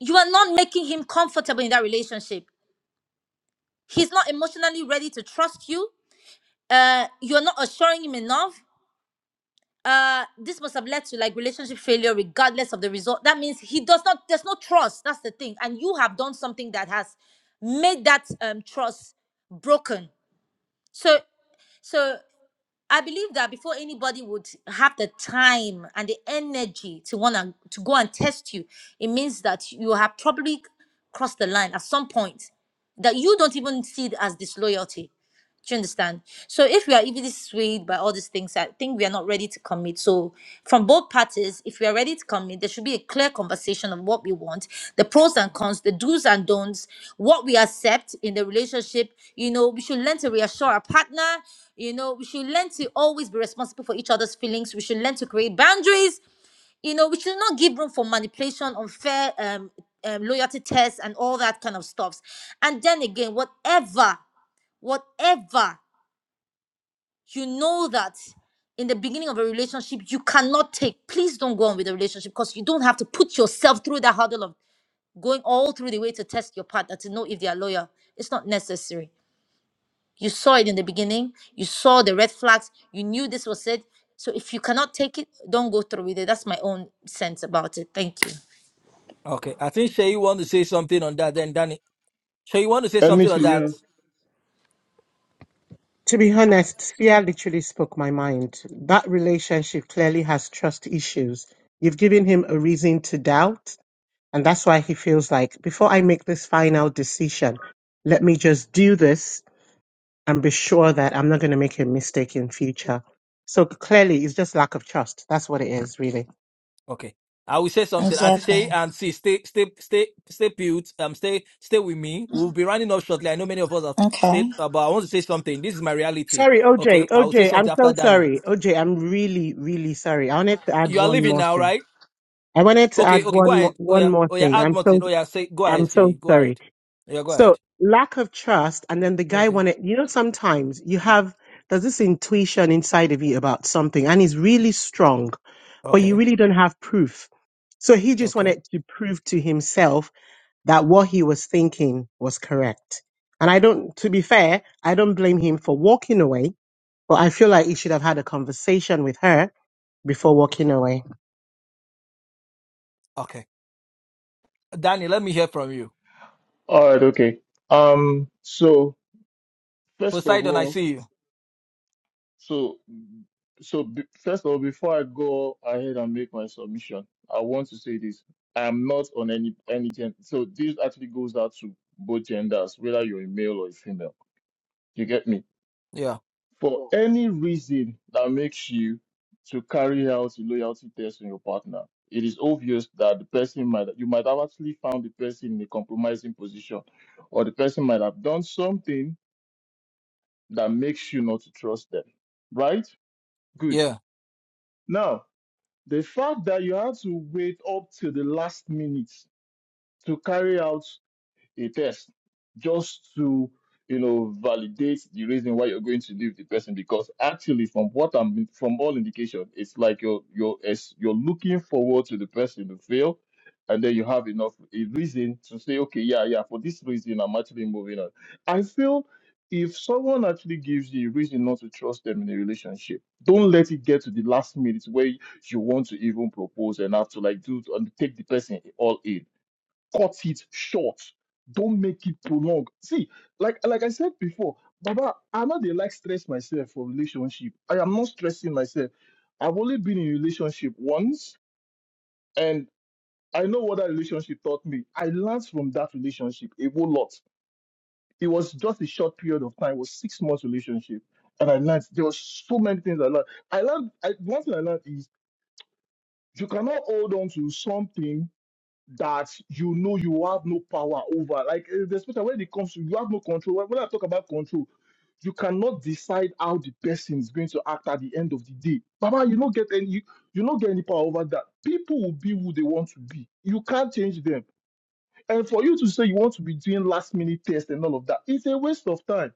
you are not making him comfortable in that relationship. He's not emotionally ready to trust you. Uh, you're not assuring him enough. uh this must have led to like relationship failure regardless of the result that means he does not there's no trust that's the thing and you have done something that has made that um trust broken so so i believe that before anybody would have the time and the energy to want to to go and test you it means that you have probably crossed the line at some point that you don't even see it as disloyalty do you understand? So if we are easily swayed by all these things, I think we are not ready to commit. So from both parties, if we are ready to commit, there should be a clear conversation of what we want, the pros and cons, the do's and don'ts, what we accept in the relationship. You know, we should learn to reassure our partner. You know, we should learn to always be responsible for each other's feelings. We should learn to create boundaries. You know, we should not give room for manipulation, unfair um, um, loyalty tests, and all that kind of stuffs. And then again, whatever whatever you know that in the beginning of a relationship you cannot take please don't go on with the relationship because you don't have to put yourself through that hurdle of going all through the way to test your partner to know if they are loyal it's not necessary you saw it in the beginning you saw the red flags you knew this was it so if you cannot take it don't go through with it that's my own sense about it thank you
Okay. I think Shay want to say something on that. Then Danny, Shay want to say something
admit
on
it,
that.
yeah.
To be honest, fear literally spoke my mind. That relationship clearly has trust issues. You've given him a reason to doubt, and that's why he feels like, before I make this final decision, let me just do this and be sure that I'm not going to make a mistake in future. So clearly, it's just lack of trust. That's what it is, really.
Okay. I will say something. Auntie Shay and see, stay, stay, stay, stay put. Um, stay, stay with me. We'll be running off shortly. I know many of us have stayed, uh, but I want to say something. This is my reality.
Sorry, OJ.
Okay. I will say
OJ, I'm
something after
so
Daniel.
sorry. OJ, I'm really, really sorry. I wanted to add
You are
one
leaving
more
now,
thing.
right?
I wanted to
Okay.
add
Okay. Go
one more,
ahead. Oh
one
yeah.
more
Oh yeah.
thing.
Add
I'm so,
Martin. Oh yeah. Say. Go
I'm
ahead, Shay.
so
Go
sorry.
ahead. Yeah. Go
So
ahead.
lack of trust, and then the guy
Okay.
wanted. You know, sometimes you have there's this intuition inside of you about something, and it's really strong, but you
Okay.
really don't have proof. So he just
Okay.
wanted to prove to himself that what he was thinking was correct. And I don't, to be fair, I don't blame him for walking away, but I feel like he should have had a conversation with her before walking away.
Okay. Danny, let me hear from you.
All right, okay. Um, so first of
Poseidon, I
all,
see you.
So, so be, first of all, before I go ahead and make my submission, I want to say this: I am not on any any gender. So this actually goes out to both genders, whether you're a male or a female. You get me?
Yeah.
For any reason that makes you to carry out a loyalty test on your partner, it is obvious that the person might you might have actually found the person in a compromising position, or the person might have done something that makes you not to trust them. Right? Good.
Yeah.
Now, The fact that you have to wait up till the last minute to carry out a test just to you know validate the reason why you're going to leave the person because actually from what i'm from all indication it's like you're you're as you're looking forward to the person to fail and then you have enough a reason to say okay yeah yeah for this reason i'm actually moving on i feel if someone actually gives you a reason not to trust them in a relationship don't let it get to the last minute where you want to even propose and have to like do and take the person all in cut it short. Don't make it prolonged. See, like like I said before, Baba, I know they like stress myself for relationship. I am not stressing myself. I've only been in a relationship once, and I know what that relationship taught me. I learned from that relationship a whole lot. It was just a short period of time. It was six months relationship, and I learned there was so many things I learned. I learned I, one thing I learned is you cannot hold on to something that you know you have no power over. Like eh, the especially when it comes to you have no control. When when I talk about control, you cannot decide how the person is going to act at the end of the day. Baba, you don't get any you, you don't get any power over that. People will be who they want to be. You can't change them. And for you to say you want to be doing last minute tests and all of that, it's a waste of time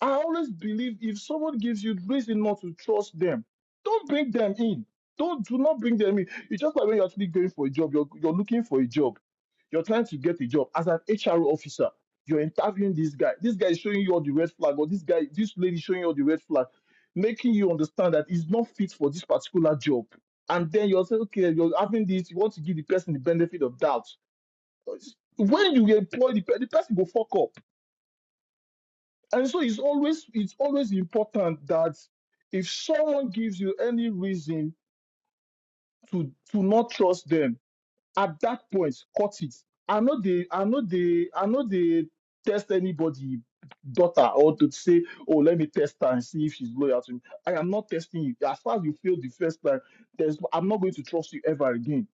I always believe if someone gives you reason not to trust them, don't bring them in. Don't do not bring them in. It's just like when you're actually going for a job, you're you're looking for a job, you're trying to get a job as an HR officer. You're interviewing this guy. This guy is showing you all the red flag, or this guy, this lady is showing you all the red flag, making you understand that he's not fit for this particular job. And then you're saying, okay, you're having this, you want to give the person the benefit of doubt. When you employ the, pe- the person, will fuck up and so it's always it's always important that if someone gives you any reason to to not trust them, at that point, cut it. I know they I know they I know they test anybody daughter or to say, oh, let me test her and see if she's loyal to me. I am not testing you. As far as you failed the first time, there's I'm not going to trust you ever again.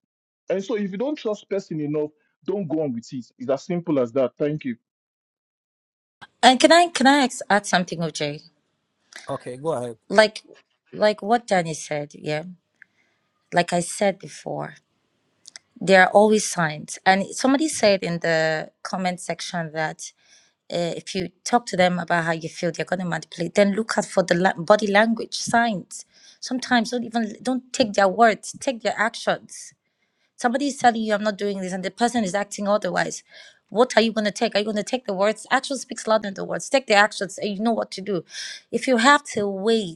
And so if you don't trust person enough, don't go on with it. It's as simple as that. Thank you.
Okay. Go ahead.
Uh, comment section that you talk to them about how you feel they're going to manipulate then look at language signs sometimes don't even don't take their words take their actions acting otherwise What are you going to take? Are you going to take the words? Action speaks louder than the words you do. You have to wait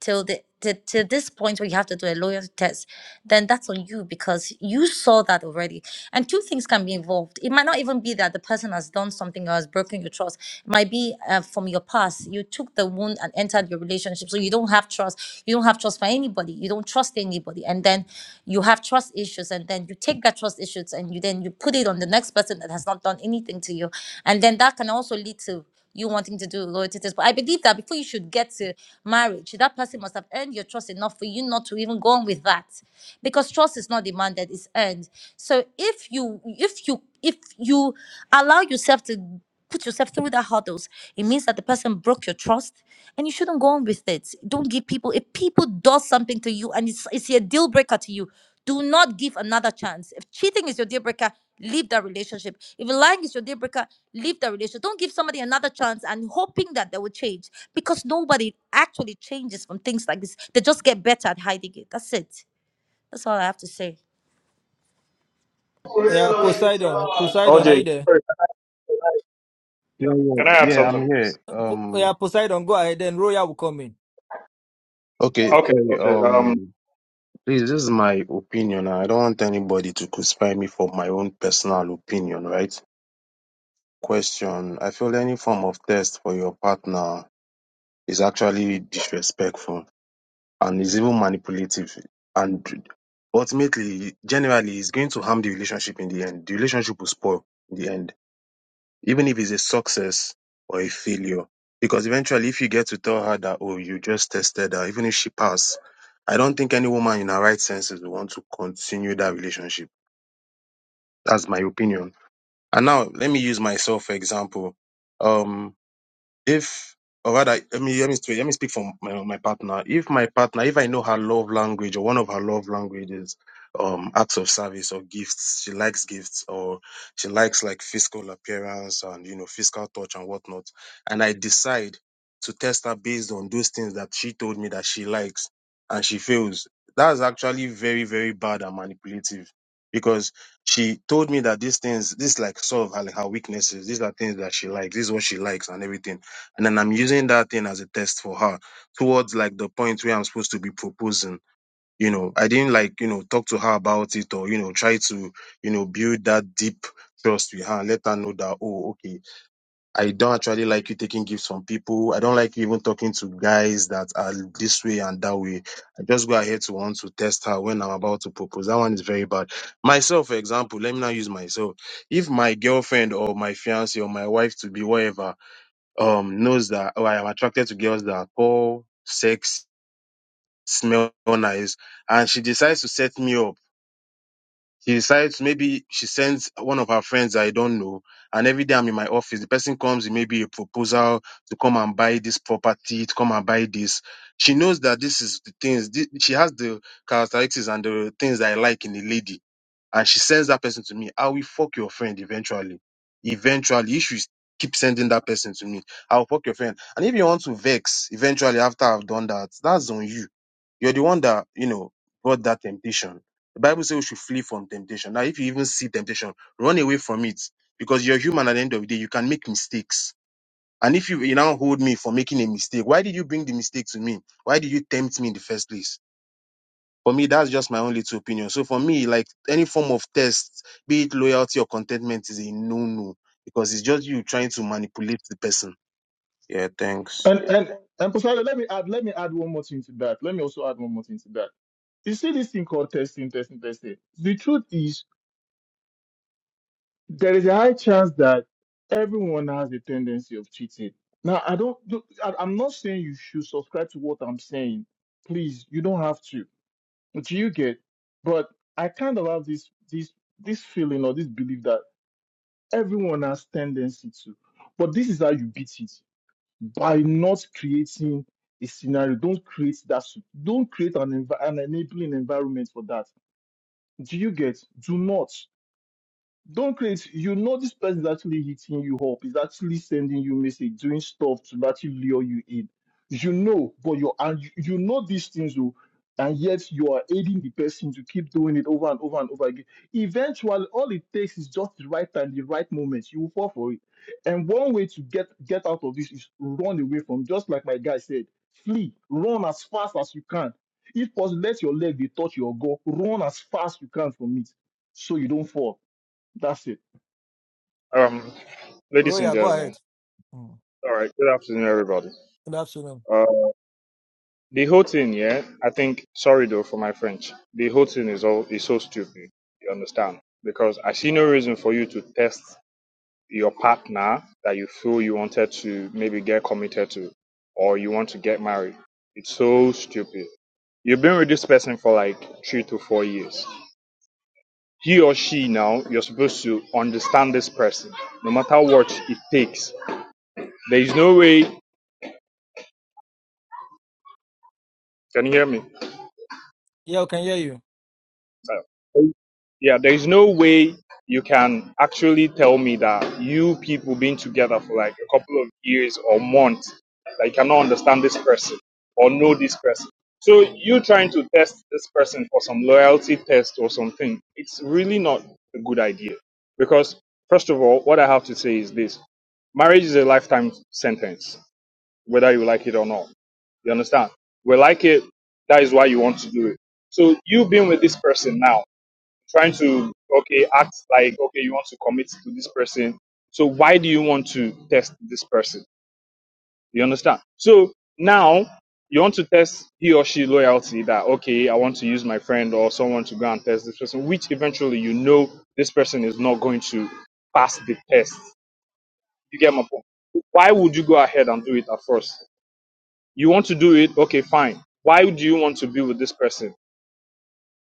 till the to, to this point where you have to do a loyalty test, then that's on you because you saw that already. And two things can be involved. It might not even be that the person has done something or has broken your trust. It might be uh, from your past. You took the wound and entered your relationship. So you don't have trust. You don't have trust for anybody. You don't trust anybody. And then you have trust issues. And then you take that trust issues and you then you put it on the next person that has not done anything to you. And then that can also lead to you wanting to do loyalty test. But I believe that before you should get to marriage, that person must have earned your trust enough for you not to even go on with that. Because trust is not demanded, it's earned. So if you if you if you allow yourself to put yourself through the hurdles, it means that the person broke your trust, and you shouldn't go on with it. Don't give people if people do something to you and it's it's a deal breaker to you. Do not give another chance. If cheating is your deal breaker, leave that relationship. If lying is your deal breaker, leave that relationship. Don't give somebody another chance and hoping that they will change because nobody actually changes from things like this. They just get better at hiding it. That's it. That's all I have to say.
Yeah. Poseidon. Poseidon, are
OJ,
you there?
sorry,
Yeah, yeah,
can I add
yeah.
something?
I'm
please?
here.
Po-
Um,
yeah. Poseidon, go ahead. Then Roya will come in.
Okay,
Okay,
sorry,
okay. Um,
um, please, this is my opinion. I don't want anybody to crucify me for my own personal opinion, right? Question. I feel any form of test for your partner is actually disrespectful and is even manipulative. And ultimately, generally, it's going to harm the relationship in the end. The relationship will spoil in the end. even if it's a success or a failure. Because eventually, if you get to tell her that, oh, you just tested her, even if she passed, I don't think any woman in her right senses will want to continue that relationship. That's my opinion. And now, let me use myself for example. Um, if or rather let me let me speak, let me speak for my, my partner if my partner if i know her love language or one of her love languages um acts of service or gifts she likes gifts or she likes like physical appearance and you know physical touch and whatnot and i decide to test her based on those things that she told me that she likes and she fails that's actually very very bad and manipulative because she told me that these things, this like sort of her, her weaknesses, these are things that she likes, this is what she likes and everything and then I'm using that thing as a test for her towards like the point where I'm supposed to be proposing. You know, I didn't like, you know, talk to her about it or, you know, try to, you know, build that deep trust with her and let her know that, oh, okay, I don't actually like you taking gifts from people. I don't like you even talking to guys that are this way and that way. I just go ahead to want to test her when I'm about to propose. That one is very bad. Myself, for example, let me now use myself. If my girlfriend or my fiance or my wife to be, whatever, um knows that oh I am attracted to girls that are tall, sex, smell nice, and she decides to set me up she decides maybe she sends one of her friends I don't know, and every day I'm in my office, the person comes with maybe a proposal to come and buy this property, to come and buy this. She knows that this is the things thi- she has the characteristics and the things that I like in a lady, and she sends that person to me. I will fuck your friend eventually. Eventually, if you keep sending that person to me, I'll fuck your friend. And if you want to vex eventually after I've done that, that's on you. You're the one that you know brought that temptation the Bible says we should flee from temptation. Now, if you even see temptation, run away from it because you're human at the end of the day. You can make mistakes. And if you, you now hold me for making a mistake, why did you bring the mistake to me? Why did you tempt me in the first place? For me, that's just my own little opinion. So for me, like any form of test, be it loyalty or contentment, is a no-no because it's just you trying to manipulate the person. Yeah, thanks.
And and and Pastor, let me add let me add one more thing to that. Let me also add one more thing to that. You see this thing called testing, testing, testing. The truth is there is a high chance that everyone has a tendency of cheating. Now I don't do- I- I'm not saying you should subscribe to what I'm saying. Please, you don't have to. Do you get? But I kind of have this this this feeling or this belief that everyone has tendency to. But this is how you beat it. by not creating a scenario. Don't create that. s- Don't create an envi- an enabling environment for that. Do you get? Do not. Don't create. You know this person is actually hitting you up. Is actually sending you message, doing stuff to actually lure you in. You know, but you're and you you know these things, oh, and yet you are aiding the person to keep doing it over and over and over again. Eventually, all it takes is just the right time, the right moment. You will fall for it. And one way to get get out of this is run away from. Just like my guy said, flee, run as fast as you can. If possible, let your leg be touch your goal. Run as fast you can from it, so you don't fall that's it.
um, ladies and
Roya, go
gentlemen.
ahead. Mm.
All right. Good afternoon, everybody.
Good afternoon.
Uh, the whole thing, yeah. I think. Sorry though for my French. The whole thing is all is so stupid. You understand? Because I see no reason for you to test your partner that you feel you wanted to maybe get committed to, or you want to get married. It's so stupid. You've been with this person for like three to four years. he or she now you're supposed to understand this person no matter what it takes there is no way can you hear me
Yeah, we can hear you.
Uh, Yeah, there's no way you can actually tell me that you people been together for like a couple of years or months, that you cannot understand this person or know this person. So you trying to test this person for some loyalty test or something, it's really not a good idea. Because first of all, what I have to say is this marriage is a lifetime sentence, whether you like it or not. You understand? We like it, that is why you want to do it. So you've been with this person now trying to okay act like okay you want to commit to this person so why do you want to test this person you understand so now you want to test he or she loyalty that okay i want to use my friend or someone to go and test this person which eventually you know this person is not going to pass the test you get my point why would you go ahead and do it at first you want to do it okay fine why do you want to be with this person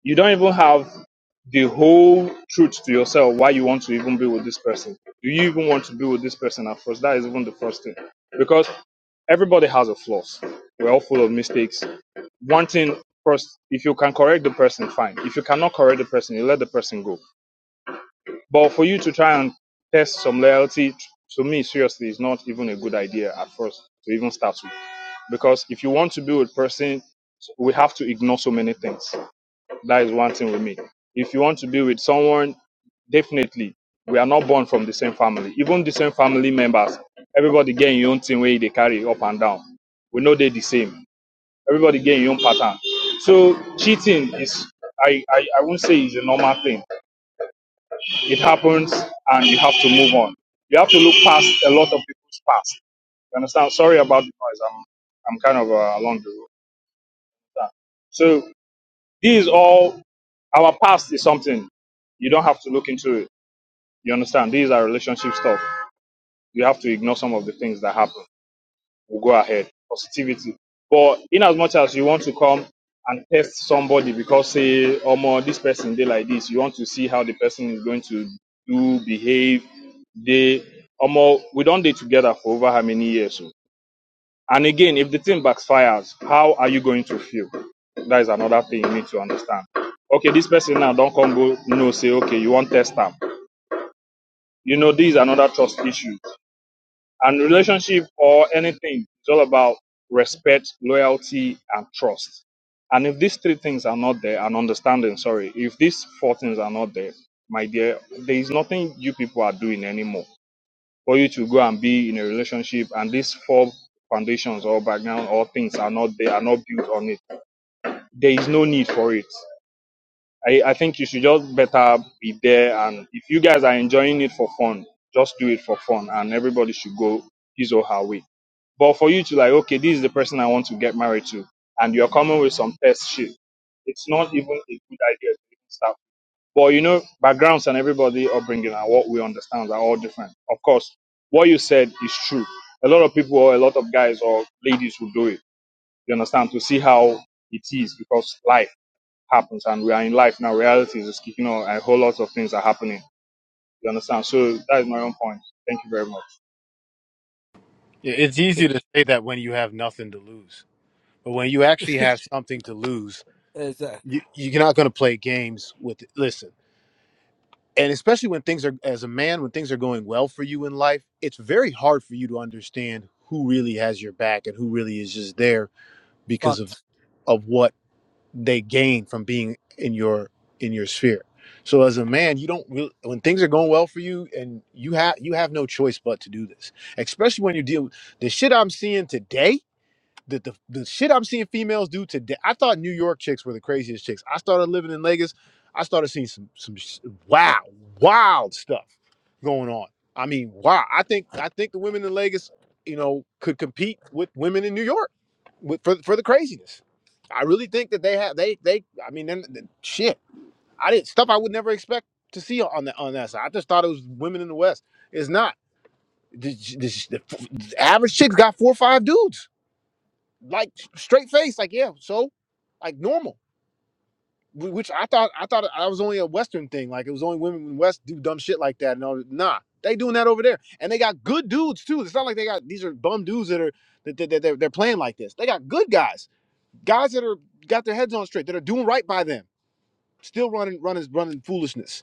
You don't even have the whole truth to yourself why you want to even be with this person. Do you even want to be with this person at first? That is even the first thing. Because everybody has a flaws. We're all full of mistakes. One thing first, if you can correct the person, fine. If you cannot correct the person, you let the person go. But for you to try and test some loyalty, to me, seriously, is not even a good idea at first to even start with. Because if you want to be with a person, we have to ignore so many things. That is one thing with me. If you want to be with someone, definitely we are not born from the same family. Even the same family members, everybody get your own thing where they carry up and down. We know they the same. Everybody get your own pattern. So cheating is I, I, I won't say is a normal thing. It happens and you have to move on. You have to look past a lot of people's past. You understand? Sorry about the noise. I'm I'm kind of uh, along the road. So. These all our past is something you don't have to look into it. You understand? These are relationship stuff. You have to ignore some of the things that happen. We'll go ahead. Positivity. But in as much as you want to come and test somebody because say, oh more this person they like this, you want to see how the person is going to do, behave, they oh more we don't date together for over how many years? So and again, if the thing backfires, how are you going to feel? That is another thing you need to understand. Okay, this person now don't come go no say okay you want test them. You know these are another trust issues. And relationship or anything it's all about respect, loyalty, and trust. And if these three things are not there, and understanding, sorry, if these four things are not there, my dear, there is nothing you people are doing anymore for you to go and be in a relationship and these four foundations or background or things are not they are not built on it there is no need for it I, I think you should just better be there and if you guys are enjoying it for fun just do it for fun and everybody should go his or her way but for you to like okay this is the person i want to get married to and you're coming with some test shit it's not even a good idea to start but you know, backgrounds and everybody upbringing and what we understand are all different. Of course, what you said is true. A lot of people or a lot of guys or ladies will do it. You understand to see how it is because life happens and we are in life now. Reality is kicking on. and A whole lot of things are happening. You understand? So that is my own point. Thank you very much.
Yeah, It's easy
Okay.
to say that when you have nothing to lose, but when you actually have something to lose,
Exact.
you, you're not going to play games with. it. Listen, and especially when things are as a man, when things are going well for you in life, it's very hard for you to understand who really has your back and who really is just there because of
Fact.
of what they gain from being in your in your sphere. So as a man, you don't really, when things are going well for you, and you have you have no choice but to do this, especially when you deal the shit I'm seeing today the, the the shit I'm seeing females do today. I thought New York chicks were the craziest chicks. I started living in Vegas. I started seeing some some sh- wow wild stuff going on. I mean, wow. I think I think the women in Vegas, you know, could compete with women in New York with, for for the craziness. I really think that they have they they. I mean, then then shit. I did stuff I would never expect to see on that on that side. I just thought it was women in the West. It's not. The, the, the average chicks got four or five dudes like straight face, like yeah, so like normal. Which I thought I thought I was only a Western thing. Like it was only women in the West do dumb shit like that. No, nah, they doing that over there, and they got good dudes too. It's not like they got these are bum dudes that are that, that, that they're, they're playing like this. They got good guys, guys that are got their heads on straight, that are doing right by them, still running running running foolishness.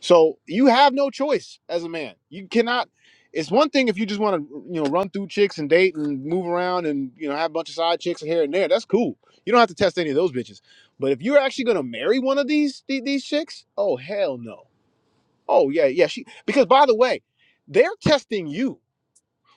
So you have no choice as a man. You cannot. It's one thing if you just want to, you know, run through chicks and date and move around and you know have a bunch of side chicks here and there. That's cool. You don't have to test any of those bitches. But if you're actually gonna marry one of these the- these chicks, oh hell no. Oh yeah, yeah. She because by the way, they're testing you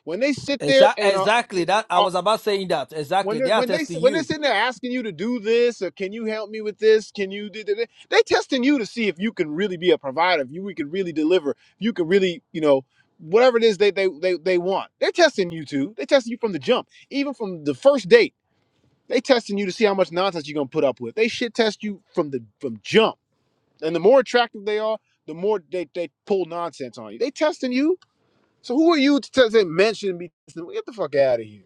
when they sit there
Exa-
and are
exactly. That I was about saying that.
when
Exactly.
they
They are
when they
testing
when they're
you.
sitting there asking you to do this or can you help me with this can you do that they testing you to see if you can really be a provider if you we can really deliver if you can really you know whatever it is they they they, they want they're testing you too they testing you from the jump even from the first date they testing you to see how much nonsense you're gonna put up with they shit test you from the from jump and the more attractive they are the more they, they pull nonsense on you they testing you so who are you to tell- say mention me get the fuck out of here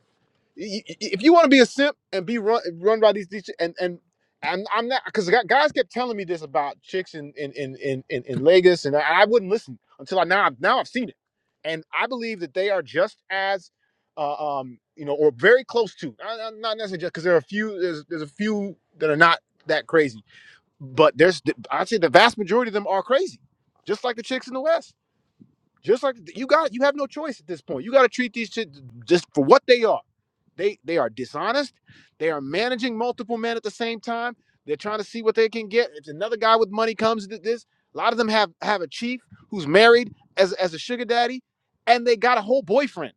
y- y- if you want to be a simp and be run run by these these and and I'm, I'm not because guys kept telling me this about chicks in in in in, in, in Lagos and I, I wouldn't listen until I now I've- now I've seen it and I believe that they are just as uh, um you know or very close to I, am not necessarily just because there are a few there's there's a few that are not that crazy but there's I'd say the vast majority of them are crazy just like the chicks in the West just like you got you have no choice at this point you got to treat these chicks just for what they are they they are dishonest. They are managing multiple men at the same time. They're trying to see what they can get. If another guy with money comes to this, a lot of them have have a chief who's married as as a sugar daddy, and they got a whole boyfriend,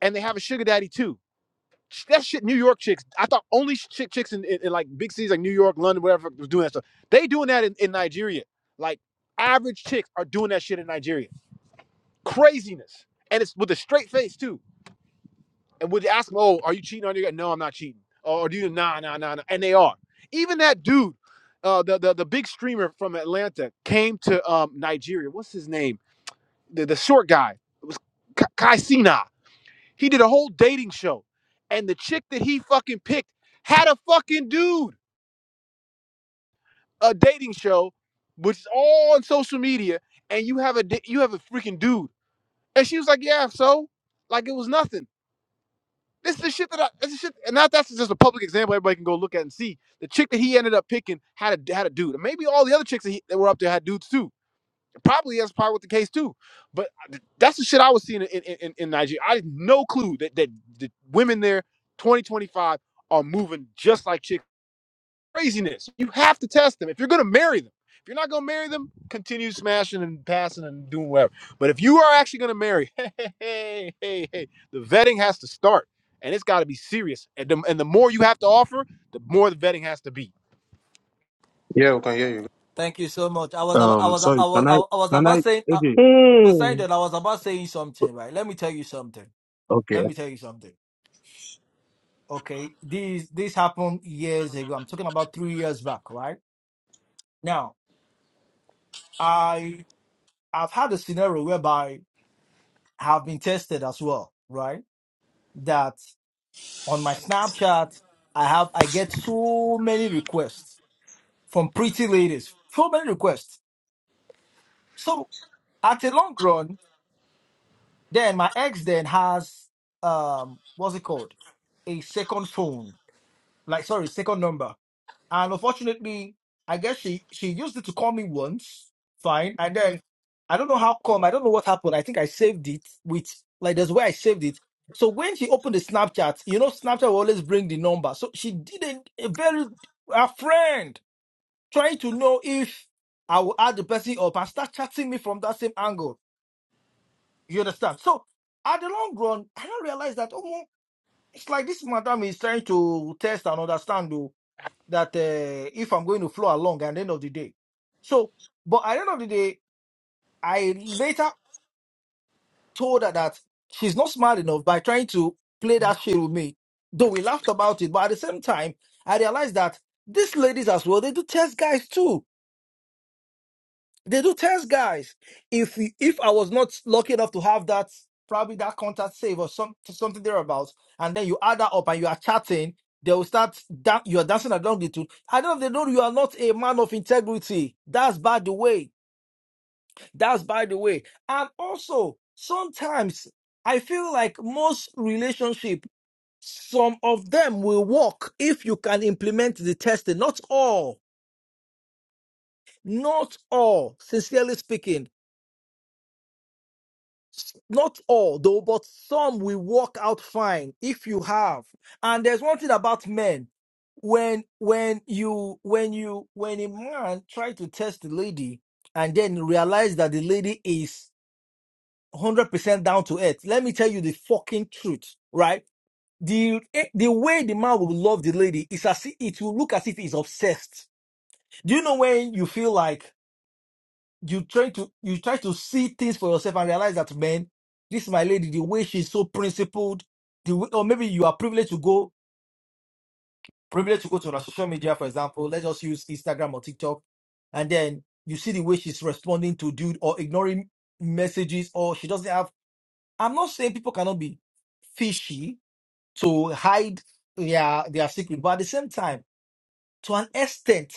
and they have a sugar daddy too. That shit, New York chicks. I thought only chick chicks in, in, in like big cities like New York, London, whatever was doing that stuff. They doing that in, in Nigeria. Like average chicks are doing that shit in Nigeria. Craziness, and it's with a straight face too and would ask them, "Oh, are you cheating on your guy?" No, I'm not cheating. Oh, or do you? Nah, nah, nah, nah. And they are. Even that dude, uh, the the the big streamer from Atlanta came to um Nigeria. What's his name? The the short guy. It was Ka- Kai Sina. He did a whole dating show, and the chick that he fucking picked had a fucking dude. A dating show, which is all on social media, and you have a di- you have a freaking dude, and she was like, "Yeah, so." Like it was nothing. This is the shit that I. This is shit, and now that's just a public example. Everybody can go look at and see. The chick that he ended up picking had a had a dude, and maybe all the other chicks that, he, that were up there had dudes too. Probably that's probably what the case too. But that's the shit I was seeing in in, in, in Nigeria. I had no clue that that the women there, twenty twenty five, are moving just like chicks craziness. You have to test them if you're going to marry them. If you're not going to marry them, continue smashing and passing and doing whatever. But if you are actually going to marry, hey, hey, hey, hey, the vetting has to start, and it's got to be serious. And the, and the more you have to offer, the more the vetting has to be.
Yeah, we can hear you.
Thank you so much. I was about, I
Um,
was I
sorry,
was
can I,
I was
can
about
I,
saying uh,
okay,
Hmm,
Poseidon, I was about saying something, right? Let me tell you something.
okay.
Let me tell you something. Okay. This this happened years ago. I'm talking about three years back, right? Now, I've had a scenario whereby I've been tested as well, right? That on my Snapchat, I have I get so many requests from pretty ladies, so many requests. So at a long run, then my ex then has um what's it called? A second phone, like sorry, second number. And unfortunately, I guess she she used it to call me once. Fine. And then I don't know how come. I don't know what happened. I think I saved it with like there's where I saved it. So when she opened the Snapchat, you know, Snapchat will always bring the number. So she did a, a very a friend trying to know if I will add the person up and start chatting me from that same angle. You understand? So at the long run, I don't realize that oh, it's like this madam is trying to test and understand though that uh, if I'm going to flow along at the end of the day. So, but at the end of the day, I later told her that she's not smart enough by trying to play that shit with me. Though we laughed about it, but at the same time, I realized that these ladies as well, they do test guys too They do test guys. If we- if I was not lucky enough to have that, probably that contact save or some something thereabouts, and then you add that up and you are chatting, they will start da- you are dancing along the two. I don't know if they know you are not a man of integrity. That's by the way. That's by the way. And also sometimes I feel like most relationship, some of them will work if you can implement the testing. Not all. Not all, sincerely speaking S- not all though, but some will work out fine if you have. And there's one thing about men. When when you when you when a man try to test the lady and then realize that the lady is 100% down to earth, let me tell you the fucking truth, right? The eh, the way the man will love the lady is as if it will look as if he's obsessed. Do you know when you feel like you try to you try to see things for yourself and realize that man, this my lady, the way she's so principled, the way, or maybe you are privileged to go privileged to go to her social media, for example. Let's just use Instagram or TikTok, and then you see the way she's responding to dude or ignoring messages, or she doesn't have. I'm not saying people cannot be fishy to hide their their secret, but at the same time to an extent,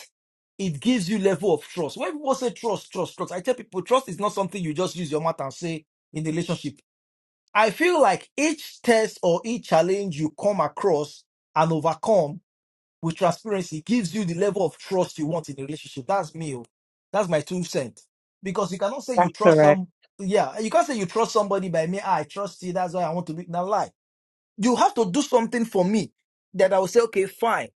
it gives you level of trust. When people say trust, trust, trust, I tell people trust is not something you just use your mouth and say in the relationship. I feel like each test or each challenge you come across and overcome with transparency gives you the level of trust you want in the relationship. That's me. oh. That's my two cents. Because you cannot say you
that's
trust
correct.
some, yeah, you can't say you trust somebody by me. "Ah, I trust you. That's why I want to be. Now lie. You have to do something for me that I will say, okay, fine.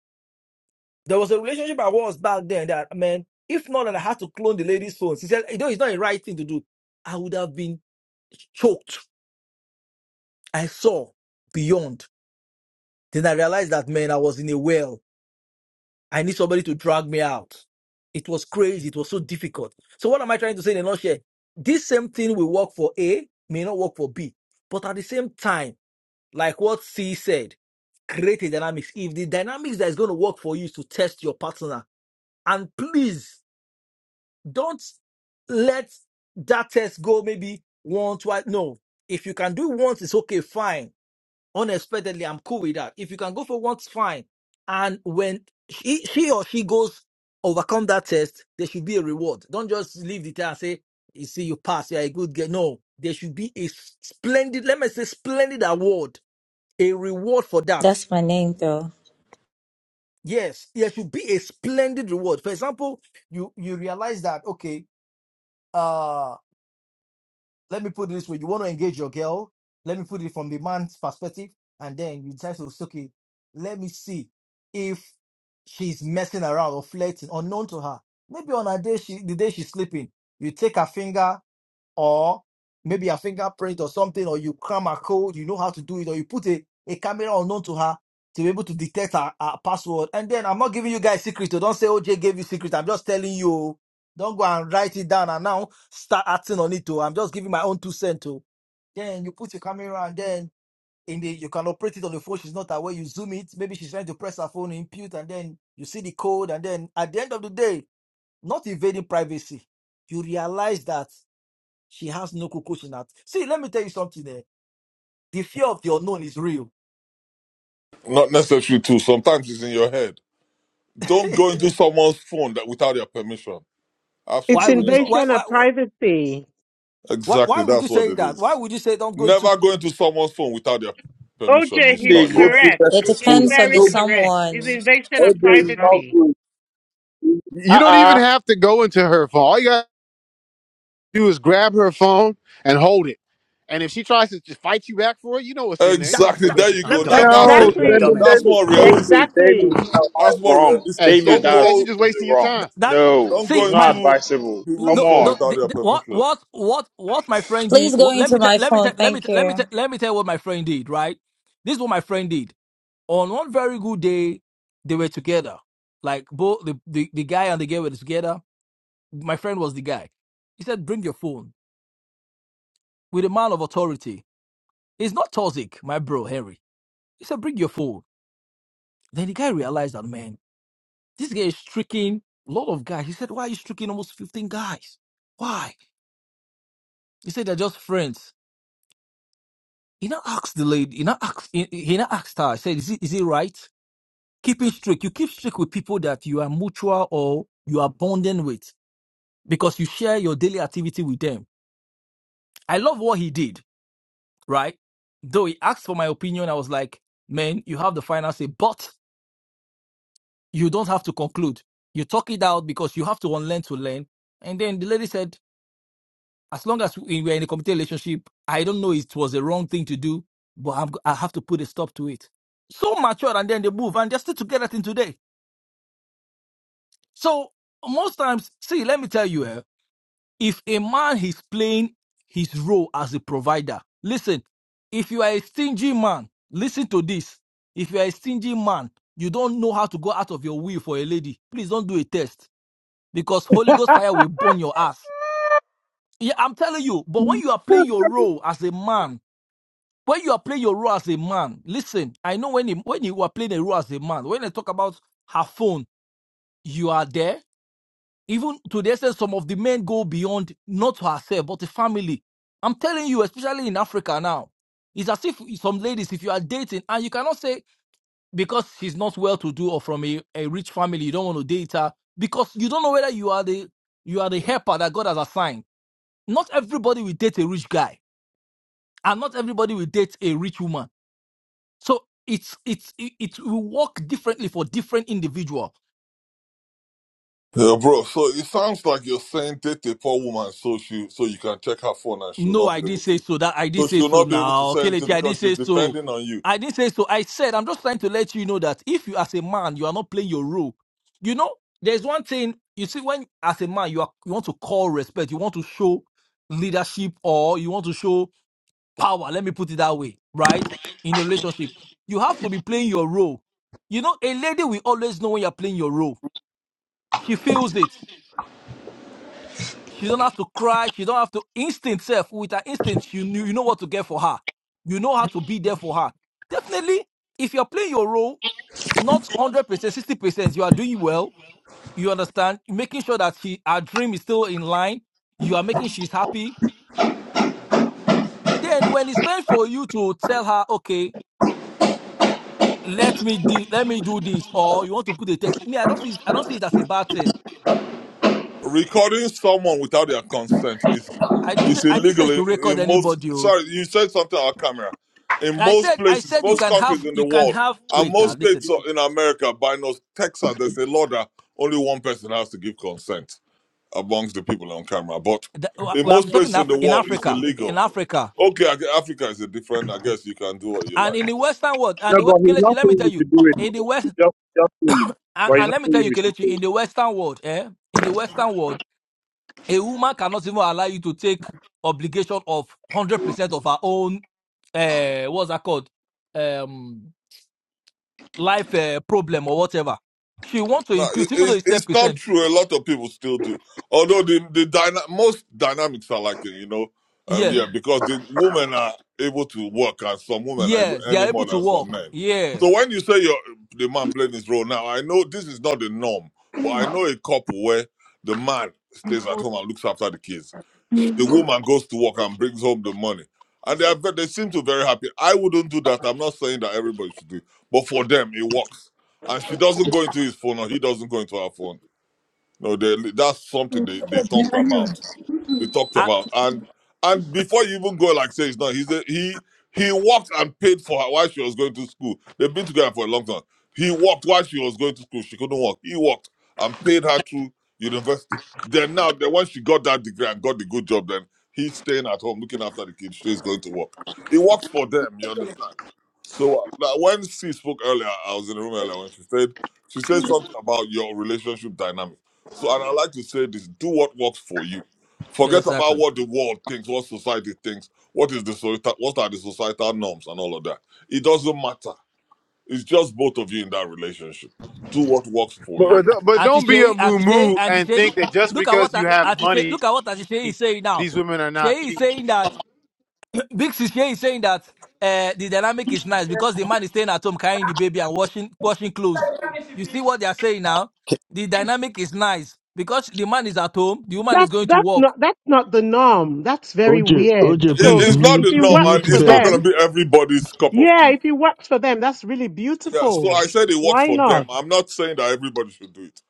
There was a relationship I was back then that, man, if not that I had to clone the lady's phone, she said, you know, it's not a right thing to do. I would have been choked. I saw beyond. Then I realized that, man, I was in a well. I need somebody to drag me out. It was crazy. It was so difficult. So what am I trying to say in a nutshell? This same thing will work for A, may not work for B. But at the same time, like what C said, create a dynamics. If the dynamics that is going to work for you is to test your partner, and please don't let that test go maybe one twice no if you can do it once it's okay fine unexpectedly i'm cool with that if you can go for once fine and when she, she or she goes overcome that test there should be a reward don't just leave the test and say you see you pass you're a good girl no there should be a splendid let me say splendid award a reward for that
That's my name, though.
yes there should be a splendid reward for example you you realize that okay uh, let me put it this way: you want to engage your girl. Let me put it from the man's perspective, and then you decide to okay, let me see if she's messing around or flirting, unknown to her. Maybe on her day, she, the day she's sleeping, you take her finger or maybe a fingerprint or something, or you cram a code, you know how to do it, or you put a, a camera unknown to her to be able to detect her, her password. And then I'm not giving you guys secret, so don't say OJ gave you secret. I'm just telling you, oh. don't go and write it down and now start acting on it. Oh. I'm just giving my own two cents. Oh. Then you put your camera and then in the you can operate it on the phone. She's not aware. You zoom it. Maybe she's trying to press her phone, impute, and then you see the code. And then at the end of the day, not invading privacy. You realize that she has no cocoa in her. See, let me tell you something. Eh? The fear of the unknown is real.
it? Not necessary too. Sometimes it's in your head. Don't go into someone's phone that without their permission.
It's
Why would
Absolutely
you? Why
not.
invasion of
why why,
privacy.
why
Exactly,
why would
that's
you
what
say
it
that? Why
is.
would you say don't go into
Never go into someone's phone without their permission.
OJ,
It's
he's
They
not
go
yours.
to
correct.
that
It
He's
food.
depends on
very
the
No,
correct.
someone.
It's invasion
all
of
day not
privacy.
good.
You don't even
Uh-uh.
have to go into her phone. All you gotta do is grab her phone and hold it. And if she tries to just fight you back for it, you know what's in there. You don't
that?
have
Exactly.
to
That
There
waste your
you
time
let
go.
me
dumb
tell
Now
you.
and
that's
Let,
look
No,
it.
at
Exactly.
dumb ass.
That's more realistic.
Exactly.
That's
that's
more
wrong.
realistic.
David,
That's,
Don't
that's,
that's
that's, you're
go.
just wasting your
wrong.
time.
that
No,
Don't go
it's
see my
not
into
advisable.
people's
Come
the,
phone
on.
the,
without
the,
their
the- what
permission.
what what what my friend did.
Please go
wh- Let
into
me tell
my
let me
phone.
tell let me
Thank
tell let me tell
you.
let me tell what my friend did. Right, this is what my friend did. On one very good day, they were together. Like both the, the the guy and the girl were together. My friend was the guy. He said, "Bring your phone." With a man of authority, It's not toxic, my bro, Harry. He said, bring your phone. Then the guy realized that, man, this guy is tricking a lot of guys. He said, why are you tricking almost 15 guys? Why? He said, they're just friends. He now asked the lady, he now asked, he, he now asked her, I said, is it, is it right? Keeping strict. You keep strict with people that you are mutual or you are bonding with because you share your daily activity with them. I love what he did, right? Though he asked for my opinion, I was like, man, you have the final say, but you don't have to conclude. You talk it out because you have to unlearn to learn. And then the lady said, as long as we were in a committed relationship, I don't know if it was a wrong thing to do, but I'm, I have to put a stop to it. So mature, and then they move, and they're still together till today. So most times, see, let me tell you, eh, if a man is playing his role as a provider, listen, if you are a stingy man, listen to this. If you are a stingy man, you don't know how to go out of your way for a lady. Please don't do a test because Holy Ghost fire will burn your ass. Yeah, I'm telling you, but
No,
when you are playing your role as a man, when you are playing your role as a man, listen, I know when, he, when you are playing a role as a man, when I talk about her phone, you are there. Even to the extent some of the men go beyond not to herself, but the family. I'm telling you, especially in Africa now, it's as if some ladies, if you are dating, and you cannot say because she's not well to do or from a, a rich family, you don't want to date her because you don't know whether you are the you are the helper that God has assigned not everybody will date a rich guy and not everybody will date a rich woman so it's it's it, it will work differently for different individual
Yeah, bro. So it sounds like you're saying date a poor woman so she so you can check her phone and she'll
no
not be
i didn't
able
say
to.
so that i
So
didn't say
she'll
so
not be able to
now okay
send it
Leti, i didn't
because she's
say so
depending on you.
i didn't say so i said i'm just trying to let you know that if you as a man you are not playing your role you know there's one thing you see when as a man you are you want to call respect you want to show leadership or you want to show power. Let me put it that way, right? In a relationship, you have to be playing your role. You know, a lady will always know when you're playing your role. She feels it. She don't have to cry. She don't have to instinct self. With her instinct, you knew, you know what to get for her. You know how to be there for her. Definitely, if you're playing your role, not 100%, 60%, you are doing well. You understand? Making sure that she, her dream is still in line. You are making she's happy. Then when it's time for you to tell her, okay, let me do let me do this or you want to put a test me i don't see it- i don't see it as a bad thing
recording someone without their consent is
i didn't say
is
i didn't say you
illegal in,
should record
in most
anybody oh.
sorry you said something on camera in
i
most
said i
places
said you
most
can have
countries in the
you can
world
have
and
wait
most
now listen
states of- in america by no texas there's a law that only one person has to give consent amongst the people on camera but
The-
in
well,
most
i'm talking
places in the
Afri- in
world it's
africa in
illegal
africa
okay I gue- africa is a different i guess you can do what you
and
like
in the western world and the we-
but he's
kelechi
not
let me
saying
tell
we
you
should do it.
in the
bro. He's
west
just just saying,
and,
but he's
and
not
let me
saying
tell you
we should
kelechi
do
in
it.
the western world eh in the western world a woman cannot even allow you to take obligation of 100% of her own uh what's that called Um, life uh, problem or whatever. She want to
No, it,
impute, even though
it's,
it's ten
it's not
percent.
true. A lot of people still do. Although the the dyna- most dynamics are like it, you know, um,
Yeah,
yeah, Yeah. because the women are able to work, and some women are able
yes, they are
any
able
more
to
than some
walk.
men.
Yes,
So when you say you're, the man playing his role now, I know this is not the norm, but I know a couple where the man stays at home and looks after the kids the woman goes to work and brings home the money. And they are ve- they seem to be very happy. I wouldn't do that. I'm not saying that everybody should do it. But for them, it works. And she doesn't go into his phone or he doesn't go into her phone. No, they, that's something they, they talked about. They talked
Ah,
about and and before you even go like say it's not he's a, he he worked and paid for her while she was going to school they've been together for a long time he worked while she was going to school she couldn't work he worked and paid her through university then now then when she got that degree and got the good job then he's staying at home looking after the kids she's going to work he works for them you understand so uh, like, when she spoke earlier, I was in the room earlier when she said she said something about your relationship dynamic. So and I like to say this: do what works for you. Forget about
exactly.
what the world thinks, what society thinks, what is the societal, what are the societal norms and all of that. It doesn't matter. It's just both of you in that relationship. Do what works for
Ah,
you.
But,
ah,
but
Auntie
don't be a
Shay,
moo
Auntie Shay,
moo
Auntie
and
Shay.
think that just
Look at
because
what ah,
you have
Auntie Shay,
money,
look at what Auntie Shay is saying now.
these women are not
Shay is
cheating.
saying that Big Sis Shay is saying that uh, the dynamic is nice because the man is staying at home carrying the baby and washing washing clothes. You see what they are saying now? The dynamic is nice because the man is at home, the woman is
That's
going to
that's
work.
not that's not the norm. That's very
OJ,
weird.
OJ,
It,
So
please
if
it's not
if
mute,
the
it
norm,
works
and
mute
for
it's not
Bet.
them,
going to be everybody's cup of
Yeah,
tea.
if he works for them, that's really
Yeah. So
beautiful.
I said it works
Why
for them.
not?
I'm not saying that everybody should do it.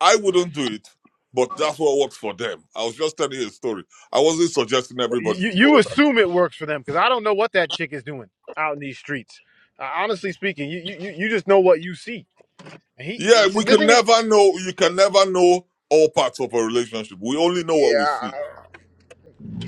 I wouldn't do it, but that's what works for them. I was just telling you a story. I wasn't suggesting everybody
You,
should
you
follow that.
assume it works for them because I don't know what that chick is doing out in these streets. Uh, honestly speaking, you, you you you just know what you see. And he, he
Yeah, we
said, the
can
thing is,
never know. You can never know all parts of a relationship. We only know what we
yeah,
see.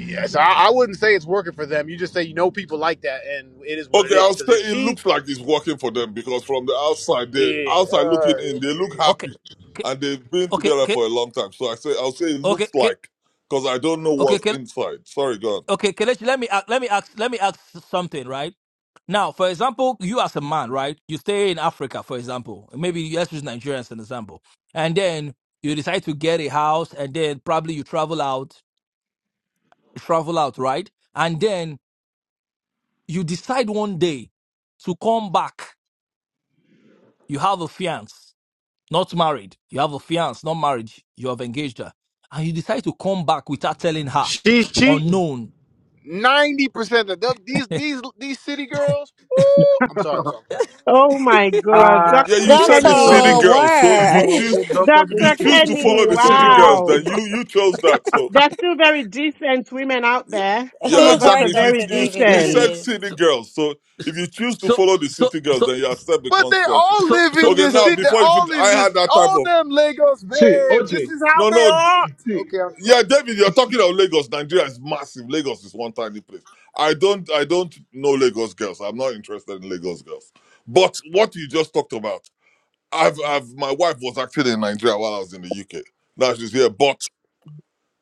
yes, I, I wouldn't say it's working for them. You just say you know people like that, and it is what it
Okay, I'll
is. Because
say
if
it
she,
looks like it's working for them because from the outside, they
yeah,
outside
uh,
looking in, they look
Okay,
happy,
okay,
and they've been together
okay,
for a long time. So I say, I'll say it
okay,
looks
okay.
like because I don't know
Okay,
what's
Kel-
inside. Sorry, God.
okay, Kelechi, let me ac- let me ask let me ask something, right? Now, for example, you as a man, right? You stay in Africa, for example. Maybe let's use Nigeria as an example. And then you decide to get a house, and then probably you travel out, you travel out, right? And then you decide one day to come back. You have a fiance, not married. You have a fiance, not married. You have engaged her, and you decide to come back without telling her,
she's cheating.
unknown.
Ninety percent of them, these these these city girls. Woo, I'm sorry, I'm sorry.
Oh my God,
Yeah,
Dr.
you said it's
uh,
city
Doctor
Kenny.
girls. So if you
Word.
choose,
Dr.
if you
Dr.
Debbie,
choose to
Kenny,
follow
Dr.
the city
Debbie, what?
girls, then
wow.
you you chose that. So
There's still very decent women out
Yeah,
there. Some
yeah,
Who
of us are
exactly.
hurt
If you,
very
Dr.
you
David
he
decent.
said
is?
city
so
girls, so if you choose to
so
follow the
so
city girls,
so
then you accept the
But they
consequences.
all
So,
live
so,
in
Okay,
this
so,
now
city. They're
before you, fin-
all
I
in
had
this.
that type
All
of
them Lagos
See,
babes. This
OJ,
is how
no,
they
no, d-
are.
see,
Okay, I'm sorry.
yeah, David, you're talking about Lagos. Nigeria is massive. Lagos is one tiny place. I don't, I don't know Lagos girls. I'm not interested in Lagos girls. But what you just talked about, I've, I've, my wife was actually in Nigeria while I was in the UK. Now she's here, but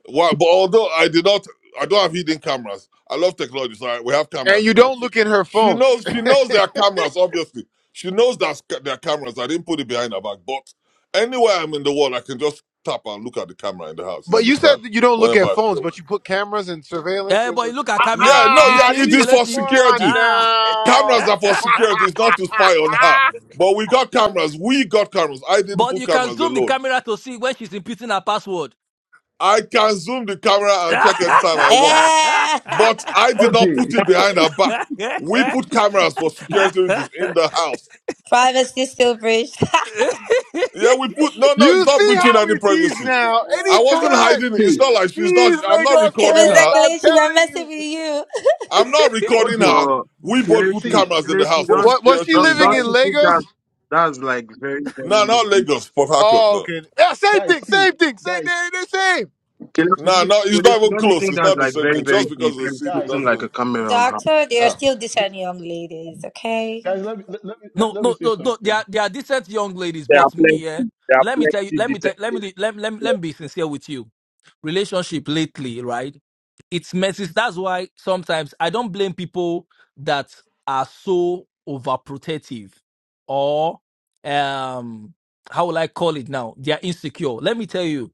Well, but although I did not, I don't have hidden cameras. I love technology, so I, we have
And
cameras in
you
there.
don't look at her
She
phone.
knows. She knows there are cameras. Obviously, she knows that there are cameras. I didn't put it behind her back, but anywhere I'm in the world, I can just tap and look at the camera in the house. You
But you
understand?
said that you don't look
Whenever
at
I
phones,
feel
but
like.
you put cameras and surveillance.
yeah,
And,
but you look at
ah,
Yeah,
cameras.
no,
You
yeah,
ah,
see,
it is
this
for
Kelechi?
one
security.
Ah,
now.
Cameras are for security. It's not to spy on her. But we got cameras. We got cameras. I didn't
but
put
you can
cameras
zoom the
alone.
camera to see when she's inputting her password.
I can zoom the camera and check anytime I want.
Eh.
But I did not put
OJ,
it behind her back. We put cameras for security reasons in the house.
Privacy still breached.
Yeah, we put no, no. It's
you
not
see
breaching
how
any
it is
privacy.
now.
I wasn't
Anytime.
hiding. it. It's
see,
not like she's not.
These
I'm not
Lagos
recording
Mr.
babes,
her.
I'm
Kalechi, we're
telling you.
messing with you.
I'm not recording
OJ,
her.
Oh,
We both put
Kelechi,
see,
cameras in the
Kelechi,
house
What,
for
don't,
what was she
security
don't,
living
don't
in
reasons.
guys,
you think
Lagos?
that that's like very,
Nah,
very
not
deep?
Lagos, Port Harcourt.
Oh,
No,
okay. Yeah, same
guys,
thing,
see,
same thing, same
guys,
thing, the same.
Kelechi,
nah,
don't
no. It's not
Kelechi,
even
don't you
close.
think
It's
that's
not the
like
same
very,
thing.
very
Just because
deep?
it's a
You
city
guys,
putting like a
doesn't.
camera on her.
Doctor, they are
Nah,
still decent young ladies, okay?
guys. Let me let, let me let,
No,
let me
no,
say
no, no. They
something.
are they are decent young ladies,
There are
but me, eh.
plenty. There are
Let me tell you.
plenty
Let me
decent.
tell. Let me let me- let me, let me be sincere with you. Relationship lately, right? It's messy. That's why sometimes I don't blame people that are so overprotective, or um, how will I call it now? They are insecure. Let me tell you.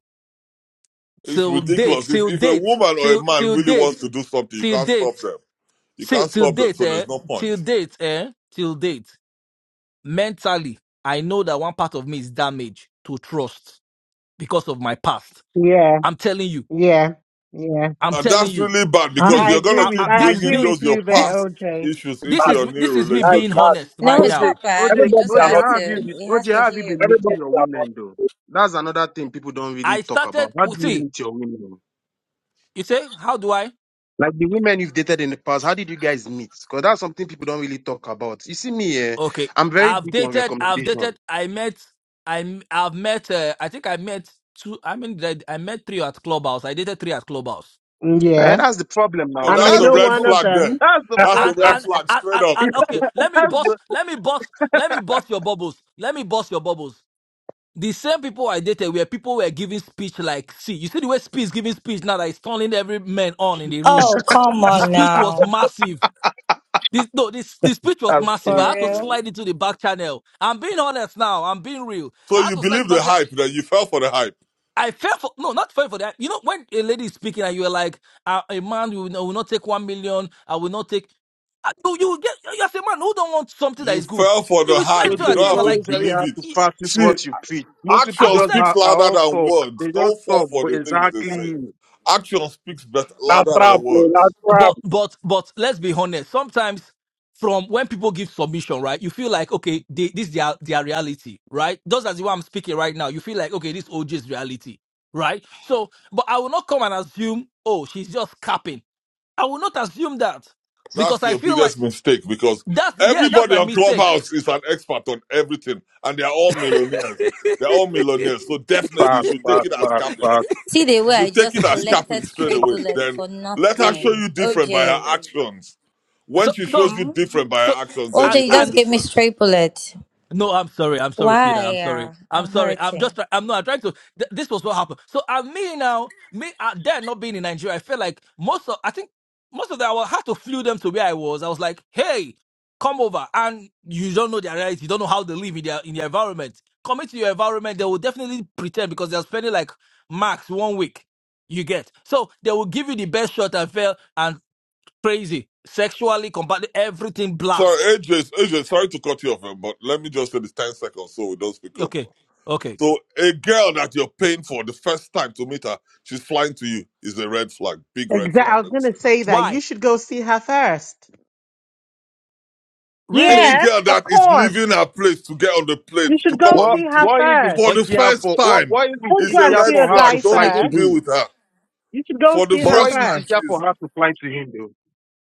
it's
Till date,
ridiculous. If
till
if a
date,
woman or a
till
man
till
really
date,
wants to do something, you
till
can't
date,
stop them. You
till
can't
till
stop them.
date,
So
eh?
there's no point.
Till date, eh? Till date mentally, I know that one part of me is damaged to trust because of my past.
Yeah,
I'm telling you,
yeah, yeah.
I'm
And
telling
that's
you,
really bad
I,
because
I
me.
you're gonna
agree
I,
with
I,
keep
I
this is
bringing
agree
me.
those
with
your
you there,
This
past
OJ.
issues
this
into
is
your new
this is me
That is
being
relationship.
that.
honest
No,
right
it's
OJ,
now.
not bad.
OJ,
He
Everybody
just
are
OJ,
has
not
how
the
have
to,
you
same.
been?
he has
OJ,
to
how have you
hear.
been
Everybody
meeting your
are not
women though?
the
That's another thing people don't really
I
talk
started.
about. How
oh,
do you
See,
meet your women?
you say, how do I?
Like the women you've dated in the past, how did you guys meet? Because that's something people don't really talk about. You see me, eh?
Okay,
I'm very
I've
big on
dated. I've
recommendation.
dated. I met. I I've met. Uh, I think I met two. I mean, I, I met three at clubhouse. I dated three at clubhouse.
Eh,
Yeah.
that's the problem
Oh,
now.
And I
that's
That's
a
know
the
red
pro-
one of
flag there.
them.
that's the
That's a
And
same.
problem.
red
and,
flag
and
straight
and
up.
and okay, let me
that's the
bust, let me bust, let me bust your bubbles. Let me bust your bubbles. the same people I dated where people were giving speech like, see, you see the way speech is giving speech now that is turning every man on in the room.
Oh, come
The
on
speech was
now.
massive. This, no, this the speech was
I'm
massive.
kidding.
I
For
had to
real?
Today,
slide into the back channel. I'm being honest now. I'm being real.
So
I had
you
to slide
believe the
back there.
hype that you fell for the hype.
I fell for no, not fell for that. You know, when a lady is speaking and you are like, "Ah, a man will, will not take one million. I will not take. Ah, You, you get you as a man who don't want something that
You
is good.
fell for
You
the
will slide
hype.
into
You
a
you
don't
DM
have
and
to
don't
like,
believe
have
it.
to practice
See,
what you preach. Most people
I
action
would
just
I?
speaks
have, are
louder
all
than
talk. They
words.
just
Don't fall
talk,
for
but
the things they say.
exactly
Action speaks better,
Now
louder
trap,
than
bro. Now
words.
trap.
but but but let's be honest sometimes from when people give submission right you feel like okay they, this their their reality right just as the way i'm speaking right now you feel like okay this oj's reality right so but i will not come and assume oh she's just capping i will not assume that because
That's
i
your
feel like
biggest mistake because
that's the, yeah that's
everybody
my
on
mistake
Clubhouse is an expert on everything, and they're all millionaires. They're all millionaires, so definitely you
fast,
should take
fast,
it as
fast,
capping.
fast.
See the
You
way I
should take
just
it as capping
collected
straight
stray
away.
bullets
Then
for
let her show
nothing.
you different by her
OJ.
actions. When
so
she
so
shows you different by
so
her actions, then
and,
you
OJ, you
know it's
and
just gave me
different.
straight bullet.
No, I'm sorry. I'm sorry, sweetheart. I'm
Why?
sorry.
uh,
I'm
I'm
sorry. I'm just.
hurting.
try- I'm not. I'm trying to. Th- this was what happened. So, and me now, me uh, there not being in Nigeria, I felt like most of. I think most of them. I had to flew them to where I was. I was like, hey, come over, and you don't know their reality. You don't know how they live in their in their environment. Come into your environment, they will definitely pretend because they're spending like max one week. You get so they will give you the best shot and fail and crazy sexually combat everything
Sorry,
blast.
AJ, AJ, sorry to cut you off, eh, but let me just say this 10 seconds so we don't speak up.
Okay, okay.
So a girl that you're paying for the first time to meet her, she's flying to you is a red flag, big red
Exactly.
flag.
I was
Let me say
gonna
that.
say that.
Why?
You should go see her first.
Any
Yeah,
really
girl
of
that is
course.
leaving her place to get on the plane
You
to
should
come
go
and
What
see
meet you
her
what if it's
first.
for
oh,
the
easier for
first
what
time
what if it's
Don't
is
go
a
and
easier
red
see
for
a
her to
flag.
guy
Don't
fly
even
to
first.
deal
him?
with her.
You should go
For the
see
But
her
what if
first
it's
time
first.
easier for
she's
her to fly to him though?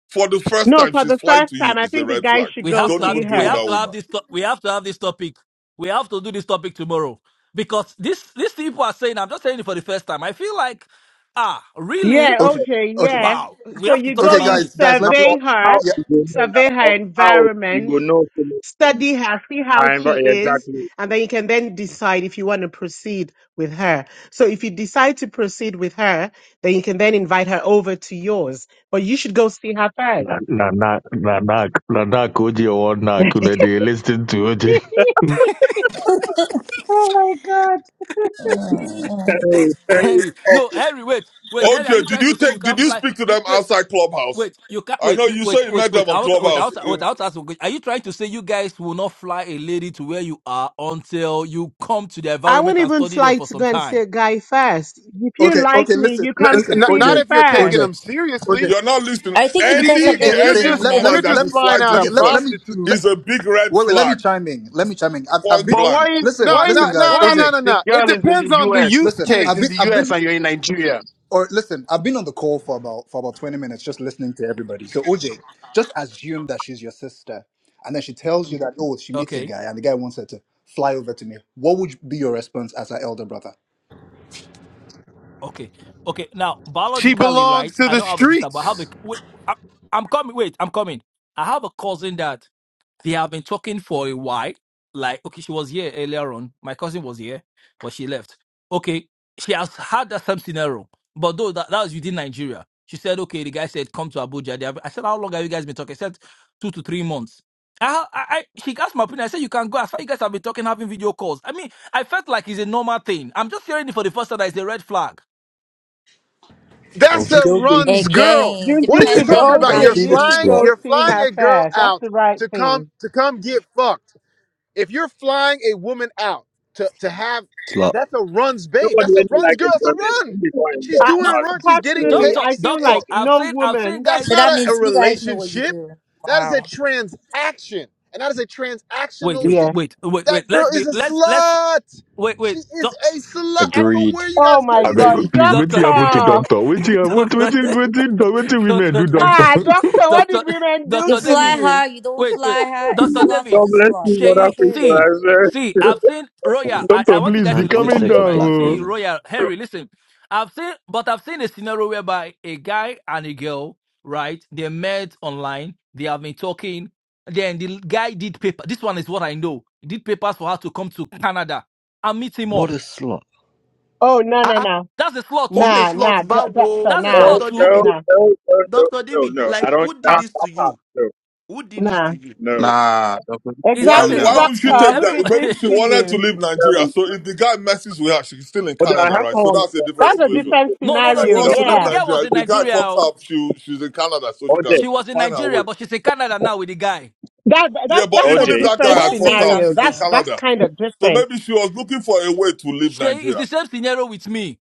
for the first
No,
time
for
she's
the
flying
first
to you
time, I
is a
think the
red
guy
flag.
should
we
go
have
Don't
to
see
have
even deal
we
with
her.
have
that
to have
woman.
this to- we have to have this topic we have to do this topic tomorrow because this these people are saying i'm just saying it for the first time i feel like ah really
Yeah,
Okay,
OJ,
okay,
yeah.
wow we
So
have to
you
talk
go,
okay,
about
you
guys,
this
guys,
Now
let me,
for
survey
now
her,
yeah,
you go know. Now
survey
for
her
now you
environment,
go know. so much things.
study her, see
I
how she
remember yeah,
is,
exactly.
and then you can then decide if you want to proceed with her. So if you decide to proceed with her, then you can then invite her over to yours. But you should go see her first.
Na na na na na na na OJ or knack. You know, they listen to OJ.
oh my God.
Mm.
Very, very
henry no
often.
henry wait wait henry are you
OJ, did
trying
you
to say you
take did
can't
you
fly
speak to
you
them
wait
outside Clubhouse?
wait you can't
I
wait
know
you
you
wait
say you
wait
met them
wait
on
out
Clubhouse.
without
In,
without asking a question. are you trying to say you guys will not fly a lady to where you are until you come to the
I
environment
wouldn't
and
even
study there
slight
for some
Gwen
time
say guy first. If you
okay, okay,
like me,
listen,
you come
N-
to
listen,
n-
see
not
OJ,
me
if you're taking
OJ,
first.
them
OJ,
seriously.
you're not listening.
I think
See,
because
i-
Any
of the
yeah,
if
way
you're
le-
you
any
just
let,
if
met
let me,
you're
woman that
just
let me,
is
flying
flying to
out a
okay,
you
let, let
first
me,
prostitute,
let,
is a big red
wait, wait, let me
flag.
chime in, let me chime in. I've, I've
Point
been,
But why
blank.
if
listen,
no,
why
no,
if
listen,
no,
guys,
why
no,
if
OJ,
no, no,
the
no. It
girl is in the
depends on the
US?
use
listen,
Girl is
I've
in
been,
the
case.
I've
US
been,
and you're in Nigeria.
or listen, I've been on the call for about, for about 20 minutes just listening to everybody. So, OJ, just assume that she's your sister, and then she tells you that, oh, she meets a
Okay.
guy, and the guy wants her to fly over to me. What would be your response as her elder brother?
Okay. Okay. Now,
She
biologically,
belongs
right?
to
I
the
don't have a sister, but I have a.
streets.
Wait, I, I'm coming. Wait, I'm coming. I have a cousin that they have been talking for a while. Like, okay, she was here earlier on. My cousin was here, but she left. Okay. She has had that same scenario, but though that, that was within Nigeria. She said, okay, the guy said, come to Abuja. They have, I said, how long have you guys been talking? She said, two to three months. I, I, I, she asked my opinion. I said, you can go. As far you guys have been talking, having video calls. I mean, I felt like it's a normal thing. I'm just hearing it for the first time that it's a red flag.
That's a
Okay,
runs girl.
again,
You
What are
you
you
should
depending
talking
on
OJ,
about?
how
Oh,
You're
you
you
Keita,
meet.
should
flying.
Slut,
go
You're
see
flying
her
a girl
first. That's
out
the right
to come
thing.
to come get fucked. If you're flying a woman out to to have,
slut.
that's a runs babe.
Nobody
That's a
really like
runs girl. It's a
enjoyment.
run.
I'm before enjoy
She's
I
doing
No,
a
normally.
run. She's getting
personally
doctor,
So,
I feel
paid.
doctor,
like
I've
no
seen, I've seen
woman
That's
So
guys.
not
that
a, a
means you guys know what you
relationship.
do.
That is a
Wow.
transaction. And that is a
Wait,
transactional
wait,
chick.
Yeah.
wait, wait, wait.
That girl
Let's be,
is a
let's, let's,
slut.
wait,
She
wait,
is
doc,
a slut. I don't know where
Agreed.
you
Oh
guys get
my
these.
beg,
god,
Agreed.
please, wait
doctor,
till happen to
doctor.
doctor. Wait till, wait,
doctor,
wait till, wait till, wait till women
doctor
do doctor.
Ah,
David,
doctor, what did
doctor,
women do
You
doctor
to
David.
fly
you?
her, you don't
wait, wait.
fly her. A
Dr.
slot is
David,
God
a
bless you,
slot.
brother
Shay,
Christian.
Period.
see,
I swear.
see, I've seen Royal. I, I
Doctor,
want you
please
guys
be
to
Man, I'm
listen to
coming
sick
this,
of
right?
black
down. oh.
See,
women.
Royal, Henry, listen. I've seen, but I've seen a scenario whereby a guy and a girl, right? They met online, they have been talking. Then the guy did paper. This one is what I know. He did papers for her to come to Canada and meet him
What a
up.
slut.
Oh no
Ah,
no
ah,
no.
That's a slot
what
too.
a
Nah,
slot,
nah, doc
Bawo,
doctor,
That's a
No,
nah,
slot
Doctor
no,
too.
David,
nah,
no, no, no,
Doctor
no,
David.
no. I
Like,
don't.
who
I'll,
did
Ah,
this
I'll
to
pop.
you?
No,
Who did this
nah.
to you?
no.
nah, Doc,
Is
Why
that
calm
a
Exactly,
down.
why would
slot
she
too?
doctor,
take
who
that?
did
Everybody.
this
Maybe she
to
wanted to
you?
leave Nigeria.
no.
So if the guy messes with her, she's still in
But I
Canada,
have
right? So
one.
that's a different
That's a
situation.
different
no, no,
If
no.
she
The
scenario,
wants
guy,
to
no,
leave
the
yeah.
guy
Nigeria,
was
if
in
the guy
Nigeria.
fucks
oh.
her up, she she's in Canada, so she
OJ,
can
She was in
find her way.
Nigeria, but she's in Canada now with the guy.
That, that
Yeah,
that's
but
that's
OJ,
a
even if that guy
Can
different
I
had
say
fucked her up,
scenario.
she's in
That's
something?
that's
Canada.
kind of
So
different.
maybe she was looking for a way to leave
She is
Nigeria.
the same scenario with me.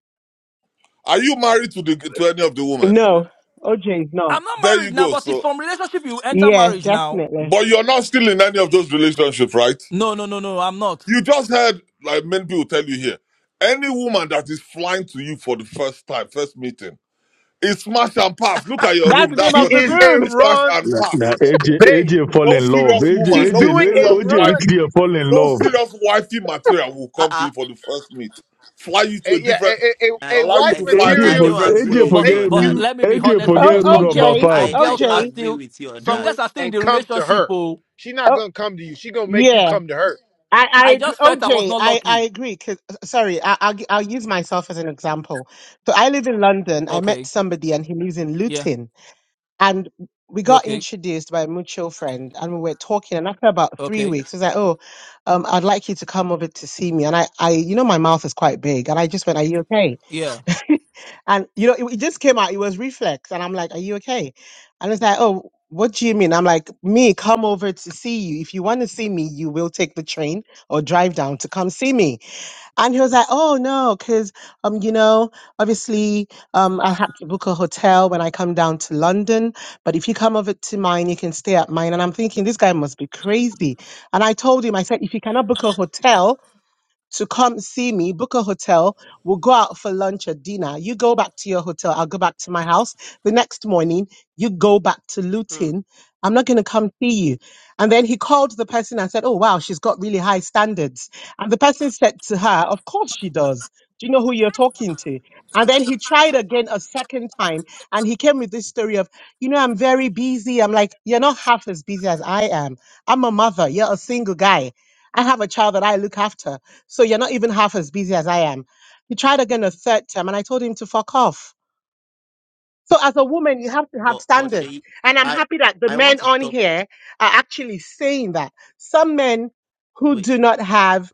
Are you married to the to any of the women?
No, OJ is
I'm
not.
not
There
married
you
now,
go.
but it's
So
from relationship you enter
Yeah,
marriage now.
definitely.
but you're not still in any of those relationships, right?
No, no, no, no, I'm not.
You just heard, like many people tell you here, any woman that is flying to you for the first time, first meeting, is smash and pass. Look at your
That's
room.
the name
That's
She
of
what
the
it
is
is.
room.
a
Smash
run
and
Na nah,
pass.
AJ,
babe.
AJ fall
No
in love.
serious
AJ,
woman,
She's
AJ,
no
doing
le-
a
serious
OJ reach
wifey,
run.
there fall in
no
love.
serious wifey material will
Ah,
come to
ah,
you for the first meet. Fly you to a
A- yeah, a,
different,
a, a,
I,
a
allow you
wife
I
to
don't,
fly to a
AJ,
I
material
for,
don't
different
AJ
agree
city.
will
with
But
you
make
forget
on
but
rule.
that.
you
let me be
AJ
honest with
Oh,
you.
forget rule
Some
number
girls,
OJ,
five.
some
I, I
girls
don't
are
OJ.
agree
still
with you on
some
that.
doing
girls are still in
and
the
come to
relationship.
her.
Oh,
She's not
Oh,
gonna come to you. She gonna make you
yeah.
come to her.
I, I
I
agree.
just felt I was
OJ,
not
I, I
lucky.
agree. 'cause- uh, sorry, I, I'll, gi- I'll use myself as an example. So I live in London. I met
Okay.
somebody and he lives in
Yeah.
Luton. And we got
Okay.
introduced by a mutual friend and we were talking. And after about three
Okay.
weeks, he was like, Oh, um, I'd like you to come over to see me. And I, I, you know, my mouth is quite big. And I just went, Are you okay?
Yeah.
and, you know, it, it just came out. It was reflex. And I'm like, Are you okay? And it's like, Oh, what do you mean? I'm like, Me, come over to see you. If you want to see me, you will take the train or drive down to come see me. And he was like, "Oh no, because um, you know, obviously, um, I have to book a hotel when I come down to London. But if you come over to mine, you can stay at mine." And I'm thinking, this guy must be crazy. And I told him, I said, "If you cannot book a hotel." to come see me, book a hotel. We'll go out for lunch or dinner. You go back to your hotel. I'll go back to my house. The next morning, you go back to
Hmm.
Luton. I'm not going to come see you. And then he called the person and said, Oh, wow, she's got really high standards. And the person said to her, Of course she does. Do you know who you're talking to? And then he tried again a second time and he came with this story of, You know, I'm very busy. I'm like, You're not half as busy as I am. I'm a mother. You're a single guy. I have a child that I look after. So you're not even half as busy as I am. He tried again a third time, and I told him to fuck off. So as a woman, you have to have
But, but
standards.
Shay,
And I'm
I,
happy that the
I want
men
to
on
talk.
here are actually saying that. Some men who
Wait,
do not have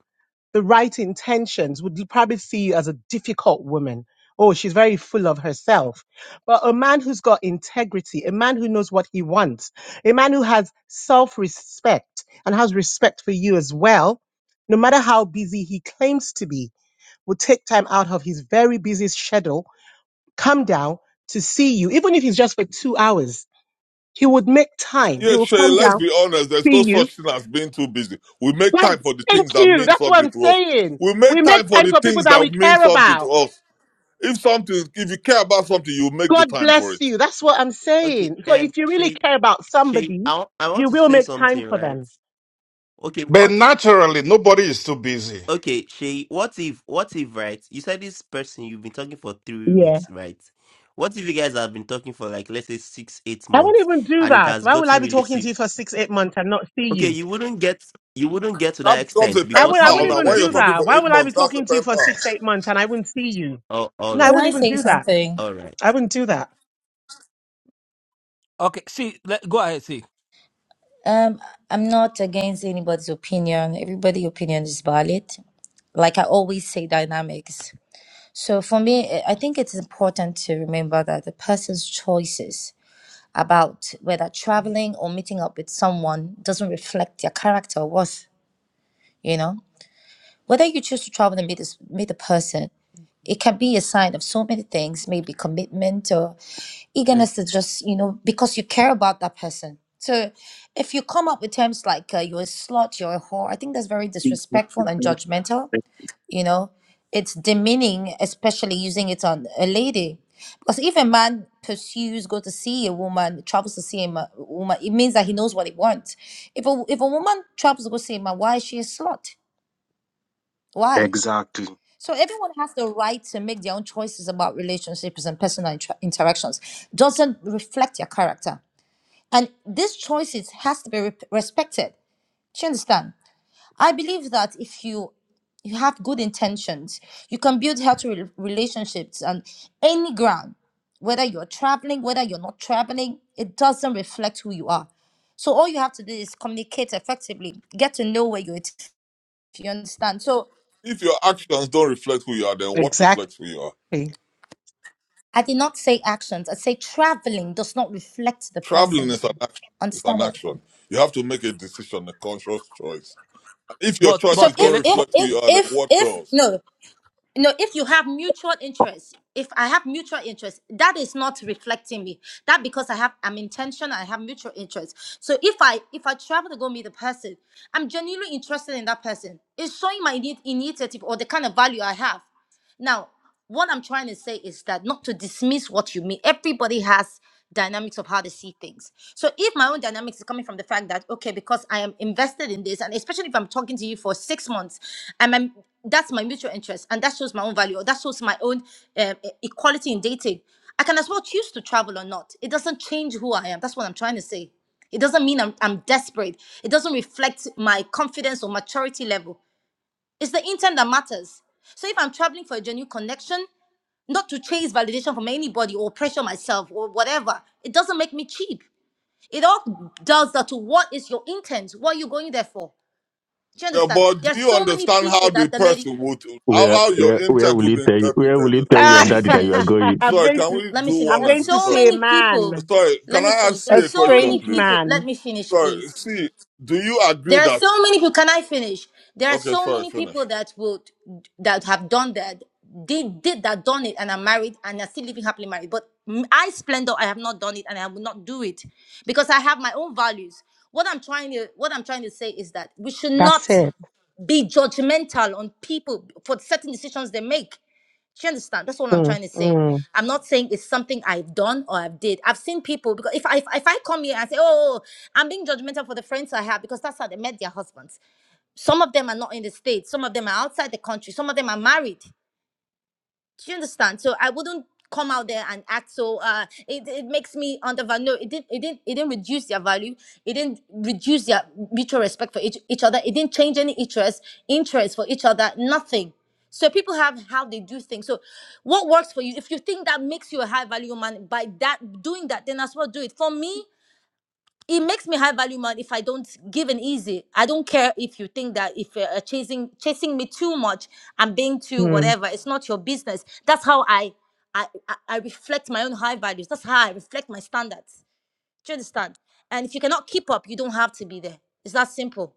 the right intentions would probably see you as a difficult woman. Oh, she's very full of herself. But a man who's got integrity, a man who knows what he wants, a man who has self respect and has respect for you as well, no matter how busy he claims to be would take time out of his very busy schedule, come down to see you, even if it's just for two hours. He would make time. He
Yeah,
will
Shay,
come
let's
down,
be honest. There's no
see you.
such thing as being too busy. We make
God,
time for the
thank
things that
you.
mean
That's what
something
I'm
to us.
saying.
We
We
make
make
time for
time
the
for people
things
that we
that mean
care
something to
about.
us. If something, if you care about something, you make the
God
time for
bless
it.
you. That's what I'm
okay.
saying. So
Um,
if you really
Shay,
care about
Shay,
somebody,
I, wa- I want
you
to
will
say
make time
something,
for
right?
them.
Okay,
But
what?
naturally, nobody is too busy.
Okay, Shay, what if, what if, right? You said this person you've been talking for three
Yeah.
weeks, right? What if you guys have been talking for like let's say six, eight
I won't
months,
even do
and it
that.
has
Why will I
gotten
be
really
talking to
se-
you for six, eight months and not see
Okay,
you?
you wouldn't get, you wouldn't get to that
That becomes a
extent
I
before
pen
will. I
pal.
seeing
wouldn't
the
Now,
even
when you're
do
person.
talking
that.
for
Why
eight
will I be
months, that's a
talking to you
pen
for
pal.
six, eight months and I wouldn't see you?
Oh, all
No, I
Can
right,
wouldn't
I
even
say
do that.
something?
all right.
I wouldn't do that.
Okay. See, let, go ahead, see.
Um, I'm not against anybody's opinion. Everybody's opinion is valid. Like I always say, dynamics. So for me, I I think it's important to remember that the person's choices about whether traveling or meeting up with someone doesn't reflect their character or worth, you know? Whether you choose to travel and meet this meet a person, it can be a sign of so many things, maybe commitment or eagerness to just, you know, because you care about that person. So if you come up with terms like uh, you're a slut, you're a whore, I think that's very disrespectful and judgmental you know it's demeaning especially using it on a lady because if a man pursues go to see a woman travels to see a ma- woman it means that he knows what he wants if a, if a woman travels to go see a man why is she a slut why
Exactly.
so everyone has the right to make their own choices about relationships and personal intra- interactions doesn't reflect your character and these choices has to be re- respected do you understand I believe that if you you have good intentions, you can build healthy rel- relationships on any ground, whether you're traveling, whether you're not traveling, it doesn't reflect who you are. So all you have to do is communicate effectively, get to know where you're. at, if You understand? So
If your actions don't reflect who you are, then what
Exactly.
reflects who you are?
I did not say actions. I say traveling does not reflect the
Traveling
person.
is an action. It's an
Understand what I
action.
mean?
You have to make a decision, a conscious choice. And if your
But
So
choices
but
don't
if
Kele,
if
reflect who you
if
are, then
if
what
if
does?
no, no if you have mutual interest if i have mutual interest that is not reflecting me that because i have i'm intentional i have mutual interest so if i if i travel to go meet the person i'm genuinely interested in that person it's showing my need, initiative or the kind of value i have now what i'm trying to say is that not to dismiss what you mean everybody has dynamics of how they see things so if my own dynamics is coming from the fact that okay because i am invested in this and especially if i'm talking to you for six months and I'm that's my mutual interest and that shows my own value or that shows my own um, e- equality in dating i can as well choose to travel or not it doesn't change who i am that's what i'm trying to say it doesn't mean i'm, I'm desperate it doesn't reflect my confidence or maturity level it's the intent that matters so if i'm traveling for a genuine connection not to chase validation from anybody or pressure myself or whatever it doesn't make me cheap it all does that to what is your intent what are you going there for do you
Yeah,
understand
but do
there are
you
so many
understand how
people
the
that the lady
person would, how,
Where,
how your
where, where
intent
will
would
he
be
tell you? Where will
interpreted
he
as
tell
well?
your
let me
I'm
daddy that you are
finish
going?
Sorry,
going
can
to
we
Let me
do
finish.
I'm
one
There's
at
going
a
to
so
Sorry,
see a
many people.
man,
sorry. Can
Let me
I
finish.
ask
a
There's
you a
so
question,
many
strange
please?
people. Let
man.
me finish,
Sorry.
please.
See, do you agree
There are
that?
so many people. Can I finish? There are
Okay,
so
sorry,
many people
finish.
that would that have done that. Did did that done it and are married and are still living happily married. But m- I splendor, I have not done it and I will not do it because I have my own values. What I'm trying to what I'm trying to say is that we should
That's
not
it.
be judgmental on people for certain decisions they make. Do you understand? That's all I'm
Mm,
trying to say.
mm,
I'm not saying it's something I've done or I've did. I've seen people because if I if, I come here and say, oh, oh, oh, I'm being judgmental for the friends I have because that's how they met their husbands. Some of them are not in the states. Some of them are outside the country. Some of them are married. Do you understand? So I wouldn't come out there and act so uh it, it makes me undervalue no it didn't it didn't it didn't reduce their value it didn't reduce their mutual respect for each, each other it didn't change any interest interest for each other nothing so people have how they do things so what works for you if you think that makes you a high value man by that doing that then as well do it for me it makes me high value man if I don't give and easy. I don't care if you think that if you're uh, chasing chasing me too much, I'm being too
mm.
whatever. It's not your business. That's how I I I I reflect my own high values. That's how I reflect my standards. Do you understand? And if you cannot keep up, you don't have to be there. It's that simple.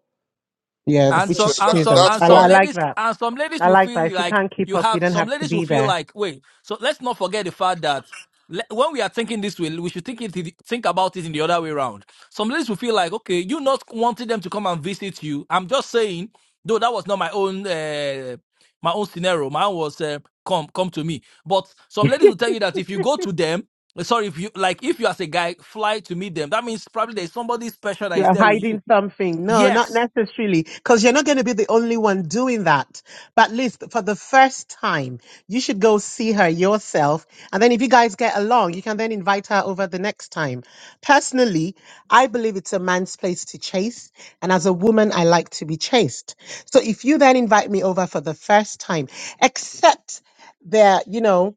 Yeah, th-
and
That's
which
it.
some
Yeah,
is
and
that,
true
some
though.
that's
and
I, li-
some
I
fine.
like
ladies
that.
and some ladies
I
will
like that.
feel
If you
like
can't keep
you
up, you
have
don't
some
have to
ladies will
be
feel
there.
like wait so let's not forget the fact that le- when we are thinking this way we should think it the- think about it in the other way around some ladies will feel like okay you not wanting them to come and visit you i'm just saying though that was not my own uh, my own scenario mine was uh, come come to me but some ladies will tell you that if you go to them uh, sorry if you like if you as a guy fly to meet them that means probably there's somebody special that is
You're
there with you
hiding something. No, not
yes
necessarily, because you're not going to be the only one doing that. But at least for the first time, you should go see her yourself. And then if you guys get along, you can then invite her over the next time. Personally, I believe it's a man's place to chase. And as a woman, I like to be chased. So if you then invite me over for the first time, except there, you know,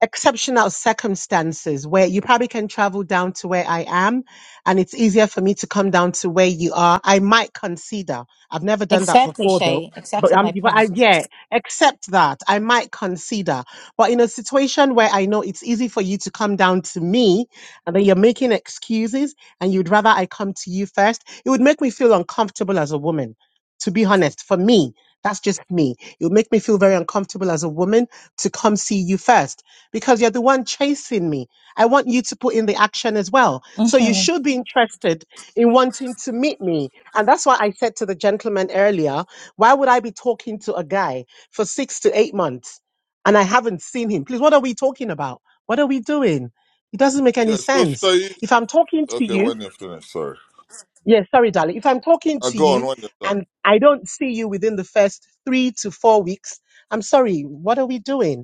exceptional circumstances where you probably can travel down to where I am and it's easier for me to come down to where you are. I might consider. I've never done that before though. But I'm but I, yeah, accept that. I might consider. But in a situation where I know it's easy for you to come down to me and then you're making excuses and you'd rather I come to you first, it would make me feel uncomfortable as a woman. To be honest, for me, that's just me. It would make me feel very uncomfortable as a woman to come see you first because you're the one chasing me. I want you to put in the action as well. So you
Mhm.
should be interested in wanting to meet me. And that's why I said to the gentleman earlier, why would I be talking to a guy for six to eight months and I haven't seen him? Please, what are we talking about? What are we doing? It doesn't make
Yeah,
any
so
sense.
Shayi.
If I'm talking to
Okay,
you,
when you're finished, sorry.
yeah, sorry, darling. If I'm talking
Uh,
to
go
you
on when you're done.
and I don't see you within the first three to four weeks, I'm sorry, what are we doing?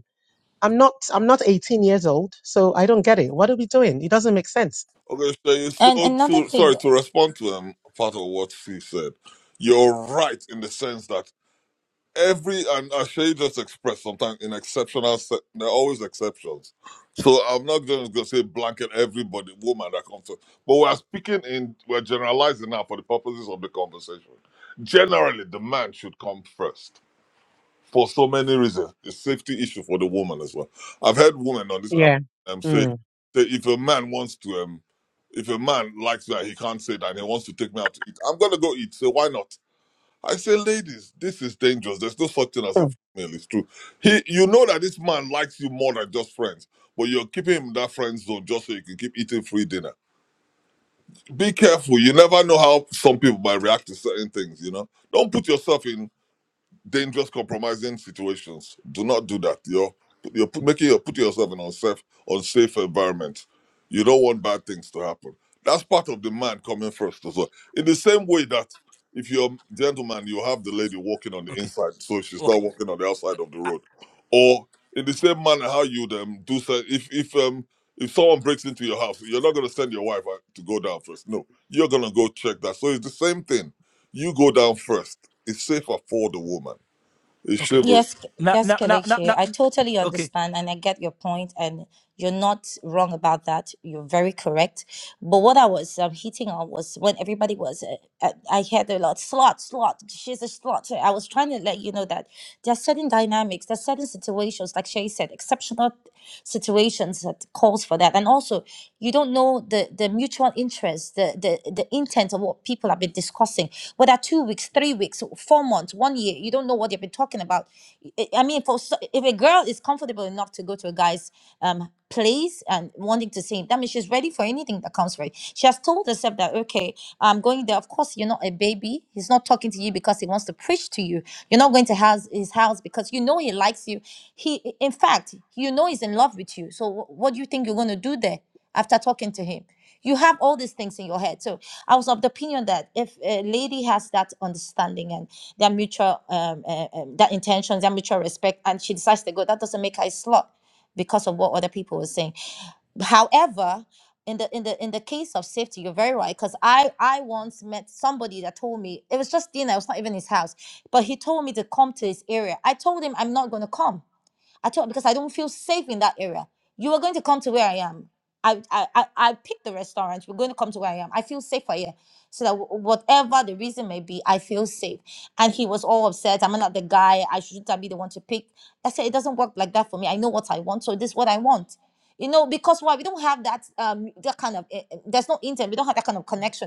I'm not I'm not 18 years old, so I don't get it. What are we doing? It doesn't make sense.
Okay, Shayi,
And
so
another
to,
thing,
sorry, to respond to um, part of what she said, you're right in the sense that every and Ashay just expressed sometimes in exceptional se- there are always exceptions. So I'm not just gonna say blanket everybody woman that comes to but we're speaking in we're generalizing now for the purposes of the conversation. Generally the man should come first for so many reasons. It's safety issue for the woman as well. I've heard women on this app
Yeah.
um, say
Mm.
say if a man wants to um if a man likes that he can't say that and he wants to take me out to eat, I'm gonna go eat. So why not? I say, ladies, this is dangerous. There's no such thing as a
Hmm.
female. It's true. He, you know that this man likes you more than just friends, but you're keeping him in that friend zone just so you can keep eating free dinner. Be careful. You never know how some people might react to certain things. You know, don't put yourself in dangerous, compromising situations. Do not do that. You're you're put, making you are putting yourself in unsafe, unsafe environment. You don't want bad things to happen. That's part of the man coming first as well. In the same way that if you're a gentleman, you have the lady walking on the
okay
inside, so she's
okay
not walking on the outside of the road. Or in the same manner, how you um, do so, if if um if someone breaks into your house, you're not gonna send your wife uh, to go down first. No, you're gonna go check that. So it's the same thing. You go down first. It's safer for the woman is
Okay.
chivalry.
Yes, K-
Now,
yes,
now, now, now,
Kelechi.
now.
I totally
Okay.
understand and I get your point, and you're not wrong about that. You're very correct. But what I was um, hitting on was when everybody was, uh, uh, I heard a lot, slot, slot, she's a slot. So I was trying to let you know that there are certain dynamics, there are certain situations, like Shay said, exceptional situations that calls for that. And also, you don't know the, the mutual interest, the, the, the intent of what people have been discussing whether two weeks, three weeks, four months, one year, you don't know what they've been talking about I I mean, for so, if a girl is comfortable enough to go to a guy's um place and wanting to see him, that means she's ready for anything that comes for it. She has told herself that okay, I'm going there. Of course, you're not a baby. He's not talking to you because he wants to preach to you. You're not going to house because you next you. He, in fact, you know, he's in love with you. So there. him. You have all these things in your head. So I was of the opinion that if a lady has that understanding and their mutual, um, uh, um, their intentions, their mutual respect, and she decides to go, that doesn't make her a slut because of what other people were saying. However, in the in the in the case of safety, you're very right. Because I I once met somebody that told me it was just dinner. It was not even his house, but he told me to come to area. I told him I'm not going to come. I told because I don't feel safe in that area. You are going to come to where I am. I feel s- so that w- w- and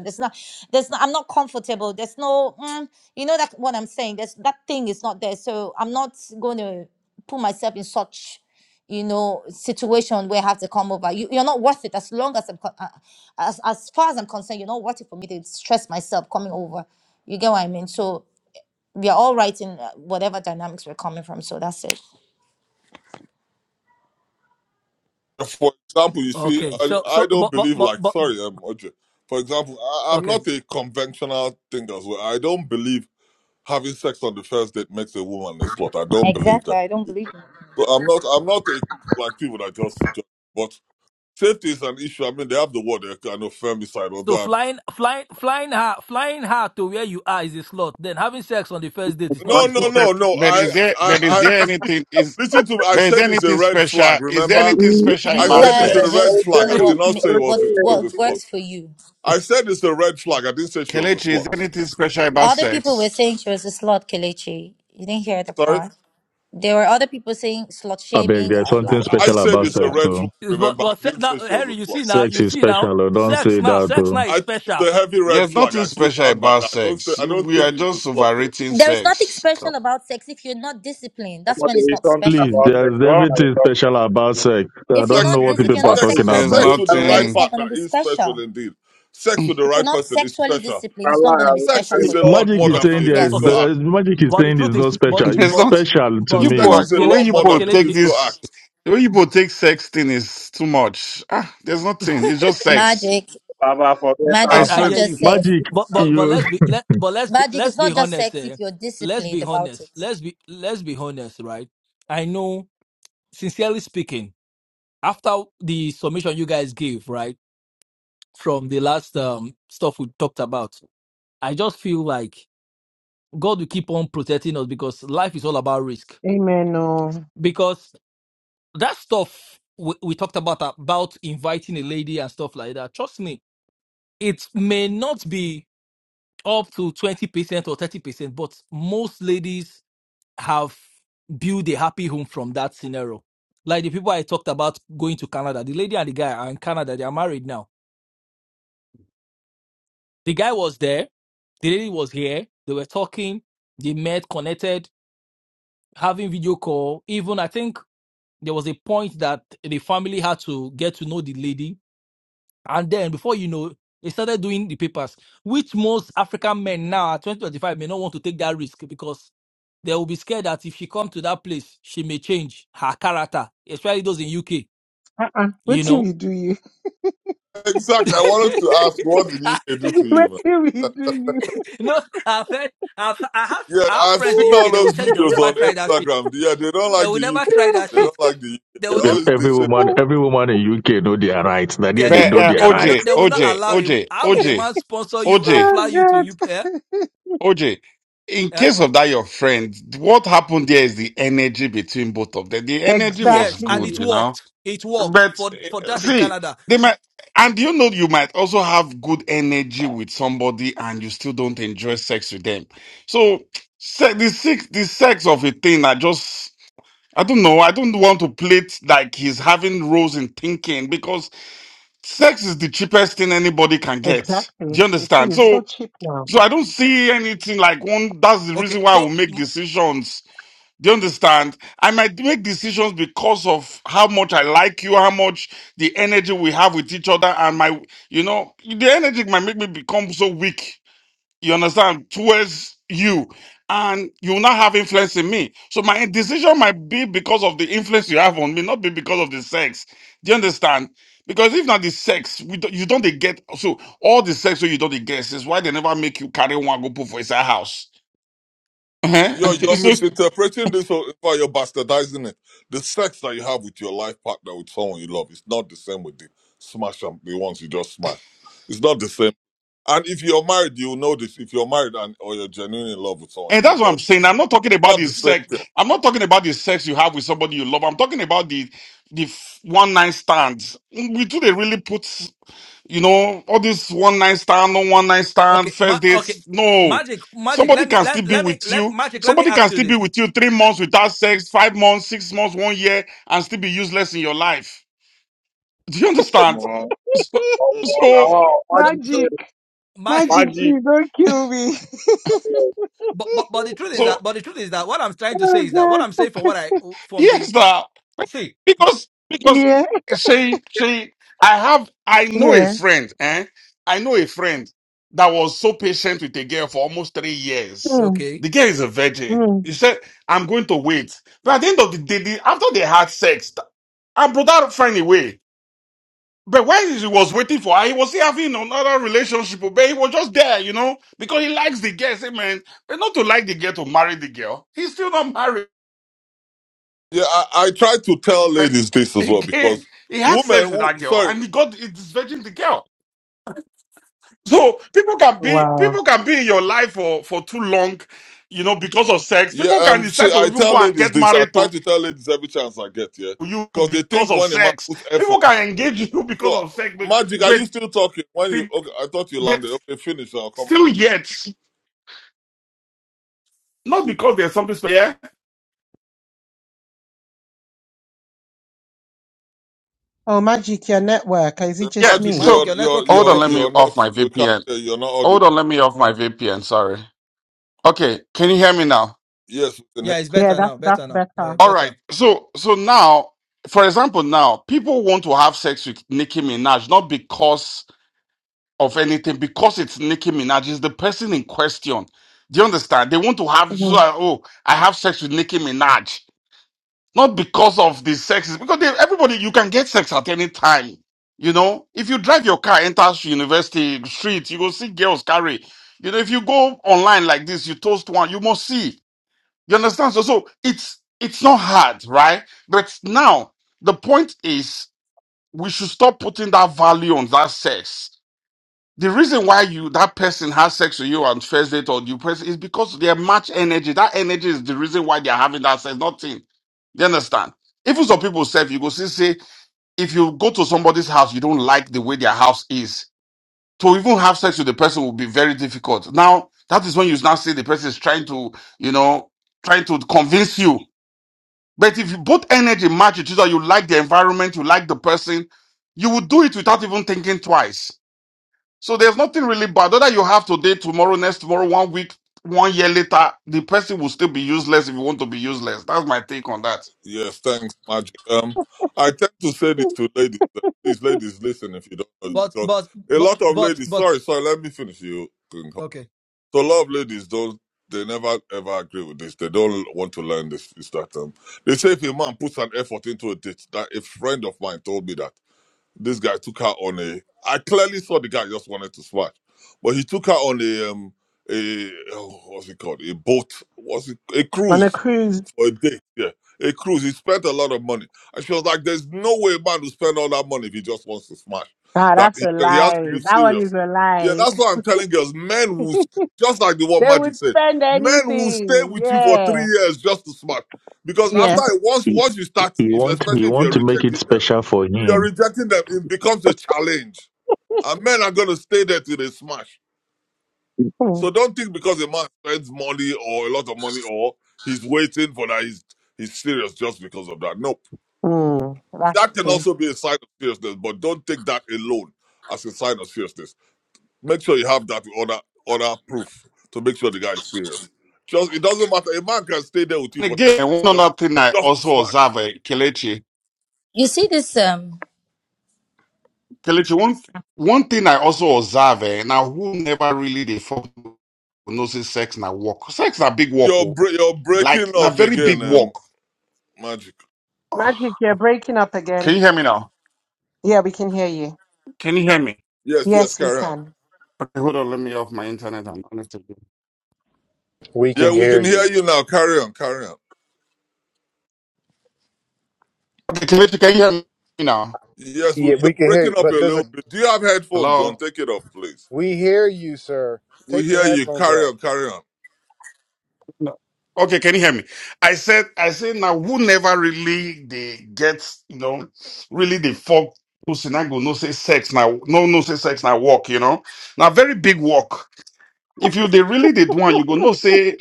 there's not there's not, i'm not comfortable there's no mm, you know that what i'm saying there's that thing is not there so i'm not going to put myself in such you know situation where i have to come over you, you're not worth it as long as i'm co- uh, as, as far as i'm concerned you're not worth it for me to stress myself coming over you get what i mean so we are all right in uh, whatever dynamics we're coming from so that's it
For example, you see,
Okay.
I,
So,
I
so,
don't
but, but,
believe
but,
like
but,
sorry, um, Audrey. For example, I, I'm
okay.
not a conventional thing as well. I don't believe having sex on the first date makes a woman a slut. I don't believe that. So I'm not I'm not a like people that just judge. But safety is an issue. I mean, they have the word they kind of femicide or
So
that.
flying, flying, flying her, flying her to where you are is a slot. Then having sex on the first date is
What
not
No,
a
no,
is
slot.
no, no.
but
I
is there,
I
but is
I
there
see,
anything, is,
listen to me. I
but is there
said it's a
anything
red
special?
flag.
Is there
Remember,
anything
Mm,
special
I
You
about
said
OJ,
it's
guys
a
sex?
red
just
You
flag.
do
be,
I
OJ,
did
what
not
ma-
say it was
what
it
OJ.
was a
what
slut.
works
I'm
for you.
I said it's a red flag. I didn't say she was a
Kelechi, is
slut.
there anything special about
Other people were
sex?
saying she was a slut, Kelechi. You didn't hear the
Sorry,
part. There were other people saying slut
I beg,
shaming,
there's
uh, blah
something
blah.
I
special
to
said
about
it's a
sex,
People.
red
too.
flag.
it's- but,
Remember, I
but se-
didn't
now,
say she was a
Harry, you see
slut.
now,
Sex
you
is
see now,
special. oh, Don't
sex
say
now,
that,
sex now
too.
is
I think
special.
it's a heavy red
There's
flag.
nothing
I still
special
stand by
about
that. I don't. Say,
sex.
I
You,
don't
we are
think she's a
just
slut though.
overrating
There is nothing
sex. Come.
special about sex if you're not disciplined. That's
going
when
to
it's
do
not
something
special
Please,
for
about
you.
there's
sexual. I'm going to
everything
talk
special about sex. I
If you're
don't
Sex,
know
not
it,
what
this,
you
if
it-
you're
people are
not
about
sex,
talking
sexual.
sexually
There's
about.
sex with the
I'm
disciplined, then
going
right
it's
nothing.
not going
partner
to be
is special
special.
indeed. Sex with the
If you're
right
not
person is
sexually
special.
disciplined, it's not going to be
Sex
special
is
for
a
you.
lot
Magic
more
is
than
Okay.
a
saying there's,
physical
okay.
Yes,
act.
there's magic is
But the
saying is
truth
not
is, but,
special.
There's
It's
but,
not
special to
you
but,
Sex
me.
both.
is
but,
a
The
Kele,
way
lot
you
more
but
than
both
a
take
Kelechi,
physical
this,
act.
the way you both take sex thing is too much. Ah, there's nothing. It's just sex.
magic.
to talk about
Magic
I
sexual.
is
I
not
swear.
hear
just
you.
sex.
Magic.
But but but
you.
let's be let but let's be
Magic
let's
is
be
not just
honest.
sex if
Eh?
you're
Let's be
disciplined about
honest.
it.
Let's be let's be honest, right? I know, sincerely speaking, after the submission you guys gave, right, from the last um stuff we talked about, I just feel like God will keep on protecting us because life is all about risk.
Amen. No.
Because that stuff we, we talked about about inviting a lady and stuff like that. Trust me, it may not be. up to 20% or 30%, but most ladies have built a happy home from that scenario. Like the people I talked about going to Canada, the lady and the guy are in Canada, they are married now. The guy was there, the lady was here, they were talking, they met, connected, having video call. Even I think there was a point that the family had to get to know the lady. And then before you know, they started doing the papers, which most African men now at 2025 may not want to take that risk because They will be scared that if she come to that place, she may change her character, especially those in UK.
Uh-uh. What
You
till
know,
we do you?
Exactly. I wanted to ask, what did
I,
UK do to you,
what
man?
till we do you?
no, I've heard, I've, I have,
Yeah,
I have
I've
friends
seen
in
all
UK. They will
those
tell you they will
videos
never
on
try that shit.
Instagram. Yeah, they don't
They
like
will
the
never
UK.
try that
They
shit.
don't like the UK.
They
They
will
Every
never.
always
every
dissing the
woman, every woman in UK know their rights. Now there
They
they
not.
But
know
uh,
They
their
will not.
rights.
OJ,
They will not
OJ,
allow him.
OJ,
How will a
OJ,
man sponsor you and
OJ,
oh
fly you
God.
to UK? Eh?
OJ. In
Eh?
case of that, your friend, what happened there is the energy between both of them. The energy was
Yes, and
good,
it
Exactly.
you know.
worked. It worked
But
for for
uh,
that in
see,
Canada.
they might, and you know, you might also have good energy with somebody, and you still don't enjoy sex with them. So se- the sex, the sex of a thing, I just, I don't know, I don't want to play it like he's having roles in thinking because sex is the cheapest thing anybody can get. Do
Exactly.
you
It
understand?
is so
So,
cheap now.
so I don't see anything like one. That's the
Okay,
reason why I
so
will make
mm,
decisions do you understand? I might make decisions because of how much I like you, how much the energy we have with each other, and my, you know, the energy might make me become so weak, you understand, towards you. And you will not have influence in me. So my decision might be because of the influence you have on me, not be because of the sex. Do you understand? Because if not the sex, we don't, you don't dey get, so all the sex wey you don't dey get is why they never make you carry one go put for inside house.
You're,
mm,
you're
Uh-huh.
misinterpreting this, or in fact, you're bastardizing it. The sex that you have with your life partner, with someone you love, it's not the same with the smash and the ones you just smash. It's not the same. And if you're married, you'll know this. If you're married and or you're genuinely in love with someone,
And
you'll
that's what
know
I'm
this.
saying. I'm not talking about
Not
the
the same
sex.
thing.
I'm not talking about the sex you have with somebody you love. I'm talking about the the one night stands. Mm, We do they really put you know all this one night stand, no one night stand,
okay, ma-
first
okay,
dates? No.
magic, magic.
Somebody
Let me
can still
let,
be
let me
with
let
you.
magic. Let me
Somebody
ask
can
you
still be
this.
with you three months without sex, five months, six months, one year, and still be useless in your life. Do you understand?
No.
So
Oh,
so
no.
So
Magic,
so
Magic,
my
magic,
magic,
please don't kill me.
but, but but the truth is
so.
that but the truth is that what I'm trying to
Oh
say is that what
God.
I'm saying for what I from
Yes,
the
now
see ma-
because because
Yeah,
she she I have I know a
yeah.
friend, eh? I know a friend that was so patient with a girl for almost three years.
Mm,
okay
The girl is a virgin.
mm.
He said, "I'm going to wait." But at the end of the day, the, after they had sex, th- and brother find a way. But when he was waiting for her, he was still having another relationship. oh, But he was just there, you know, because he likes the girl. Say, man, but not to like the girl to marry the girl. He's still not married.
Yeah, I, I try to tell
But
ladies this as well because
again, he had
women,
sex with
who-
that girl
sorry,
and he got he disvirgin the girl. So people can be
Wow.
people can be in your life for, for too long, you know, because of sex.
Yeah,
People can
um, see,
decide to
I
even
tell
go and
ladies
get
this. I
married
try
to
to tell ladies every chance I get, yeah,
you
because they
because
think
of
when a man
sex.
puts effort.
People can engage you
So,
because of sex, but
magic, are
but,
you still talking? When
but,
you, okay, I thought you landed.
but
Okay, finish. I'll come
still
after you.
yet, not because there's something special. Yeah?
Oh, magic, your network. Is
Yeah,
it just
Yeah.
Magic,
me?
magic
you're,
So
your
you're,
network is
hold on,
you're,
let
breaking
me
you're
off
not.
my
We can't.
VPN.
hear you, are not
Hold
audible.
on, let me off my VPN, sorry. Okay, can you hear me now?
Yes, we can hear
yeah it's
Yeah,
better
that's
now
that's
better now yeah
better.
All right.
better
So so now, for example, now people want to have sex with Nicki Minaj not because of anything, because it's Nicki Minaj. It's the person in question. Do you understand? They want to have so,
Mhm.
uh, oh, I have sex with Nicki Minaj not because of the sex, because they, everybody you can get sex at any time. You know, if you drive your car, enter university street, you go see girls carry. You know, if you go online like this, you toast one, you must see. You understand? So, so it's it's not hard, right? But now the point is, we should stop putting that value on that sex. The reason why you that person has sex with you on first date or you person is because they match energy. That energy is the reason why they are having that sex. Nothing. You understand? Even some people say, you go see, say if you go to somebody's house, you don't like the way their house is. To even have sex with the person will be very difficult. Now that is when you now see the person is trying to, you know, trying to convince you but if you both energy matches, so you like the environment, you like the person, you would do it without even thinking twice. So there's nothing really bad. Whether you have today, tomorrow, next tomorrow, one week, one year later, the person will still be useless if you want to be useless. That's my take on that.
Yes, thanks, magic. Um, I tend to say this to ladies. uh, Please, ladies, listen if you don't know this,
but
because
but
a
but
lot of
but
ladies.
but
Sorry, sorry. Let me finish. You.
okay
So a lot of ladies don't they never ever agree with this. They don't want to learn this is that um they say if a man puts an effort into a date, that a friend of mine told me that this guy took her on a I clearly saw the guy just wanted to smash. But he took her on a um a oh, what's it called? A boat, what's it a
On a
cruise
cruise.
for a date, yeah. A cruise, he spent a lot of money. And she was like, there's no way a man will spend all that money if he just wants to smash.
Ah,
That
that's
he,
a
he has
lie.
to be
That one is
serious.
a
Yeah,
lie.
that's why I'm telling girls, men will, st- just like the word
They
Magic
would
said,
spend
men will stay
anything.
with you for
Yeah.
three years just to smash. Because
Yeah.
after, once, once you start,
He
if,
want, he
especially if
want
you're
to make it
rejecting them,
special for
if you're
him.
rejecting them, it becomes a challenge. And men are going to stay there till they smash. So don't think because a man spends money or a lot of money or he's waiting for that he's he's serious just because of that. Nope.
Mm-hmm. That's
That can
good.
also be a sign of seriousness, but don't take that alone as a sign of seriousness. Make sure you have that with other other proof to make sure the guy is serious. Just it doesn't matter. A man can stay there with you
And
for ten
again, one
just
other thing I
just to
also
smash.
observe, eh, Kelechi,
You see this um.
Kelechi, one one thing I also observe, eh, now who never really they fuck no say sex na work. Sex na big work,
You're
oh.
bre- you're
like
breaking
na
up
very
again,
big
um,
work.
magic.
Magic,
Ah,
you're breaking up
Can you
again.
hear me now?
Yeah, we can hear you.
Can you hear me?
Yes, yes,
Yes, we
carry on.
can.
Okay, hold on. Let me off my internet. I'm honest with you.
We
Yeah,
can
we
hear
can hear
you.
you now. Carry on, carry on.
Okay, Kelechi, can you hear me now?
Yes,
Yeah,
we- you're
we can hear you,
breaking up a
but there's a
little bit. Do you have headphones on?
Hello.
Take it off, please.
we hear you, sir.
We
Take
hear
your
you.
headphones
Carry
off.
on, carry on.
No. Okay, can you hear me? I said, I said now, who never really they get, you know, really the fuck who say now go no say sex now, no no say sex now walk, you know. Now very big walk. If you they really did one, you go no say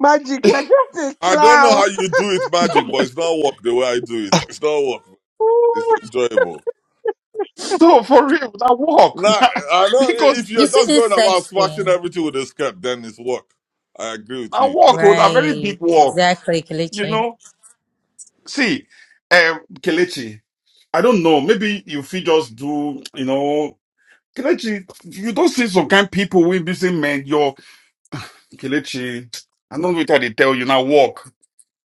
Magic, you're just a
I don't know how
clown.
you do it, magic, but it's not work the way I do it. It's not work. It's
Ooh.
enjoyable.
no for real that walk
Now, I know
because
if
You
you're
see
just going
this
about
sex
smashing
thing,
everything with a skirt, then it's work. I agree with
that
you. You're
walk with
just
a
going
very
about-
right?
big walk,
Exactly,
you
Kelechi.
know. See, um, Kelechi, I don't know. Maybe if you just do, you know, Kelechi, you don't see some kind people we busy men. Your Kelechi, I don't know what they tell you now. Walk,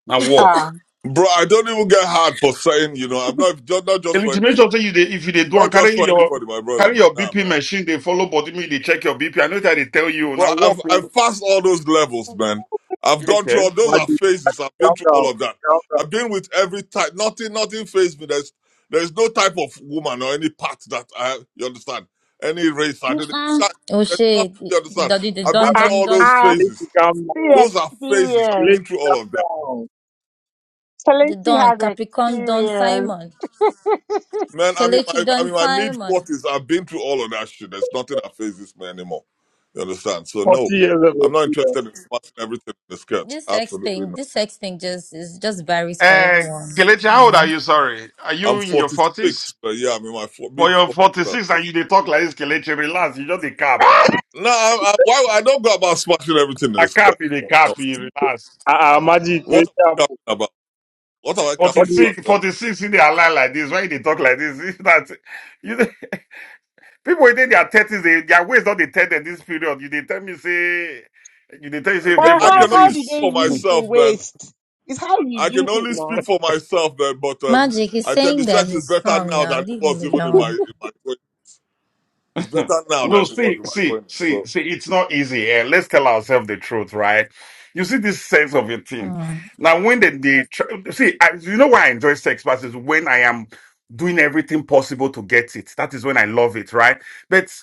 now
ah,
walk.
Bro, I don't even get hard for saying, you know, I'm not just not just for
Kelechi, make sure say you dey- if you they do and
not just
carry
for
your
anybody, my brother.
carry
Man.
your
Nah,
BP
man.
machine, they follow body me. They check your BP. I know that they tell you
Bro,
now. Walk.
I've
oh.
I've passed all those levels, man. I've gone through
Okay.
all those are
magic.
phases. I've
Calm
been through
down,
all of that.
calm down.
I've been with every type. Nothing, nothing phased me. There's there's no type of woman or any part that I you understand. Any race, I didn't.
Ah,
That, there's
O'Shea,
nothing
the
you
the
understand.
Duddy, the
I've been
Don,
through
ah,
Don,
all those
Don,
ah,
Please
phases.
calm down.
the
Those are phases. I've
Please
experience.
been through
calm
all of that,
down.
the
Felicity
Don,
has
Capricorn, Don
experience.
Simon,
man. I mean,
Kelechi,
my I
Don
mean, my mid
Simon.
forties. I've been through all of that shit. There's nothing that phases me anymore. You understand? So
40
no,
years
I'm not
ago.
interested in smashing everything in the skirt.
This sex
Absolutely
thing, this sex thing just is just varies for
Uh,
everyone.
Kelechi, how old are
Yeah.
you? Sorry, are
I'm
you in your forties?
46, but yeah, I'm in my four,
For
mid 40s.
your forty
now,
six,
bro.
and you they talk like this, Kelechi. Relax. You just the cap.
No, I, I, why I don't go about smashing everything in
I
this guy.
copy the
No.
copy, relax.
I I imagine magic,
What am
wait
I
up.
capping about? What am I capping
What do you
about?
46,
Um,
46 in their line like this. Why they talk like this? It's not, you, know, people within their thirties, they, their ways not they tell this period. You they tell me say you they tell me, say if
yeah,
they
Well,
I can
how,
only
how
speak
do
46.
they
for
use the
myself, man.
waste? It's how you
I can
use it
only speak
now.
for myself, man. But um,
Magic, is
I tell you,
saying that
sex is
he's
better
strong
now
now.
than it
Leave him
was even in my
alone.
in my 20s. It's better now
no,
than it was
see,
in my
see,
20s.
see,
So,
see, it's not easy. eh. Let's tell ourselves the truth, right? You see this sense of a thing.
Mm.
Now, when they, they try, see, I, you know why I enjoy sex classes when I am doing everything possible to get it. That is when I love it, right? But.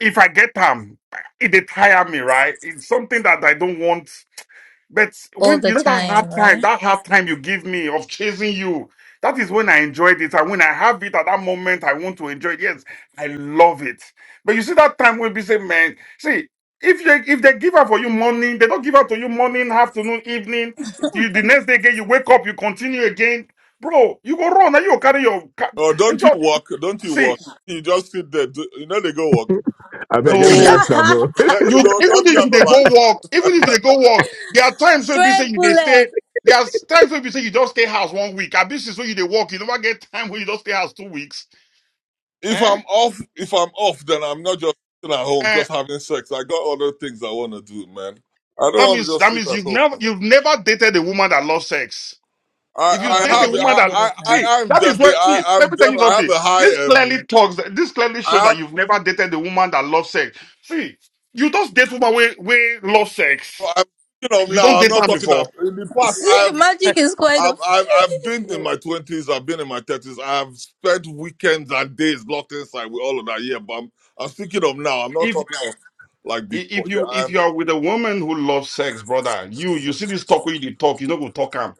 if I get them, it they tire me, right? It's something that I don't want. But
All
when
the
you know that
time,
hard time,
right?
that hard time you give me of chasing you, that is when I enjoyed it. And when I have it at that moment, I want to enjoy it. Yes, I love it. But you see that time when we say, man, see, if you if they give up for you morning, they don't give up to you morning, afternoon, evening. You, the next day again, you wake up, you continue again, bro. You go run, and you go carry your ca-
oh, don't you
enjoy.
walk? Don't you walk?
See,
You just sit there. Do, you know they go walk.
I beg, let me
no.
ask that, bro.
You
you
even
know, don't you
if you
have a
they
life?
go walk, even if they go walk, there are times where you say
Stray
you they stay.
bullet.
There are times where you say you just stay house one week. And this is where you they walk. You never get time where you just stay house two weeks.
if
Eh?
I'm off, if I'm off, then I'm not just sitting at home
Eh?
just having sex. I got other things I want to do, man. I don't
That
want to
means
just
that
sit
means
at
you've
home.
never
Man.
you've never dated a woman that loves sex.
I
If you
I
date a
have
Oh, I
woman
I
that
get
I
it
see
now.
I am
that is
definitely
what
I
see.
I'm
Let me tell you
definitely I have
something.
a
This
high
clearly
um
talks. This clearly shows
I
that
have
you've never dated a woman that loves sex. See, you just date woman where where love sex.
I'm thinking of
You
now.
don't
I'm
date
not
her
talking
before
of in the past. I've
Magic is quite.
I've
a
I've, I've been in my twenties. I've been in my thirties. I've spent weekends and days locked inside with all of that. Yeah, but I'm I'm speaking of now. I'm not talking of like before.
if
Yeah,
you if
I've
you are with a woman who loves sex, brother, you you see this talk where you dey talk, you no go talk am.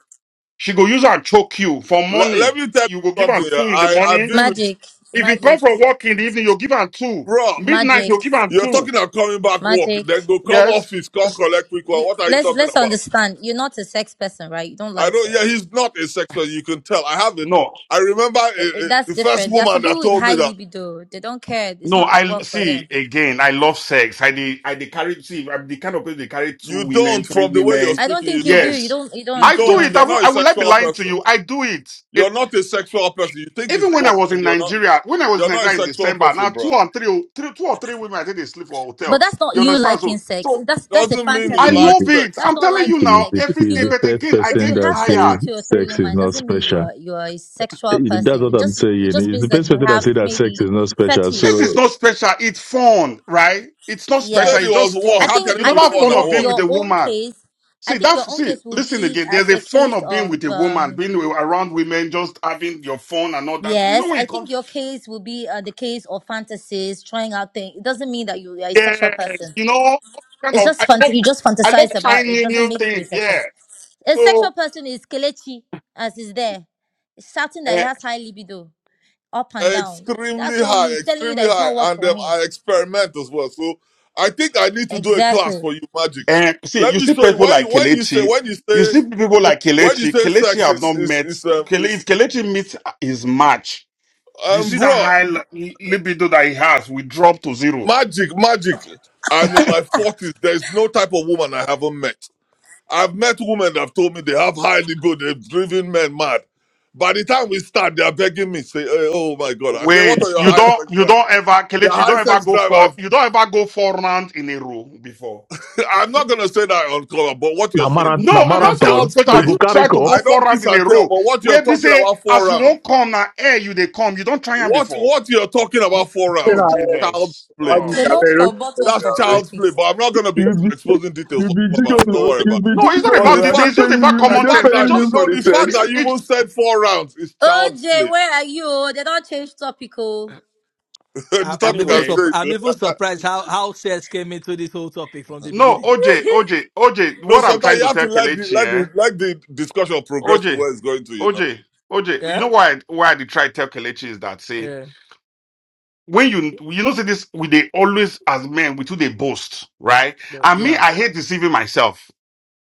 She go use and choke you for
let, let
morning.
me tell
You go
you
give
something.
her two
Yeah,
in the
I I've
morning.
been with
magic,
If you come
magic,
from work in the evening, you give her two.
Bro,
Midnight,
magic,
you give her
you're
two.
talking about coming back work,
magic.
then go come
Yes.
office, come collect quick one.
you,
What are you
let's
talking
let's
about?
understand. You're not a sex person, right? You don't
I
like
know, yeah,
sex.
he's not a sex person, you can tell. I have it.
No,
I remember eh,
Th-
eh,
that's
the first
different. There are
woman
some people
that
with
told me
high
that
libido. They don't care. It's
no.
not
I
work for
see
them.
again. I love sex. I dey I dey carry. See, I'm the kind of person they carry two
you
women,
don't,
three
from the way you're
women.
I don't
speaking, you
think you do.
don't.
You
Yes,
don't. You
You
I
don't. You
do
don't.
it.
don't.
I
You're
would
not a
I would like be
sexual
lying to
person.
you. I do it.
You're not a sexual person. You think it's
Even when
work
I was
and
in
you're not
Nigeria, when I was in
you're not a
Nigeria in
sexual
December, now
person,
two
bro.
or three, three two or three women, I think they sleep for a
But
hotel.
that's not
You
you
understand?
liking
So,
sex.
so
That's that's a
Doesn't mean you
I
fantasy.
He's
like
love
the,
it.
sex.
That's
I'm
not
telling you
liking
he's
now,
sex.
the,
every
If
he's
day.
the
you
But
first
again, I
if
person
you
get
that
have sex
tired.
with
says
two or three
sex is
women, it
not
doesn't mean you
special.
are you are a
Eh,
sexual
That's
person.
what
It
I'm
just it
saying.
just
He's
means
the
that
first
you
person that
have
says that sex is
maybe
not special.
This
fetish
is
So,
not special. It's fun, right? It's not
You
special.
said
It's
it
Yes.
was
just
work.
I
fun.
How
think
You
can it
I
know
be
that
think
fun
fun
at
your
of
work?
being with
your
a
own
woman.
case I
See
think
that.
your own
See,
case will
listen
be
again. There's
as
a
a
fun
case
of being
of
with a woman,
um
being wi- around women, just having your fun and all that. You know
yes,
when
I
you come,
think your case will be uh, the case of fantasies, trying out things. It doesn't mean that you are a sexual
yes.
person.
You know, kind
It's
of. I
just
love.
fant- you just
I love
fantasize
trying
about it.
new
Doesn't
new
make you
things.
sexual.
Yeah.
A
So
sexual person is Kelechi as is there, shouting that he
And,
has high libido up and down. That's
extremely
when
high,
he's telling you
extremely
that it's
high,
not work
and
for
um,
him.
I experiment as well. So I think I need to do a class
Exactly.
for you, magic.
and see,
Let
you
me
see
show you
people
when you
like
when you say
Kelechi.
when you
You
say
see people like
when you
Kelechi.
say
Kelechi
sex
have
is
not
is
met.
is um,
Kele, if
is,
Kelechi meets his match, do you
um
see that
bro
high li- libido that he has? We drop to zero.
magic magic. I'm in my forties. There's no type of woman I haven't met. I've met women that have told me they have high libido, they've driven men mad. By the time we start, they are begging me, say, eh, "Oh my God!" I say, "What are
Wait,
your
you
high
don't,
sex
you
drive?"
don't ever,
The
Kelechi, you
high
don't ever
sex
go for,
drive.
you don't ever go four rounds in a row before.
I'm not going to say that on color, but what you're
na
saying
mara- na
No, I'm
is
asking you,
marathon,
child's
but
you
have
play.
go
you
carry
tried to
cup.
go
I
four
don't
rounds
kiss
in
and
a
tell,
row?
but what you're
Where they
talking
say,
about four
as you
rounds,
won't come now, air you they come. You don't try them
what
before.
what you're talking about four
say
Oh
rounds
now?
is child's
Jesus.
play
Magic,
to
I imagine it
Oh.
me.
are very rich. Yes, they
That's
are very-
child's play, but I'm not going to be
You be,
exposing details
you
on
be
clubhouse. Don't
gigolo,
worry
you
about it.
No,
be
it's not
But
about
the
gigolo. I
details. It's
don't
fact,
pay
just about
you,
the
I
common
don't
fact
sense.
pay
It's
that
just
you for
no,
the
the fact
sex.
that you
It,
even said four rounds is
OJ,
child's play.
where are you? They don't change topic. Oh.
the
I, I'm
topic
even
has
anyway,
surp- I'm
changed.
even surprised how how sales came into this whole topic from the
no,
beginning
OJ, OJ, OJ,
No,
what I'm
sometimes
trying
you
to
have
tell
to let the
Kelechi,
let
eh?
the let the discussion progress to
OJ,
where it's going to. You know,
OJ, OJ, you
yeah
know why why they try to tell Kelechi is that say
yeah
when you you know say this we they always as men we too they boast, right?
no,
And me,
yeah
I hate deceiving myself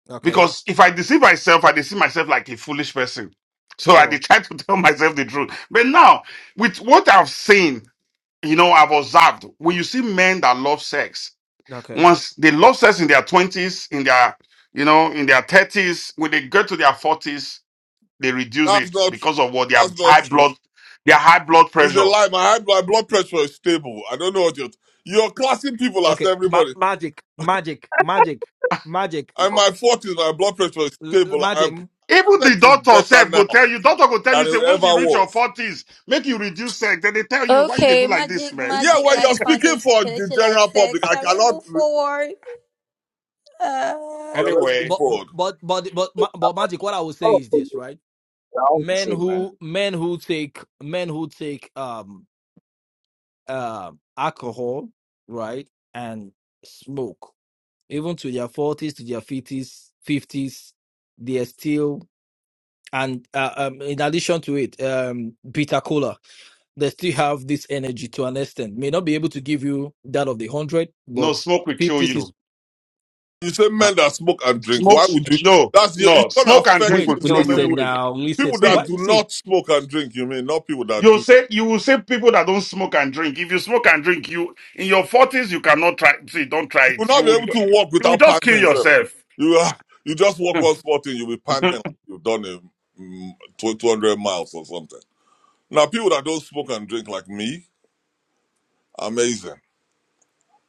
okay
because if I deceive myself, I deceive myself like a foolish person. So I dey
sure
try to tell myself the truth. But now, with what I've seen, you know, I've observed when you see men that love sex,
okay
Once they lost us in their 20s, in their, you know, in their 30s, when they get to their 40s, they reduce
that's
it
not true.
because of what their
That's not
high
true.
blood, their high blood
He a
pressure.
lie. my high my blood pressure is stable. I don't know what you're. You're classing people as
okay ma-
everybody.
magic magic magic magic
I'm in my forties. My blood pressure is
L-
stable.
magic
I'm
Even the
sex is
doctor
better
self
now
go tell you, doctor go tell you,
than
say
it ever
once you reach your
was.
40s, make you reduce sex. Then they tell you, why you they do
Okay,
like this,
magic,
man?
yeah,
magic
when you're
likes
speaking
fantasy.
for the
Kelechi likes
general public,
sex.
I
Can we
cannot.
move forward? Uh...
Yeah,
Okay,
let's move
Anyway,
but
forward.
but but but ma- but magic. What I would
All
say
of
is
us,
this,
we
right?
are all the
Men
same, man.
who men who take men who take um uh, alcohol, right, and smoke, even to their forties, to their fifties, fifties, they are still and uh, um in addition to it, um bitter cola, they still have this energy to an extent. May not be able to give you that of the hundred,
no,
but
smoke will kill
fifties
you.
is.
You say
Uh,
men that smoke and drink.
Smoke,
Why would you?
no,
That's your, it's
no,
gonna
smoke and
affect
drink
you
Wait,
will
in
kill
so many
listen
you.
ways.
now.
People
Listen.
See.
that
What?
do
See,
not smoke and drink. You mean not people that
you
do."
say you will say people that don't smoke and drink. If you smoke and drink, you in your forties you cannot try. See, don't try
You will
it. You
not be
would
able to walk
you would
without
just kill
panting, sir.
yourself.
You are, you just walk one spot and you'll be panting
so
like you've done a mm, tw- 200 miles or something. Now, people that don't smoke and drink like me, amazing.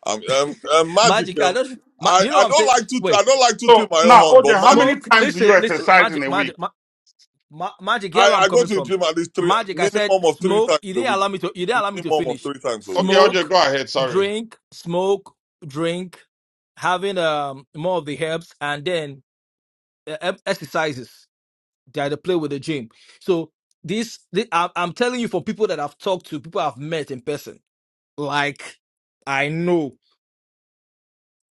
I'm, um, um, magic.
Magic, I
Um,
don't. Ma, do
I,
you know
I
what I'm
don't
saying?
like to I
Wait,
don't like to tip my own
now,
horn,
Oje,
but
how
magic.
many
smoke.
times do you
Listen, listen.
exercise in
Magic,
a week?
magic, ma, ma, magic. Here where
I,
I'm
I go
coming
to the
from.
gym at least three
Magic. I
minimum
said
of three times
smoke. You
a
didn't
week.
allow me to. You didn't allow me to
Minimum of
finish.
three times a week.
Okay, Oje,
Smoke,
go ahead. Sorry.
drink, smoke, drink. Having um more of the herbs and then uh, e- exercises. They had to play with the gym. So this, thi- I- I'm telling you, for people that I've talked to, people I've met in person, like I know.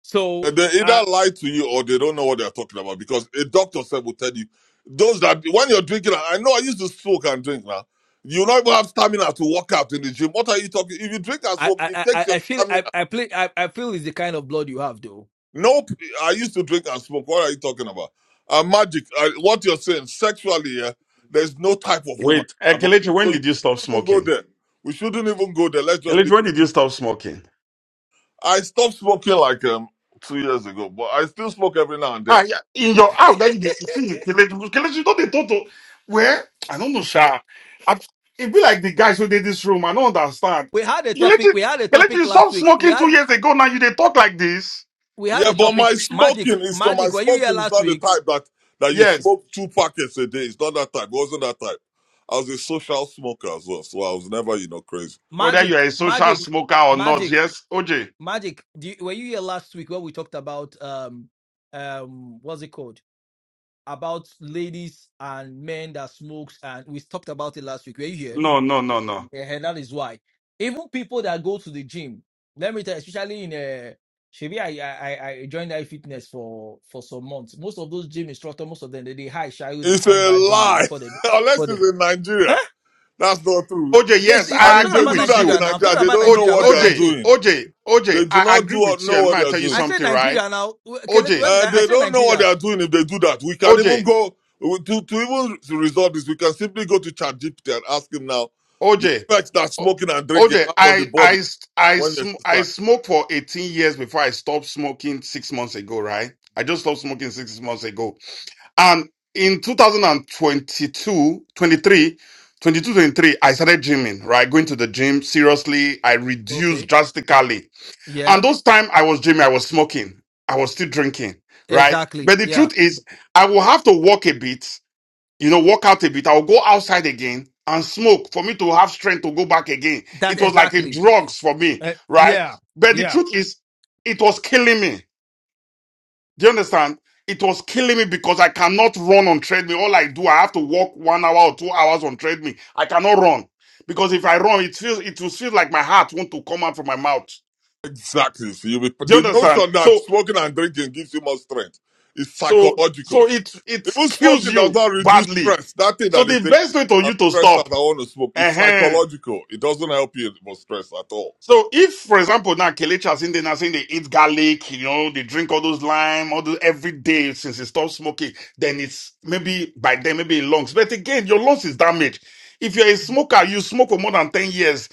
So
They either
uh,
lie to you or they don't know what they're talking about because a doctor said will tell you those that when you're drinking. I know I used to smoke and drink now. You not even have stamina to work out in the gym. What are you talking? If you drink and
I,
smoke,
I,
it
I,
takes
I
your
I feel
stamina.
I, I play I, I feel it's the kind of blood you have, though.
Nope. I used to drink and smoke. What are you talking about? Uh, magic. Uh, what you're saying sexually, yeah, there's no type of woman.
Wait, uh,
I haven't been-
Kelechi, when
So you
did you stop
shouldn't even go
smoking?
there. We shouldn't even go there. Let's just.
Kelechi,
Leave.
when did you stop smoking?
I stopped smoking like um two years ago, but I still smoke every now and
Ah,
then
yeah, in your app that you dey see it, Kelechi, Kelechi you know they talk to where I don't know, Sha. I, it be like the guys who did this room. I don't understand.
We had a topic.
Kelechi,
We had a
Kelechi,
topic
you
last
stopped
week. We
smoking two
had
years ago. Now you they talk like this.
we had
Yeah,
a
but my
topic. Magic,
smoking is not my
magic. Were you here
smoking is
last
not the
week?
type that that you
Yes,
smoke two packets a day. It's not that type. It wasn't that type. I was a social smoker as well, so I was never, you know, crazy.
whether you
Magic,
are a social
magic,
smoker or not.
magic,
Yes, OJ.
magic. Do you, were you here last week when we talked about um um what's it called? about ladies and men that smokes, and we talked about it last week. Were you here?
No, no, no, no.
Yeah, And that is why. Even people that go to the gym, let me tell you, especially in uh Shebi, I, I I I joined I fitness for for some months. Most of those gym instructors, most of them, they, they high shayo, they
It's a
come that gym they,
lie.
before they before
Unless
they.
it's in Nigeria.
Huh?
That's not true.
OJ,
This
yes,
is-
And
I'm
I
if
talking
agree
they
about
do
with
that in
you.
Nigeria now. I'm
Nigeria,
talking
they
about
don't know
OJ,
Nigeria.
what
What
they
did
are
I
OJ,
say?
doing.
OJ, OJ,
They do
I
not
agree
do or
with you.
know
And
what
may I
they are
tell you
doing.
I said
something, right?
Nigeria now. Okay, let you. What
OJ,
did
Uh,
I? I
they
said
don't know what they
Nigeria.
are doing if they do that. We can
OJ.
even go to, to even to resolve this, we can simply go to ChatGPT and ask him now the
OJ,
effects that
O-
smoking and drinking
OJ,
have on the
I
body.
I I
when you
sm- I
exercise.
smoked for 18 years before I stopped smoking six months ago, right? I just stopped smoking six months ago. And in 2022, 23, 22, 23, I started gymming, right? Going to the gym seriously. I reduced
Okay.
drastically. And
Yeah,
those time I was gymming, I was smoking. I was still drinking, right?
exactly.
But the
Yeah,
truth is, I will have to walk a bit you know, walk out a bit. I'll go outside again and smoke for me to have strength to go back again.
that
It was like a
exactly.
drugs for me,
Uh,
right?
yeah,
But the
yeah.
truth is, it was killing me. Do you understand? It was killing me because I cannot run on treadmill. All I do, I have to walk one hour or two hours on treadmill. I cannot run because if I run, it feels it will feel like my heart want to come out from my mouth.
Exactly. So you will,
Do you
the
understand?
notion that
So,
smoking and drinking gives you more strength is
so, so
psychological.
it it
Even
kills
smoking does
you
not reduce
badly.
stress. That thing
So
that they
the
say,
best way for
I'm
you to
stressed that
stop.
I want to smoke, is
Uh-huh.
psychological. It doesn't help you for stress at all.
So if, for example, now Kelechi has they now saying they eat garlic, you know, they drink all those lime, all those every day since they stop smoking, then it's maybe by then maybe in lungs. But again, your lungs is damaged. If you're a smoker, you smoke for more than 10 years,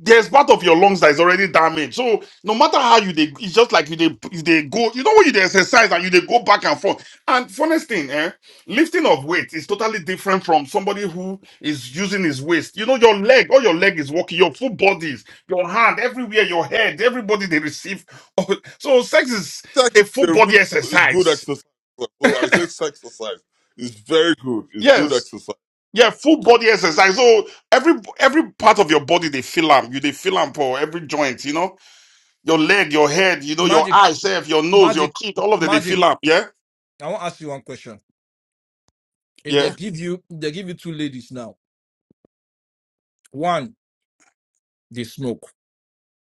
there's part of your lungs that is already damaged. So no matter how you they, it's just like you they you they go. You know when you dey exercise and you they go back and forth. And funnest thing, eh, lifting of weight is totally different from somebody who is using his waist. You know your leg, all your leg is working, your full bodies, your hand, everywhere, your head, everybody they receive. So sex is
Sex
a
is
full
a
body
really good
exercise.
exercise. So I say sex exercise is very good. It's good
Yes.
exercise.
Yeah, full body exercise. So every every part of your body they feel am. You they feel am for every joint, you know Your leg, your head, you know, your
Magic,
eyes, self, your nose, your
magic,
teeth, all of them, they
magic.
fill up. Yeah,
I want to ask you one question. If they
yeah,
give you, if they give you two ladies now. One, they smoke.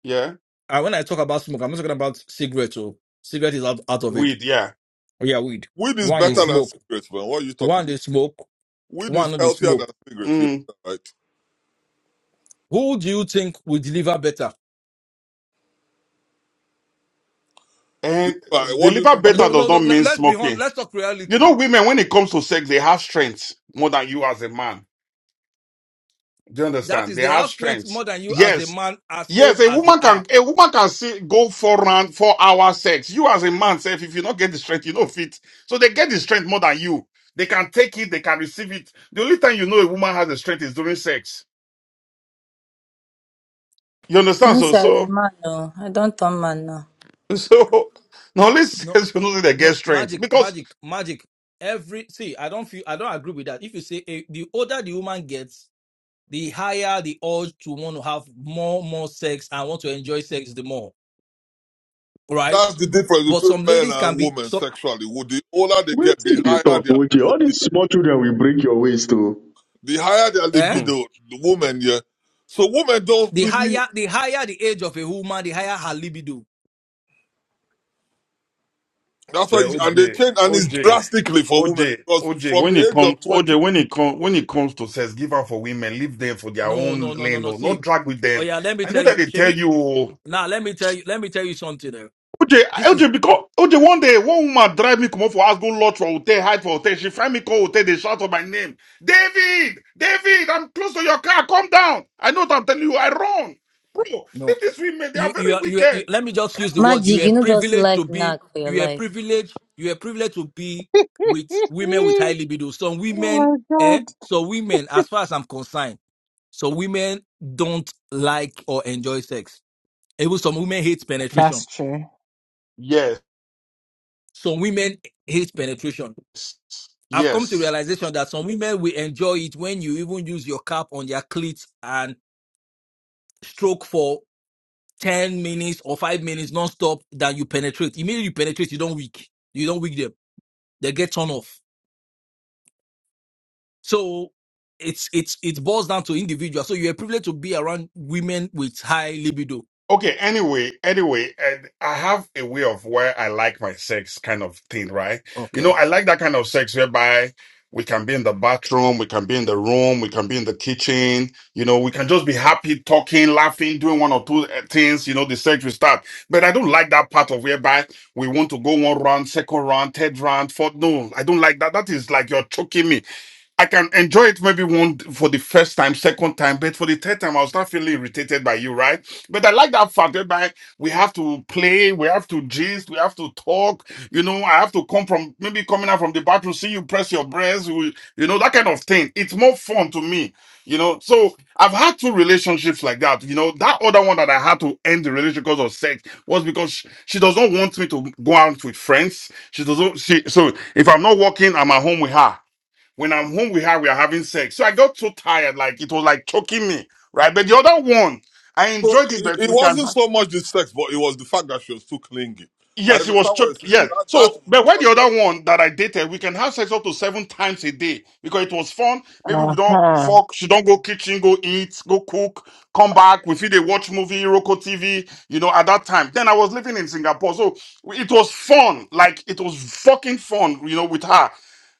yeah.
And when I talk about smoke, I'm not talking about cigarettes. Oh, cigarette is out, out of it.
Weed, yeah.
Oh, yeah, weed.
Weed is
One they
better
Mm.
than
smoke.
cigarettes, man. What are you talking
One they smoke.
about? Weed
One
is
no they
healthier than
smoke.
cigarettes, you
Mm.
know, that, right?
Who do you think will deliver better?
And
Deliver-
the
What do you
liver
mean by
better
No,
does
deliver?
no,
not
no. le-
mean
Let's be honest.
smoking.
Let's talk
You
reality.
know, women, when it comes to sex, they have strengths more than you as a man. Do you
That
understand?
is,
They
they
have
have strength
strengths.
more than you as a
Yes.
man, as
Yes,
old
a
as they
woman
are.
can a woman can see, go four round, four hour sex. You as a man, self, if you not get the strength, you know fit. So they get the strength more than you. They can take it, they can receive it. The only time you know a woman has the strength is during sex. You understand? So,
Once I be
so,
man no, I don't turn man no.
so, now let's
No,
listen, you know, they get
No,
strength
magic,
because,
magic, magic. Every see, I don't feel I don't agree with that. If you say eh, the older the woman gets, the higher the urge to want to have more, more sex and want to enjoy sex the more, right?
That's the difference
But
between
some
men
ladies
and
can be
women
so
sexually. Well, The older they
Wait
get, the
till they
higher
talk,
their
okay? All these
libido.
small children will break your waist, too.
The higher their
eh.
hmm,
libido, the women, yeah. So women don't
The
really.
higher, the higher the age of a woman, the higher her libido.
That's
but
why, you- and they
OJ,
change, and it's
OJ,
drastically for women
OJ,
because
OJ,
from
when it
the age
comes,
of twenty,
OJ, when it comes, when it comes to sex, give up for women, leave them for their
No, no,
own
no, no,
lane,
no.
no, not
See,
drag with
oh
them.
yeah, let me
I know
tell
that
you,
they tell
Shebi.
you,
Now let me tell you, let me tell you something. eh.
OJ,
This is
OJ, because, OJ, one day, one woman drive me, come up for house, go lot for hotel, hide for hotel, she find me, call hotel, they shout for my name. David, David, I'm close to your car, come down. I know what I'm telling you, I run. Bro,
no.
leave these women, they are
you
very
you are you, are-
wicked.
you let me just use the word
Magic,
you are
you no just
privileged to
like
be
knack for your
you are
life.
privileged you are privileged to be with women with high libido some
oh
women
my
eh
god.
so women as far as i'm concerned so women don't like or enjoy sex even some women hate
That's
penetration
true.
Yes,
some women hate penetration i've come to
yes.
realization that some women will enjoy it when you even use your cap on their clit and stroke for. 10 minutes or 5 minutes non-stop that you penetrate. Immediately you penetrate, you don't weak. You don't weak them. They get turned off. So it's it's it boils down to individual. So you're privileged to be around women with high libido.
Okay, anyway, anyway, and I have a way of where I like my sex kind of thing, right? You know,
Okay.
I like that kind of sex whereby we can be in the bathroom, we can be in the room, we can be in the kitchen, you know, we can just be happy, talking, laughing, doing one or two uh, things, you know, the sex will start. But I don't like that part of whereby we want to go one round, second round, third round, fourth. No, I don't like that. That is like you're choking me. I can enjoy it maybe one for the first time, second time, but for the third time, I'll start feeling irritated by you, right? But I like that fact that we have to play, we have to gist, we have to talk. You know, I have to come from maybe coming out from the bathroom, see you press your breast, we, you know, that kind of thing. It's more fun to me, you know. So I've had two relationships like that. You know, that other one that I had to end the relationship because of sex was because she, she does not want me to go out with friends. She doesn't. She so if I'm not working, I'm at home with her when I'm home with her, we are having sex. So I got so tired, like it was like choking me, right? But the other one, I
so
enjoyed it,
it,
but
it
we can
wasn't so much the sex, but it was the fact that she was too clingy. I
Yes, it was
understand what you're
choked.
saying.
Yes.
That that
So, but
would
why
turn
the
me off.
other one that I dated, we can have sex up to seven times a day because it was fun. Maybe we
Uh-huh.
don't fuck. She don't go kitchen, go eat, go cook, come back. We feel they watch movie, Roku TV. You know, at that time, then I was living in Singapore, so it was fun. Like it was fucking fun. You know, with her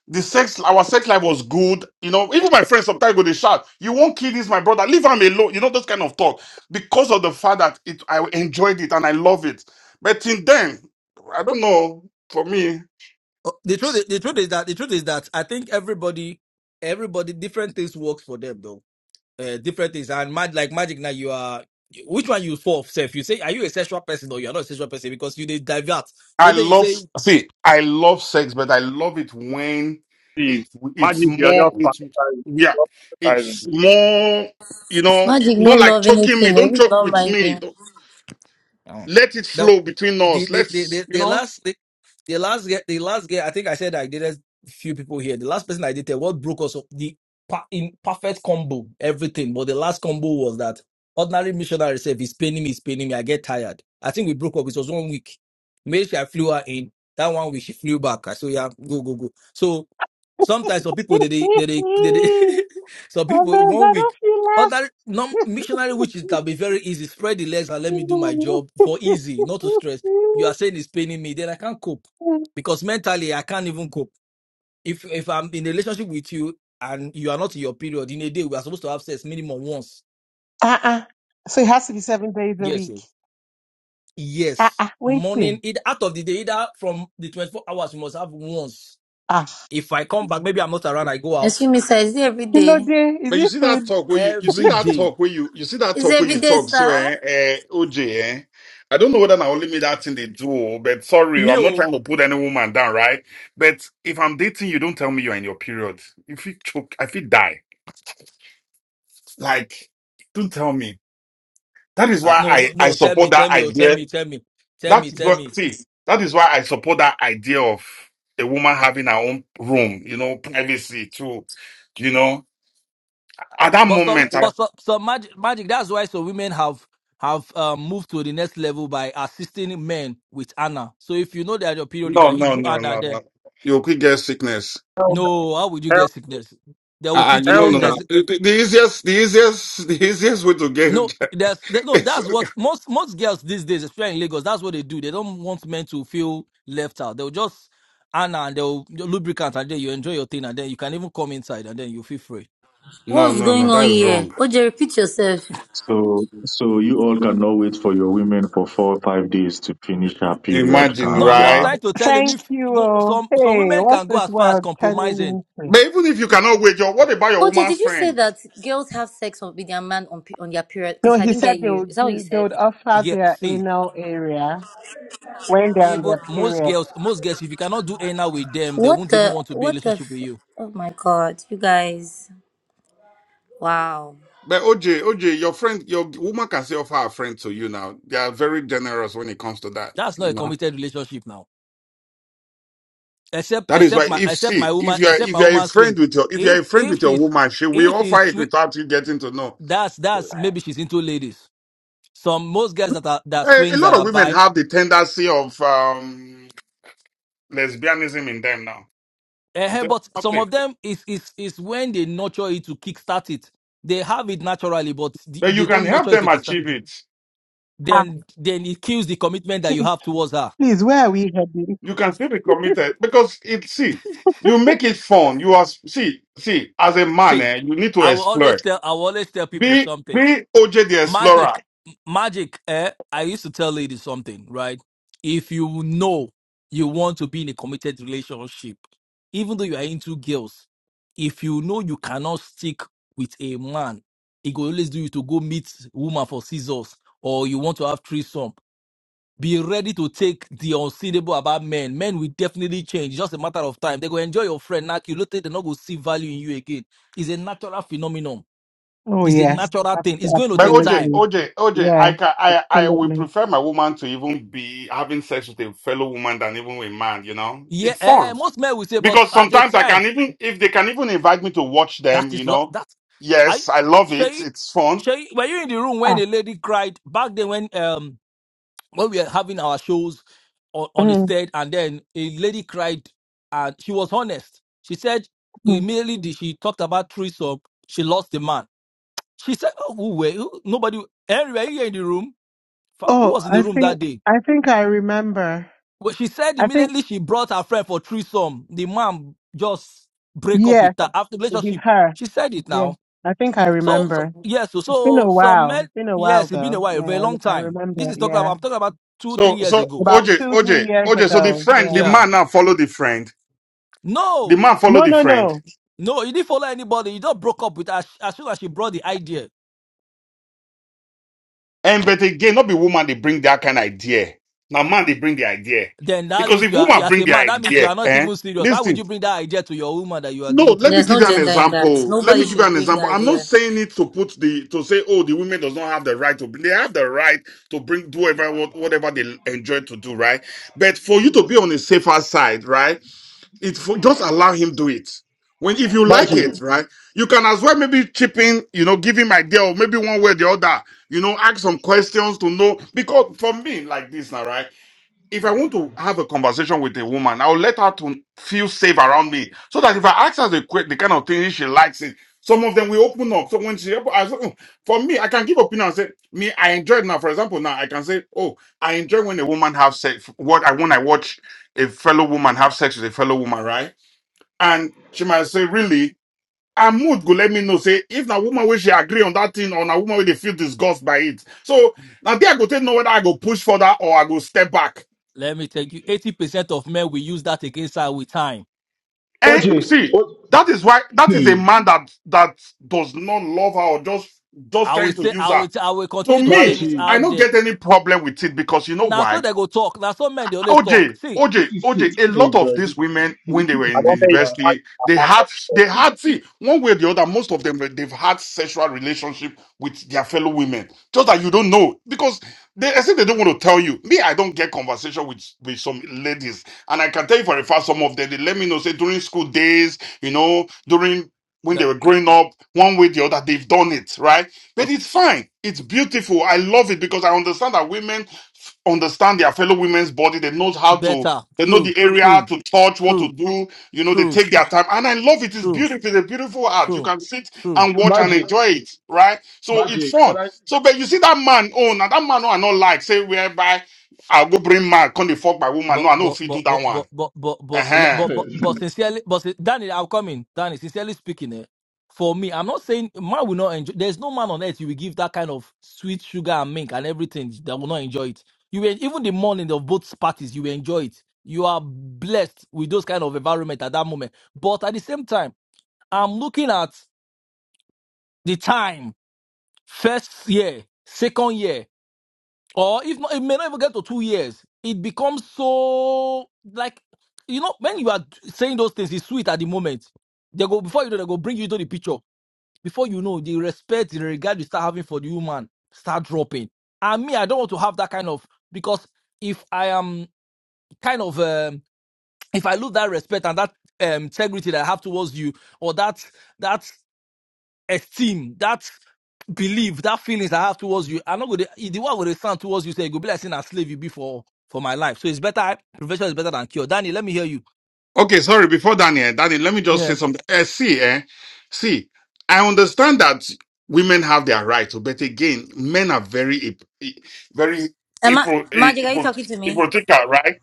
the sex our sex life was good you know even my friends sometimes go they shout you won't kill this my brother leave him alone you know those kind of talk because of the fact that it i enjoyed it and i love it but till then I don't know. For me,
Uh, The truth, is- the truth is that the truth is that I think everybody, everybody, different things works for them though. Uh, different things and mad like magic. Now you are which one you for self? You say are you a sexual person or you are not a sexual person because you did divert.
I
So then you
love
say
see, I love sex, but I love it when
See,
it it's
magic, you are
more
just
it's
fantasizing.
yeah,
You are just fantasizing.
it's more you know,
Magic no
not like
love
choking me.
anything, no,
Don't
you
choke
don't
with
mind
me.
him.
Don't,
Oh.
let it
Now,
flow between
the
us.
the the
Let's
the,
you
the
know.
last the, the last ge- the last girl, I think I said I dated few people here. The last person I dated, what broke us up, the pa- in perfect combo, everything. But the last combo was that ordinary missionary self is paining me, is paining me. I get tired. I think we broke up. It was one week. Maybe I flew her in. That one week she flew back. I said, yeah, go go go. So sometimes some people they they they, they, they some
I
people
bet
one
that
week.
off you laugh.
Other non missionary witches that be very easy. Spread the legs and let me do my job for easy, not to stress. You are saying it's paining me, then I can't cope because mentally I can't even cope. If if I'm in a relationship with you and you are not in your period in a day, we are supposed to have sex minimum once.
uh-uh. So it has to be seven days a
Yes,
week.
sir. yes.
Uh-uh.
Morning,
Waiting.
either out of the day, either from the twenty four hours, you must have once.
Ah.
If I come back, maybe I'm not around. I go out
Excuse me, sir, is it every
Kilo
day?
day. Is
But you
it
see that
food?
talk where you you see
every
that
day.
talk where you you see that
Is
talk
it
where you
every day,
talk so
sir?
eh, eh OJ eh. I don't know whether now only me that thing they do, oh, but sorry, oh,
Me
I'm not
oh,
trying to put any woman down, right? But if I'm dating you, don't tell me you're in your period. If you choke, I feel die. Like, don't tell me. That is
uh,
why
no
I
no
I
no. Tell
support
me,
that
tell me, oh, tell
idea.
me, tell me, tell
That
me,
is
tell
what
me.
see. That is why I support that idea of a woman having her own room, you know, privacy too. You know, at that
But so,
moment, I
but so, so magic, magic. That's why so women have have um, moved to the next level by assisting men with Anna. So if you know that your period, you
No,
can you
no,
do
no,
Anna.
no,
Then
no. You could get sickness.
Hell, no.
no, how would you
hell,
get sickness? They will
Uh,
teach
you
you
hell
don't know.
that
no.
no.
there's
The, the the easiest, the easiest, the easiest way to
no,
get
there's there, no.
is
That's what most most girls these days, especially in Lagos, that's what they do. They don't want men to feel left out. They'll just Anna and they'll lubricant and then you enjoy your thing and then you can even come inside and then you feel free.
no,
What's
no, no.
going on
That's
here?
wrong.
OJ, repeat yourself.
So, so you all cannot wait for your women for four or five days to finish her period.
Imagine,
Ah,
No, I'm just
right?
wow.
trying to tell him
Thank
if
you.
no
oh.
some some
Hey,
women
what's
can go
this
as far as
world
compromising
turning into?
But even if you cannot wait, your what about your
OJ,
woman's
did you say
friend?
that girls have sex on- with their man on pe- on their period?
No,
Because I
he
didn't get
said they
you. Is
would
that what you
do, they
said?
would offer
yeah,
their
see,
anal area when they're on
even
their
most
period.
girls, most girls, if you cannot do anal with them, they
What
won't even
the,
want to be in a
what the,
relationship with
f-
you.
oh my god, you guys. Wow.
But OJ, OJ, your friend, your woman can say offer a friend to you now. They are very generous when it comes to that.
That's
You
not a
know.
committed relationship now. Except,
That is
except
why
my,
if
except my
see if
woman,
you are
except
if
my
you are a
woman
friend
swing.
with your if you
If,
are a friend
if
with your
she's,
woman, she will
if she's
offer it
swi
without you getting to know.
that's that's maybe she's into ladies. Some most girls that are that
Uh, a
swings that
lot of
are
women
by,
have the tendency of um, lesbianism in them now. It's
but
a
some
thing.
of them is is is when they nurture it to kickstart it. They have it naturally, but th-
But you
they
can
don't nurture
help
it to
them
kickstart.
achieve it.
Ah,
Then then it kills the commitment that you
please,
have towards her
please, where are we heading?
You can still be committed because it see, you make it fun. You are see, see, as a man,
see,
eh, you need to
I will
explore.
always tell I will always tell people
Be
something.
be OJ the explorer.
Magic magic, eh? I used to tell ladies something, right? If you know you want to be in a committed relationship, even though you are into girls, if you know you cannot stick with a man, it will always do you to go meet woman for scissors or you want to have threesome be ready to take the unseeable about men. Men will definitely change. It's just a matter of time. They go enjoy your friend. Now, you later, they're not going to see value in you again. It's a natural phenomenon.
Oh
It's a
yes,
natural
abs-
thing. It's going to
But
take
OJ,
time.
absolutely.
OJ, OJ,
Yeah,
I can I I will
absolutely.
prefer my woman to even be having sex with a fellow woman than even a man, you know?
Yeah,
It's
eh,
fun.
most men will say, but
because
at a
sometimes I can
time,
even if they can even invite me to watch them,
that
you
is what
know.
that I
Yes, I love it.
Shay,
It's fun.
Shay, were you in the room when
Ah,
a lady cried back then when um when we were having our shows on, on a
mm,
stage, and then a lady cried, and she was honest. She said
mm.
immediately the- she talked about threesome, she lost the man. She said, "Oh, who were who, nobody? Henry, were you here in the room? Fa- Who
Oh,
was in the
I
room
think
that day?"
I think I remember.
Well, she said
I think
immediately she brought her friend for threesome. The man just break up with
yes,
her after
it is
relationship.
her.
She said it
Yes,
now.
I think I
So, so
remember.
yes, so,
It's been
so
a
some
while.
men,
It's been a while
yes, it's been
though.
a while, a
Yeah,
very
I, re-
long
I
time.
remember.
This is talking
Yeah.
about I'm talking about two, three
So
years
so
ago.
About
So
OJ
two, three
OJ
years
OJ. So the
ago.
friend, the
Yeah.
yeah.
man now follow the friend. The
No,
man follow
No,
the
no,
friend.
no.
no, you didn't follow anybody. You just broke up with her as soon as she brought the idea.
And but again, not be woman. They bring that kind of idea. Now man, they bring the idea
Then that
because
means
if
you are,
woman
as
bring
a
the
man, that means you
idea,
are not
eh?
even serious. How
Listen.
would you bring that idea to your woman that you are
No, let
dating?
me
There's
give
no
you an
gender in that.
example. Let
Nobody
me give you
should
an
bring the
example. I'm not
idea.
saying it to put the to say, oh, the women does not have the right to. They have the right to bring do whatever what- whatever they enjoy to do, right? But for you to be on the safer side, right? It for, just allow him do it. When if you like it,
Maji,
right? You can as well maybe chip in, you know, give him idea or maybe one way or the other, you know, ask some questions to know. Because for me, like this now, right? if I want to have a conversation with a woman, I'll let her to feel safe around me, so that if I ask her the, que- the kind of thing she likes, it some of them will open up. So when she, open- I say, "Oh," for me, I can give opinion and say, me, I enjoy it now. For example, now I can say, oh, I enjoy when a woman have sex. What I when I watch a fellow woman have sex with a fellow woman, right? And she might say, really. And mood go let me know say if na woman wey she agree on that thing or na woman wey dey feel disgust by it. So now there I go take know whether I go push further or I go step back.
Let me tell you, 80% of men will use that against her with time.
And
OJ,
see,
OJ,
that is why that is a
hey,
man that that does not love her or just just
I will
trying to
say,
use
I
her.
will, I will
To
continue to say
me,
this
Maji.
I
out
don't
there.
get any problem with it because you know
Now,
why?
so they go talk. Now, some men, they always talk.
OJ,
See,
OJ,
See, see,
OJ, a
Hey
lot of
God,
these
this
women,
guy,
when they were
I
in the
don't
this
think it's
man.
magic
university,
I
they
want that
had, they
person.
had, see, one way or the other, most of them, they've had sexual relationship with their fellow women. Just that you don't know. Because they, I think they don't want to tell you. Me, I don't get conversation with, with some ladies. And I can tell you for a fact, some of them, they let me know, say, during school days, you know, during, when they
le-
were growing up, one way or the other, they've done it, right? But
ok,
it's fine. It's beautiful. I love it because I understand that women understand their fellow women's body. They know how to,
better,
they know
true,
the area
true,
to touch, what to
true,
do. You know, they
true,
take their time. And I love it. It's
true,
beautiful. It's a beautiful art. You
true,
can sit
true.
and watch and
Magic,
enjoy it, right? So it's
magic. Can
fun.
I?
So, but you see that man, oh, now that man, oh, I not like, say, whereby I'll go bring man, come the fuck my woman.
But
No, I know
but
if you
but
do
but
that one.
but but but but le-
Uh-huh.
but
yeah,
but, but sincerely, but sin- Danny, I'll come in. Danny, sincerely speaking, eh, for me, I'm not saying man will not enjoy. There's no man on earth you will give that kind of sweet sugar and milk and everything that will not enjoy it. You will, even the morning of both parties, you will enjoy it. You are blessed with those kind of environment at that moment. But at the same time, I'm looking at the time, first year, second year or if not, it may not even get to two years. It becomes so like you know when you are saying those things, it's sweet at the moment. They go before you know they go bring you to the picture. Before you know, the respect, the regard you start having for the human start dropping. And me, I don't want to have that kind of because if I am kind of um, if I lose that respect and that um, integrity that I have towards you, or that that esteem, that believe that feelings I have towards you, I'm not gonna the one with the sound towards you say it go be like saying a slave you be for for my life. So it's better prevention is better than cure. Danny, let me hear you.
Okay, sorry, before Daniel, Daniel, let me just say
Yeah.
something. Eh, see, eh, see, I understand that women have their rights, but again, men are very, hip- eh, very
Am I,
hypo- eh,
Magic, are you
hypo-
talking to me?
hypocritical, right?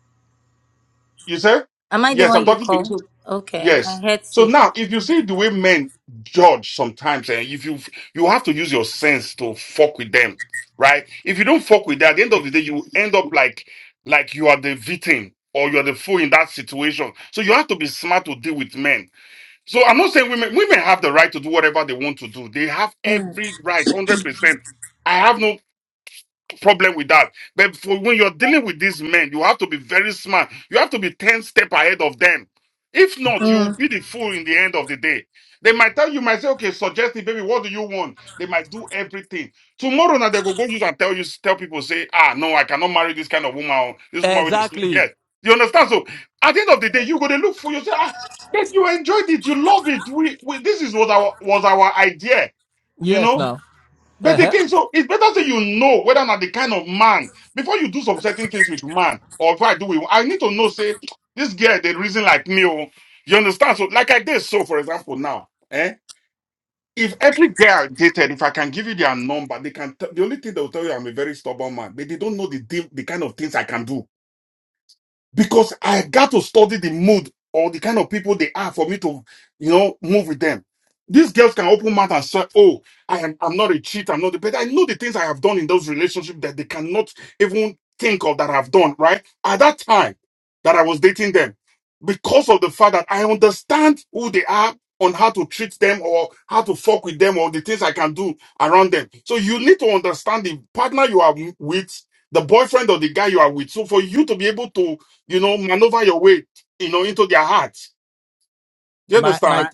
You say?
Am I the
Yes, I'm
one you
talking to you.
call? Okay. I
Yes.
heard
So
C.
now, if you see the way men judge sometimes, and if you you have to use your sense to fuck with them, right? If you don't fuck with that, at the end of the day, you end up like like you are the victim or you are the fool in that situation. So you have to be smart to deal with men. So I'm not saying women women have the right to do whatever they want to do. They have
Mm.
every right, hundred percent. I have no problem with that. But for when you're dealing with these men, you have to be very smart. You have to be 10 step ahead of them. If not, you'll
Mm.
be the fool in the end of the day. They might tell you, might say, okay, suggest it, baby, what do you want? They might do everything. Tomorrow now they go go use and tell you, tell people, say, ah, no, I cannot marry this kind of woman. or This woman with this.
Exactly.
Yes. You understand? So at the end of the day, you go to look for yourself. Ah, yes, you enjoyed it. You love it. We, we this is what our was our idea. You
Yes
know?
now.
But
Uh-huh.
again, so it's better so you know whether or not the kind of man before you do some certain things with man or if I do it, I need to know, say, this girl, they reason like me. Oh, you understand? So, like I did so, for example, now, eh? If every girl I dated, if I can give you their number, they can. T- the only thing they'll tell you, I'm a very stubborn man. But they don't know the deal, the kind of things I can do because I got to study the mood or the kind of people they are for me to, you know, move with them. These girls can open mouth and say, "Oh, I am. I'm not a cheat. I'm not." the-" But I know the things I have done in those relationships that they cannot even think of that I've done. Right at that time that I was dating them, because of the fact that I understand who they are on how to treat them or how to fuck with them or the things I can do around them. So you need to understand the partner you are with, the boyfriend or the guy you are with. So for you to be able to you know, maneuver your way, you know, into their hearts. Do you
My
understand?
my
Right.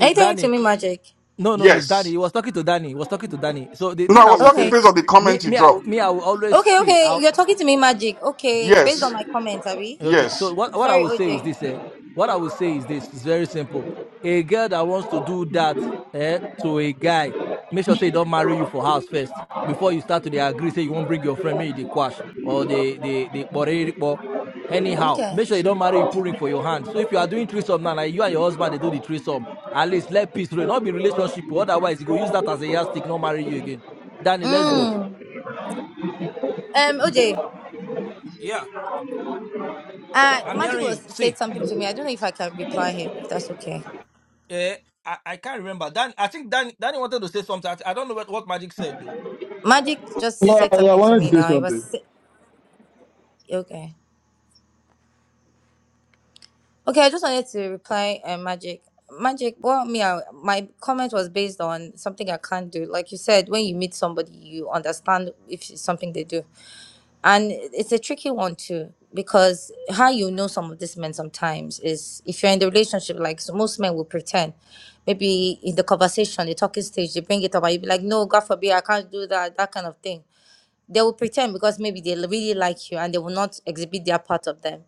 Are you talking to
Danny.
me, Magic?
No, no, no, it's Danny.
Yes.
He was talking to Danny. He was talking to Danny. So the
No, I
thing I
was
would
talking
say,
Okay.
based on the
me,
comment you
me, I,
dropped.
me, I will always
Okay,
see.
okay. You're talking to me, Magic. Okay. Based on
Yes.
my comments, Abby.
Okay, so
Yes.
what, what I
Sorry,
would say is
OJ.
this, eh? What I would say is this, it's very simple. A girl that wants to do that eh, to a guy, make sure say don't marry you for house first. Before you start to they agree, say you won't bring your friend, maybe they quash or they they they borrow- borrow. anyhow.
Okay.
Make sure you don't marry you pulling for your hand. So if you are doing threesome now, like you and your husband they do the threesome, at least let peace reign. Not be relationship, otherwise you go use that as a yardstick, not marry you again. Danny, let's go.
Mm. Um, OJ.
Yeah,
Uh,
I'm
Magic
hearing
was
you.
said
See,
something to me. I don't know if I can reply him, if that's okay.
Eh, I, I can't remember. Dan, I think Dan, Danny wanted to say something. I, I don't know what, what Magic said though.
Magic just
yeah,
said
I
something to
wanted
me
to say
now. It was
something.
sa- okay. Okay, I just wanted to reply, uh, Magic. Magic, well, me, I, my comment was based on something I can't do. Like you said, when you meet somebody, you understand if it's something they do. And it's a tricky one, too, because how you know some of these men sometimes is if you're in the relationship, like so most men will pretend. Maybe in the conversation, the talking stage, they bring it up, and you be like, no, God forbid, I can't do that, that kind of thing. They will pretend because maybe they really like you and they will not exhibit their part of them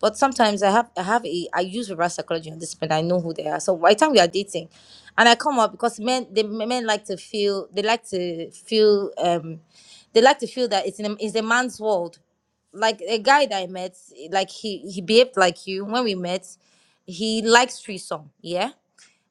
but sometimes I have I have a I use reverse psychology on this but I know who they are. So by the time we are dating, and I come up because men they men like to feel they like to feel um they like to feel old. Like a guy that I met, like he he behaved like you when we met. He likes threesome, yeah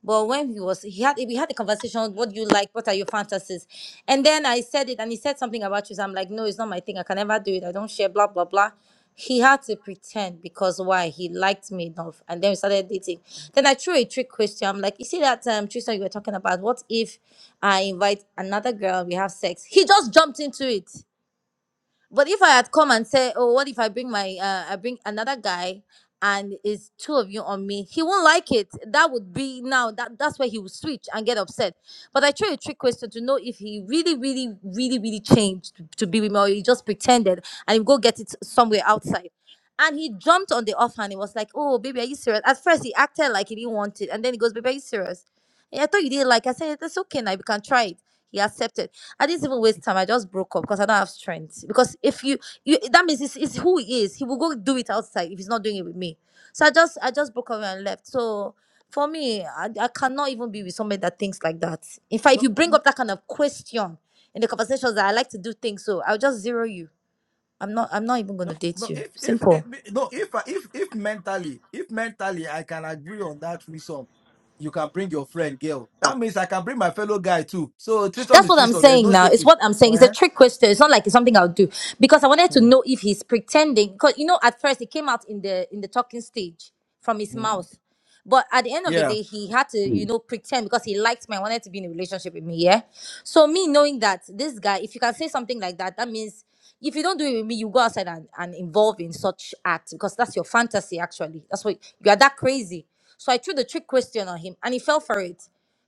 But when he was he had we had a conversation, what do you like, what are your fantasies? And then I said it and he said something about you. So I'm like, no, it's not my thing. I can never do it. I don't share, blah, blah, blah. He had to pretend because why? He liked me enough. And then we started dating. Then I threw a trick question. I'm like, you see that um Tristan you were talking about? What if I invite another girl and we have sex? He just jumped into it. But if I had come and say, "Oh, what if I bring my uh, I bring another guy and it's two of you on me?" He won't like it. That would be now that that's where he will switch and get upset. But I tried a trick question to know if he really, really, really, really changed to to be with me, or he just pretended and he go get it somewhere outside. And he jumped on the offhand. He was like, "Oh, baby, are you serious?" At first, he acted like he didn't want it, and then he goes, "Baby, are you serious?" "Yeah, I thought you didn't like. it." I said, "That's okay. Now we can try it." He accepted. I didn't even waste time. I just broke up because I don't have strength. Because if you, you that means it's, it's who he is. He will go do it outside if he's not doing it with me. So I just I just broke up and left. So for me, I, I cannot even be with somebody that thinks like that. In fact, if
No,
you bring up that kind of question in the conversations that I like to do things, so I'll just zero you. I'm not I'm not even gonna
no,
date
no.
you.
If if,
Simple.
if no, if if if mentally, if mentally, I can agree on that threesome. You can bring your friend, girl. That means I can bring my fellow guy too. So threesome
That's
is
what I'm
threesome. There's
saying
no
now. It's
shaking.
what I'm saying. It's a
Uh-huh.
trick question. It's not like it's something I'll do because I wanted to
Mm,
know if he's pretending. Because you know, at first it came out in the in the talking stage from his
mm.
mouth, but at the end of the
Yeah.
day, he had to you
Mm.
know pretend because he liked me. I wanted to be in a relationship with me. Yeah. So me knowing that this guy, if you can say something like that, that means if you don't do it with me, you go outside and, and involve in such act because that's your fantasy. Actually, that's what you are that crazy. So I threw the trick question on him, and he fell for it.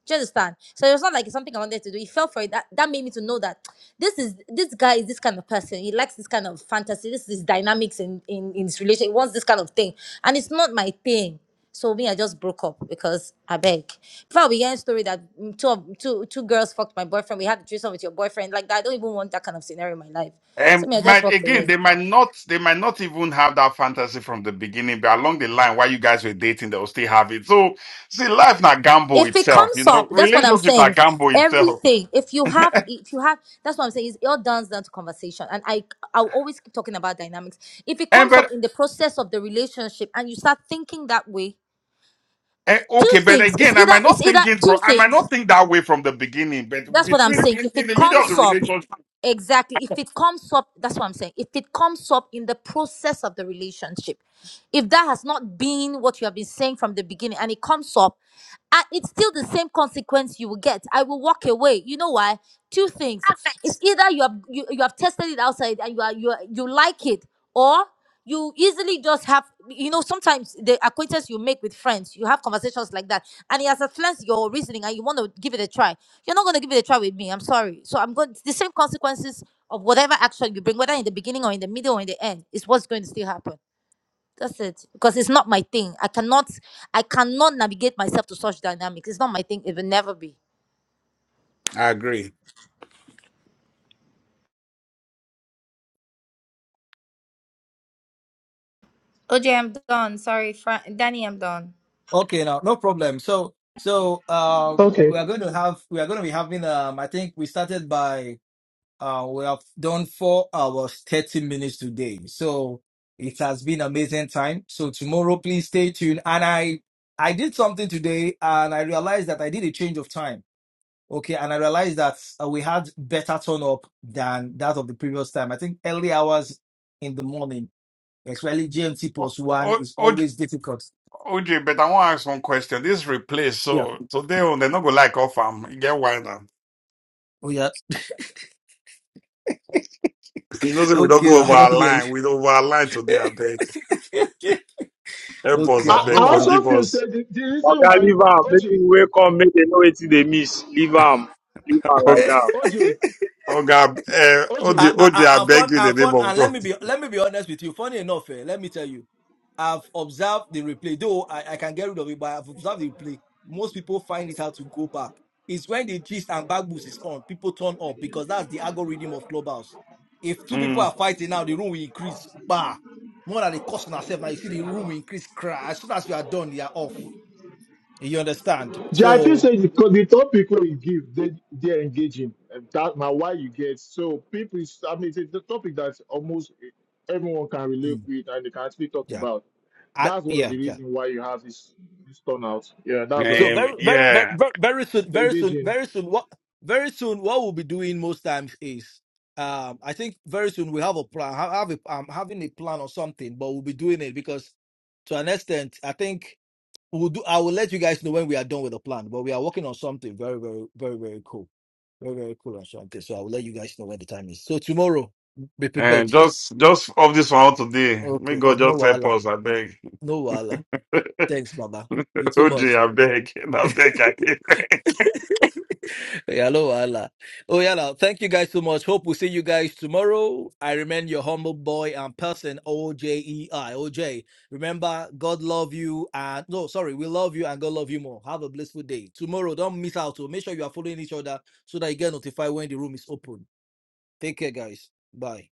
Do you understand? So it was not like it's something I wanted to do. He fell for it. That that made me to know that this is this guy is this kind of person. He likes this kind of fantasy. This is dynamics in, in, in his relation. He wants this kind of thing. And it's not my thing. So me, I just broke up because I beg. Before we hear a story that mm, two of two two girls fucked my boyfriend, we had a threesome with your boyfriend. Like that, I don't even want that kind of scenario in my life. So
And
me, I just
might
walked
again,
away.
they might not, they might not even have that fantasy from the beginning, but along the line, while you guys were dating, they'll still have it. So, see, life not gamble
if it
itself, you
comes
know,
up that's what i'm
relationship not
saying
gamble itself.
everything if you have if you have that's what i'm saying is it all down down to conversation and i i'll always keep talking about dynamics if it
And
comes up
but
in the process of the relationship and you start thinking that way
eh,
two
okay, but
things it's
again, I
either
might not
it's either
think it
two
from, I might
things
not think that way from the beginning, but
that's what I'm
between
saying.
in,
If
in
it
the middle of the
comes up,
relationship,
exactly. If it comes up, that's what I'm saying. If it comes up in the process of the relationship, if that has not been what you have been saying from the beginning and it comes up, and it's still the same consequence you will get. I will walk away. You know why? Two things. It's either you have you, you have tested it outside and you are you are, you like it, or you easily just have you know sometimes the acquaintance you make with friends you have conversations like that and it has influenced your reasoning and you want to give it a try you're not going to give it a try with me. I'm sorry. So I'm going It's the same consequences of whatever action you bring, whether in the beginning or in the middle or in the end, is what's going to still happen. That's it. Because it's not my thing. I cannot I cannot navigate myself to such dynamics. It's not my thing. It will never be.
I agree.
OJ, I'm done. Sorry, Fran- Danny, I'm done.
Okay. Now, no problem. So so uh,
Okay.
we are going to have we are going to be having um. I think we started by Uh, we have done four hours, 30 minutes today. So it has been amazing time. So tomorrow, please stay tuned. And I, I did something today and I realized that I did a change of time. Okay. And I realized that uh, we had better turn up than that of the previous time. I think early hours in the morning, especially GMT plus one is
or,
always difficult.
OJ, but I want to ask one question. This replace
Yeah.
so today on they're not gonna like off am e get why now.
Oh, yeah.
You know, say we don't
Okay.
go over
I don't
our
hear
line. We don't over our line today. I beg,
you.
help us.
okay.
I
That's
I, I
no
beg,
wahala.
also
forgive
feel
us.
said the, the reason
Oga,
why
leave am. Make
OJ,
you wake up, make they know wetin they miss. Leave am. Leave am like that.
OJ,
Oh, oh God, uh, OJ,
I, I,
OJ,
OJ.
I
I, I
beg
found,
you in the
I
name
found,
of
and let
God.
me be, let me be honest with you. Funny enough, eh, let me tell you, I've observed the replay. Though I, I can get rid of it, but I've observed the replay. Most people find it hard to go back. It's when the gist and back boost is on, people turn up because that's the algorithm of clubhouse. If two people
Mm.
are fighting now, the room will increase. Bah, more than the cost on ourselves. Now you see the room will increase. Crash. As soon as you are done, you are off. You understand?
Yeah, I feel
So,
say because the topic where you give, they they're engaging. And That now why you get so people. Is, I mean, it's the topic that almost everyone can relate
mm,
with and they can actually talk
yeah,
about.
I,
That's one of
yeah,
the
yeah.
reasons why you have this this turnout. Yeah, that's what I
So
Um,
think.
very, very, very,
yeah,
very very soon,
It's
very soon,
engaging.
very soon. What very soon? What we'll be doing most times is, um, I think very soon we have a plan. ha- Have a, um, having a plan or something, but we'll be doing it because to an extent, I think we'll do. I will let you guys know when we are done with the plan. But we are working on something very, very, very, very cool, very, very cool on something. So I will let you guys know when the time is. So tomorrow, be prepared.
and just just off this one out today. May
Okay.
God
No
just help
wala,
us. I beg,
no wala. Thanks, Baba. You too much.
OJ, I beg, I beg. I beg.
Yeah, Hello, Allah. Oh, yeah. Thank you guys so much. Hope we see you guys tomorrow. I remain your humble boy and person, O J E I O J. Remember, God love you. And no, sorry, we love you and God love you more. Have a blissful day. Tomorrow, don't miss out. So make sure you are following each other so that you get notified when the room is open. Take care, guys. Bye.